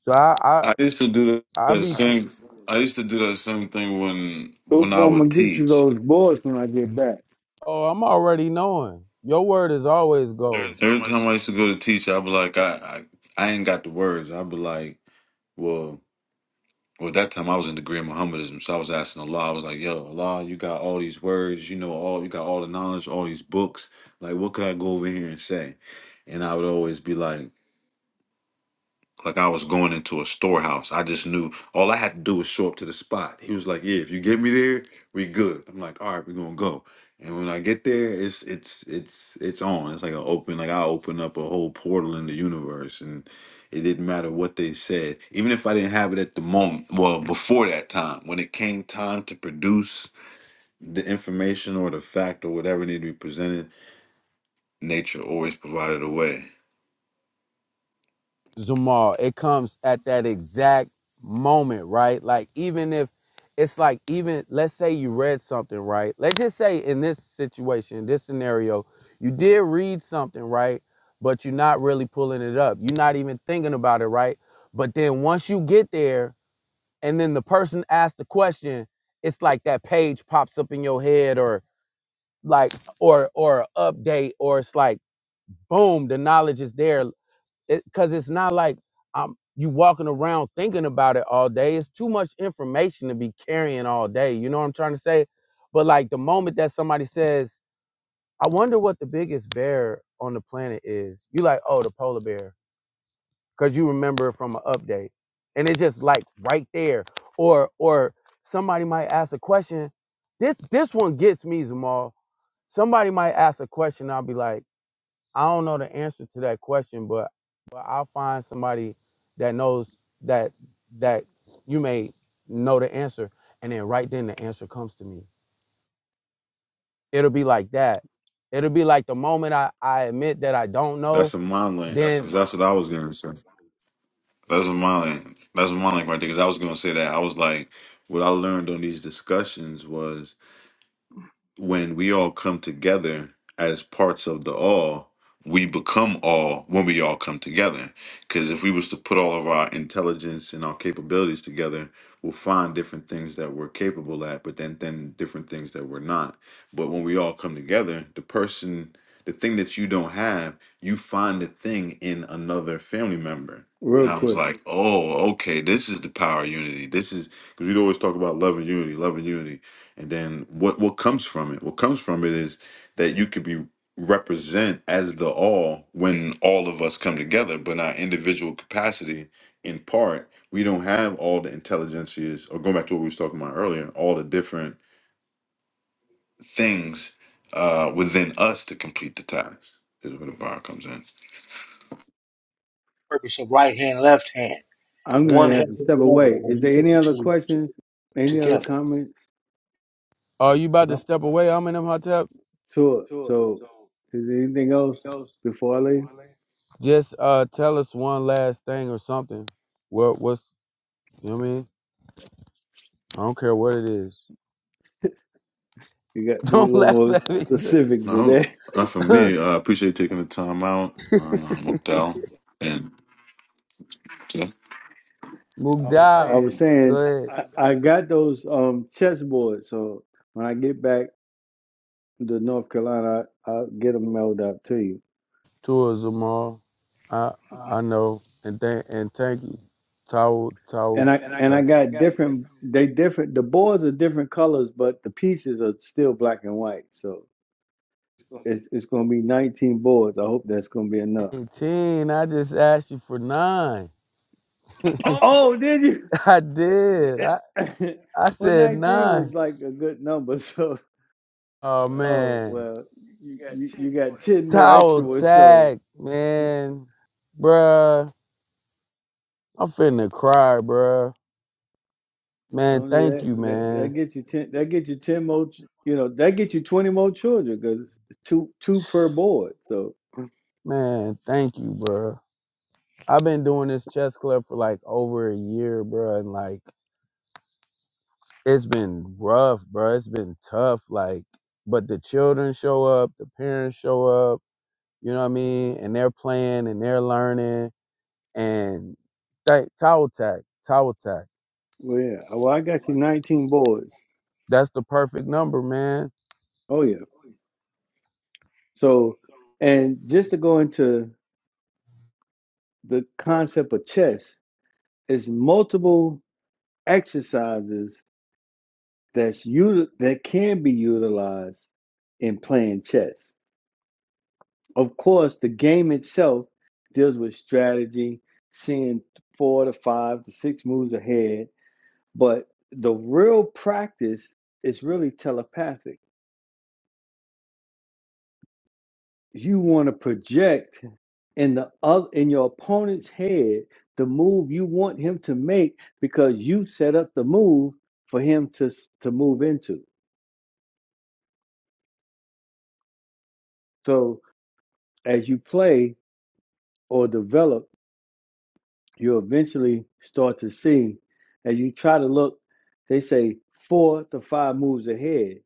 [SPEAKER 3] So I I
[SPEAKER 1] I used to do
[SPEAKER 3] I
[SPEAKER 1] that
[SPEAKER 3] be
[SPEAKER 1] same. I used to do that same thing when
[SPEAKER 4] hope
[SPEAKER 1] when I
[SPEAKER 4] I'm gonna
[SPEAKER 1] would
[SPEAKER 4] get you
[SPEAKER 1] teach.
[SPEAKER 4] those boards when I get back,
[SPEAKER 3] oh I'm already knowing. Your word is always gold.
[SPEAKER 1] Every time I used to go to teach, I'd be like, I I, I ain't got the words. I'd be like, well. Well, at that time I was in the great Muhammadism, so I was asking Allah. I was like, "Yo, Allah, you got all these words, you know, all you got all the knowledge, all these books. Like, what could I go over here and say?" And I would always be like, like I was going into a storehouse. I just knew all I had to do was show up to the spot. He was like, "Yeah, if you get me there, we good." I'm like, "All right, we're gonna go." And when I get there, it's it's it's it's on. It's like an open, like I open up a whole portal in the universe, and it didn't matter what they said, even if I didn't have it at the moment. Well, before that time, when it came time to produce the information or the fact or whatever needed to be presented, nature always provided a way.
[SPEAKER 3] Zumal, it comes at that exact moment, right? Like even if it's like even let's say you read something, right? Let's just say in this situation, this scenario, you did read something, right? But you're not really pulling it up. You're not even thinking about it, right? But then once you get there and then the person asks the question, it's like that page pops up in your head or like or or a update or it's like boom, the knowledge is there because it's not like um you walking around thinking about it all day. It's too much information to be carrying all day. You know what I'm trying to say? But like the moment that somebody says, "I wonder what the biggest bear on the planet is," you like, "Oh, the polar bear," because you remember it from an update, and it's just like right there. Or or somebody might ask a question. This this one gets me, Zamal. Somebody might ask a question. I'll be like. I don't know the answer to that question, but but I'll find somebody that knows that that you may know the answer, and then right then the answer comes to me. It'll be like that. It'll be like the moment I, I admit that I don't know,
[SPEAKER 1] That's a mind link
[SPEAKER 3] That's
[SPEAKER 1] because
[SPEAKER 3] then
[SPEAKER 1] that's what I was gonna say. That's my lane. That's my lane right there. Because I was gonna say that. I was like, what I learned on these discussions was when we all come together as parts of the all, we become all when we all come together. Because if we was to put all of our intelligence and our capabilities together, we'll find different things that we're capable at, but then then different things that we're not. But when we all come together, the person, the thing that you don't have, you find the thing in another family member.
[SPEAKER 4] real
[SPEAKER 1] And I was
[SPEAKER 4] quick.
[SPEAKER 1] like, oh, okay, this is the power of unity. This is because we always talk about love and unity, love and unity and then what what comes from it? What comes from it is that you could be represent as the all when all of us come together, but in our individual capacity, in part, we don't have all the intelligences, or going back to what we was talking about earlier, all the different things uh, within us to complete the task is where the bar comes in.
[SPEAKER 10] Purpose of right hand, left hand,
[SPEAKER 4] I'm
[SPEAKER 10] one
[SPEAKER 4] gonna have to
[SPEAKER 10] helping
[SPEAKER 4] step
[SPEAKER 10] the
[SPEAKER 4] away.
[SPEAKER 10] other when
[SPEAKER 4] Is
[SPEAKER 10] you
[SPEAKER 4] there
[SPEAKER 10] put
[SPEAKER 4] any
[SPEAKER 10] the
[SPEAKER 4] other
[SPEAKER 10] two
[SPEAKER 4] questions? Any other
[SPEAKER 10] together.
[SPEAKER 4] comments?
[SPEAKER 3] are you
[SPEAKER 4] 'Cause
[SPEAKER 3] about to
[SPEAKER 4] I'm
[SPEAKER 3] step away? I'm in them hot tub.
[SPEAKER 4] sure. So, is there anything else before I leave?
[SPEAKER 3] Just uh tell us one last thing or something. What what's you know what I mean? I don't care what it is.
[SPEAKER 4] You got
[SPEAKER 3] *laughs*
[SPEAKER 4] to be a
[SPEAKER 3] Don't
[SPEAKER 4] little
[SPEAKER 3] laugh
[SPEAKER 4] more
[SPEAKER 3] at me.
[SPEAKER 4] specific
[SPEAKER 1] I
[SPEAKER 4] today. *laughs*
[SPEAKER 1] hope. Uh, for
[SPEAKER 3] *laughs*
[SPEAKER 1] me, I uh, appreciate you taking the time out, um, looked out, and yeah,
[SPEAKER 4] I was
[SPEAKER 3] Mugdal. Go
[SPEAKER 4] saying I
[SPEAKER 3] ahead.
[SPEAKER 4] I got those um chessboards, so when I get back to North Carolina, I, I'll get them mailed out to you.
[SPEAKER 3] towards them all. I I know and thank and thank you. Tau
[SPEAKER 4] And
[SPEAKER 3] Tau
[SPEAKER 4] I and I
[SPEAKER 3] Tau
[SPEAKER 4] got different. They different. The boards are different colors, but the pieces are still black and white. So it's it's gonna be 19 boards. I hope that's gonna be enough.
[SPEAKER 3] eighteen. I just asked you for nine.
[SPEAKER 4] *laughs* Oh, did
[SPEAKER 3] *laughs* I did. I
[SPEAKER 4] you? *laughs*
[SPEAKER 3] I
[SPEAKER 4] Well,
[SPEAKER 3] said
[SPEAKER 4] 19 was
[SPEAKER 3] nine.
[SPEAKER 4] like a good number, *laughs* so.
[SPEAKER 3] Oh
[SPEAKER 4] Oh
[SPEAKER 3] man.
[SPEAKER 4] well, you you got *laughs* ten more extra
[SPEAKER 3] Towel
[SPEAKER 4] ones, so
[SPEAKER 3] tag, man. Bruh. I'm finna cry, bruh. Man,
[SPEAKER 4] don't do
[SPEAKER 3] thank
[SPEAKER 4] that.
[SPEAKER 3] you,
[SPEAKER 4] That that
[SPEAKER 3] man.
[SPEAKER 4] gets you ten. That gets you ten more. ch- You know that gets you twenty more children because it's two two per
[SPEAKER 3] *sighs*
[SPEAKER 4] board. So
[SPEAKER 3] Man, thank you, bruh. I've been doing this chess club for like over a year, bruh, and like it's been rough, bro. It's been tough. Like, but the children show up, the parents show up. You know what I mean? And they're playing and they're learning. And th- towel tack, towel tack.
[SPEAKER 4] well, yeah. oh, Well, I got you nineteen boards.
[SPEAKER 3] That's the perfect number, man.
[SPEAKER 4] Oh yeah. So and just to go into the concept of chess, it's multiple exercises that's util- that can be utilized in playing chess. Of course, the game itself deals with strategy, seeing four to five to six moves ahead, but the real practice is really telepathic. You want to project in the other, in your opponent's head the move you want him to make because you set up the move for him to to move into. So as you play or develop you eventually start to see as you try to look, they say four to five moves ahead.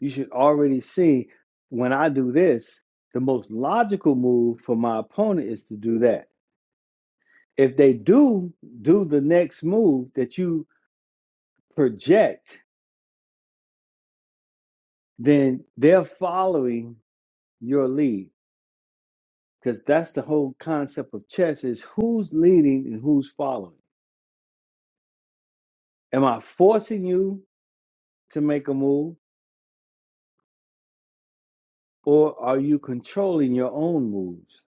[SPEAKER 4] You should already see when I do this, the most logical move for my opponent is to do that. If they do do the next move that you project, then they're following your lead because that's the whole concept of chess is who's leading and who's following. Am I forcing you to make a move? Or are you controlling your own moves?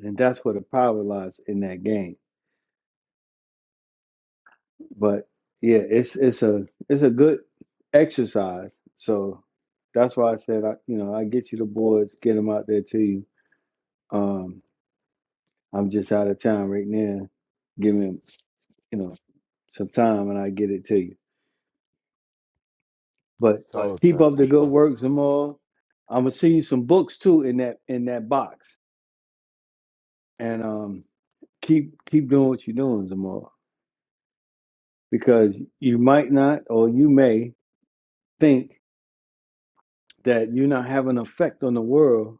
[SPEAKER 4] And that's where the power lies in that game. But yeah, it's it's a it's a good exercise. So that's why I said I you know I get you the boards, get them out there to you. Um, I'm just out of town right now. Give me you know some time and I get it to you. But
[SPEAKER 3] Towel
[SPEAKER 4] keep
[SPEAKER 3] tack,
[SPEAKER 4] up
[SPEAKER 3] my
[SPEAKER 4] the good
[SPEAKER 3] bro.
[SPEAKER 4] work, Zamar. I'm gonna send you some books too in that in that box. And um, keep keep doing what you're doing, Zamar. because you might not or you may think that you're not having an effect on the world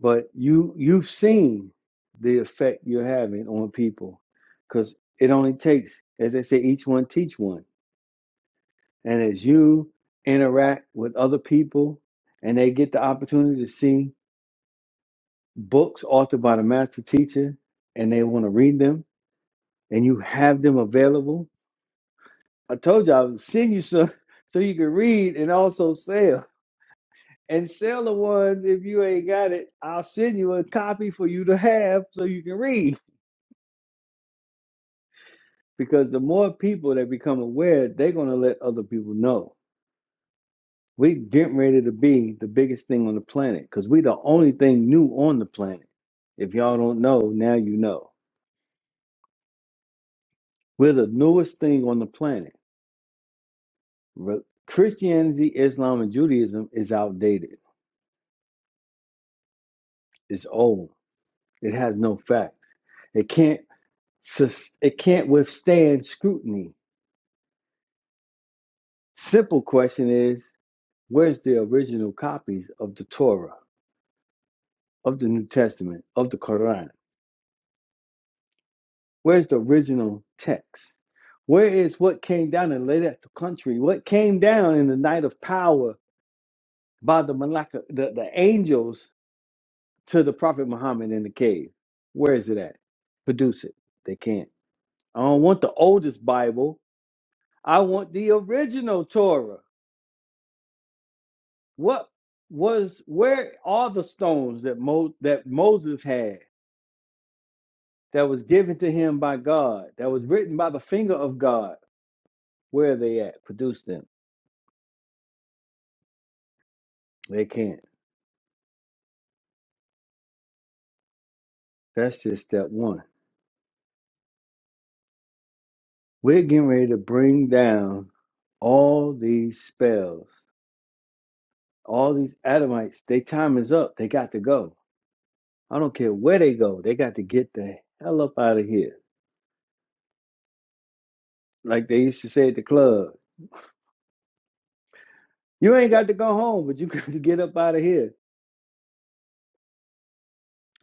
[SPEAKER 4] but you you've seen the effect you're having on people because it only takes as they say each one teach one and as you interact with other people and they get the opportunity to see books authored by the master teacher and they want to read them and you have them available i told you i would send you some *laughs* so you can read and also sell and sell the ones if you ain't got it. I'll send you a copy for you to have so you can read. Because the more people that become aware, they're gonna let other people know. We getting ready to be the biggest thing on the planet because we the only thing new on the planet. If y'all don't know, now you know. We're the newest thing on the planet. Re- Christianity, Islam, and Judaism is outdated. It's old. It has no facts. It can't. sus- It can't withstand scrutiny Simple question is, where's the original copies of the Torah, of the New Testament, of the Quran? Where's the original text? Where is what came down and laid at the country? What came down in the night of power by the Malaka, the, the angels to the Prophet Muhammad in the cave? Where is it at? Produce it. They can't. I don't want the oldest Bible. I want the original Torah. What was where are the stones that Mo, that Moses had? that was given to him by God, that was written by the finger of God. Where are they at? Produce them. They can't. That's just step one. We're getting ready to bring down all these spells, all these Adamites. Their time is up. They got to go. I don't care where they go. They got to get the hell up out of here. Like they used to say at the club, you ain't got to go home, but you *laughs* got to get up out of here.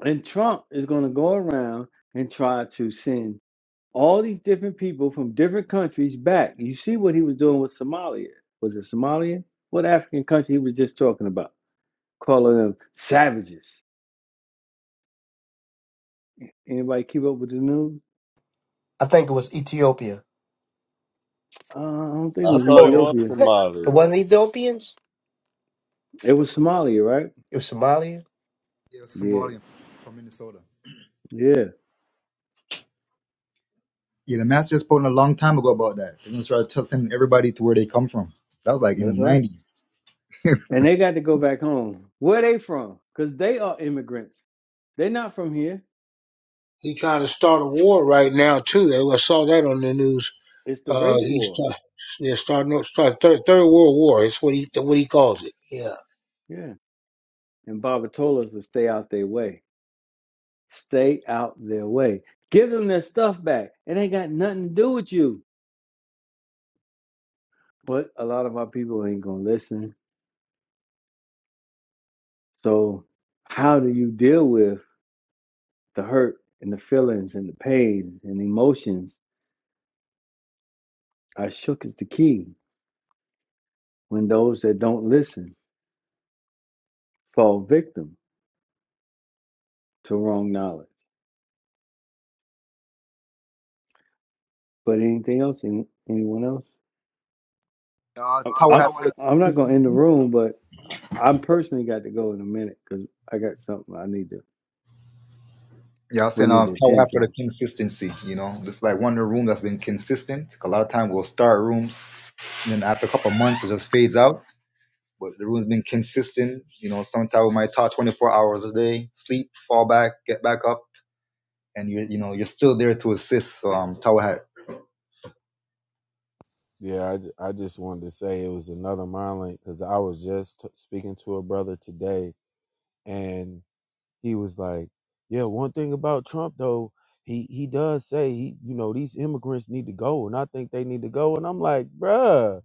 [SPEAKER 4] And Trump is going to go around and try to send all these different people from different countries back. You see what he was doing with Somalia. Was it Somalia? What African country he was just talking about? Calling them savages. Anybody keep up with the news?
[SPEAKER 8] I think it was Ethiopia.
[SPEAKER 4] Uh, I don't think it
[SPEAKER 2] I
[SPEAKER 4] was
[SPEAKER 2] thought it
[SPEAKER 8] Or the,
[SPEAKER 2] was
[SPEAKER 4] Ethiopia.
[SPEAKER 8] it
[SPEAKER 2] Somali.
[SPEAKER 8] wasn't Ethiopians,
[SPEAKER 4] It was Somalia, right?
[SPEAKER 8] it was Somalia.
[SPEAKER 7] Yeah,
[SPEAKER 4] Yeah,
[SPEAKER 7] Somalian from Minnesota.
[SPEAKER 4] yeah,
[SPEAKER 7] Yeah, the master just posted a long time ago about that. They're gonna start tell- sending everybody to where they come from. That was like in the
[SPEAKER 4] that's right.
[SPEAKER 7] nineties. *laughs*
[SPEAKER 4] And they got to go back home. Where they from? Because they are immigrants. They're not from here.
[SPEAKER 10] He trying to start a war right now too. I saw that on the news.
[SPEAKER 4] It's the
[SPEAKER 10] Uh,
[SPEAKER 4] race
[SPEAKER 10] he's
[SPEAKER 4] war.
[SPEAKER 10] start, yeah, starting up start third, third World War. It's what he what he calls it. Yeah.
[SPEAKER 4] Yeah. And Baba told us to stay out their way. Stay out their way. Give them their stuff back. It ain't got nothing to do with you. But a lot of our people ain't going to listen. So, how do you deal with the hurt and the feelings and the pain and emotions? I shook is the key when those that don't listen fall victim to wrong knowledge. But anything else? Any, anyone else?
[SPEAKER 7] uh,
[SPEAKER 4] I'm,
[SPEAKER 7] Tower
[SPEAKER 4] I'm,
[SPEAKER 7] had for the
[SPEAKER 4] I'm not going to
[SPEAKER 7] consistency.
[SPEAKER 4] end the room, but I- I'm personally got to go in a minute because I got something I need to,
[SPEAKER 7] yeah, I was
[SPEAKER 4] we
[SPEAKER 7] saying
[SPEAKER 4] need
[SPEAKER 7] uh,
[SPEAKER 4] to
[SPEAKER 7] Tower had
[SPEAKER 4] attend
[SPEAKER 7] for the
[SPEAKER 4] to.
[SPEAKER 7] consistency. You know, just like one room that's been consistent. Like, A lot of time we'll start rooms, and then after a couple months it just fades out. But the room's been consistent. You know, sometimes we might talk 24 hours a day, sleep, fall back, get back up and you you know you're still there to assist um, tower hat.
[SPEAKER 3] Yeah, I, ju- I just wanted to say it was another mind link because I was just t- speaking to a brother today, he was like, "Yeah, one thing about Trump though, he he does say he, you know, these immigrants need to go, and I think they need to go." And I'm like, "Bruh,"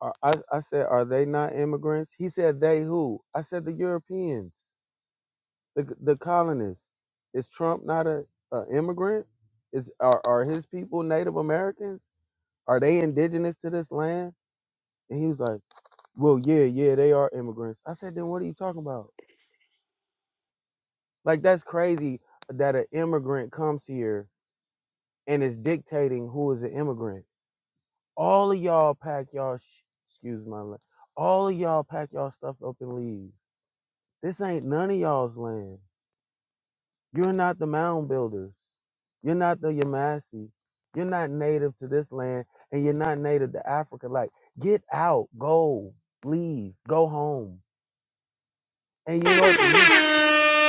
[SPEAKER 3] are- I I said, "Are they not immigrants?" He said, "They who?" I said, "The Europeans, the the colonists." Is Trump not a, a immigrant? Is are are his people Native Americans? Are they indigenous to this land? And he was like, "Well, yeah, yeah, they are immigrants." I said, "Then what are you talking about?" Like that's crazy that an immigrant comes here and it's dictating who is an immigrant. All of y'all pack y'all, sh- excuse my, la- all of y'all pack y'all stuff up and leave. This ain't none of y'all's land. You're not the mound builders. You're not the Yamasi. You're not native to this land, and you're not native to Africa. Like, get out, go, leave, go home. And you know what the Hebrew?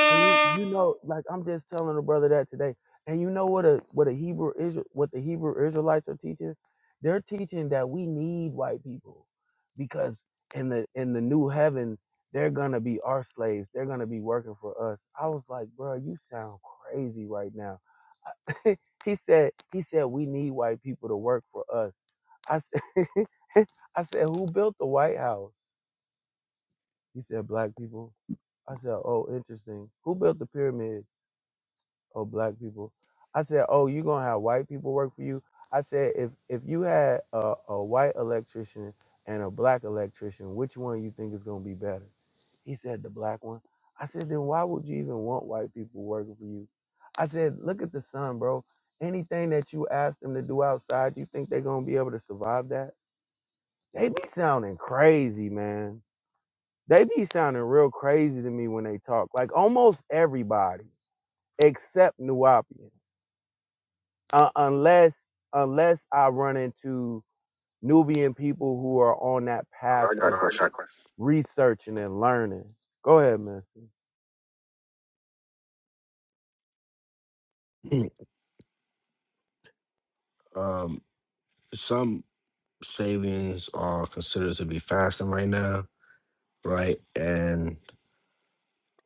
[SPEAKER 3] And you, you know, like I'm just telling a brother that today. And you know what a what a Hebrew Israel what the Hebrew Israelites are teaching? They're teaching that we need white people because in the in the new heaven, they're gonna be our slaves. They're gonna be working for us. I was like, bro, you sound crazy right now. I- *laughs* he said he said we need white people to work for us. I said *laughs* I said who built the White House? He said black people. I said, oh, interesting. Who built the pyramids? oh black people i said oh you gonna have white people work for you i said if if you had a, a white electrician and a black electrician which one you think is gonna be better he said the black one i said then why would you even want white people working for you i said look at the sun bro anything that you ask them to do outside you think they're gonna be able to survive that they be sounding crazy man they be sounding real crazy to me when they talk like almost everybody except nuapian uh, unless unless I run into Nubian people who are on that path
[SPEAKER 9] I
[SPEAKER 3] Uh,
[SPEAKER 9] got a
[SPEAKER 3] of
[SPEAKER 9] question.
[SPEAKER 3] researching and learning. Go ahead, man.
[SPEAKER 9] Mm. um some savings are considered to be fasting right now, right? And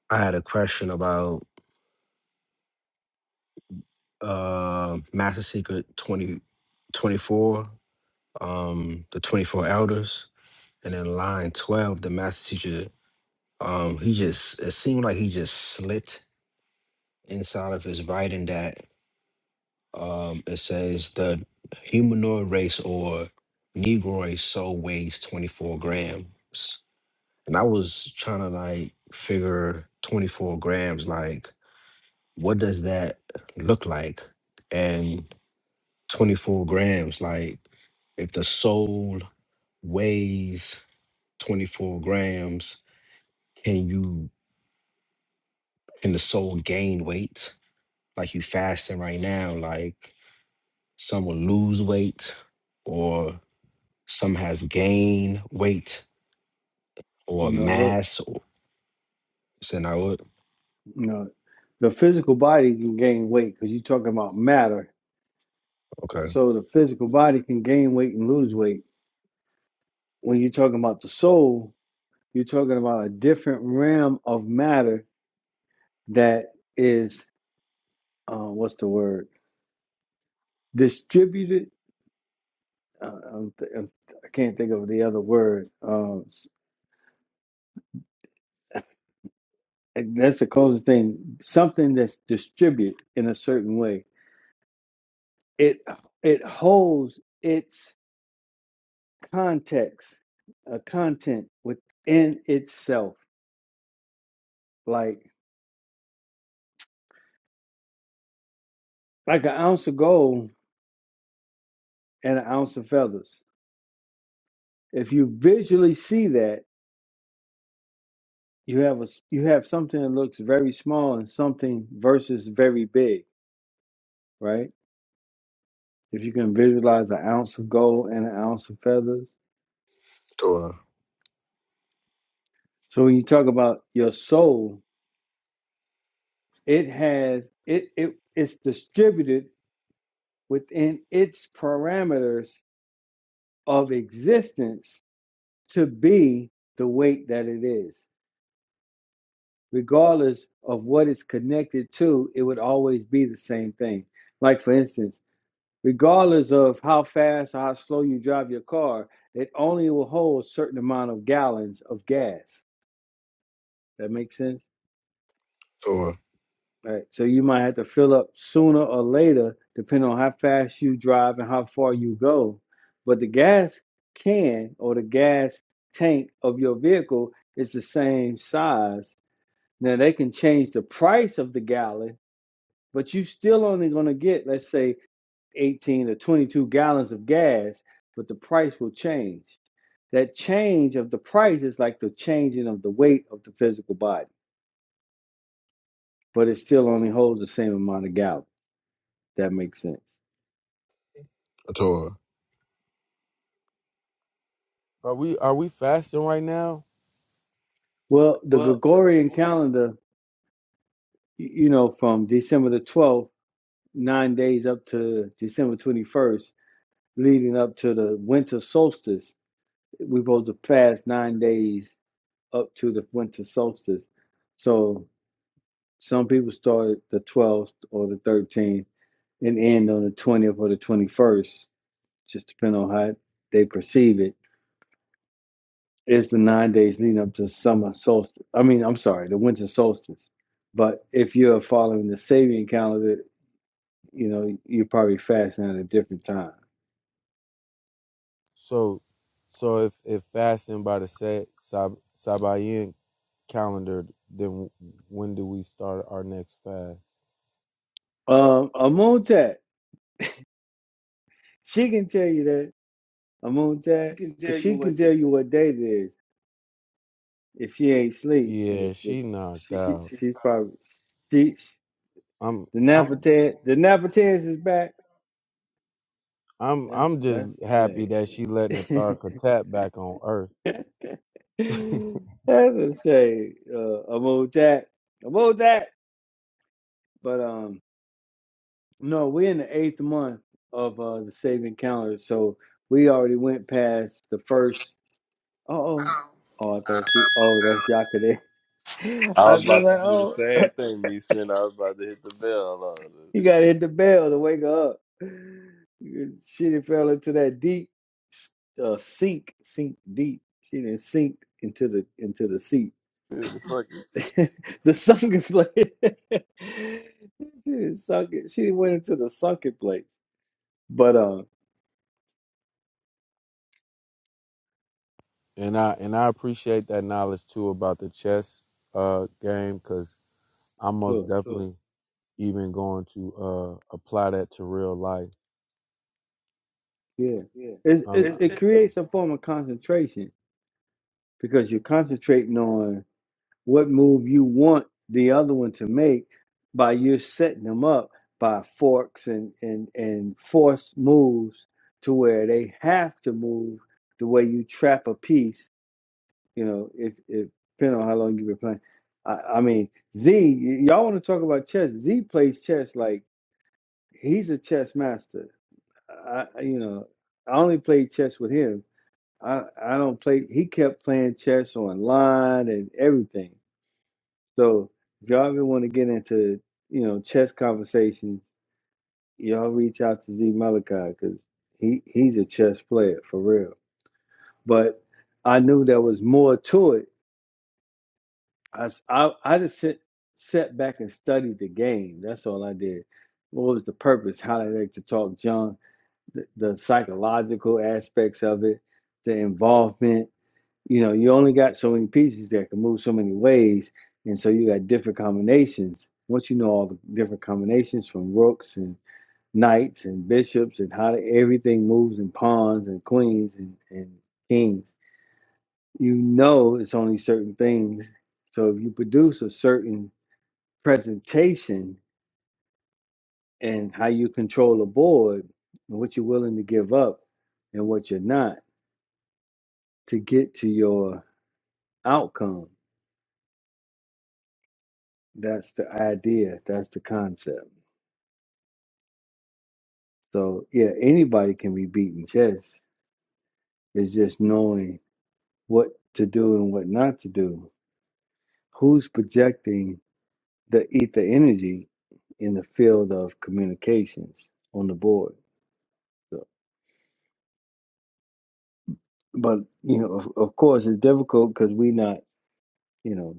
[SPEAKER 9] I had a question about uh, Master Secret 20 24. um, the 24 Elders. And then line 12, the Master Teacher, um, he just, it seemed like he just slit inside of his writing that um, it says the humanoid race or Negroid soul weighs 24 grams. And I was trying to like figure 24 grams, like, what does that look like? And 24 grams. Like if the soul weighs 24 grams, can you can the soul gain weight? Like you fasting right now, like some will lose weight or some has gained weight or
[SPEAKER 4] No.
[SPEAKER 9] mass or saying I would
[SPEAKER 4] No, the physical body can gain weight because you're talking about matter.
[SPEAKER 9] okay.
[SPEAKER 4] So the physical body can gain weight and lose weight. When you're talking about the soul, you're talking about a different realm of matter that is, uh, what's the word? Distributed. Uh, I'm th- I'm- I can't think of the other word. Um, s- and that's the closest thing. Something that's distributed in a certain way. It it holds. its context, a content within itself, like like an ounce of gold and an ounce of feathers. If you visually see that, you have a s- you have something that looks very small and something versus very big, right? If you can visualize an ounce of gold and an ounce of feathers.
[SPEAKER 9] Torah,
[SPEAKER 4] So when you talk about your soul, it has it it it's distributed within its parameters of existence to be the weight that it is. Regardless of what it's connected to, it would always be the same thing. Like, for instance, regardless of how fast or how slow you drive your car, it only will hold a certain amount of gallons of gas. That makes sense?
[SPEAKER 9] Torah,
[SPEAKER 4] All right. So you might have to fill up sooner or later, depending on how fast you drive and how far you go. But the gas can or the gas tank of your vehicle is the same size Now they can change the price of the gallon, but you still only going to get, let's say, 18 or 22 gallons of gas, but the price will change. That change of the price is like the changing of the weight of the physical body, but it still only holds the same amount of gallons. That makes sense.
[SPEAKER 9] Torah.
[SPEAKER 3] Are we are we fasting right now?
[SPEAKER 4] Well, the Gregorian calendar, you know, from December the 12th, nine days up to December 21st, leading up to the winter solstice, we're supposed to fast nine days up to the winter solstice. So some people started the 12th or the 13th and end on the 20th or the 21st, just depending on how they perceive it. It's the nine days leading up to summer solstice. I mean, I'm sorry, the winter solstice. But if you're following the Sabian calendar, you know, you're probably fasting at a different time.
[SPEAKER 3] So so if if fasting by the set Sab, Sabayin calendar, then when do we start our next fast?
[SPEAKER 4] Um, Amuntat, she can tell you that. Amuntat, because she can tell you what date it is. if she ain't sleep,
[SPEAKER 3] Yeah,
[SPEAKER 4] but
[SPEAKER 3] she knocked She,
[SPEAKER 4] she
[SPEAKER 3] out. she
[SPEAKER 4] she's
[SPEAKER 3] probably
[SPEAKER 4] probably she
[SPEAKER 3] I'm
[SPEAKER 4] the
[SPEAKER 3] I'm
[SPEAKER 4] Napatan the Napatans is back.
[SPEAKER 3] I'm
[SPEAKER 4] That's
[SPEAKER 3] I'm just
[SPEAKER 4] that's a
[SPEAKER 3] happy that she letting the
[SPEAKER 4] shame.
[SPEAKER 3] Tharka tap back on Earth.
[SPEAKER 4] *laughs*
[SPEAKER 3] *laughs*
[SPEAKER 4] that's a shame. Uh, I'm old Jack. I'm old Jack. But um, no, we're in the eighth month of uh the saving calendar, so we already went past the first. Oh, oh, oh! I thought she. Oh, that's Yakade. *laughs*
[SPEAKER 2] I
[SPEAKER 4] I
[SPEAKER 2] was
[SPEAKER 4] was
[SPEAKER 2] about to
[SPEAKER 4] like,
[SPEAKER 2] do the
[SPEAKER 4] oh.
[SPEAKER 2] same thing, me saying I was about to hit the bell
[SPEAKER 4] *laughs* He
[SPEAKER 2] on
[SPEAKER 4] got to hit the bell to wake her up. She done fell into that deep uh, sink, sink deep. She didn't sink into the into the seat.
[SPEAKER 2] it. It's a fucking
[SPEAKER 4] *laughs* the sunken place. *laughs* she done sunk it. She done went into the sunken place. But uh,
[SPEAKER 3] and I and I appreciate that knowledge too about the chess uh game because I'm most
[SPEAKER 4] so,
[SPEAKER 3] So definitely even going to uh apply that to real life.
[SPEAKER 4] yeah, it,
[SPEAKER 3] Um,
[SPEAKER 4] it
[SPEAKER 3] it,
[SPEAKER 4] it
[SPEAKER 3] it
[SPEAKER 4] creates a form of concentration because you're concentrating on. what move you want the other one to make by you setting them up by forks and and and force moves to where they have to move the way you trap a piece you know if if depending on how long you've been playing I, I mean z y- y'all want to talk about chess z plays chess like he's a chess master i I- you know i only played chess with him i i don't play he kept playing chess online and everything so if y'all ever want to get into, you know, chess conversations, y'all reach out to Z Malachi because he, he's a chess player for real. But I knew there was more to it. I I I just sit, sat back and studied the game. That's all I did. What was the purpose? How they like to talk junk, the, the psychological aspects of it, the involvement. you know, you only got so many pieces that can move so many ways, and so you got different combinations. Once you know all the different combinations from rooks and knights and bishops and how everything moves and pawns and queens and, and kings, you know it's only certain things. So if you produce a certain presentation and how you control a board and what you're willing to give up and what you're not to get to your outcome That's the idea. That's the concept. So yeah, anybody can be beaten chess. It's just knowing what to do and what not to do. Who's projecting the ether energy in the field of communications on the board? So, but you know, of, of course, it's difficult because we're not, you know,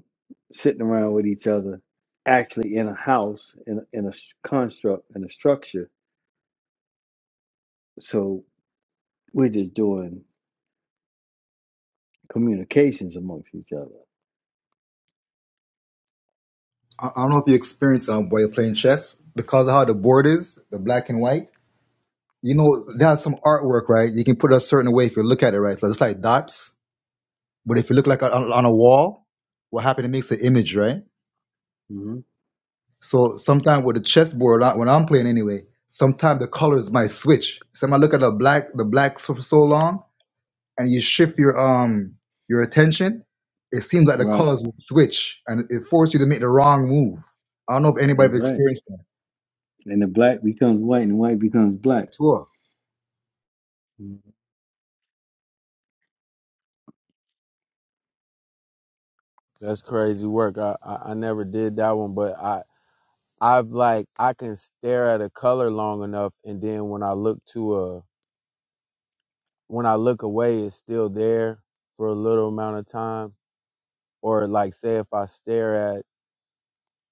[SPEAKER 4] sitting around with each other, actually in a house, in in a s- construct, in a structure. So we're just doing communications amongst each other
[SPEAKER 7] I, I don't know if you experience um, while you're playing chess because of how the board is, the black and white. You know, there's some artwork, right? You can put it a certain way if you look at it, right? So it's like dots, but if you look like on, on a wall, what happens? It makes an image, right?
[SPEAKER 4] hmm
[SPEAKER 7] So sometimes with the chessboard, I- when I'm playing anyway, sometimes the colors might switch. So I might look at the black, the black for so long, and you shift your um your attention, it seems like the
[SPEAKER 4] Right.
[SPEAKER 7] colors will switch and it forces you to make the wrong move. I don't know if anybody
[SPEAKER 4] That's
[SPEAKER 7] have
[SPEAKER 4] right.
[SPEAKER 7] experienced
[SPEAKER 4] And the black becomes white and the white becomes black.
[SPEAKER 7] that.
[SPEAKER 4] Mhm.
[SPEAKER 3] that's crazy work. I, I I never did that one, but I I've like I can stare at a color long enough, and then when I look to a when I look away, it's still there for a little amount of time. Or like say if I stare at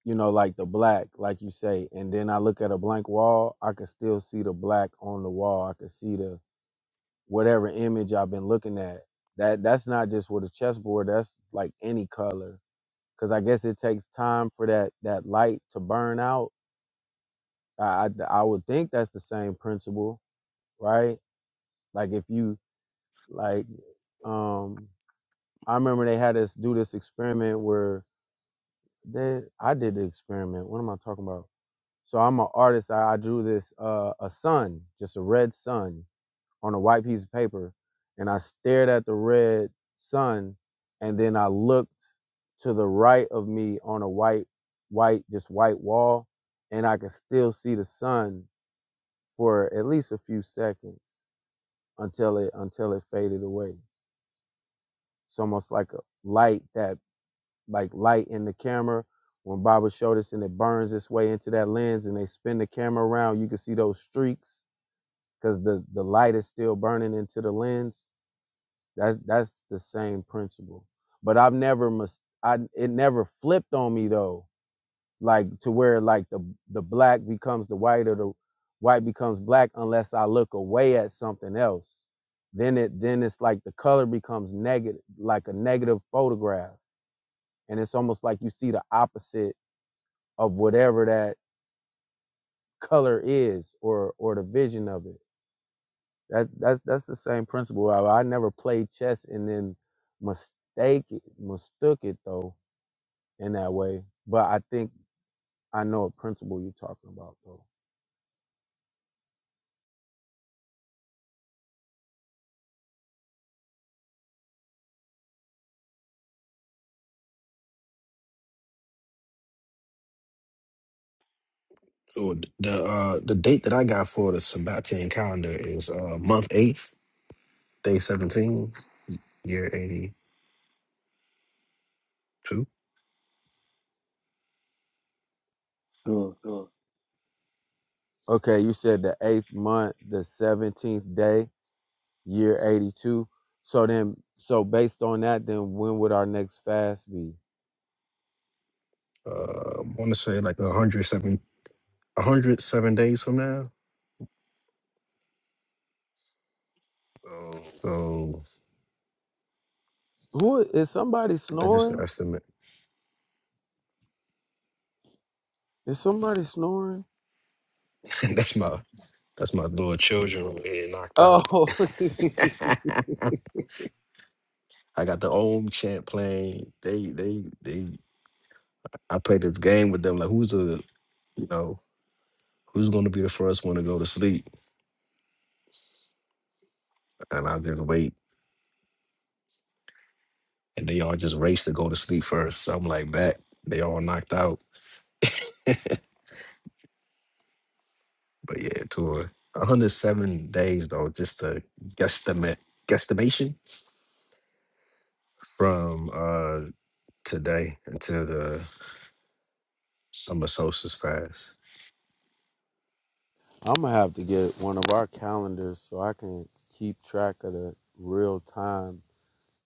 [SPEAKER 3] you know like the black, like you say, and then I look at a blank wall, I can still see the black on the wall. I can see the whatever image I've been looking at. That that's not just with a chessboard. That's like any color, because I guess it takes time for that that light to burn out. I, I I would think that's the same principle right? Like if you like um I remember they had us do this experiment where they I did the experiment. What am I talking about? So I'm an artist. I, I drew this uh a sun, just a red sun on a white piece of paper, and I stared at the red sun and then I looked to the right of me on a white white just white wall and I could still see the sun for at least a few seconds until it until it faded away It's almost like a light that like light in the camera. When Baba showed us and it burns its way into that lens and they spin the camera around, you can see those streaks because the, the light is still burning into the lens. That's that's the same principle. But I've never mis- I it never flipped on me though. Like to where like the the black becomes the white or the white becomes black unless I look away at something else then it then it's like the color becomes negative like a negative photograph and it's almost like you see the opposite of whatever that color is or or the vision of it that that's that's the same principle i, I never played chess and then mistake it mistook it though in that way but i think i know a principle you're talking about though
[SPEAKER 9] So th- the uh the date that I got for the Sabbatian calendar is uh month eighth, day seventeen, year eighty two.
[SPEAKER 4] So
[SPEAKER 3] okay you said the eighth month the 17th day year 82 so then so based on that then when would our next fast be
[SPEAKER 9] uh, I want to say like a 107, a 107 days from now. So
[SPEAKER 3] who is somebody
[SPEAKER 9] that's just an
[SPEAKER 3] snoring
[SPEAKER 9] estimate.
[SPEAKER 3] is somebody snoring
[SPEAKER 9] *laughs* that's my that's my little children over here knocked out.
[SPEAKER 3] Oh, *laughs*
[SPEAKER 9] *laughs* I got the old champ playing. They they they. I play this game with them like who's the you know who's going to be the first one to go to sleep, and I just wait, and they all just race to go to sleep first. So I'm like that. They all knocked out. But yeah, to a 107 days though, just a guesstimate guesstimation. from uh today until the summer solstice fast,
[SPEAKER 3] I'm gonna have to get one of our calendars so I can keep track of the real time.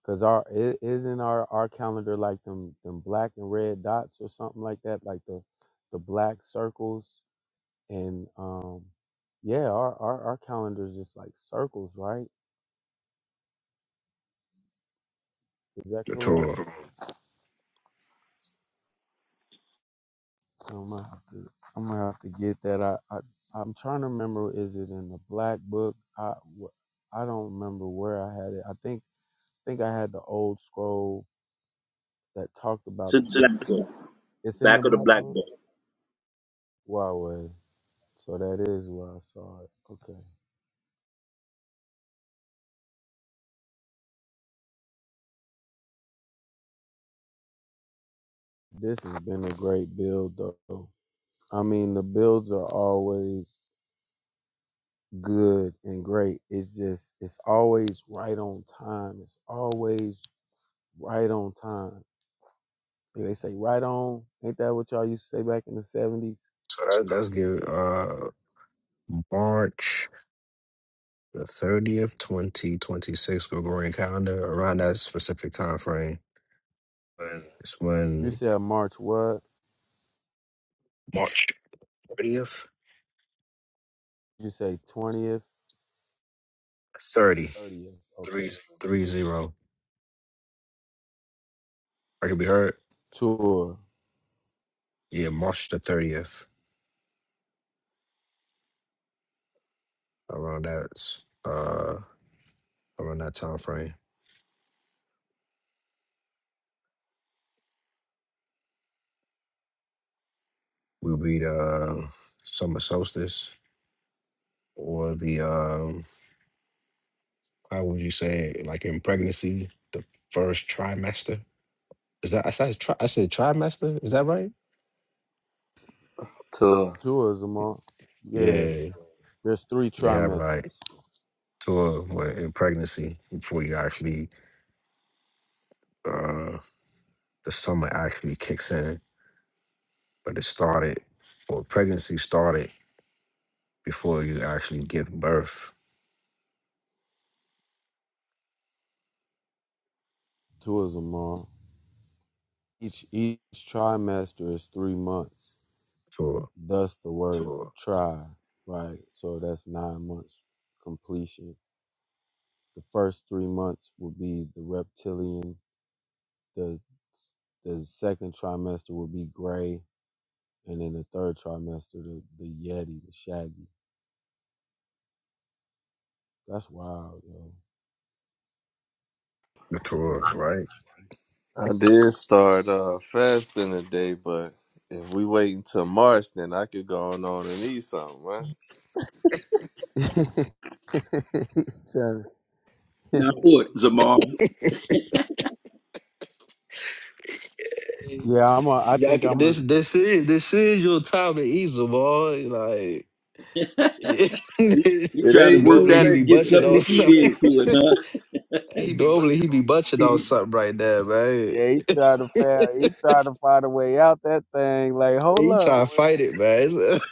[SPEAKER 3] Cause our i- isn't our our calendar like them them black and red dots or something like that, like the the black circles and um yeah, our our, our calendar is just like circles, right? Is that
[SPEAKER 9] the
[SPEAKER 3] correct?
[SPEAKER 9] Torah.
[SPEAKER 3] So I'm gonna have to I'm gonna have to get that. I, I I'm trying to remember. Is it in the black book? I wh- I don't remember where I had it. I think. think I had the old scroll that talked
[SPEAKER 5] It's
[SPEAKER 3] about the
[SPEAKER 5] in the black book,
[SPEAKER 3] It's in
[SPEAKER 5] back
[SPEAKER 3] the
[SPEAKER 5] of the
[SPEAKER 3] black
[SPEAKER 5] black
[SPEAKER 3] book.
[SPEAKER 5] book.
[SPEAKER 3] Huawei. So that is where I saw it. Okay. This has been a great build though. I mean the builds are always good and great. It's just it's always right on time. It's always right on time. Like They say right on. Ain't that what y'all used to say back in the seventies?
[SPEAKER 9] So that, that's give uh March the thirtieth, twenty twenty six Gregorian calendar. Around that specific time frame, it's
[SPEAKER 3] You
[SPEAKER 9] when
[SPEAKER 3] said March what?
[SPEAKER 9] March thirtieth,
[SPEAKER 3] You say twentieth,
[SPEAKER 9] thirty
[SPEAKER 3] thirtieth. Okay.
[SPEAKER 9] three zero. I can be heard.
[SPEAKER 3] tour.
[SPEAKER 9] Yeah, March the thirtieth. Around that, uh, around that time frame, will be the uh, summer solstice or the um How would you say, like in pregnancy, the first trimester? Is that I said tri- I said trimester? Is that right?
[SPEAKER 2] tour.
[SPEAKER 3] Tourism all.
[SPEAKER 9] It's-
[SPEAKER 3] Yeah.
[SPEAKER 9] Yeah,
[SPEAKER 3] There's three
[SPEAKER 9] they have
[SPEAKER 3] trimesters.
[SPEAKER 9] like tour what, in pregnancy before you actually uh the summer actually kicks in, but it started or pregnancy started before you actually give birth
[SPEAKER 3] Tourism all. Each each trimester is three months.
[SPEAKER 9] to
[SPEAKER 3] Thus the word Tour. try. Right. So that's nine months completion. The first three months will be the reptilian. The the second trimester will be gray. And then the third trimester, the, the Yeti, the Shaggy. That's wild, yo.
[SPEAKER 9] the tour, right?
[SPEAKER 2] I did start uh fasting today, but if we wait until March, then I could go on, on and eat something, man.
[SPEAKER 3] *laughs* He's trying to-
[SPEAKER 5] Now look, Zamar,
[SPEAKER 3] *laughs*
[SPEAKER 9] Hey,
[SPEAKER 3] yeah, I'm a, I
[SPEAKER 9] y'all
[SPEAKER 3] think
[SPEAKER 9] can-
[SPEAKER 3] I'm a.
[SPEAKER 9] this
[SPEAKER 3] *laughs*
[SPEAKER 9] this is this is your time to ease 'em, boy. Like
[SPEAKER 5] *laughs* You
[SPEAKER 9] *laughs*
[SPEAKER 5] we
[SPEAKER 2] It
[SPEAKER 5] trying to
[SPEAKER 2] ain't
[SPEAKER 5] work
[SPEAKER 2] too
[SPEAKER 9] normally
[SPEAKER 5] that,
[SPEAKER 9] he be
[SPEAKER 2] late.
[SPEAKER 5] get
[SPEAKER 2] It
[SPEAKER 9] bushing
[SPEAKER 5] something
[SPEAKER 2] ain't
[SPEAKER 5] to
[SPEAKER 2] too
[SPEAKER 9] on
[SPEAKER 5] eat
[SPEAKER 2] late.
[SPEAKER 5] into it, huh?
[SPEAKER 9] Hey, Dobley, he be butching
[SPEAKER 3] He,
[SPEAKER 9] on something right there, man.
[SPEAKER 3] Yeah, he tried to find he tried to find a way out that thing. Like,
[SPEAKER 9] Hey,
[SPEAKER 3] hold
[SPEAKER 9] He try
[SPEAKER 3] up.
[SPEAKER 9] to fight it, man. *laughs*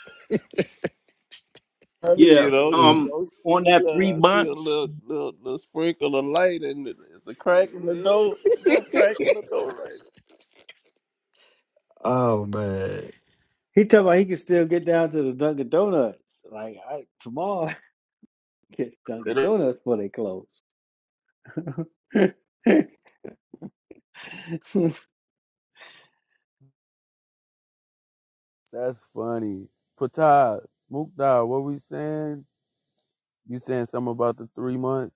[SPEAKER 2] I mean,
[SPEAKER 5] Yeah.
[SPEAKER 2] you know, you
[SPEAKER 9] Hey.
[SPEAKER 5] Um.
[SPEAKER 2] know,
[SPEAKER 5] On
[SPEAKER 2] you
[SPEAKER 5] that
[SPEAKER 2] know,
[SPEAKER 5] three
[SPEAKER 2] nah, I see a
[SPEAKER 5] months
[SPEAKER 2] little, little, little sprinkle of light, and it's a crack in the door. Yeah, crack in
[SPEAKER 9] *laughs*
[SPEAKER 2] the door right.
[SPEAKER 9] oh man.
[SPEAKER 4] he talk about he can still get down to the Dunkin' Donuts. Like I tomorrow *laughs* get Dunkin'
[SPEAKER 2] It is-
[SPEAKER 4] Donuts before they close. *laughs*
[SPEAKER 3] That's funny. Patad, Mukhtar, what we saying? You saying something about the three months?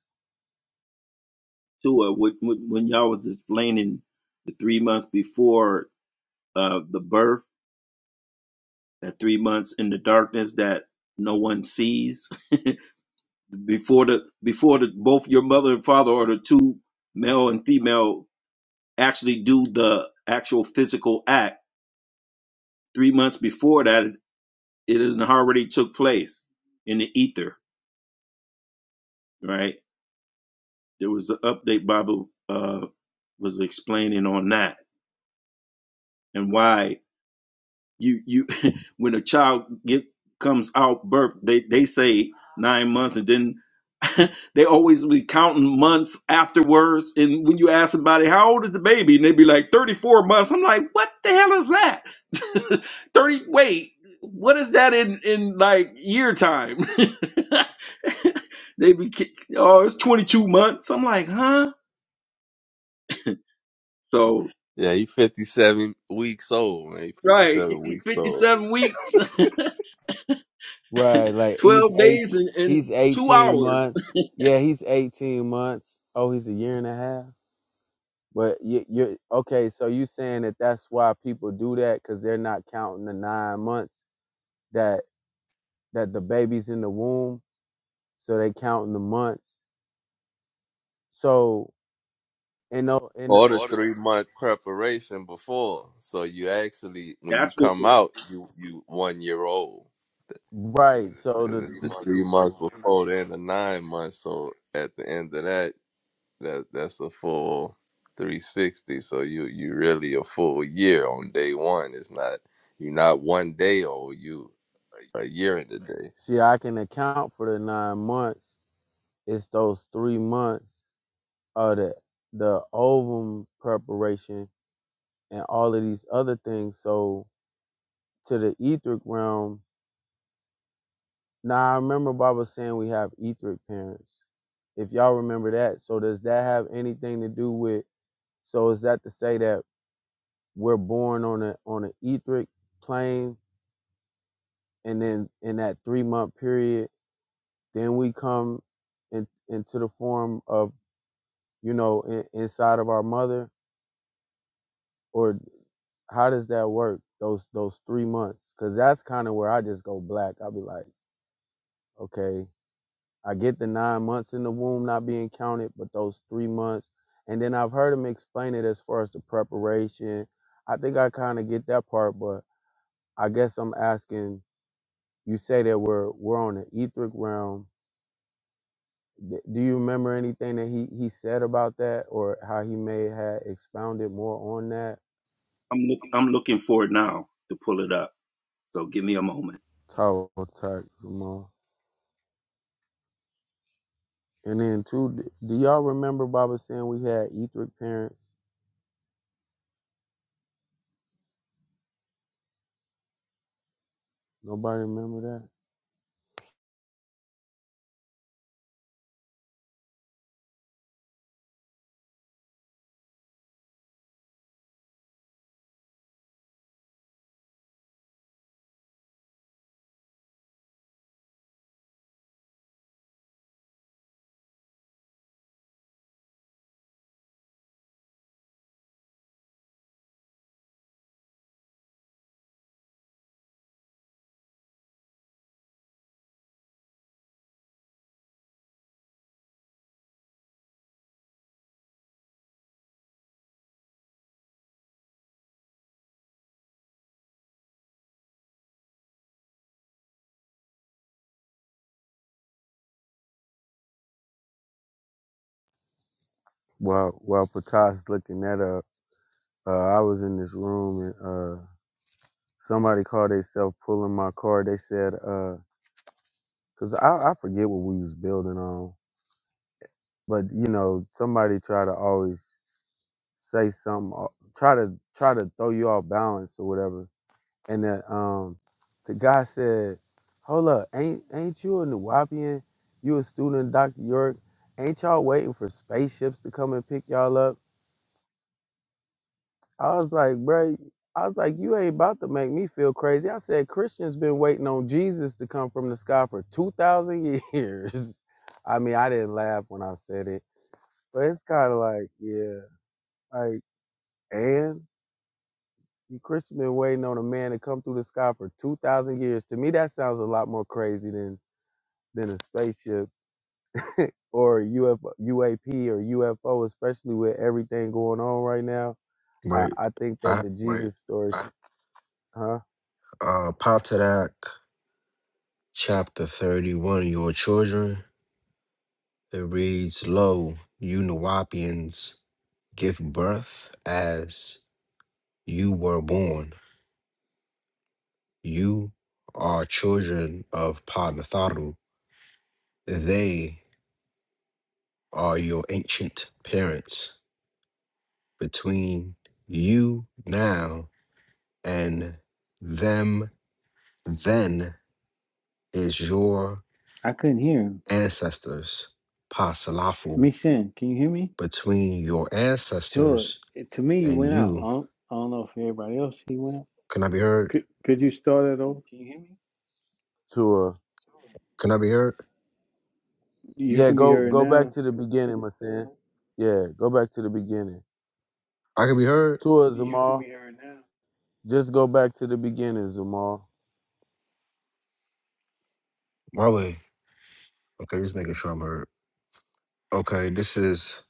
[SPEAKER 5] tour, when, when when y'all was explaining the three months before uh the birth, that three months in the darkness that no one sees *laughs* before the before the both your mother and father or the two male and female actually do the actual physical act. Three months before that, it has already took place in the ether. Right. There was an update Bible uh was explaining on that and why you you *laughs* when a child get comes out birth they they say nine months and then *laughs* they always be counting months afterwards and when you ask somebody how old is the baby and they be like 34 months i'm like what the hell is that *laughs* 30 wait what is that in in like year time *laughs* they be ki- oh it's 22 months i'm like huh so
[SPEAKER 2] Yeah, he 57 weeks old, man. He
[SPEAKER 5] right
[SPEAKER 2] 57 weeks old.
[SPEAKER 5] 57 weeks *laughs*
[SPEAKER 3] Right,
[SPEAKER 5] *laughs*
[SPEAKER 3] like he's
[SPEAKER 5] 12
[SPEAKER 3] eight
[SPEAKER 5] days and, and
[SPEAKER 3] he's
[SPEAKER 5] two
[SPEAKER 3] eighteen
[SPEAKER 5] hours.
[SPEAKER 3] months. Yeah, he's eighteen months. Oh, he's a year and a half. But you, you're okay. So you saying that that's why people do that because they're not counting the nine months that that the baby's in the womb, so they counting the months. So in tho- in
[SPEAKER 2] Or the three month preparation before. So you actually,
[SPEAKER 5] *laughs*
[SPEAKER 2] when you
[SPEAKER 5] That's what
[SPEAKER 2] come out, you you one year old.
[SPEAKER 3] Right. So
[SPEAKER 2] Because
[SPEAKER 3] the
[SPEAKER 2] it's
[SPEAKER 3] Three
[SPEAKER 2] the
[SPEAKER 3] months
[SPEAKER 2] three months
[SPEAKER 3] before that.
[SPEAKER 2] before then the nine months. So at the end of that, that that's a full 360. So you you really a full year on day one. It's not, you're not one day old. You a year in the day.
[SPEAKER 3] see, I can account for the nine months. It's those three months of the the ovum preparation and all of these other things. So to the etheric realm. Now I remember Bob was saying we have etheric parents. If y'all remember that, so does that have anything to do with? So is that to say that we're born on a on an etheric plane, and then in that three month period Then we come in, into the form of, you know, in, inside of our mother, or how does that work? Those those three months, because that's kind of where I just go black. I'll be like, okay, I get the nine months in the womb not being counted, but those three months, and then I've heard him explain it as far as the preparation. I think I kind of get that part, but I guess I'm asking. You say that we're we're on the etheric realm, D- Do you remember anything that he, he said about that or how he may have expounded more on that?
[SPEAKER 5] I'm looking I'm looking for it now to pull it up. So give me a moment.
[SPEAKER 3] Tall talk, Jamal. And then, too, d- do y'all remember Baba saying we had etheric parents? Nobody remember that? While, while Patas looking that up, uh, I was in this room and uh, somebody called themselves pulling my car. They said, because I, I forget what we was building on, but, you know, somebody try to always say something or try to try to throw you off balance or whatever. And the um the guy said, Hold up, ain't ain't you a Nuwapian? You a student of Dr. York? Ain't y'all waiting for spaceships to come and pick y'all up? I was like, "Bro, I was like, you ain't about to make me feel crazy. I said, Christians been waiting on Jesus to come from the sky for two thousand years. *laughs* I mean, I didn't laugh when I said it, but it's kind of like, yeah, like, and You Christian been waiting on a man to come through the sky for two thousand years. To me, that sounds a lot more crazy than than a spaceship or a U F O, U A P or UFO, especially with everything going on right now. I,
[SPEAKER 9] Wait,
[SPEAKER 3] I think that
[SPEAKER 9] I,
[SPEAKER 3] the Jesus story, sh- I, huh?
[SPEAKER 9] uh, Potomac chapter 31, Your children, it reads, Lo, you Nawapians, give birth as you were born. You are children of Padmatharu. They are your ancient parents. between you now and them then is your
[SPEAKER 4] I couldn't hear him.
[SPEAKER 9] ancestors. Pasalafu.
[SPEAKER 4] Me sin, can you hear me?
[SPEAKER 9] Between your
[SPEAKER 4] Sure.
[SPEAKER 9] ancestors
[SPEAKER 4] To me, you
[SPEAKER 9] and
[SPEAKER 4] went out. I
[SPEAKER 9] you.
[SPEAKER 4] don't, I don't know if everybody else he went out.
[SPEAKER 9] Can I be heard?
[SPEAKER 4] Could could you start it over?
[SPEAKER 3] To uh,
[SPEAKER 9] Can I be heard?
[SPEAKER 4] You
[SPEAKER 3] yeah,
[SPEAKER 4] can be
[SPEAKER 3] go
[SPEAKER 4] heard
[SPEAKER 3] go back
[SPEAKER 4] now.
[SPEAKER 3] to the beginning, my son. Yeah, go back to the beginning.
[SPEAKER 9] I can be heard.
[SPEAKER 3] Tua Zamal, just go back to the beginning, Zamal.
[SPEAKER 9] My way. Okay, just making sure I'm heard. Okay, this is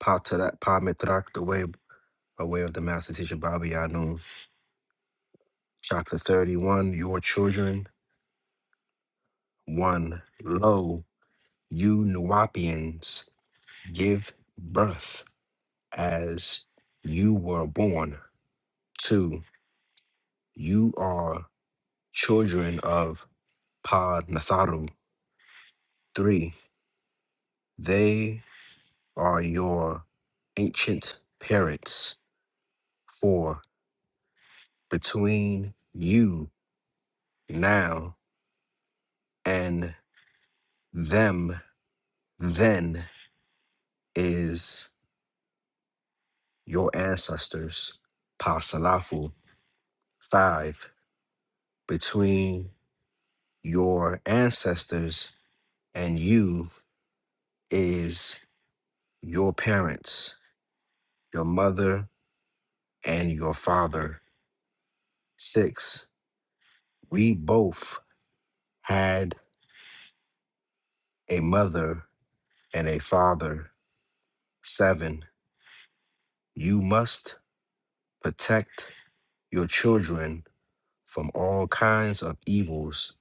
[SPEAKER 9] Pa Tadak- Pa Mitrak, the way a way of the master teacher Baba Yanun. Chapter 31, Your Children. One. Lo, you Nuwapians. give birth as you were born two you are children of Pad Natharu three they are your ancient parents four between you now and them then is your ancestors Pasalafu five between your ancestors and you is your parents, your mother, and your father. Six, we both had a mother and a father. Seven, you must protect your children from all kinds of evils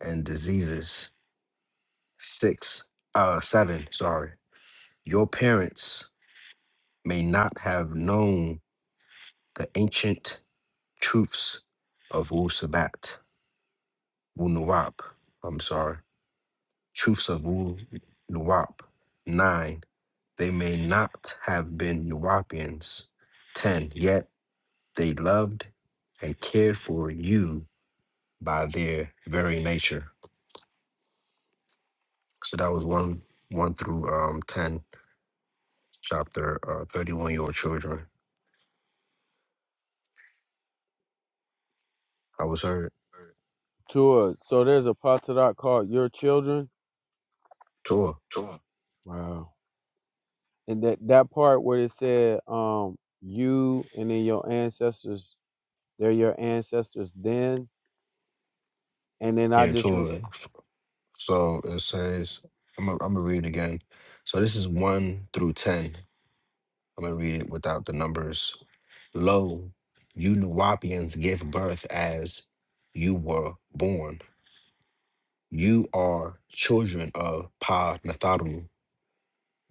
[SPEAKER 9] and diseases. Six, uh, seven, sorry. Your parents may not have known the ancient truths of Wu Sabat, Wu Nawab, I'm sorry Truths of Wu Nuwap. 9. They may not have been Nuwapians. 10. Yet they loved and cared for you by their very nature. So that was 1 1 through um 10, chapter uh, 31 Your Children. I was heard.
[SPEAKER 3] Tua. So there's a Patadak called Your Children.
[SPEAKER 9] Torah.
[SPEAKER 3] Wow. and that that part where it said um you and then your ancestors they're your ancestors then and then i
[SPEAKER 9] Yeah,
[SPEAKER 3] just re-
[SPEAKER 9] Torah. So it says, I'm going to read it again. So this is 1 through 10. I'm going to read it without the numbers. Lo, you Nuwapians give birth as you were born. You are children of Pa Natharu.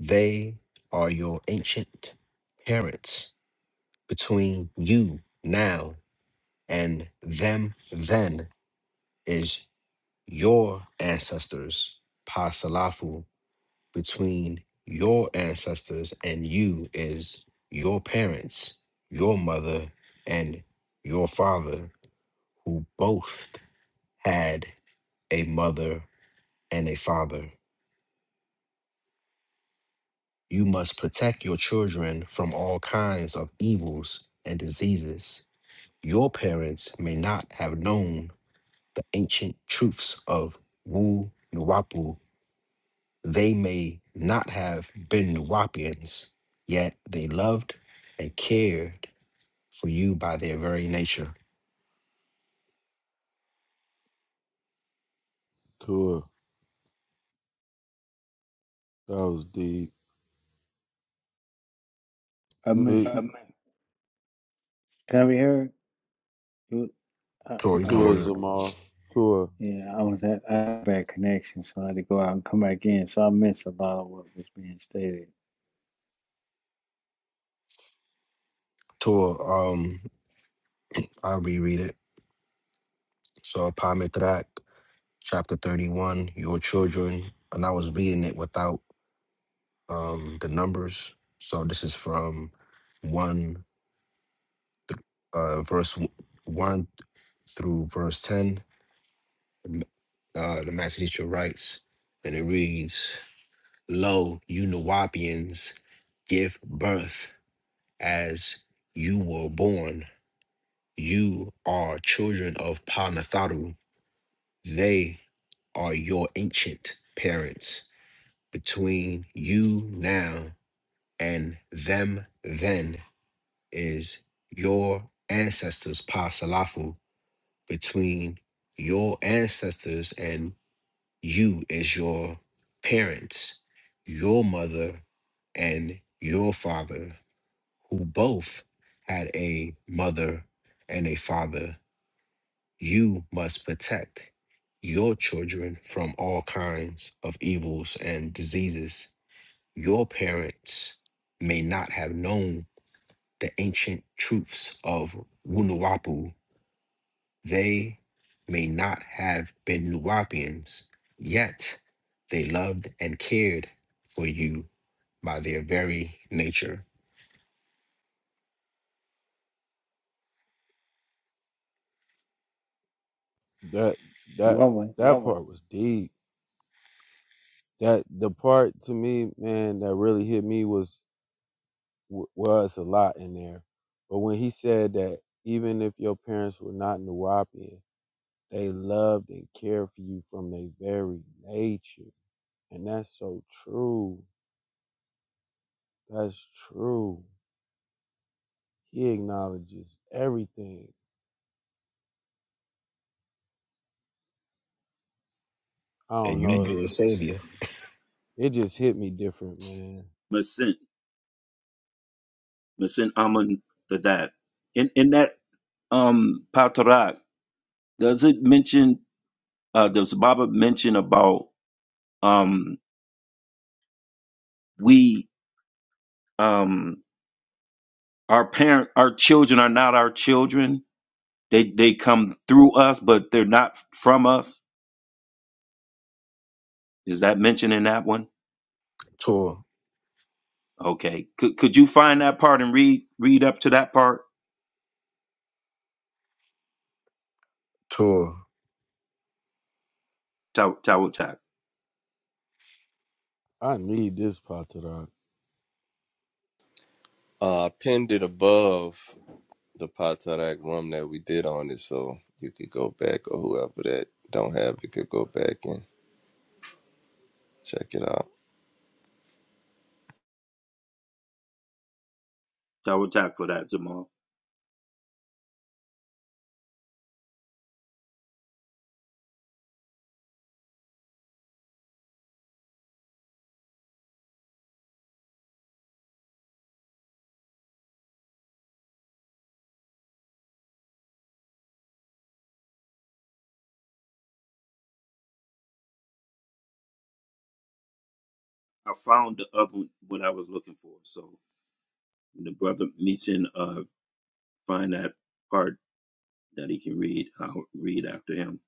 [SPEAKER 9] They are your ancient parents. Between you now and them then is your ancestors, Pa Salafu. Between your ancestors and you is your parents, your mother, and your father who both had a mother and a father. You must protect your children from all kinds of evils and diseases. Your parents may not have known the ancient truths of Wu Nuwapu. They may not have been Nuwapians, yet they loved and cared for you by their very nature.
[SPEAKER 3] tour that was deep
[SPEAKER 4] I missed.
[SPEAKER 3] Tour
[SPEAKER 4] it. Can I be heard? You- I,
[SPEAKER 9] Tor, you
[SPEAKER 4] I,
[SPEAKER 9] could be heard.
[SPEAKER 3] them all tour
[SPEAKER 4] yeah, I was at I had bad connection, so I had to go out and come back in. So I missed a lot of what was being stated.
[SPEAKER 9] Tor, um, I'll reread it. So, Pametrak. chapter 31, Your Children. And I was reading it without um, the numbers. So this is from 1, th- uh, verse w- 1 through verse 10. Uh, the Master Teacher writes, and it reads, Lo, you Nawapians, give birth as you were born. You are children of Panatharu. They are your ancient parents. between you now and them then is your ancestors pasalafu between your ancestors and you is your parents your mother and your father who both had a mother and a father you must protect your children from all kinds of evils and diseases your parents may not have known the ancient truths of Wunuwapu. They may not have been Nuwapians, yet they loved and cared for you by their very nature.
[SPEAKER 3] that that
[SPEAKER 4] Well, wait,
[SPEAKER 3] that part was deep that the part to me man that really hit me was was a lot in there but when he said that even if your parents were not Nuwapian, they loved and cared for you from their very nature And that's so true. That's true. He acknowledges everything. I
[SPEAKER 9] And
[SPEAKER 3] don't
[SPEAKER 5] Oh,
[SPEAKER 9] you
[SPEAKER 3] know. It,
[SPEAKER 9] their
[SPEAKER 5] um
[SPEAKER 9] savior.
[SPEAKER 3] it just hit me different, man.
[SPEAKER 5] Masin Masin Amun to that. In in that um Patarak, does it mention uh does Baba mention about um we um our parent our children are not our children. They they come through us, but they're not from us. Is that mentioned in that one?
[SPEAKER 9] Tour,
[SPEAKER 5] Okay. Could could you find that part and read read up to that part?
[SPEAKER 9] tour.
[SPEAKER 5] Tower tower tap.
[SPEAKER 3] I need this Patarak.
[SPEAKER 2] Uh, pinned it above the Potomac room that we did on it, so you could go back or whoever that don't have it could go back and check it out.
[SPEAKER 5] Tower tap for that, Jamal. I found the other one what I was looking for. So when the brother Meechin uh find that part that he can read, I'll read after him.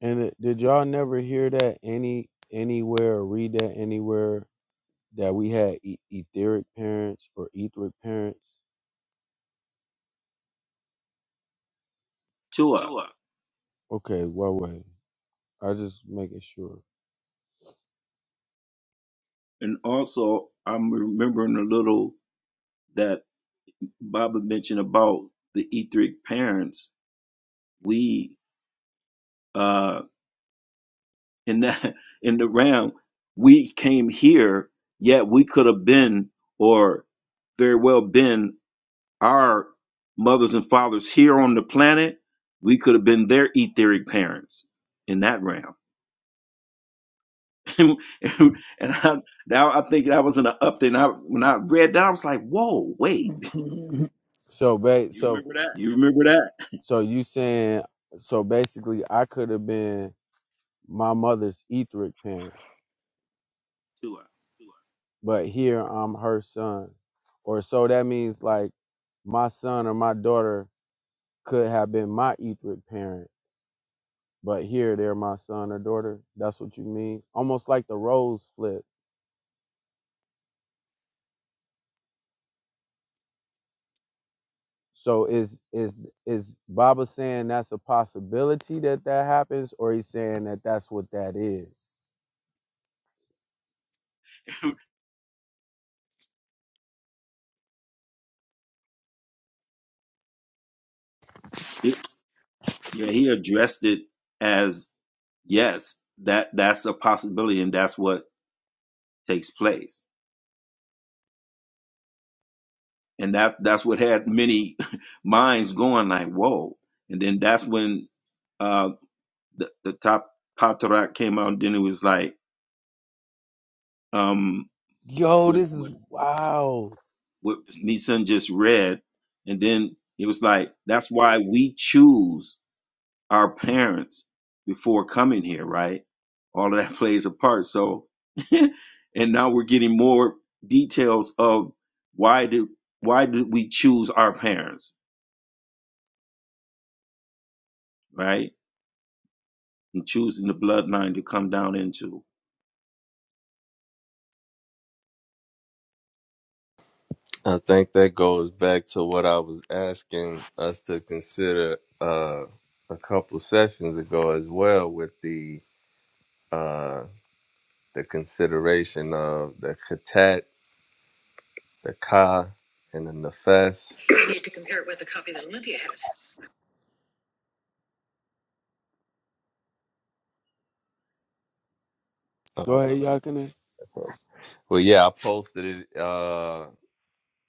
[SPEAKER 3] And it, did y'all never hear that any anywhere or read that anywhere that we had e- etheric parents or etheric parents?
[SPEAKER 5] Tua.
[SPEAKER 3] Okay, what way? I just making sure.
[SPEAKER 5] And also I'm remembering a little that Baba mentioned about the Etheric parents. We uh in that *laughs* in the realm we came here yet we could have been or very well been our mothers and fathers here on the planet we could have been their etheric parents in that realm *laughs* and I, now i think that was in an update and I, when i read that i was like whoa wait *laughs*
[SPEAKER 3] So, ba- You so remember that?
[SPEAKER 5] you remember that
[SPEAKER 3] so you saying so basically I could have been my mother's etheric parent.
[SPEAKER 5] Sure.
[SPEAKER 3] but here I'm her son. Or so that means like my son or my daughter could have been my etheric parent, but here they're my son or daughter. That's what you mean. Almost like the roles flip. So is is is Baba saying that's a possibility that that happens, or he's saying that that's what that is?
[SPEAKER 5] He- yeah he addressed it as yes that that's a possibility and that's what takes place and that that's what had many *laughs* minds going like whoa and then that's when uh the, the top patarak came out and then it was like um
[SPEAKER 3] Yo,
[SPEAKER 5] what
[SPEAKER 3] this is wow.
[SPEAKER 5] what Nissan just read and then it was like that's why we choose our parents before coming here right all of that *laughs* plays a part so *laughs* and now we're getting more details of why did why did we choose our parents right and choosing the bloodline to come down into.
[SPEAKER 2] I think that goes back to what I was asking us to consider uh, a couple sessions ago as well with the uh, the consideration of the katat, the ka, and the nefes. Uh,
[SPEAKER 3] Go ahead, Yakinen.
[SPEAKER 2] well, yeah, I posted it. Uh,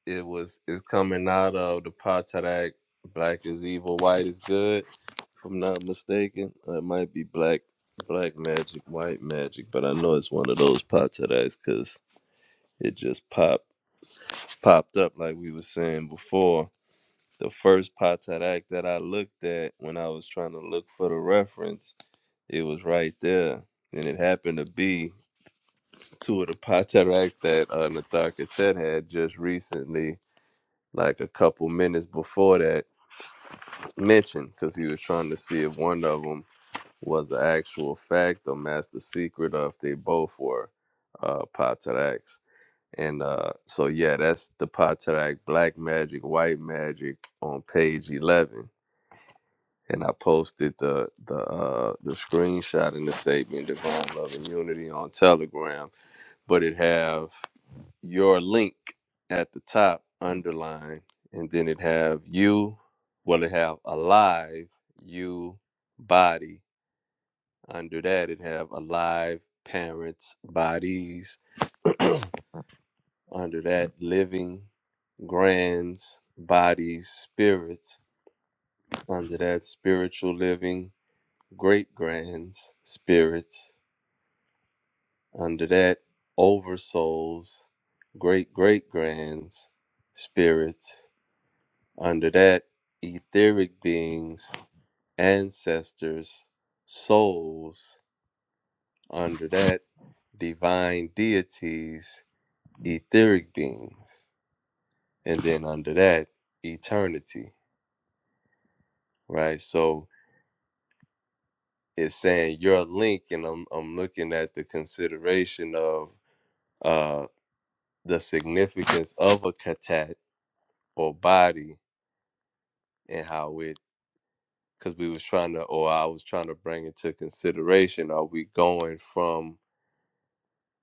[SPEAKER 2] It was it's coming out of the Potadak Black is Evil, White is Good, if I'm not mistaken. It might be Black Black Magic, White Magic, but I know it's one of those Potadaks because it just popped popped up like we were saying before. The first Potadak that I looked at when I was trying to look for the reference, it was right there. And it happened to be two of the Potadak that uh, Nathaka Ted had just recently like a couple minutes before that mentioned because he was trying to see if one of them was the actual fact or master secret or if they both were uh pataraks. And uh so yeah, that's the patarak Black Magic, White Magic on page eleven. And I posted the the uh the screenshot in the statement Divine Love and Unity on Telegram, but it have your link at the top underline and then it have you well it have alive you body under that it have alive parents bodies under that living grands bodies spirits under that spiritual living great grands spirits under that oversouls great great grands spirits Under that, etheric beings, ancestors, souls. Under that, divine deities, etheric beings. And then under that, eternity, right? So it's saying your link, and I'm, I'm looking at the consideration of uh, the significance of a katat or body and how it, because we was trying to, or I was trying to bring into consideration, are we going from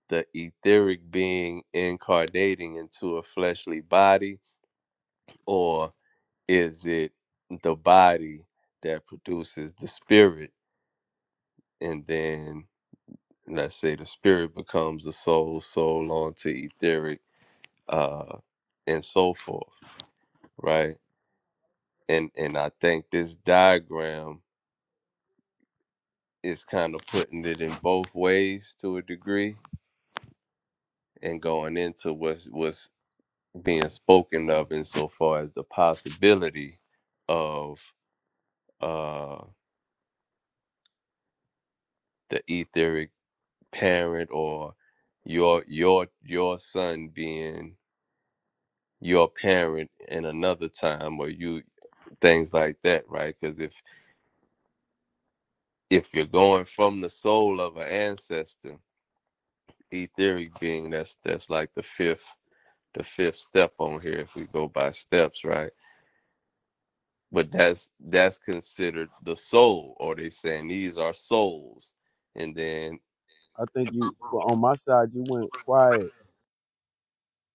[SPEAKER 2] the etheric being incarnating into a fleshly body, or is it the body that produces the spirit? And then let's say the spirit becomes a soul, soul onto etheric, uh, and so forth, right? And and I think this diagram is kind of putting it in both ways to a degree and going into what's what's being spoken of insofar as the possibility of uh the etheric parent or your your your son being your parent in another time or you things like that right because if if you're going from the soul of an ancestor etheric being that's that's like the fifth the fifth step on here if we go by steps right but that's that's considered the soul or they saying these are souls and then
[SPEAKER 3] I think you for on my side you went quiet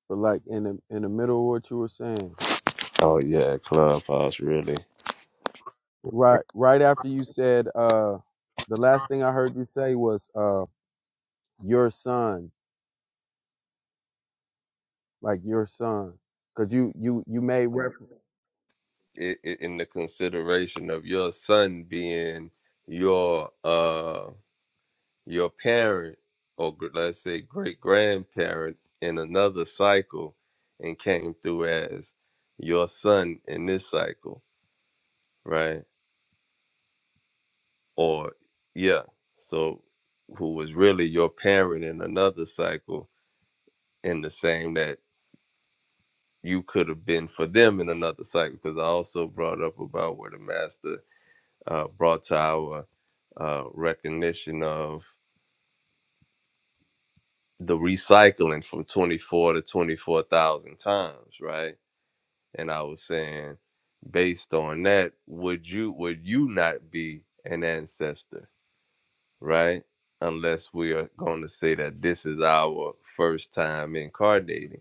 [SPEAKER 3] for like in the in the middle of what you were saying.
[SPEAKER 2] oh yeah clubhouse really
[SPEAKER 3] Right, right after you said, uh, the last thing I heard you say was, uh, your son, like your son, cause you you you made reference.
[SPEAKER 2] i- i- in the consideration of your son being your uh your parent or gr- let's say great grandparent in another cycle and came through as your son in this cycle right or yeah so who was really your parent in another cycle and the same that you could have been for them in another cycle because i also brought up about where the master uh, brought to our uh, recognition of the recycling from 24 to 24,000 times, right? And I was saying, based on that, would you would you not be an ancestor, right? Unless we are going to say that this is our first time incarnating.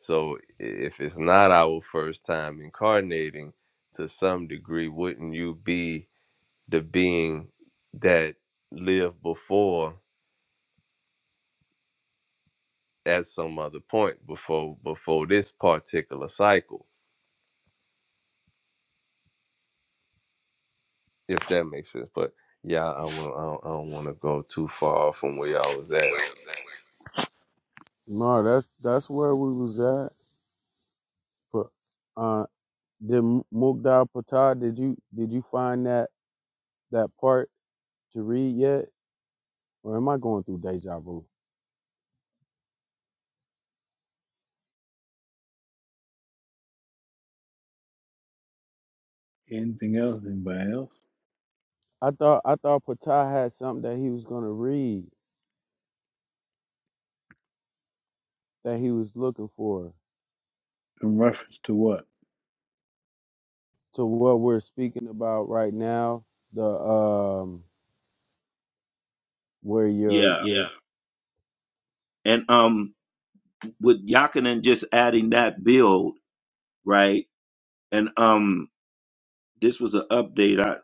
[SPEAKER 2] So if it's not our first time incarnating, to some degree, wouldn't you be the being that lived before at some other point before before this particular cycle, if that makes sense. But yeah, I will. I don't, I don't want to go too far from where y'all was at.
[SPEAKER 3] No, that's that's where we was at. But uh, did Mugdal Patah? Did you did you find that that part to read yet, or am I going through deja vu?
[SPEAKER 4] anything else? Anybody else?
[SPEAKER 3] I thought I thought Patah had something that he was gonna read that he was looking for
[SPEAKER 4] In reference to what?
[SPEAKER 3] to what we're speaking about right now. The um where your
[SPEAKER 5] Yeah. And um with Yakinen just adding that build, right? And um this was an update. I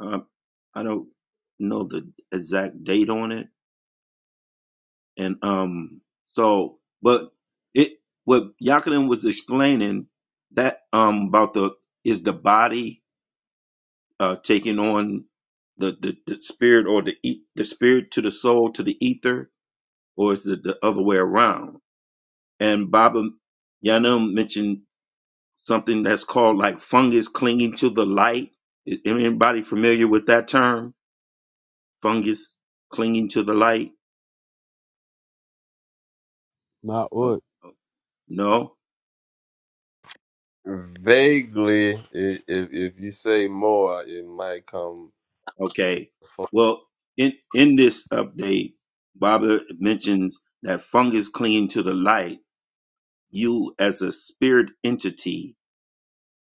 [SPEAKER 5] um I don't know the exact date on it. And um so but it what Yakinen was explaining that um about the is the body uh taking on the, the, the spirit or the e- the spirit to the soul to the ether or is it the other way around and Baba Yanum mentioned something that's called like fungus clinging to the light. Is anybody familiar with that term? Fungus clinging to the light? Oh,
[SPEAKER 3] Ma'ut.
[SPEAKER 5] no. And
[SPEAKER 2] Vaguely, i- if if you say more, it might come.
[SPEAKER 5] okay,
[SPEAKER 2] fo-
[SPEAKER 5] well, in in this update, Baba mentions that fungus clinging to the light. You as a spirit entity,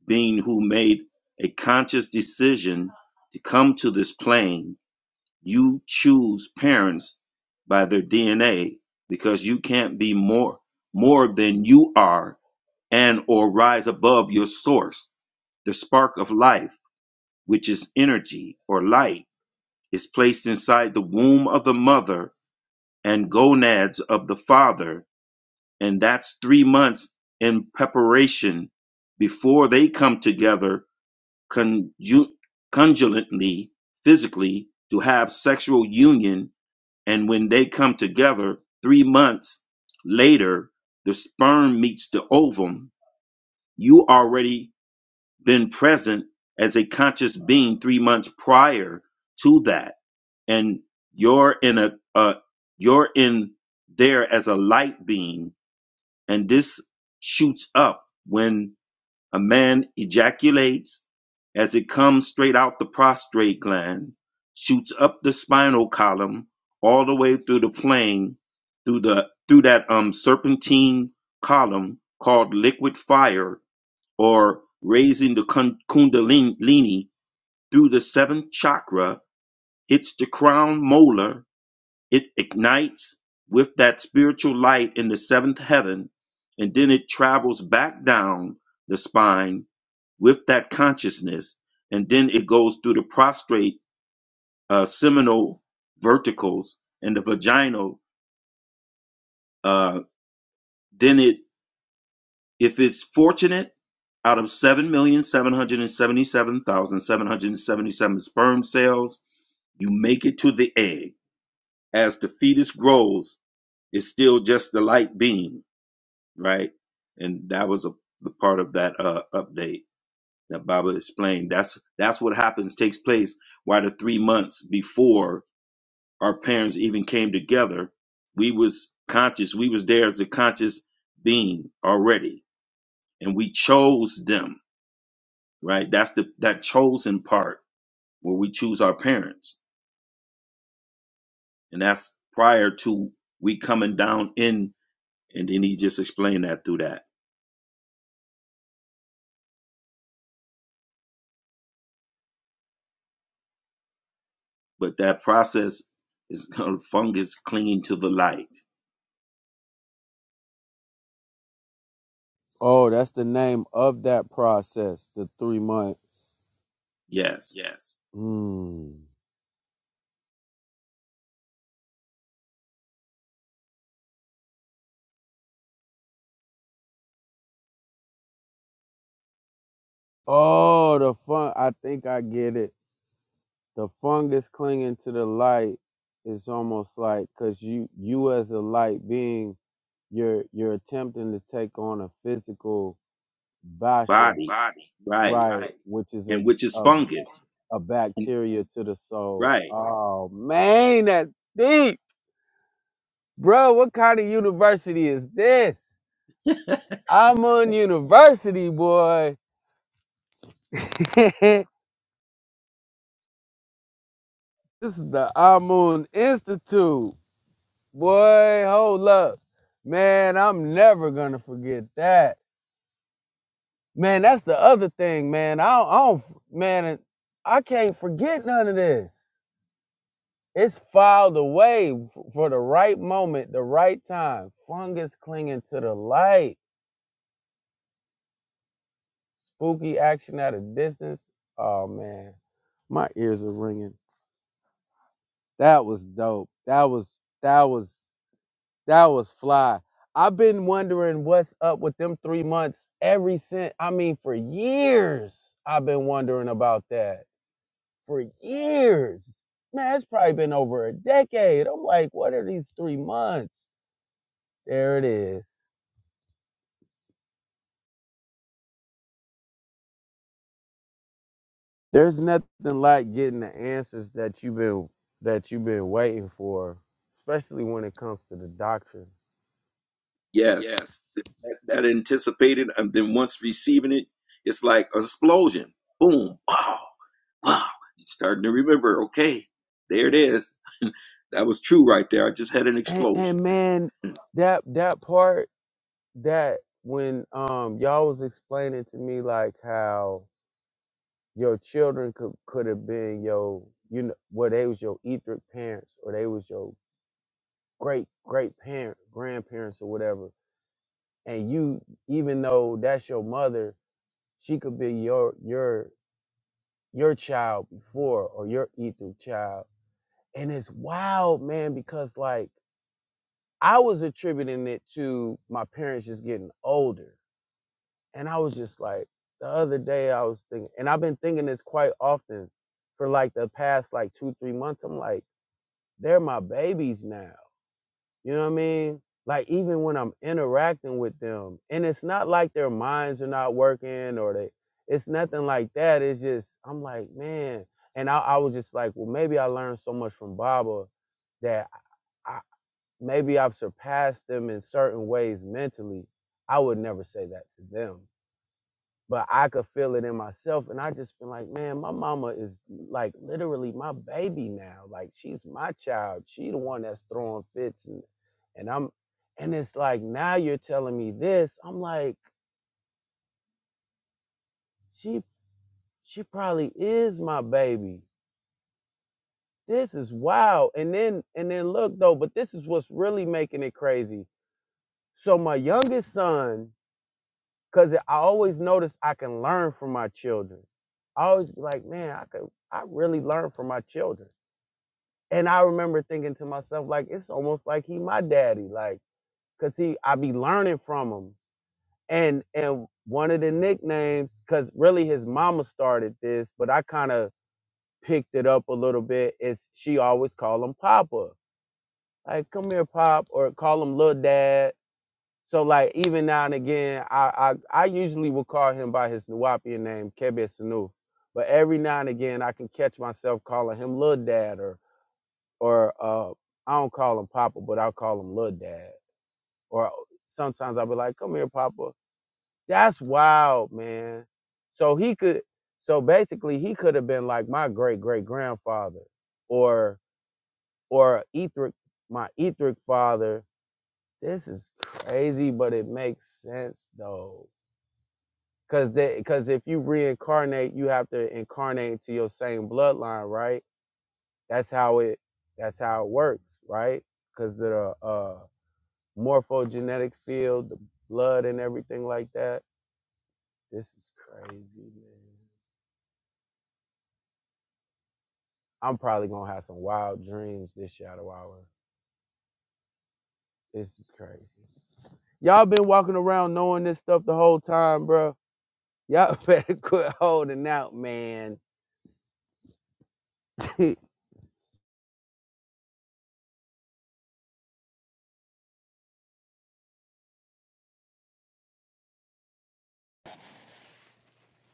[SPEAKER 5] being who made a conscious decision to come to this plane You choose parents by their DNA because you can't be more more than you are and or rise above your source. The spark of life, which is energy or light, is placed inside the womb of the mother and gonads of the father, and that's 3 months in preparation before they come together conju- conjointly physically to have sexual union And when they come together three months later, the sperm meets the ovum. You already been present as a conscious being three months prior to that. And you're in a, uh, you're in there as a light being. And this shoots up when a man ejaculates as it comes straight out the prostrate gland, shoots up the spinal column, all the way through the plane, through the through that um serpentine column called liquid fire, or raising the kundalini through the seventh chakra, hits the crown molar. It ignites with that spiritual light in the seventh heaven, and then it travels back down the spine with that consciousness, and then it goes through the prostrate uh, seminal verticals and the vaginal. Uh, then it, if it's fortunate, out of seven million seven hundred and seventy-seven thousand seven hundred and seventy-seven sperm cells, you make it to the egg. As the fetus grows, it's still just the light beam, right? And that was a the part of that uh, update that Baba explained. That's that's what happens, takes place why the three months before our parents even came together, we was conscious, we was there as a conscious being already. And we chose them, right? That's the that chosen part where we choose our parents. And that's prior to we coming down in and then he just explained that through that. But that process is *laughs* called fungus clinging to the light.
[SPEAKER 3] Oh, that's the name of that process, the three months.
[SPEAKER 5] Yes.
[SPEAKER 3] Mm. Oh, the fun. I think I get it. The fungus clinging to the light is almost like because you, you as a light being, you're you're attempting to take on a physical basha,
[SPEAKER 5] Body. Right.
[SPEAKER 3] right? Right. Which is a
[SPEAKER 5] And which is
[SPEAKER 3] a, Which is fun.
[SPEAKER 5] fungus.
[SPEAKER 3] a
[SPEAKER 5] *laughs*
[SPEAKER 3] bacteria to the soul.
[SPEAKER 5] Right.
[SPEAKER 3] Right. Oh man, that's deep, bro. What kind of university is this? Amun University, boy. *laughs* this is the Amun Institute. Boy, hold up. Man, I'm never gonna forget that. Man, that's the other thing, man. I don't, I don't man, I can't forget none of this. It's filed away f- for the right moment, the right time. Fungus clinging to the light. Spooky action at a distance. Oh man, my ears are ringing. That was dope. That was that was that was fly. I've been wondering what's up with them three months every since. I mean, for years I've been wondering about that. For years, man, it's probably been over a decade. I'm like, what are these three months? There it is. There's nothing like getting the answers that you've been that you've been waiting for, especially when it comes to the doctrine.
[SPEAKER 5] Yes. that anticipated and then once receiving it it's like an explosion boom wow wow you starting to remember okay there it is *laughs* that was true right there i just had an
[SPEAKER 3] And
[SPEAKER 5] explosion
[SPEAKER 3] and man, that that part that when um y'all was explaining to me like how your children could could have been your you know well they was your etheric parents or they was your great great parent grandparents or whatever and you even though that's your mother she could be your your your child before or your etheric child and it's wild man because like i was attributing it to my parents just getting older And I was just like, the other day I was thinking, and I've been thinking this quite often for like the past like two, three months. I'm like, they're my babies now. You know what I mean? Like even when I'm interacting with them, and it's not like their minds are not working or they, it's nothing like that. It's just I'm like, man, and I, I was just like, well, maybe I learned so much from Baba that I, maybe I've surpassed them in certain ways mentally. I would never say that to them but I could feel it in myself. And I just been like, man, my mama is like literally my baby now. Like she's my child. She the one that's throwing fits and and I'm and it's like now you're telling me this. I'm like, she she probably is my baby. This is wild. And then and then look though, but this is what's really making it crazy. So my youngest son, cause I always notice I can learn from my children. I always be like, man, I could I really learn from my children And I remember thinking to myself, like, it's almost like he my daddy, like, cause he I be learning from him. And and one of the nicknames, cause really his mama started this, but I kind of picked it up a little bit, is she always call him Papa. Like, come here, Pop, or call him little dad. So like even now and again, I I, I usually will call him by his Nuwapian name, Kebe Sanu. But every now and again I can catch myself calling him little dad or or uh, I don't call him Papa, but I'll call him Little Dad. Or uh, sometimes I'll be like, "Come here, Papa." That's wild, man. So he could, so basically, he could have been like my great great grandfather, or or Ethric, my Ethric father. This is crazy, but it makes sense though, because because if you reincarnate, you have to incarnate into your same bloodline, right? That's how it. That's how it works, right? Because the uh morphogenetic field, the blood and everything like that. This is crazy, man. I'm probably gonna have some wild dreams this shadow hour. This is crazy. Y'all been walking around knowing this stuff the whole time, bro. Y'all *laughs* better quit holding out, man. *laughs* it,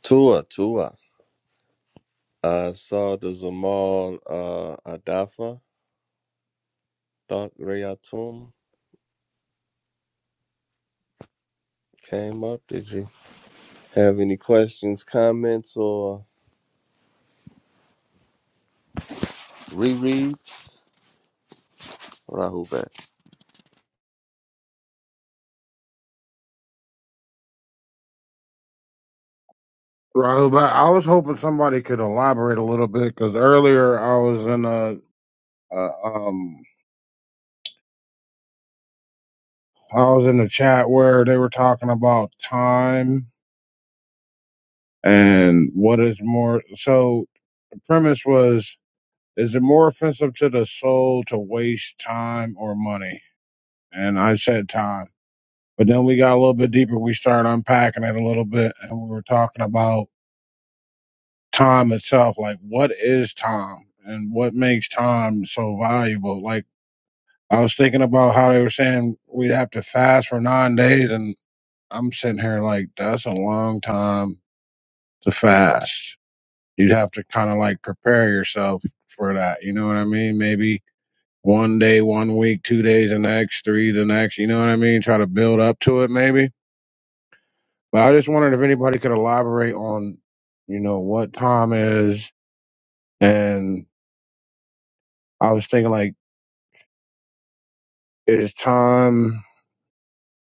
[SPEAKER 2] Tua Tua. I saw the Zamal uh, Adafa Thought Reatum came up. Did you have any questions, comments, or rereads? Rahul
[SPEAKER 11] Rahul, but I was hoping somebody could elaborate a little bit because earlier I was in a, uh, um, I was in the chat where they were talking about time and what is more. So the premise was, is it more offensive to the soul to waste time or money? And I said time, but then we got a little bit deeper. We started unpacking it a little bit, and we were talking about time itself, like what is time and what makes time so valuable, like I was thinking about how they were saying we'd have to fast for nine days, and I'm sitting here like, that's a long time to fast. You'd have to kind of like prepare yourself for that. You know what I mean? Maybe one day, one week, two days, the next, three, the next. You know what I mean? Try to build up to it, maybe. But I just wondered if anybody could elaborate on, you know, what time is. And I was thinking, like, is time,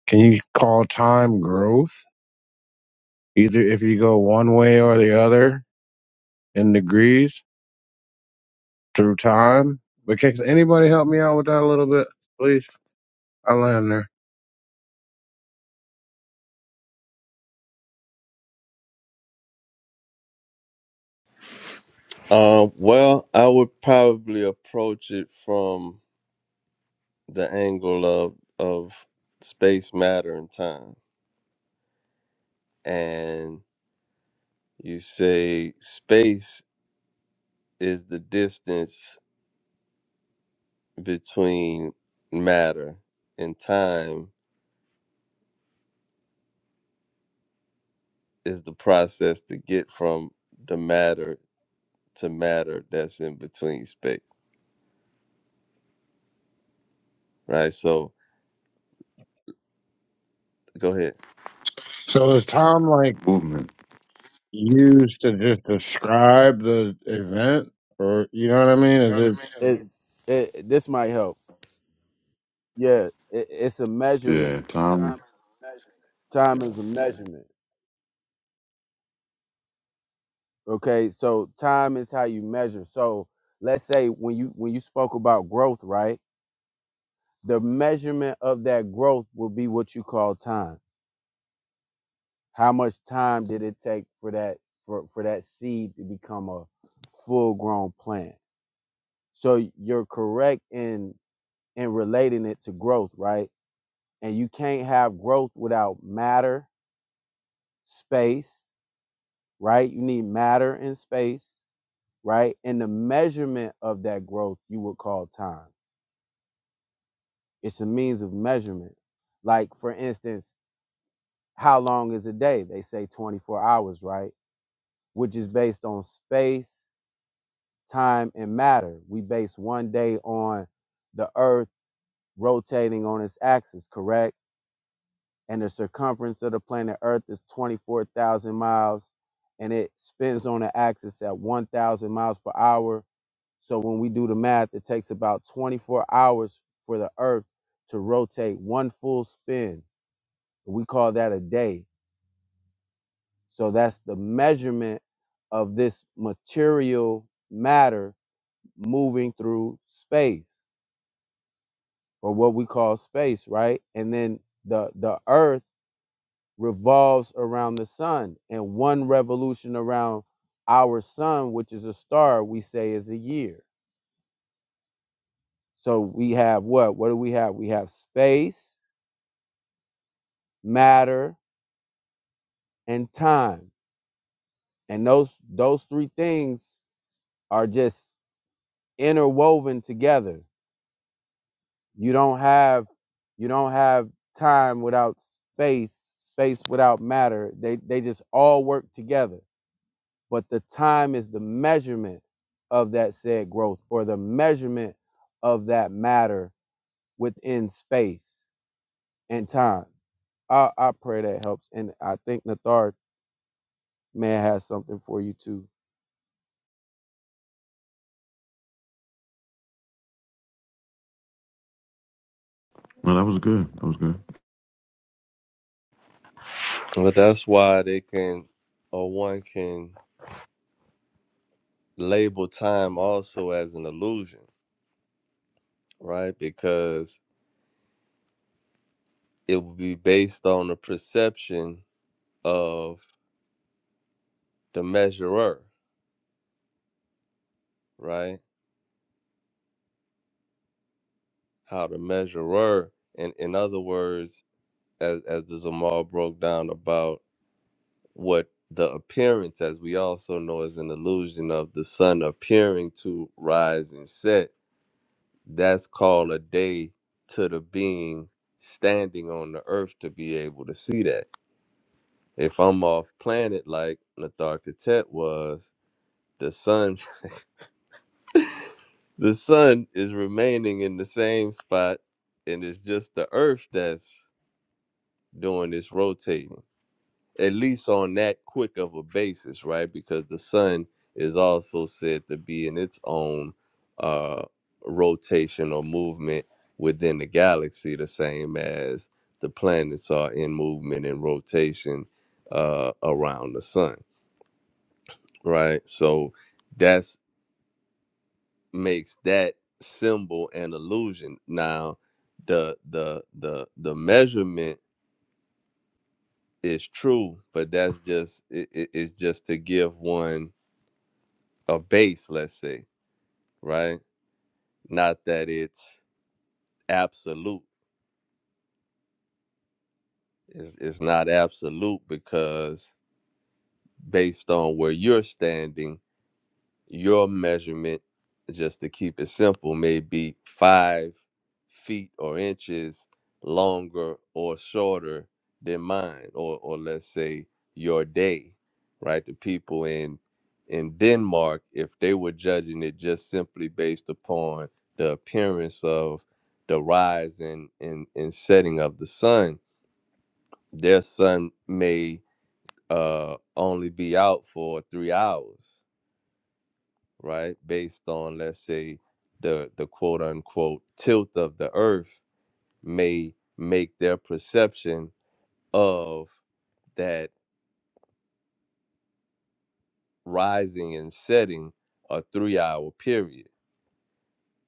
[SPEAKER 11] can you call time growth? Either if you go one way or the other in degrees through time. But can anybody help me out with that a little bit, please? I land there.
[SPEAKER 2] Uh, well, I would probably approach it from the angle of of space, matter, and time. And you say space is the distance between matter, and time is the process to get from the matter to matter that's in between space, right? So go ahead.
[SPEAKER 11] So is time like
[SPEAKER 1] movement.
[SPEAKER 11] used to just describe the event, or you know what I mean? Is it
[SPEAKER 3] it, this might help. Yeah, it, it's a measurement.
[SPEAKER 1] Yeah, time. Time.
[SPEAKER 3] Time is a measurement. Okay, so time is how you measure. So let's say when you when you spoke about growth, right? the measurement of that growth will be what you call time. How much time did it take for that for, for that seed to become a full grown plant? So you're correct in in relating it to growth, right? And you can't have growth without matter, space, right? You need matter and space, right? And the measurement of that growth you would call time. It's a means of measurement. Like for instance, How long is a day? They say 24 hours, right? Which is based on space, time, and matter. We base one day on the Earth rotating on its axis, correct? And the circumference of the planet Earth is 24,000 miles and it spins on the axis at 1,000 miles per hour. So when we do the math, it takes about 24 hours for the Earth to rotate one full spin. We call that a day. So that's the measurement of this material matter moving through space or what we call space, right? And then the the earth revolves around the sun and one revolution around our sun, which is a star, we say is a year. So we have what? What do we have? We have space, matter, and time. And those those three things are just interwoven together you don't have you don't have time without space space without matter they they just all work together but the time is the measurement of that said growth or the measurement of that matter within space and time i i pray that helps and i think nathar may have something for you too
[SPEAKER 1] No, that was good. That was good.
[SPEAKER 2] But that's why they can, or one can label time also as an illusion right? Because it will be based on the perception of the measurer, right? How the measurer, and in other words, as as the Zamal broke down about what the appearance, as we also know, is an illusion of the sun appearing to rise and set. That's called a day to the being standing on the earth to be able to see that. If I'm off planet like Natharkatet was, the sun The sun is remaining in the same spot, and it's just the earth that's doing this rotating, at least on that quick of a basis, right? Because the sun is also said to be in its own uh, rotation or movement within the galaxy, the same as the planets are in movement and rotation uh, around the sun, right? So. that's. makes that symbol an illusion. Now, the the the the measurement is true, but that's just it, it- it's just to give one a base, let's say, right? Not that it's absolute. It's, it's not absolute because based on where you're standing Your measurement, just to keep it simple, may be five feet or inches longer or shorter than mine, or or let's say your day, right? The people in in Denmark, if they were judging it just simply based upon the appearance of the rise and and, and setting of the sun, their sun may uh only be out for three hours right? Based on let's say the the quote unquote tilt of the earth may make their perception of that rising and setting a 3-hour period.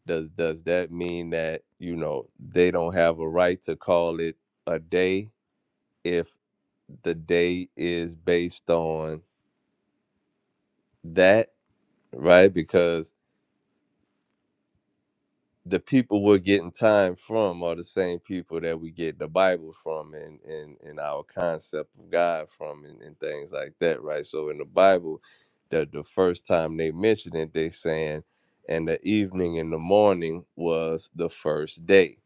[SPEAKER 2] Does does that mean that, you know, they don't have a right to call it a day if the day is based on that, right? Because the people we're getting time from are the same people that we get the Bible from and and, and our concept of God from and, and things like that, right? So in the Bible, the the first time they mention it, they saying, and the evening and the morning was the first day.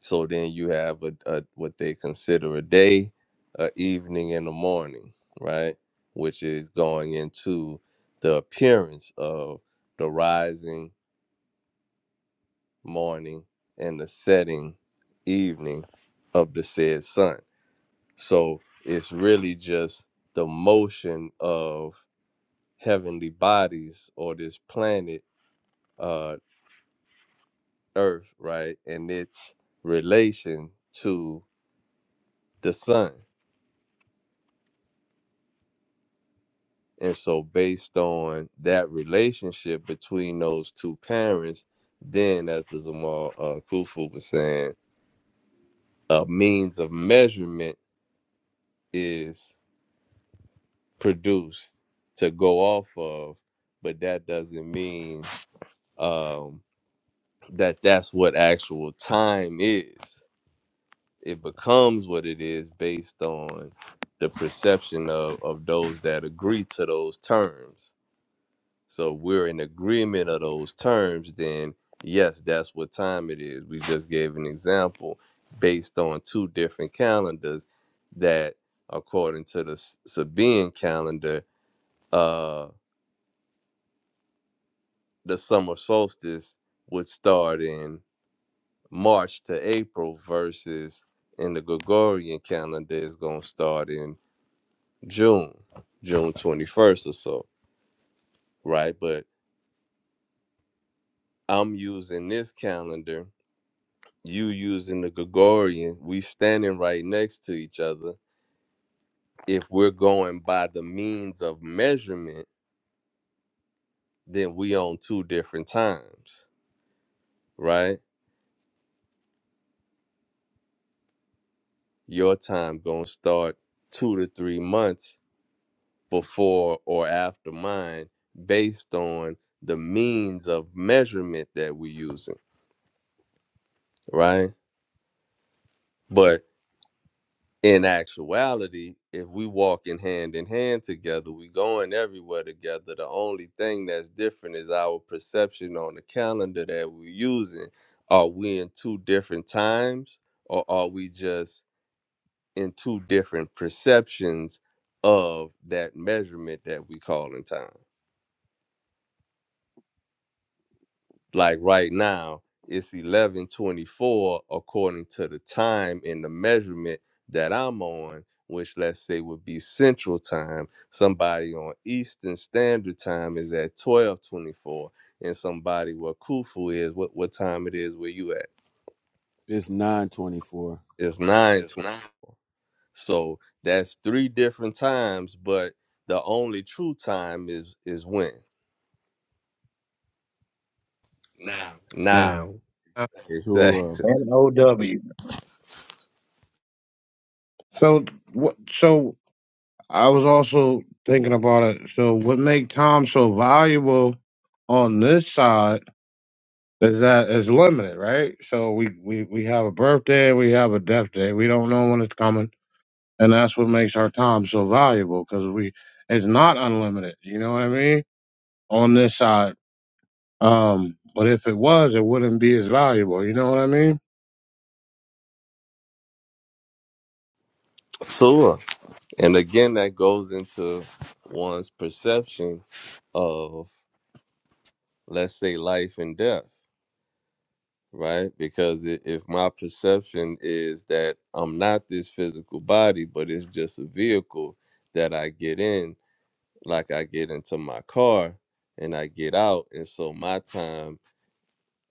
[SPEAKER 2] So then you have a, a what they consider a day, a evening and a morning, right? Which is going into the appearance of the rising morning, and the setting evening of the said sun. So it's really just the motion of heavenly bodies or this planet uh earth, right? And its relation to the sun. And so based on that relationship between those two parents, then as the Zamal uh Kufu was saying, a means of measurement is. produced to go off of, but that doesn't mean um, that that's what actual time is. It becomes what it is based on the perception of, of those that agree to those terms. So if we're in agreement of those terms, then yes, that's what time it is. We just gave an example based on two different calendars that according to the S- Sabian calendar uh, the summer solstice would start in March to April versus in the Gregorian calendar is going to start in June, June 21st or so, right? But I'm using this calendar, you using the Gregorian, we standing right next to each other. If we're going by the means of measurement, then we on two different times, right? Your time going to start 2 to 3 months before or after mine based on the means of measurement that we're using, right? But in actuality, if we walking hand in hand together, we going everywhere together. The only thing that's different is our perception on the calendar that we're using. Are we in two different times or are we just in two different perceptions of that measurement that we call in time? like right now it's 1124 according to the time and the measurement that i'm on which let's say would be central time somebody on eastern standard time is at 1224 and somebody where kufu is what, what time it is where you at
[SPEAKER 3] it's 924
[SPEAKER 2] it's 924 so that's three different times but the only true time is is when now
[SPEAKER 9] Now,
[SPEAKER 2] exactly
[SPEAKER 11] N O W. So what? So I was also thinking about it. So what make time so valuable on this side? is that is limited, right? So we, we, we have a birthday, we have a death day. We don't know when it's coming. And that's what makes our time so valuable because we, it's not unlimited. You know what I mean? On this side. Um, but if it was, it wouldn't be as valuable. You know what I mean?
[SPEAKER 2] *laughs* sure. And again, that goes into one's perception of, let's say, life and death, right? Because i- if my perception is that I'm not this physical body, but it's just a vehicle that I get in, like I get into my car and I get out. And so my time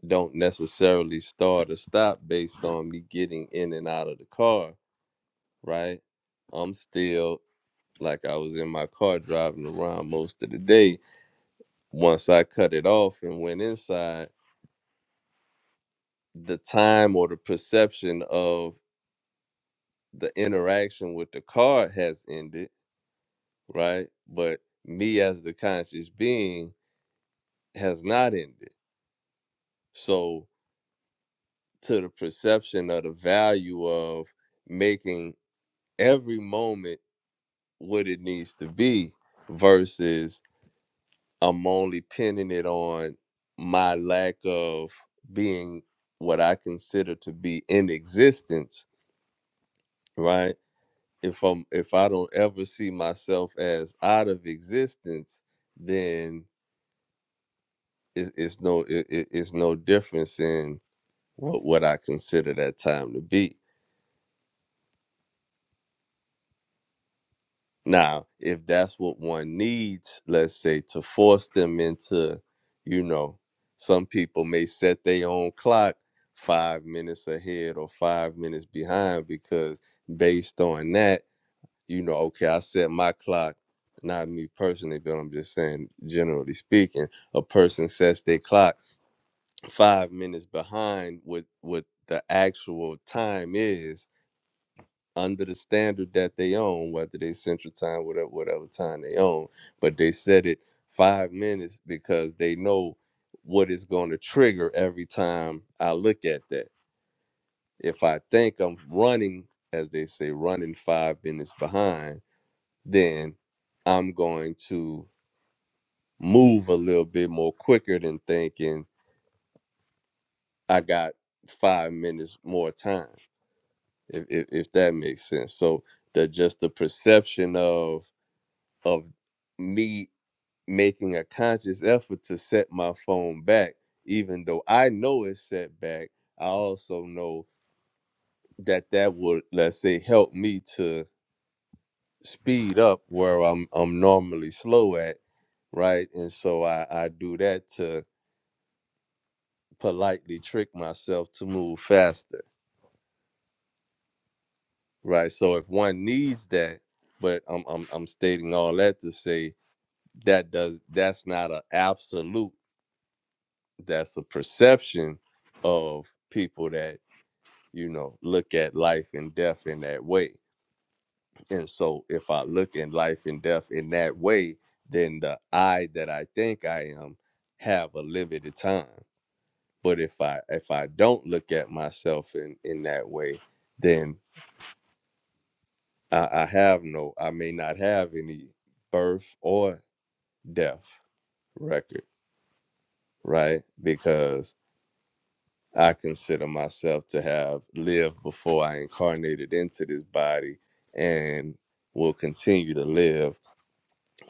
[SPEAKER 2] don't necessarily start or stop based on me getting in and out of the car, right? I'm still like I was in my car driving around most of the day once I cut it off and went inside, the time or the perception of the interaction with the card has ended, right? But me as the conscious being has not ended. So, to the perception of the value of making every moment what it needs to be versus I'm only pinning it on my lack of being what I consider to be in existence right? if I'm if I don't ever see myself as out of existence, then it, it's no it, it- it's no difference in what what I consider that time to be. Now, if that's what one needs, let's say to force them into, you know, some people may set their own clock five minutes ahead or five minutes behind because based on that you know, okay, I set my clock, not me personally, but I'm just saying, generally speaking, a person sets their clock five minutes behind what what the actual time is under the standard that they own, whether they central time, whatever whatever time they own, but they set it five minutes because they know what is going to trigger every time I look at that. If I think I'm running, as they say, running five minutes behind then I'm going to move a little bit more quicker than thinking I got five minutes more time, if if, if that makes sense. So the just the perception of of me making a conscious effort to set my phone back, even though I know it's set back, I also know that that would let's say help me to speed up where I'm I'm normally slow at, right? And so I I do that to politely trick myself to move faster, right? So if one needs that, but I'm I'm, I'm stating all that to say that does that's not an absolute. That's a perception of people that you know look at life and death in that way. And so if I look at life and death in that way, then the I that I think I am have a limited time. But if I if I don't look at myself in in that way, then I, I have no, I may not have any birth or death record, right? Because I consider myself to have lived before I incarnated into this body and will continue to live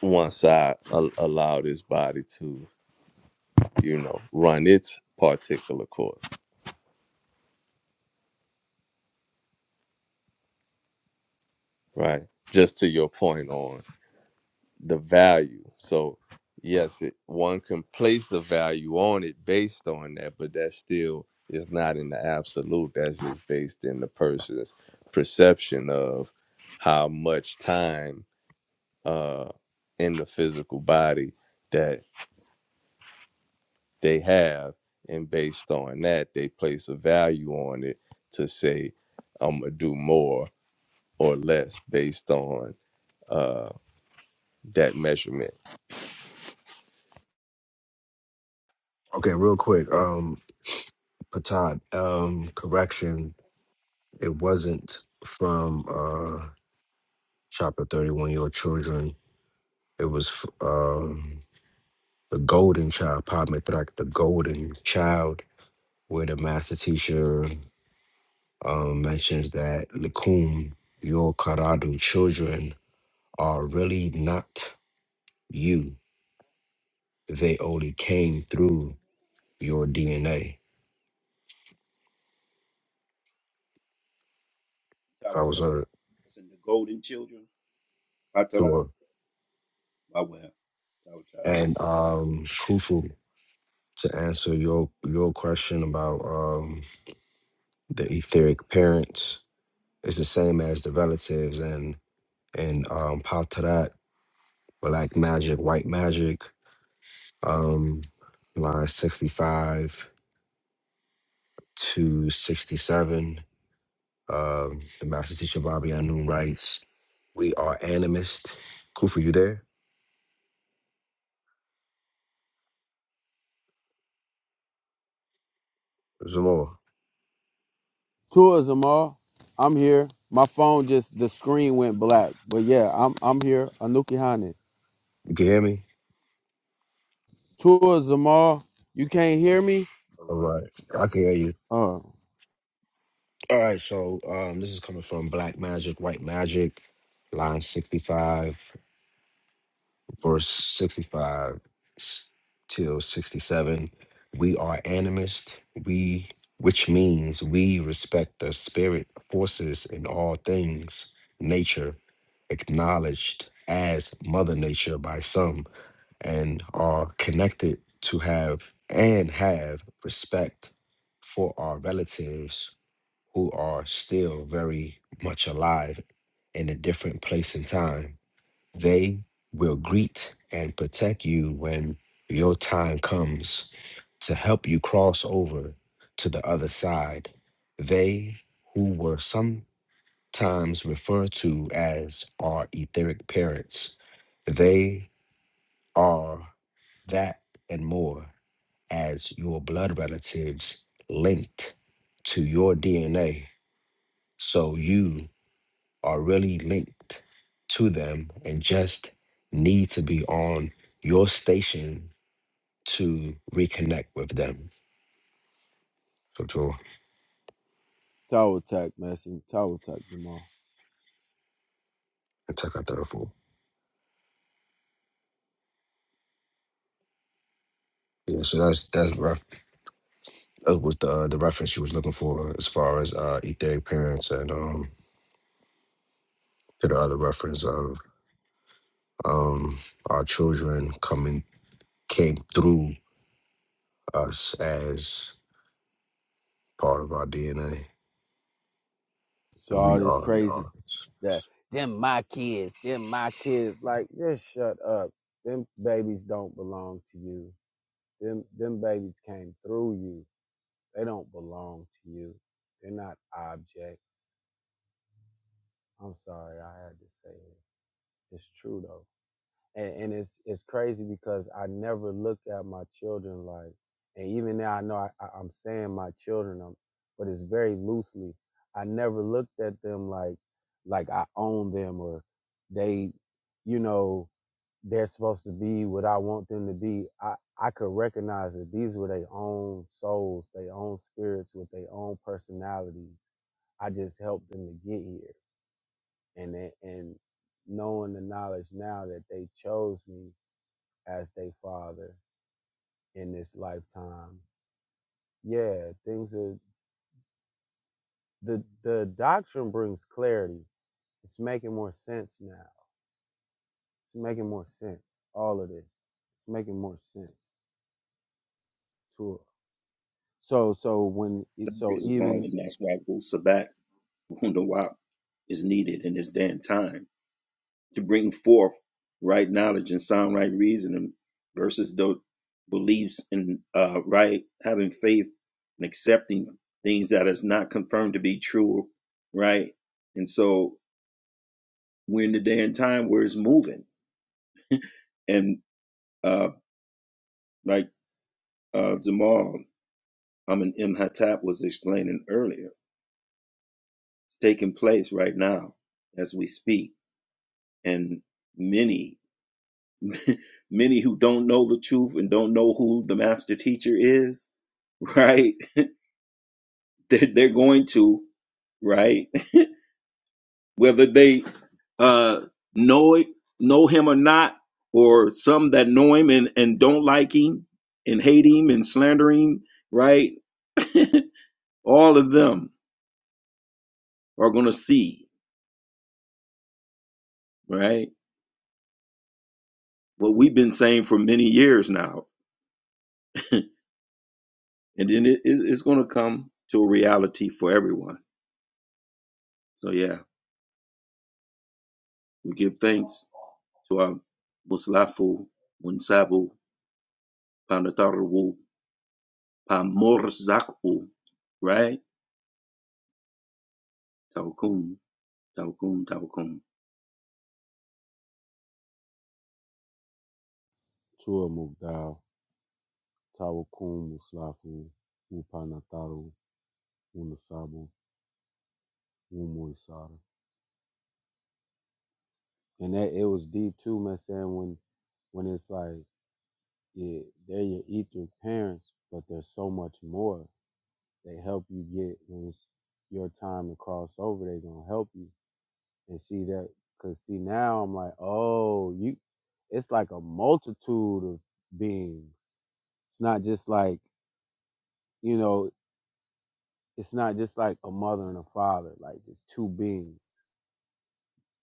[SPEAKER 2] once I a- allow this body to, you know, run its particular course, right? Just to your point on. the value. So yes, it one can place the value on it based on that, but that still is not in the absolute. That's just based in the person's perception of how much time uh in the physical body that they have and based on that they place a value on it to say I'm gonna do more or less based on uh that measurement.
[SPEAKER 9] okay, real quick, um, Patad, um, correction. It wasn't from uh chapter 31, your children. It was f- um the golden child, Padmetrak, the golden child, where the master teacher um, mentions that Lakum, your Karadu children are really not you. They only came through your DNA. If I was
[SPEAKER 5] Tawata.
[SPEAKER 9] on
[SPEAKER 5] it's in the golden children Patara,
[SPEAKER 9] tour.
[SPEAKER 5] Bawel, Tawata.
[SPEAKER 9] And um Khufu, to answer your your question about um the etheric parents, it's the same as the relatives and and um Patarat, black magic, white magic. um, line 65 to 67. Um, the master teacher Bobby Anu writes, We are animist. Kufa, you there? Zamora,
[SPEAKER 3] Tua Zamar, I'm here. My phone just the screen went black. But yeah, I'm I'm here. Anuki Hane.
[SPEAKER 9] you can hear me?
[SPEAKER 3] Tua Zamar, you can't hear me?
[SPEAKER 9] All right, I can hear you.
[SPEAKER 3] Oh,
[SPEAKER 9] All right, so um, this is coming from Black Magic, White Magic, line 65. for 65 s- till 67 we are animist we which means we respect the spirit forces in all things nature acknowledged as mother nature by some and are connected to have and have respect for our relatives who are still very much alive in a different place and time they will greet and protect you when your time comes to help you cross over to the other side. They who were sometimes referred to as our etheric parents, they are that and more as your blood relatives linked to your DNA. So you are really linked to them and just need to be on your station to reconnect with them. So to
[SPEAKER 3] Tower Attack messing. Tower Attack Zamar.
[SPEAKER 9] attack out that full. Yeah, so that's that's ref that was the the reference she was looking for as far as uh etheric parents and um to the other reference of um our children coming came through us as part of our DNA
[SPEAKER 3] So
[SPEAKER 9] and we
[SPEAKER 3] all this
[SPEAKER 9] are
[SPEAKER 3] crazy
[SPEAKER 9] parents.
[SPEAKER 3] that them my kids, them my kids. Like, just shut up. Them babies don't belong to you. Them them babies came through you. They don't belong to you. They're not objects. I'm sorry, I had to say it. It's true though. and, and it's it's crazy because I never look at my children like, and even now I know I, I, I'm saying my children, um, but it's very loosely. I never looked at them like like I own them or they, you know, they're supposed to be what I want them to be. I I could recognize that these were their own souls, their own spirits with their own personalities. I just helped them to get here, and they- and knowing the knowledge now that they chose me as they father in this lifetime. Yeah, things are the the doctrine brings clarity. It's making more sense now. It's making more sense. All of this. It's making more sense. Tua. So so when
[SPEAKER 5] that
[SPEAKER 3] so
[SPEAKER 5] is going
[SPEAKER 3] even
[SPEAKER 5] and that's why Wusabat Wunawap is needed in this damn time to bring forth right knowledge and sound right reasoning versus those beliefs and uh, right having faith and accepting things that is not confirmed to be true, right? And so we're in the day and time where it's moving. And uh, like uh, Zamal Amin M. was explaining earlier, it's taking place right now as we speak. And many, *laughs* many who don't know the truth and don't know who the master teacher is, *laughs* right? They're, they're going to, right? *laughs* Whether they uh, know it, know him or not, or some that know him and, and don't like him and hate him and slander him, right? *laughs* All of them are going to see, right? What we've been saying for many years now. And then it, it- it's going to come to a reality for everyone. So, yeah, we give thanks to our Muslafu Munsabu Panataru Pamorzakpo, right? Taukum, Taukum, Taukum.
[SPEAKER 3] Tua Mugdal, Tawakum Muslafu, Upanataru, Unasabu, Umuisara. And that it was deep too, man saying when when it's like, yeah, they're your ether parents, but there's so much more they help you get when it's your time to cross over they gonna help you and see that because see now i'm like oh you it's like a multitude of beings it's not just like you know it's not just like a mother and a father like it's two beings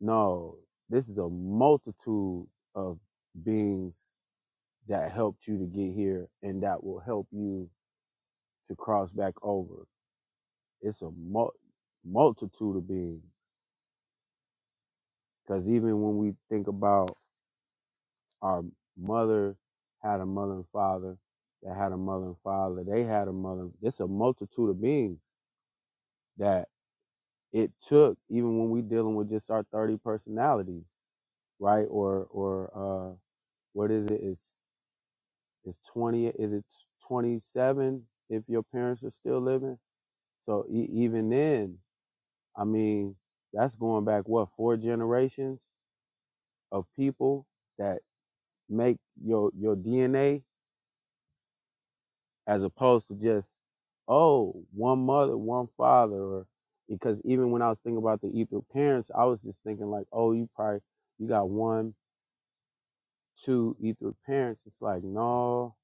[SPEAKER 3] no this is a multitude of beings that helped you to get here and that will help you to cross back over it's a mul- multitude of beings Because even when we think about our mother had a mother and father that had a mother and father, they had a mother. It's a multitude of beings that it took, even when we dealing with just our 30 personalities, right? Or, or, uh, what is it? It's, it's 20, is it 27 if your parents are still living? So e- even then, I mean, that's going back, what, four generations of people that make your, your DNA as opposed to just oh one mother one father or because even when i was thinking about the ethiopian parents i was just thinking like oh you probably you got one two ethiopian parents it's like no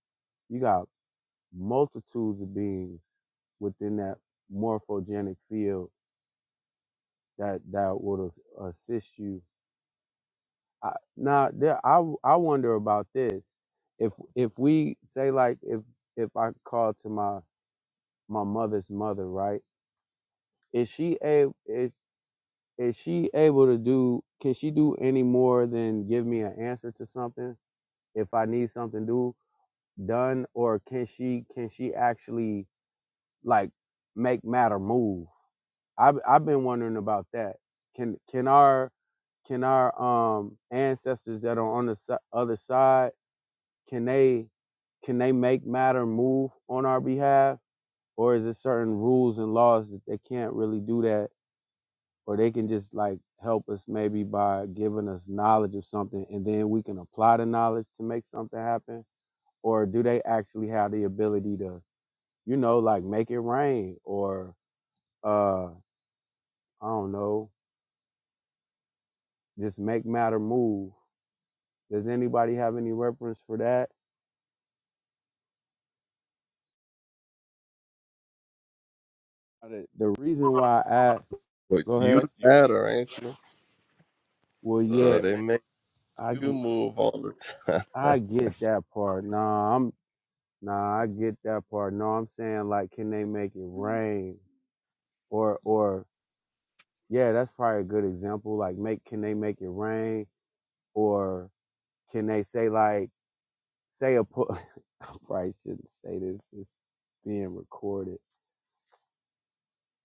[SPEAKER 3] you got multitudes of beings within that morphogenic field that that would have assist you I, now there I I wonder about this if if we say like if if i call to my my mother's mother right Is she a is is she able to do? Can she do any more than give me an answer to something if I need something do done, or can she can she actually like make matter move? I've I've been wondering about that. Can can our can our um ancestors that are on the si- other side can they can they make matter move on our behalf, or is it certain rules and laws that they can't really do that or they can just like help us maybe by giving us knowledge of something and then we can apply the knowledge to make something happen or do they actually have the ability to you know like make it rain or uh i don't know just make matter move does anybody have any reference for that the, the reason why i
[SPEAKER 2] But
[SPEAKER 3] go
[SPEAKER 2] you
[SPEAKER 3] ahead
[SPEAKER 2] matter, ain't you?
[SPEAKER 3] well So yeah
[SPEAKER 2] So
[SPEAKER 3] they
[SPEAKER 2] they
[SPEAKER 3] make
[SPEAKER 2] make
[SPEAKER 3] i you
[SPEAKER 2] you
[SPEAKER 3] get
[SPEAKER 2] move all the time. *laughs*
[SPEAKER 3] i get that part nah i'm nah i get that part no i'm saying like can they make it rain or or yeah, that's probably a good example. Like, make can they make it rain, or can they say like say a po- *laughs* I probably shouldn't say this. It's being recorded.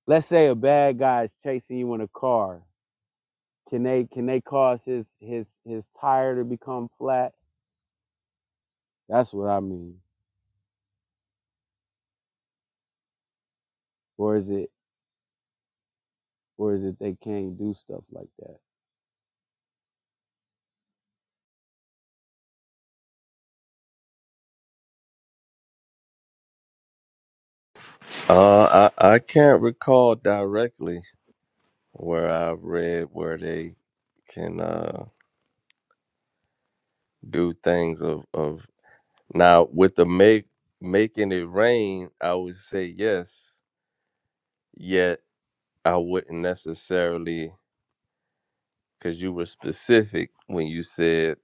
[SPEAKER 3] Let's say a bad guy is chasing you in a car. Can they can they cause his his his tire to become flat? That's what I mean. Or is it or is it they can't do stuff like that?
[SPEAKER 2] Uh, I I can't recall directly where I've read where they can uh do things of of now with the make making it rain. I would say yes, yet I wouldn't necessarily because you were specific when you said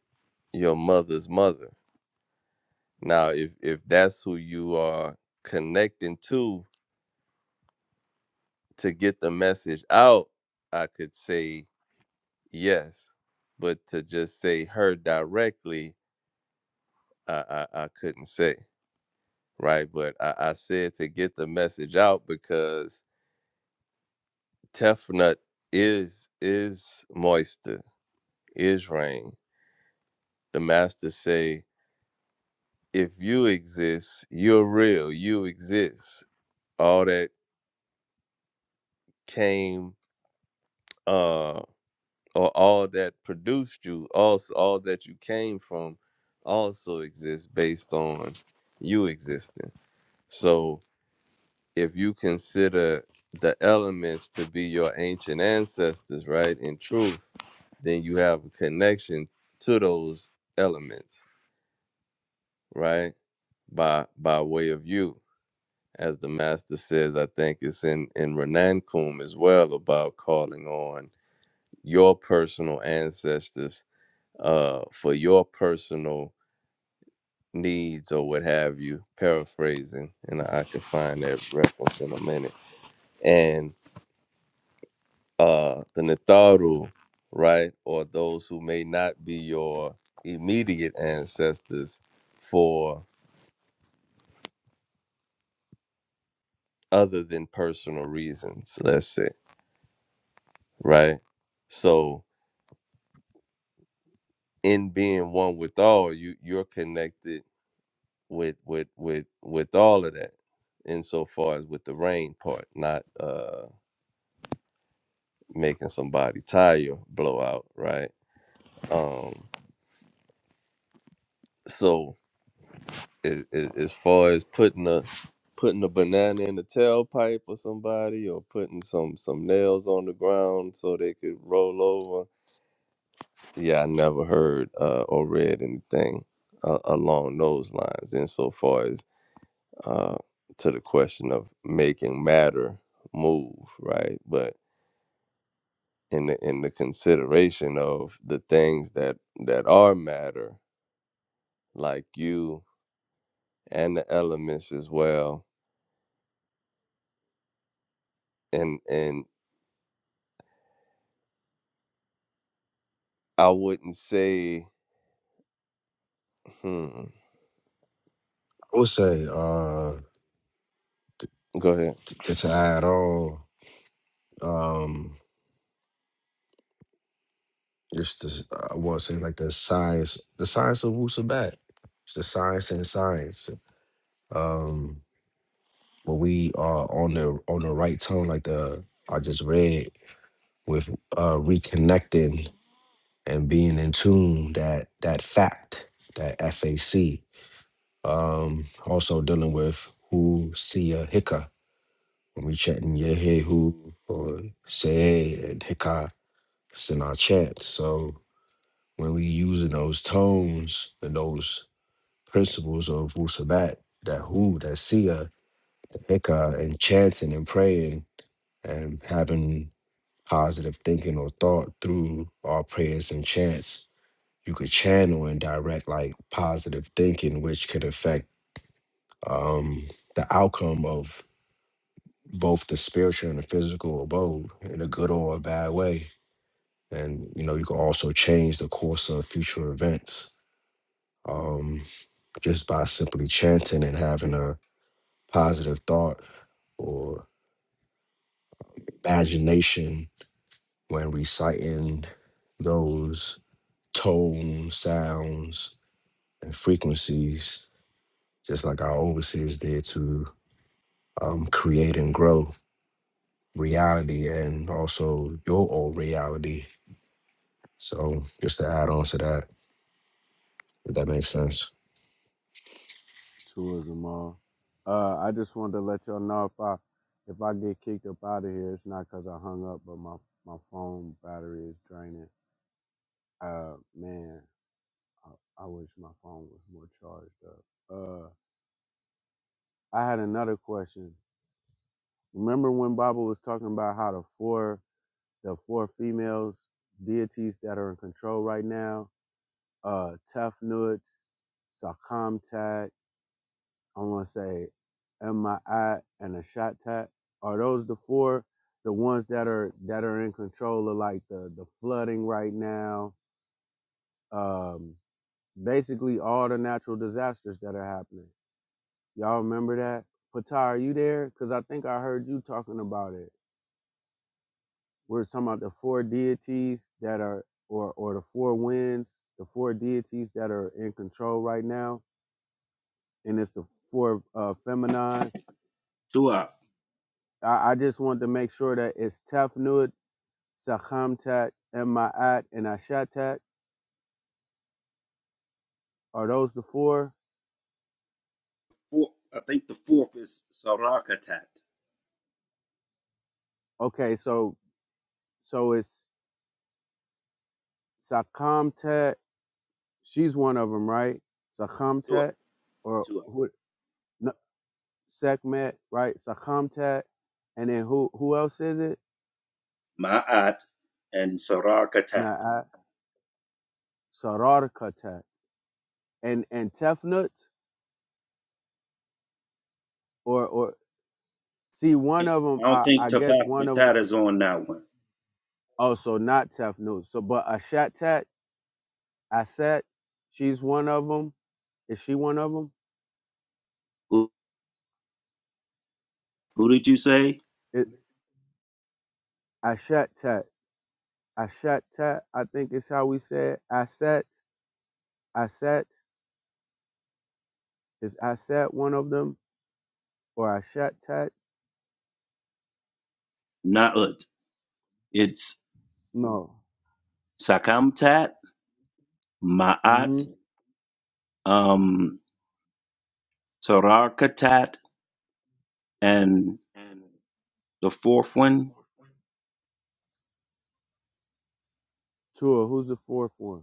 [SPEAKER 2] your mother's mother. Now, if if that's who you are connecting to to get the message out, I could say Yes, but to just say her directly, I I, I couldn't say right. But I, I said to get the message out because Tefnut is is moisture, is rain. The master say, if you exist, you're real. You exist. All that came, uh, or all that produced you, also all that you came from, also exists based on you existing. So if you consider the elements to be your ancient ancestors, right? In truth, then you have a connection to those elements, right? By by way of you, as the master says, I think it's in in Renan Kum as well about calling on your personal ancestors uh for your personal needs or what have you paraphrasing and i can find that reference in a minute and uh, the Natharu, right, or those who may not be your immediate ancestors for other than personal reasons, let's say, right? So in being one with all, you you're connected with with with with all of that insofar as with the rain part, not uh making somebody tire blow out, right? Um so as, as far as putting a putting a banana in the tailpipe of somebody or putting some some nails on the ground so they could roll over. Yeah, I never heard uh, or read anything uh, along those lines. Insofar as uh, to the question of making matter move, right? But in the in the consideration of the things that that are matter, like you and the elements as well, and and I wouldn't say. Hmm.
[SPEAKER 9] I would say uh
[SPEAKER 2] Go ahead.
[SPEAKER 9] t- to add on. um It's the I want to say like the science, the science of Wusabat. It's the science and science. Um, when we are on the on the right tone, like the I just read with uh reconnecting and being in tune that that fact that FAC. Um, also dealing with who see a hika when we chatting yeah hey who or say hey, and hika. It's in our chat. So when we using those tones and those principles of Wusabat, that who, that Sia, the hikah and chanting and praying and having positive thinking or thought through our prayers and chants. You could channel and direct like positive thinking, which could affect um, the outcome of both the spiritual and the physical abode in a good or a bad way. And you know, you can also change the course of future events um, just by simply chanting and having a positive thought or imagination when reciting those tones, sounds, and frequencies, just like our overseers did to um, create and grow reality and also your own reality. So, just to add on to that, if that makes sense.
[SPEAKER 3] Tourism all. Uh, I just wanted to let y'all know if I if I get kicked up out of here, it's not because I hung up, but my my phone battery is draining. Uh, man, I, I wish my phone was more charged up. Uh, I had another question. Remember when Baba was talking about how the four the four females deities that are in control right now, uh, Tefnut, Sakamtat, I'm gonna say MII and a shot tat. Are those the four the ones that are that are in control of like the the flooding right now? Um basically all the natural disasters that are happening. Y'all remember that? Pata, are you there? Cause I think I heard you talking about it. We're talking about the four deities that are or or the four winds, the four deities that are in control right now. And it's the four uh feminine
[SPEAKER 5] Tua,
[SPEAKER 3] I, I just want to make sure that it's Tefnut, Sachamtat, and Ma'at, and Ashatat. Are those the four?
[SPEAKER 5] four, I think the fourth is Sarakatat.
[SPEAKER 3] Okay, so so it's Sachamtat. She's one of them, right?
[SPEAKER 5] Tua,
[SPEAKER 3] Sachamtat, or
[SPEAKER 5] Tua.
[SPEAKER 3] who? No, Sekmet, right? Sachamtat, and then who who else is it?
[SPEAKER 5] Ma'at and Sarakatat.
[SPEAKER 3] Ma'at, Sararkatat, and and Tefnut, or or see one
[SPEAKER 5] I
[SPEAKER 3] of them.
[SPEAKER 5] don't
[SPEAKER 3] I
[SPEAKER 5] think
[SPEAKER 3] I guess
[SPEAKER 5] Tafak
[SPEAKER 3] one of them.
[SPEAKER 5] Natat is on that one.
[SPEAKER 3] Oh, so not Tefnut. So but Ashatat. Aset, she's one of them. Is she one of them?
[SPEAKER 5] Who, who did you say?
[SPEAKER 3] It, Ashet Tet. Ashet Tet, I think is how we say it. Aset, Aset. Is Aset one of them? Or Ashet Tet?
[SPEAKER 5] Na'ut. It's
[SPEAKER 3] No.
[SPEAKER 5] Sakamtat, Ma'at,
[SPEAKER 3] Mm-hmm.
[SPEAKER 5] um, Sarakatat, and the fourth one,
[SPEAKER 3] Tua, who's the fourth one?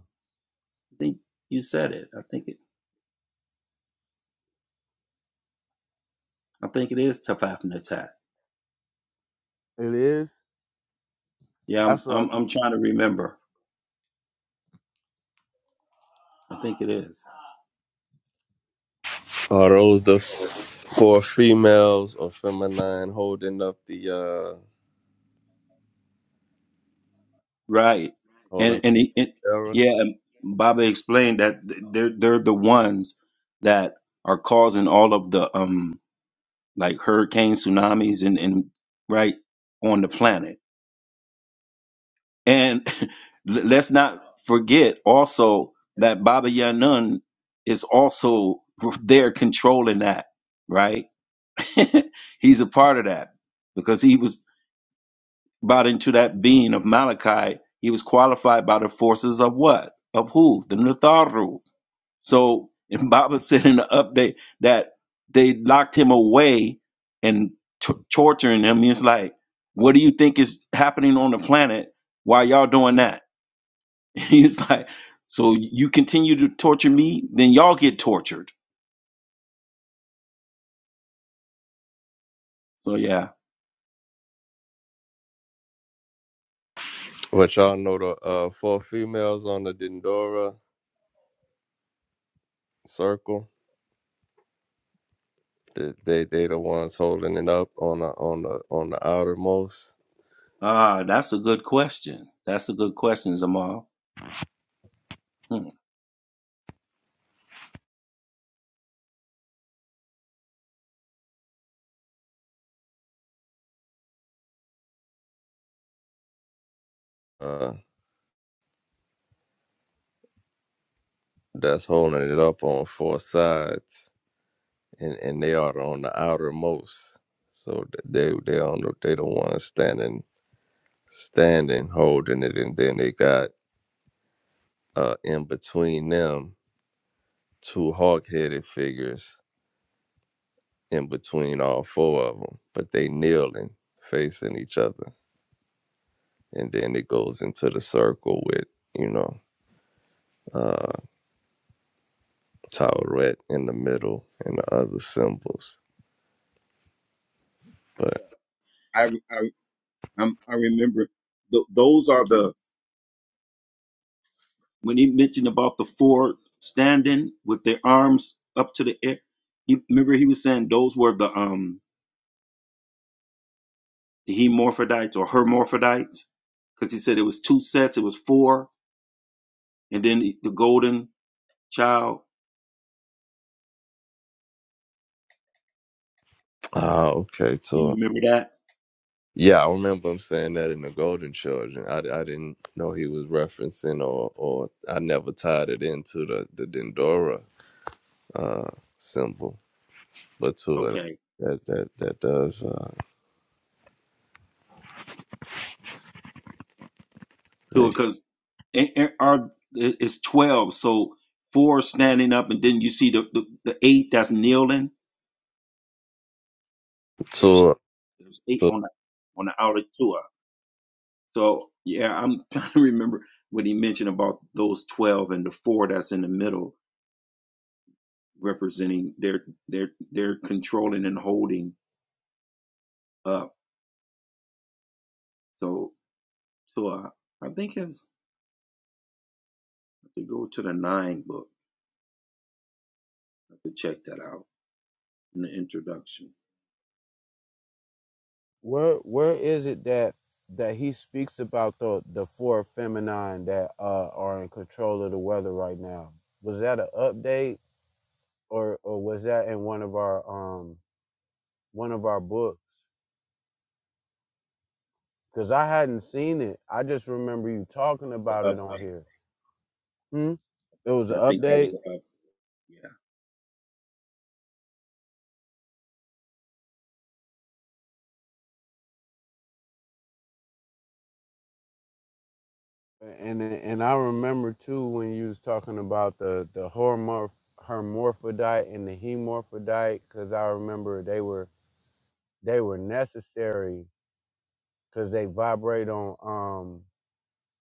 [SPEAKER 5] I think you said it. I think it. I think it is Tafaf
[SPEAKER 3] It is?
[SPEAKER 5] Yeah, I'm
[SPEAKER 3] That's what
[SPEAKER 5] I'm
[SPEAKER 3] I,
[SPEAKER 5] I'm trying to remember. I think it is
[SPEAKER 2] Are those the f- four females or feminine holding up the uh
[SPEAKER 5] right.
[SPEAKER 2] holding
[SPEAKER 5] And
[SPEAKER 2] up
[SPEAKER 5] and, he, and
[SPEAKER 2] the
[SPEAKER 5] yeah,
[SPEAKER 2] arrows?
[SPEAKER 5] and Baba explained that th- they're they're the ones that are causing all of the um like hurricanes, tsunamis, and and right on the planet. And *laughs* l- let's not forget also that Baba Yanun is also *laughs* there controlling that. Right, *laughs* he's a part of that because he was brought into that being of Malachi, he was qualified by the forces of what? Of who? The Natharu. So, *laughs* and Baba said in the update that they locked him away and t- torturing him. He's like, what do you think is happening on the planet while y'all doing that? *laughs* He's like, so you continue to torture me, then y'all get tortured. So yeah,
[SPEAKER 2] Which y'all know the uh four females on the Dendora circle. They they, they the ones holding it up on the on the on the outermost.
[SPEAKER 5] ah, that's a good question. That's a good question, Zamal. Hmm.
[SPEAKER 2] Uh, that's holding it up on four sides, and and they are on the outermost. So th- they they on the, they the ones standing standing, holding it, and then they got uh in between them two hawk-headed figures in between all four of them, but they kneeling, facing each other, and then it goes into the circle with you know uh Tauret in the middle and the other symbols. But
[SPEAKER 5] I, I I'm, I remember th- those are the when he mentioned about the four standing with their arms up to the air. He, remember, he was saying those were the um the hemorphidites or hermaphrodites because he said it was two sets, it was four, and then the, the golden child.
[SPEAKER 2] ah, okay,
[SPEAKER 5] You
[SPEAKER 2] so
[SPEAKER 5] remember that?
[SPEAKER 2] yeah, I remember him saying that in the Golden Children. I, I didn't know he was referencing or or I never tied it into the the Dendora uh symbol But Tua,
[SPEAKER 5] Okay,
[SPEAKER 2] that that that does uh,
[SPEAKER 5] two
[SPEAKER 2] make
[SPEAKER 5] because are it's twelve, so four standing up, and then you see the the, the eight that's kneeling.
[SPEAKER 2] Tua,
[SPEAKER 5] There's eight
[SPEAKER 2] Tua,
[SPEAKER 5] on the on the outer two. So yeah, I'm *laughs* trying to remember what he mentioned about those twelve and the four that's in the middle representing their their their controlling and holding up. So so I, I think it's I have to go to the nine book. I have to check that out in the introduction.
[SPEAKER 3] where where is it that that he speaks about the the four feminine that uh are in control of the weather right now? Was that an update or or was that in one of our um one of our books because I hadn't seen it. I just remember you talking
[SPEAKER 5] The
[SPEAKER 3] about it on
[SPEAKER 5] update.
[SPEAKER 3] here. Hmm? It was
[SPEAKER 5] I
[SPEAKER 3] an
[SPEAKER 5] think that was
[SPEAKER 3] update,
[SPEAKER 5] an up. Yeah.
[SPEAKER 3] and and I remember too when you was talking about the the hormorph hermaphrodite and the hemorphodite because I remember they were they were necessary because they vibrate on um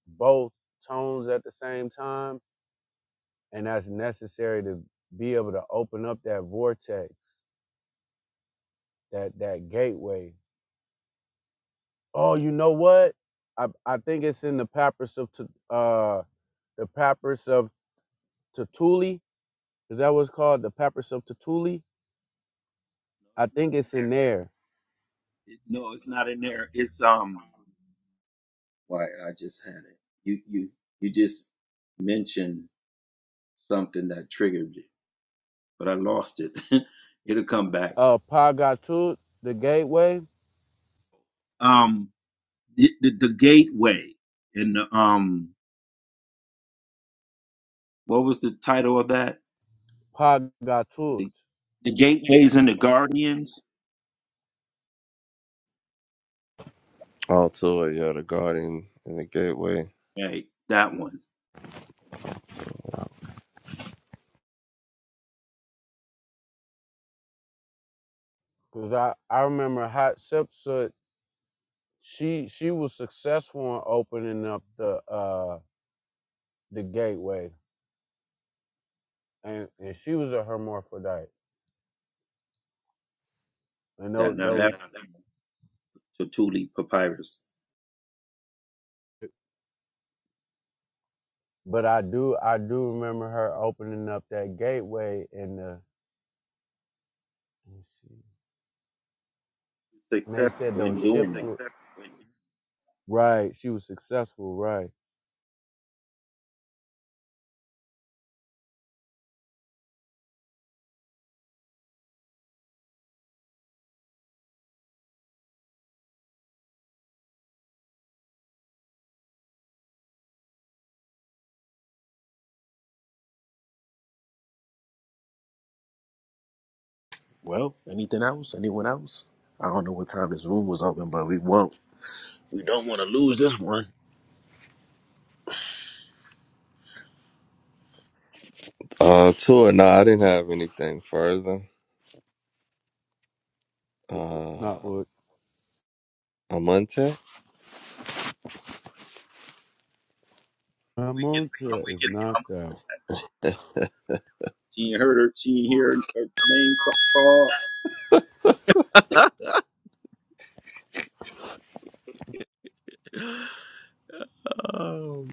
[SPEAKER 3] both tones at the same time, and that's necessary to be able to open up that vortex, that that gateway Oh, you know what? I I think it's in the papyrus of Tu- uh the papyrus of Tertulli. Is that what's called? The papyrus of Tertulli.
[SPEAKER 5] No, it's
[SPEAKER 3] I
[SPEAKER 5] not
[SPEAKER 3] think
[SPEAKER 5] in
[SPEAKER 3] it's in
[SPEAKER 5] there.
[SPEAKER 3] there.
[SPEAKER 5] It, no, it's not in there. It's um. Why I just had it. You you you just mentioned something that triggered it but I lost it. *laughs* It'll come back.
[SPEAKER 3] Uh, Pagatut, the gateway.
[SPEAKER 5] Um, the, the, the gateway and the um, what was the title of that?
[SPEAKER 3] Pagatut,
[SPEAKER 5] The, the gateways and the guardians.
[SPEAKER 2] all Tua, yeah, the Guardian and the Gateway.
[SPEAKER 5] Right, that one.
[SPEAKER 3] because I I remember Hatshepsut. She she was successful in opening up the uh the gateway, and and she was a hermaphrodite. And tho-
[SPEAKER 5] That now
[SPEAKER 3] those,
[SPEAKER 5] that's Tertulli Papyrus.
[SPEAKER 3] but I do I do remember her opening up that gateway in the Let's see. And they said
[SPEAKER 5] Successful
[SPEAKER 3] those
[SPEAKER 5] in
[SPEAKER 3] ships
[SPEAKER 5] doing that.
[SPEAKER 3] were right. She was successful, right?
[SPEAKER 9] Well, anything else? Anyone else? I don't know what time this room was open, but we won't. We don't want to lose this one.
[SPEAKER 2] Uh, Tua, no, I didn't have anything further. Uh,
[SPEAKER 3] Not Oh, what.
[SPEAKER 2] Amante.
[SPEAKER 5] I'm
[SPEAKER 3] Ramonta is
[SPEAKER 5] waking. I'm.
[SPEAKER 3] knocked out.
[SPEAKER 5] She ain't heard her. She ain't hear her name ca- called.
[SPEAKER 9] Um,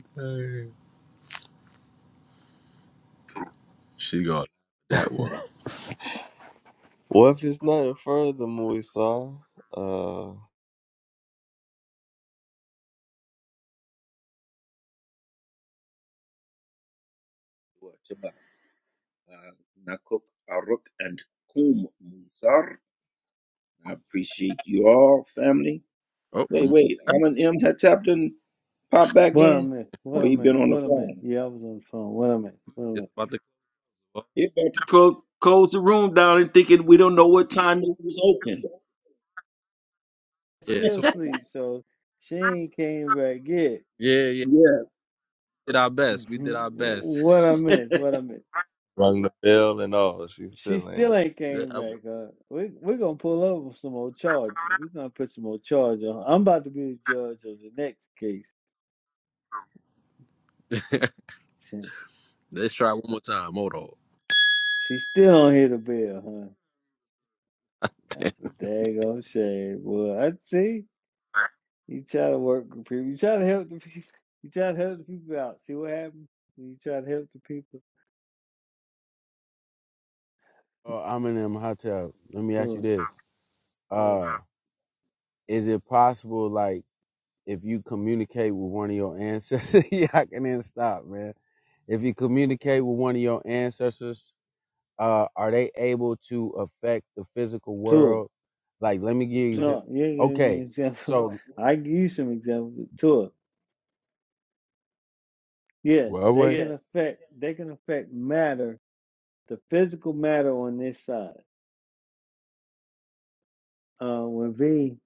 [SPEAKER 9] she got that one.
[SPEAKER 2] Well, if it's nothing further, Moisa, uh,
[SPEAKER 5] What about uh, Nakuk Aruk and Kum Musar? I appreciate you all, family.
[SPEAKER 9] Oh, I'm
[SPEAKER 5] Wait, wait. i M had tapped in, popped back
[SPEAKER 4] What I
[SPEAKER 5] in?
[SPEAKER 4] missed?
[SPEAKER 5] Or
[SPEAKER 4] What I
[SPEAKER 5] he been
[SPEAKER 4] missed?
[SPEAKER 5] on the
[SPEAKER 4] What I missed?
[SPEAKER 5] phone?
[SPEAKER 4] Yeah, I was on the phone. What I missed? What I
[SPEAKER 9] just about to. go
[SPEAKER 5] He about to close, close the room down and thinking we don't know what time it was open.
[SPEAKER 4] missed?
[SPEAKER 9] up.
[SPEAKER 4] Still sleep, so she ain't came back yet.
[SPEAKER 9] Yeah, yeah.
[SPEAKER 5] Yeah.
[SPEAKER 9] We did our best. We did
[SPEAKER 4] Mhm.
[SPEAKER 9] our best.
[SPEAKER 4] What I missed? What I missed?
[SPEAKER 2] rung the bell and all. She
[SPEAKER 4] She
[SPEAKER 2] still ain't.
[SPEAKER 4] still ain't
[SPEAKER 9] *laughs* Let-
[SPEAKER 4] came back. Uh, we we're gonna pull over some more charges. We're gonna put some more charge on. her. I'm about to be the judge of the next case since
[SPEAKER 9] us try one more time. Hold
[SPEAKER 4] she still don't hit the bill, huh? That's a daggone shame, boy. I see. You try to work with people. You try to help the people. You try to help the people out. See what happens. You try to help the people.
[SPEAKER 3] Oh, I'm in them hotel. Let me ask you
[SPEAKER 4] Tour,
[SPEAKER 3] this: mm. uh, Is it possible, like, if you communicate with one of your ancestors? *laughs* yeah, I can then stop, man. If you communicate with one of your ancestors, uh, are they able to affect the physical
[SPEAKER 4] tour.
[SPEAKER 3] world? Like, let me give you. Exa-
[SPEAKER 4] No, you give
[SPEAKER 3] okay,
[SPEAKER 4] me an example.
[SPEAKER 3] so
[SPEAKER 4] *laughs* I give you some examples. Tour. Yeah,
[SPEAKER 3] well,
[SPEAKER 4] they
[SPEAKER 3] wait,
[SPEAKER 4] can affect they can affect matter, the physical matter on this side. Uh, when V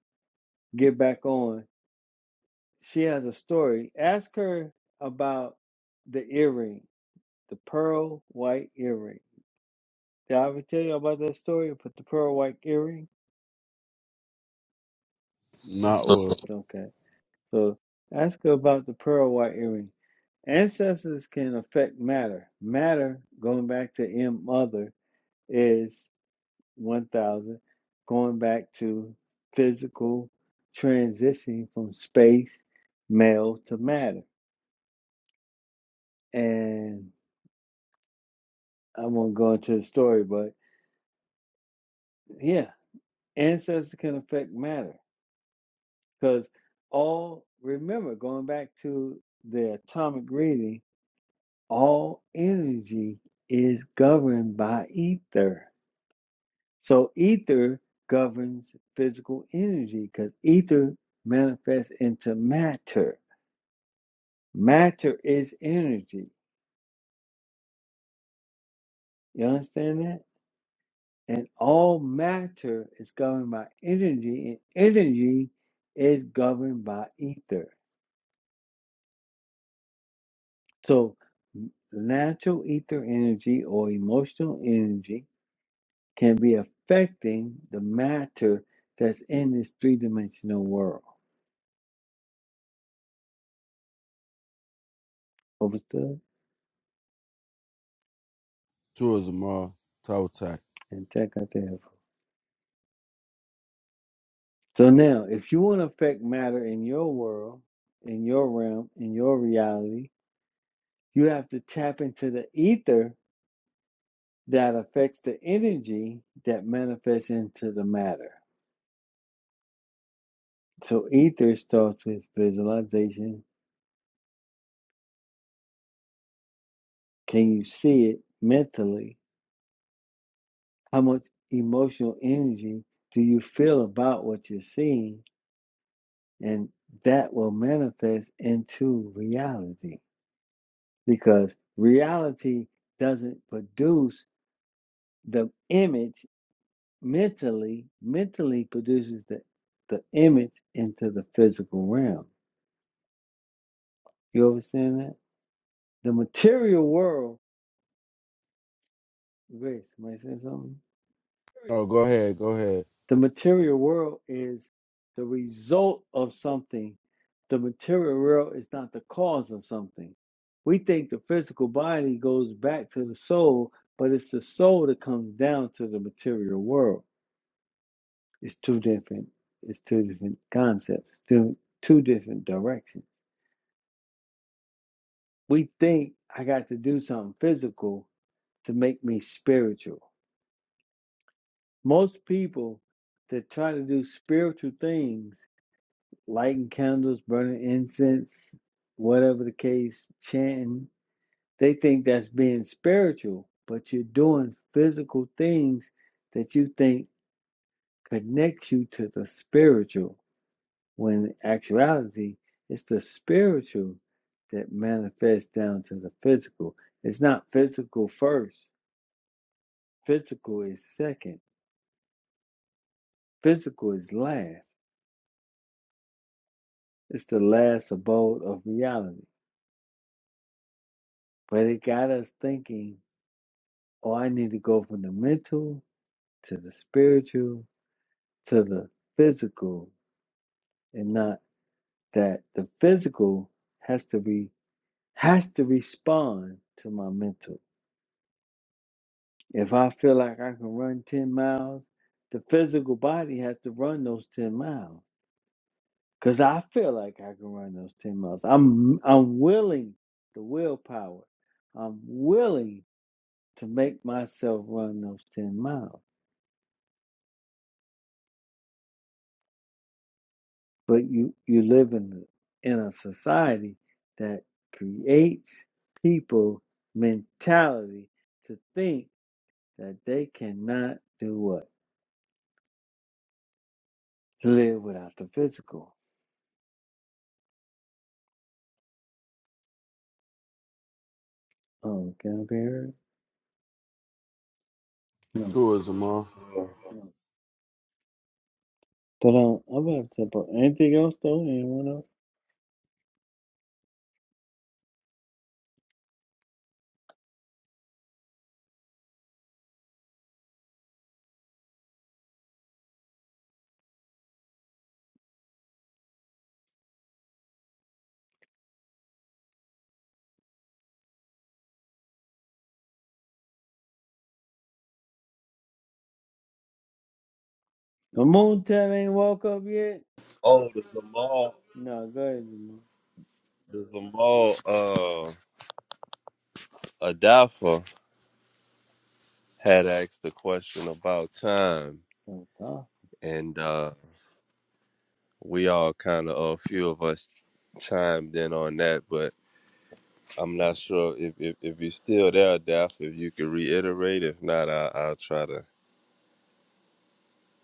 [SPEAKER 4] get back on, she has a story. Ask her about the earring, the pearl white earring. Did I ever tell you about that story about the pearl white earring?
[SPEAKER 3] not what.
[SPEAKER 4] Okay, so ask her about the pearl white earring. Ancestors can affect matter. Matter, going back to M other, is 1000 going back to physical transitioning from space mail to matter and i won't go into the story but yeah ancestors can affect matter because all remember going back to the atomic reading all energy is governed by ether so ether governs physical energy because ether manifests into matter Matter is energy. You understand that? And all matter is governed by energy, and energy is governed by ether. So, n- natural ether energy or emotional energy can be affecting the matter that's in this three dimensional world. Overstood?
[SPEAKER 3] Tourism, uh, toe tax.
[SPEAKER 4] And check out the info. So, now if you want to affect matter in your world, in your realm, in your reality, you have to tap into the ether that affects the energy that manifests into the matter. So ether starts with visualization. Can you see it mentally? How much emotional energy do you feel about what you're seeing? And that will manifest into reality because reality doesn't produce the image mentally. Mentally produces the, the image into the physical realm. You understand that? The material world, Grace, am I saying something?
[SPEAKER 3] Oh, go ahead, go ahead.
[SPEAKER 4] The material world is the result of something. The material world is not the cause of something. We think the physical body goes back to the soul, but it's the soul that comes down to the material world. It's two different. It's two different concepts. Two two different directions. We think I got to do something physical to make me spiritual Most people that try to do spiritual things, lighting candles, burning incense, whatever the case, chanting, they think that's being spiritual, but you're doing physical things that you think connects you to the spiritual, when in actuality, it's the spiritual that manifests down to the physical. It's not physical first, physical is second, physical is last. It's the last abode of reality. But it got us thinking, oh, I need to go from the mental to the spiritual to the physical, and not that the physical has to be has to respond to my mental. If I feel like I can run 10 miles, the physical body has to run those 10 miles. Cause I feel like I can run those 10 miles. I'm I'm willing the willpower. I'm willing to make myself run those 10 miles. But you, you live in, in a society that creates people mentality to think that they cannot do what? Live without the physical. Oh, can I be heard? No.
[SPEAKER 3] Tourism, uh.
[SPEAKER 4] But um, I'm about to put anything else though? Anyone else? The moon tell ain't woke up yet?
[SPEAKER 2] Oh, the Zamal,
[SPEAKER 4] No, go ahead, Jamal.
[SPEAKER 2] the Zamal, uh, Adafa had asked the question about time,
[SPEAKER 4] Oh,
[SPEAKER 2] and uh. we all kind of a few of us chimed in on that, but I'm not sure if if, if you're still there, Daph. If you could reiterate, if not, I, I'll try to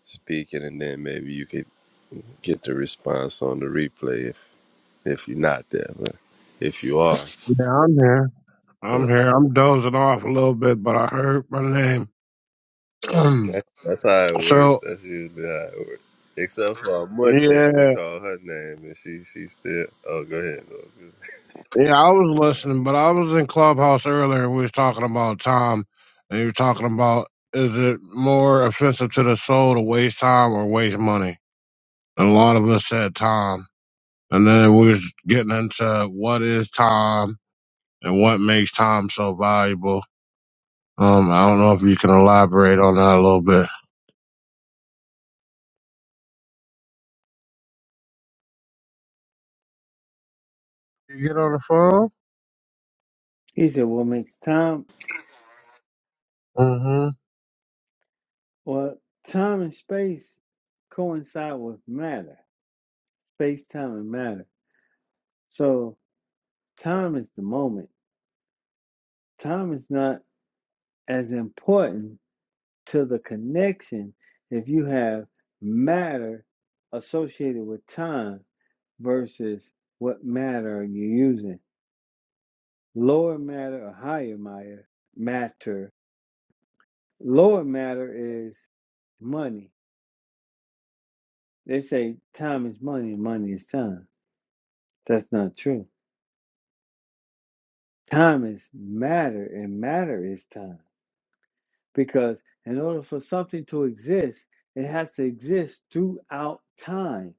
[SPEAKER 2] speak it, and then maybe you could get the response on the replay if if you're not there, but if you are,
[SPEAKER 11] Yeah, I'm here. I'm
[SPEAKER 2] so
[SPEAKER 11] here. I'm dozing off a little bit, but I heard my name. *clears throat*
[SPEAKER 2] that, that's how it works.
[SPEAKER 11] so
[SPEAKER 2] That's usually how it works. Except for Munchette, we
[SPEAKER 11] yeah.
[SPEAKER 2] call her name, and she she still. Oh, go ahead. Lil.
[SPEAKER 11] Yeah, I was listening, but I was in Clubhouse earlier. We was talking about time, and you were talking about is it more offensive to the soul to waste time or waste money? And a lot of us said time, and then we was getting into what is time and what makes time so valuable. Um, I don't know if you can elaborate on that a little bit. You get on the phone,
[SPEAKER 4] He said, What makes time
[SPEAKER 11] mm-hmm.
[SPEAKER 4] Well, time and space coincide with matter, space, time, and matter. So, time is the moment. Time is not as important to the connection if you have matter associated with time versus what matter are you using. Lower matter or higher matter, matter. Lower matter is money. They say time is money, and money is time. That's not true Time is matter, and matter is time. Because in order for something to exist, it has to exist throughout time.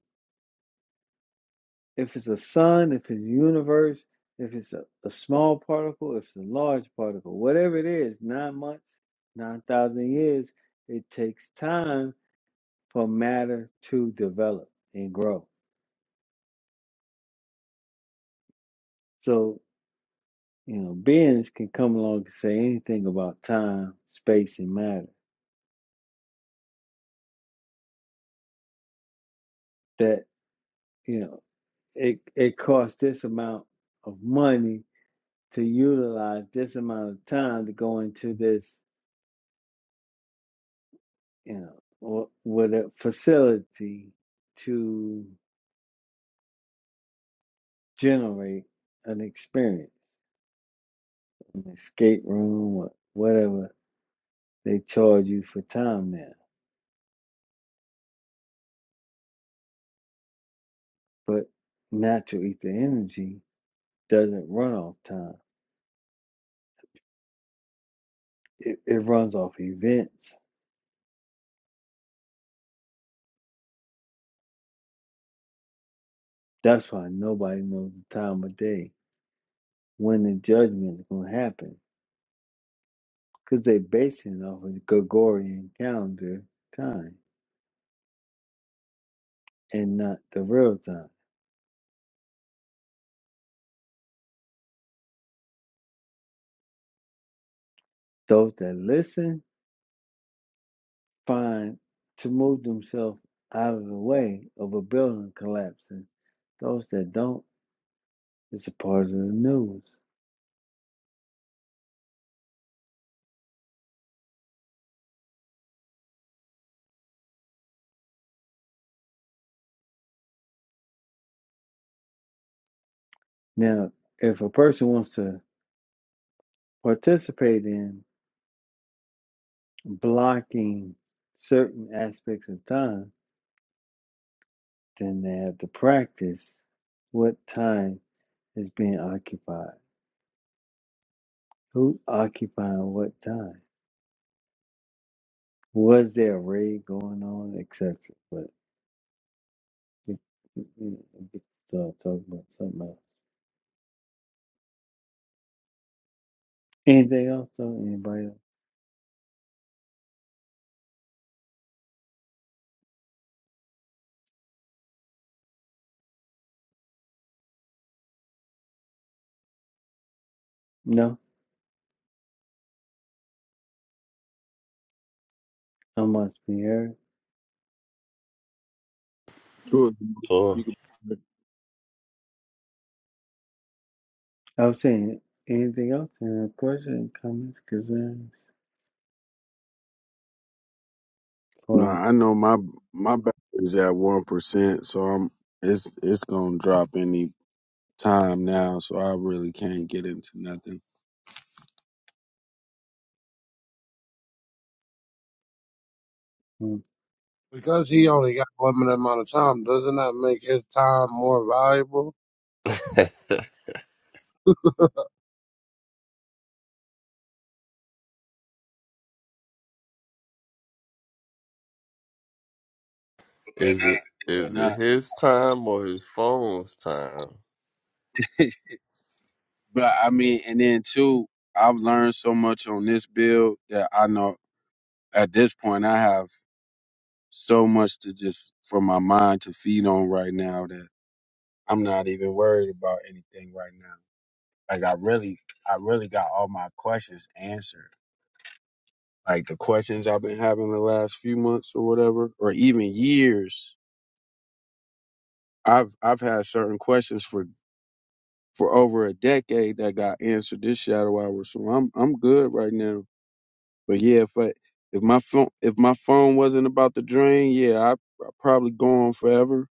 [SPEAKER 4] If it's a sun, if it's a universe, if it's a, a small particle, if it's a large particle, whatever it is, nine months, 9,000 years, it takes time for matter to develop and grow. So, you know, beings can come along and say anything about time, space, and matter. That, you know. it it costs this amount of money to utilize this amount of time to go into this, you know, or with a facility to generate an experience, an escape room or whatever they charge you for time now. But natural ether energy doesn't run off time. It, it runs off events. That's why nobody knows the time of day when the judgment is going to happen because they're basing off of the Gregorian calendar time and not the real time. Those that listen find to move themselves out of the way of a building collapsing. Those that don't, it's a part of the news. Now, if a person wants to participate in blocking certain aspects of time, then they have to practice what time is being occupied. Who's occupying what time? Was there a raid going on, etc. But we, we, we we still talking about something else. Anything else? Though? Anybody? Else? No, I must be heard.
[SPEAKER 3] Tourism, you can.
[SPEAKER 2] Sure.
[SPEAKER 4] I was saying anything else? Any questions, comments, concerns?
[SPEAKER 3] No,
[SPEAKER 4] Why?
[SPEAKER 3] I know my my back is at one percent, so I'm it's it's gonna drop any time now. So I really can't get into nothing.
[SPEAKER 4] Hmm.
[SPEAKER 11] because he only got a limited amount of time. Doesn't that make his time more valuable?
[SPEAKER 2] *laughs* Is it
[SPEAKER 3] But
[SPEAKER 2] is it
[SPEAKER 3] not,
[SPEAKER 2] his time or his phone's time?
[SPEAKER 3] but I mean, and then too, I've learned so much on this bill that I know at this point I have so much to just for my mind to feed on right now that I'm not even worried about anything right now. Like I really, I really got all my questions answered. Like the questions I've been having the last few months or whatever, or even years. I've I've had certain questions for for over a decade that got answered this shadow hour. So I'm I'm good right now. But yeah, if I, if my phone if my phone wasn't about to drain, yeah, I I'd probably go on forever.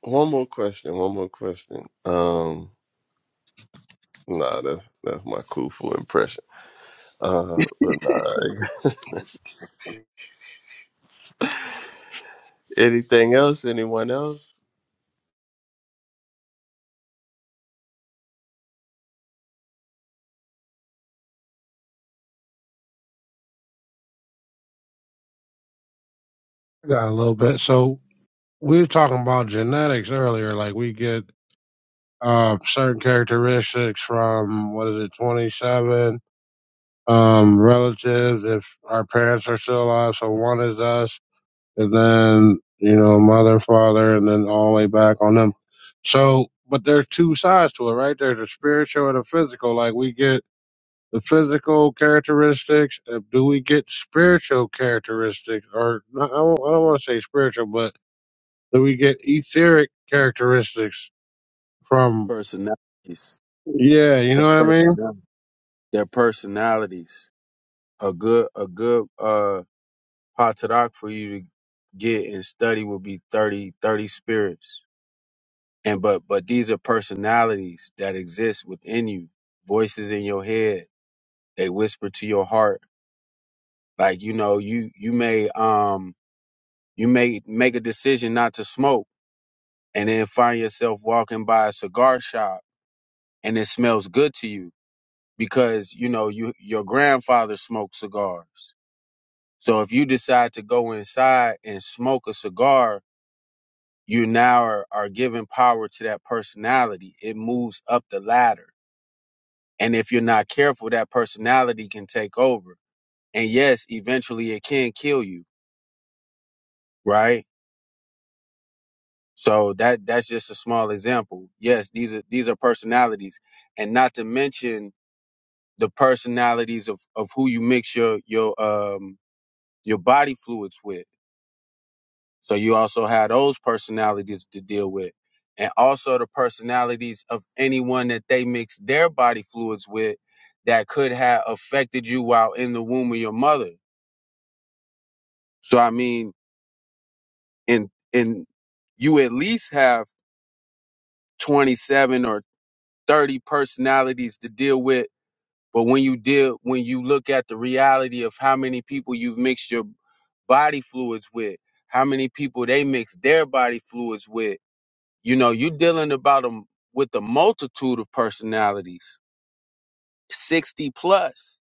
[SPEAKER 2] One more question. One more question. Um, nah, that, that's my Kufu impression. Uh, but nah, *laughs* anything else? Anyone else?
[SPEAKER 11] I got a little bit. So we were talking about genetics earlier. Like we get um, certain characteristics from what is it, twenty seven um, relatives if our parents are still alive. So one is us, and then you know mother and father, and then all the way back on them. So, but there's two sides to it, right? There's a spiritual and a physical. Like we get the physical characteristics. uh, Do we get spiritual characteristics, or I don't, I don't want to say spiritual, but that we get etheric characteristics from.
[SPEAKER 3] Personalities,
[SPEAKER 11] Yeah, you
[SPEAKER 3] their
[SPEAKER 11] know what I mean.
[SPEAKER 3] personalities, their personalities. A good a good uh Patadak for you to get and study will be 30 30 spirits. And but but these are personalities that exist within you, voices in your head. They whisper to your heart. Like, you know, you you may um you may make a decision not to smoke and then find yourself walking by a cigar shop and it smells good to you because you know you your grandfather smoked cigars. So if you decide to go inside and smoke a cigar you now are, are giving power to that personality. It moves up the ladder. And if you're not careful, that personality can take over. And yes, eventually it can kill you, right? So that that's just a small example. Yes, these are these are personalities. And not to mention the personalities of, of who you mix your your um your body fluids with So you also have those personalities to deal with. And also the personalities of anyone that they mix their body fluids with that could have affected you while in the womb of your mother. So I mean, in in you at least have 27 or 30 personalities to deal with. But when you deal when you look at the reality of how many people you've mixed your body fluids with, how many people they mix their body fluids with, You know, you're dealing about them with a multitude of personalities, 60 plus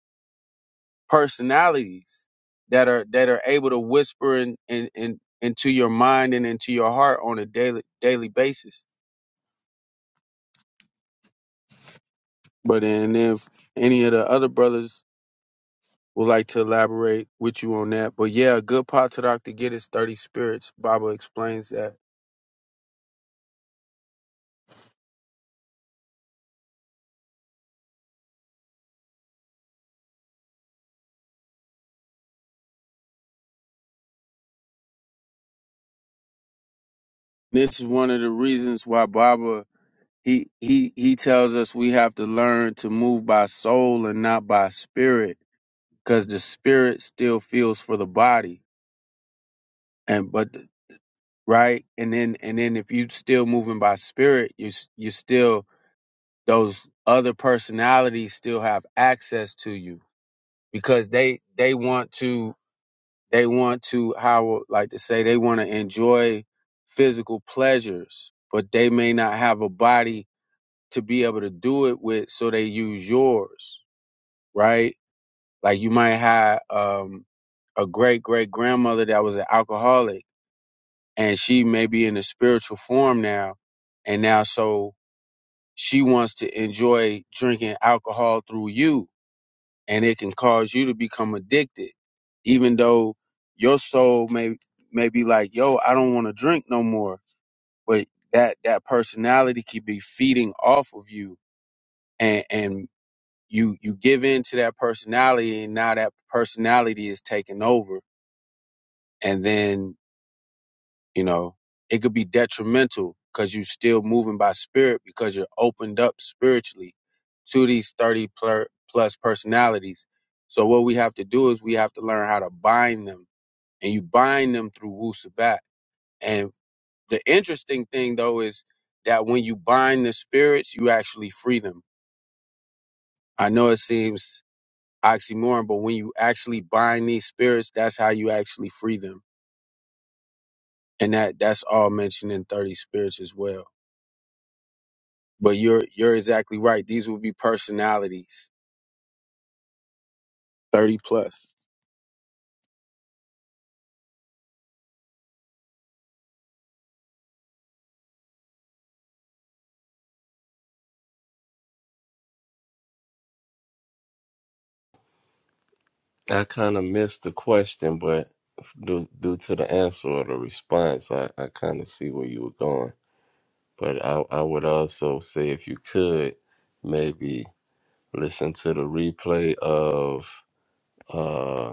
[SPEAKER 3] personalities that are that are able to whisper in, in, in into your mind and into your heart on a daily daily basis. But and if any of the other brothers would like to elaborate with you on that. But yeah, a good Patarak to get his 30 spirits. Baba explains that. This is one of the reasons why Baba He he he tells us we have to learn to move by soul and not by spirit, because the spirit still feels for the body. And but right, and then and then if you still moving by spirit, you s- you still those other personalities still have access to you because they they want to they want to how I would like to say they want to enjoy physical pleasures, but they may not have a body to be able to do it with, so they use yours right? Like you might have um, a great great grandmother that was an alcoholic, and she may be in a spiritual form now, and now so she wants to enjoy drinking alcohol through you, and it can cause you to become addicted, even though your soul may may be like, yo, I don't want to drink no more, but that that personality could be feeding off of you and and. you you give in to that personality and now that personality is taking over and then you know it could be detrimental because you're still moving by spirit because you're opened up spiritually to these 30 plus plus personalities so what we have to do is we have to learn how to bind them and you bind them through wu sabat and the interesting thing though is that when you bind the spirits you actually free them i know it seems oxymoron, but when you actually bind these spirits, that's how you actually free them. And that that's all mentioned in 30 spirits as well. But you're you're exactly right. These will be personalities, 30 plus.
[SPEAKER 2] I kind of missed the question, but due, due to the answer or the response, I, I kind of see where you were going. But I, I would also say if you could maybe listen to the replay of uh,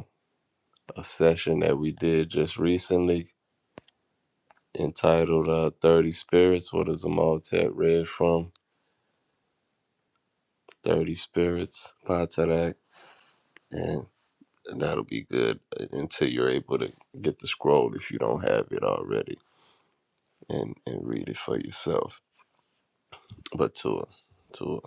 [SPEAKER 2] a session that we did just recently entitled uh, 30 Spirits. What is Amaltec read from? 30 Spirits by Tadak. And that'll be good uh, until you're able to get the scroll if you don't have it already and, and read it for yourself. But Tua, Tua.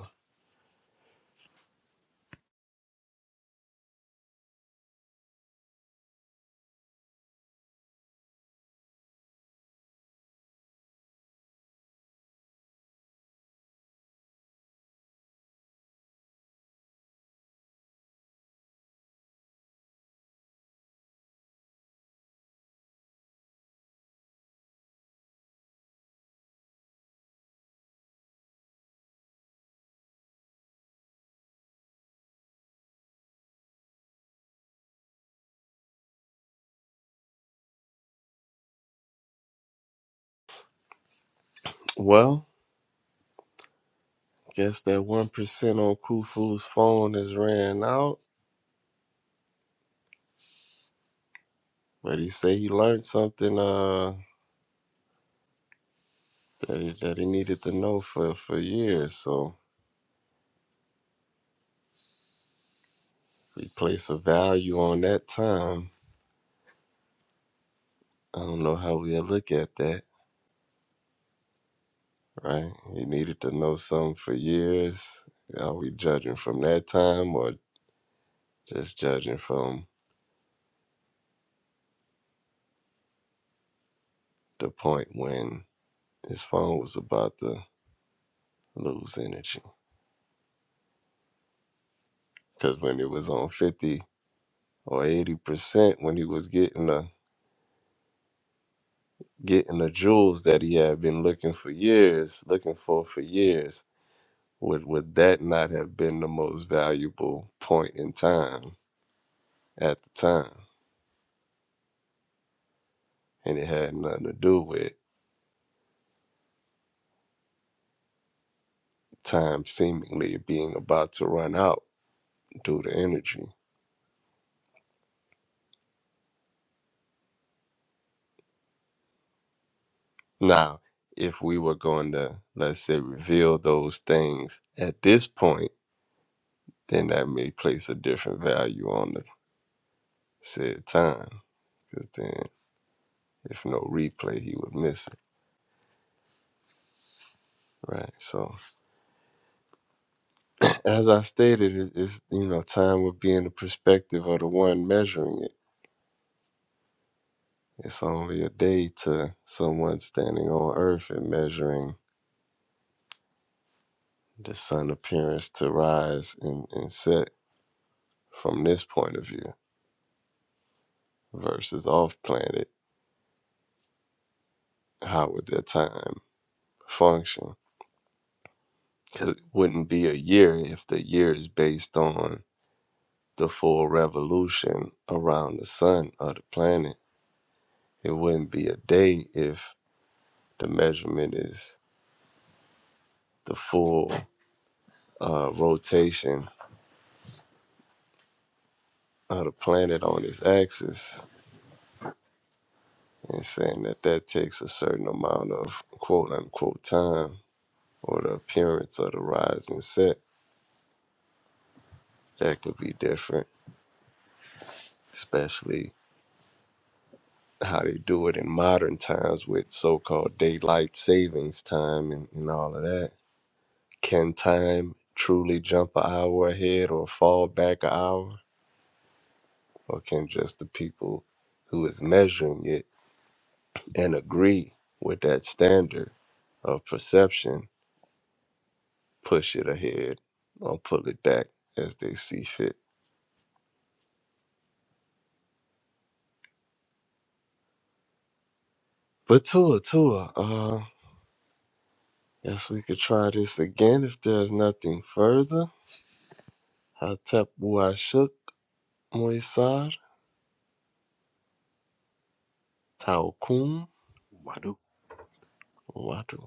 [SPEAKER 2] Well, guess that 1% on Khufu's phone has ran out. But he said he learned something uh, that, he, that he needed to know for, for years. So We place a value on that time. I don't know how we'll look at that, right? You needed to know something for years. Are we judging from that time or just judging from the point when his phone was about to lose energy? Because when it was on 50 or 80%, when he was getting the getting the jewels that he had been looking for years, looking for for years, would would that not have been the most valuable point in time at the time? and it had nothing to do with time seemingly being about to run out due to energy. Now, if we were going to, let's say, reveal those things at this point, then that may place a different value on the said time. Because then, if no replay, he would miss it, right? So, as I stated, it is you know, time would be in the perspective of the one measuring it. It's only a day to someone standing on Earth and measuring the sun appearance to rise and, and set from this point of view versus off planet, how would their time function? 'Cause it wouldn't be a year if the year is based on the full revolution around the sun or the planet. It wouldn't be a day if the measurement is the full uh, rotation of the planet on its axis and saying that that takes a certain amount of quote unquote time or the appearance of the rising set that could be different, especially how they do it in modern times with so called daylight savings time and, and all of that. Can time truly jump an hour ahead or fall back an hour? Or can just the people who is measuring it and agree with that standard of perception push it ahead or pull it back as they see fit? But Tua, Tua, uh, Guess we could try this again if there's nothing further. Hatep Washuk Moisar Taukum
[SPEAKER 9] on.
[SPEAKER 2] Watu.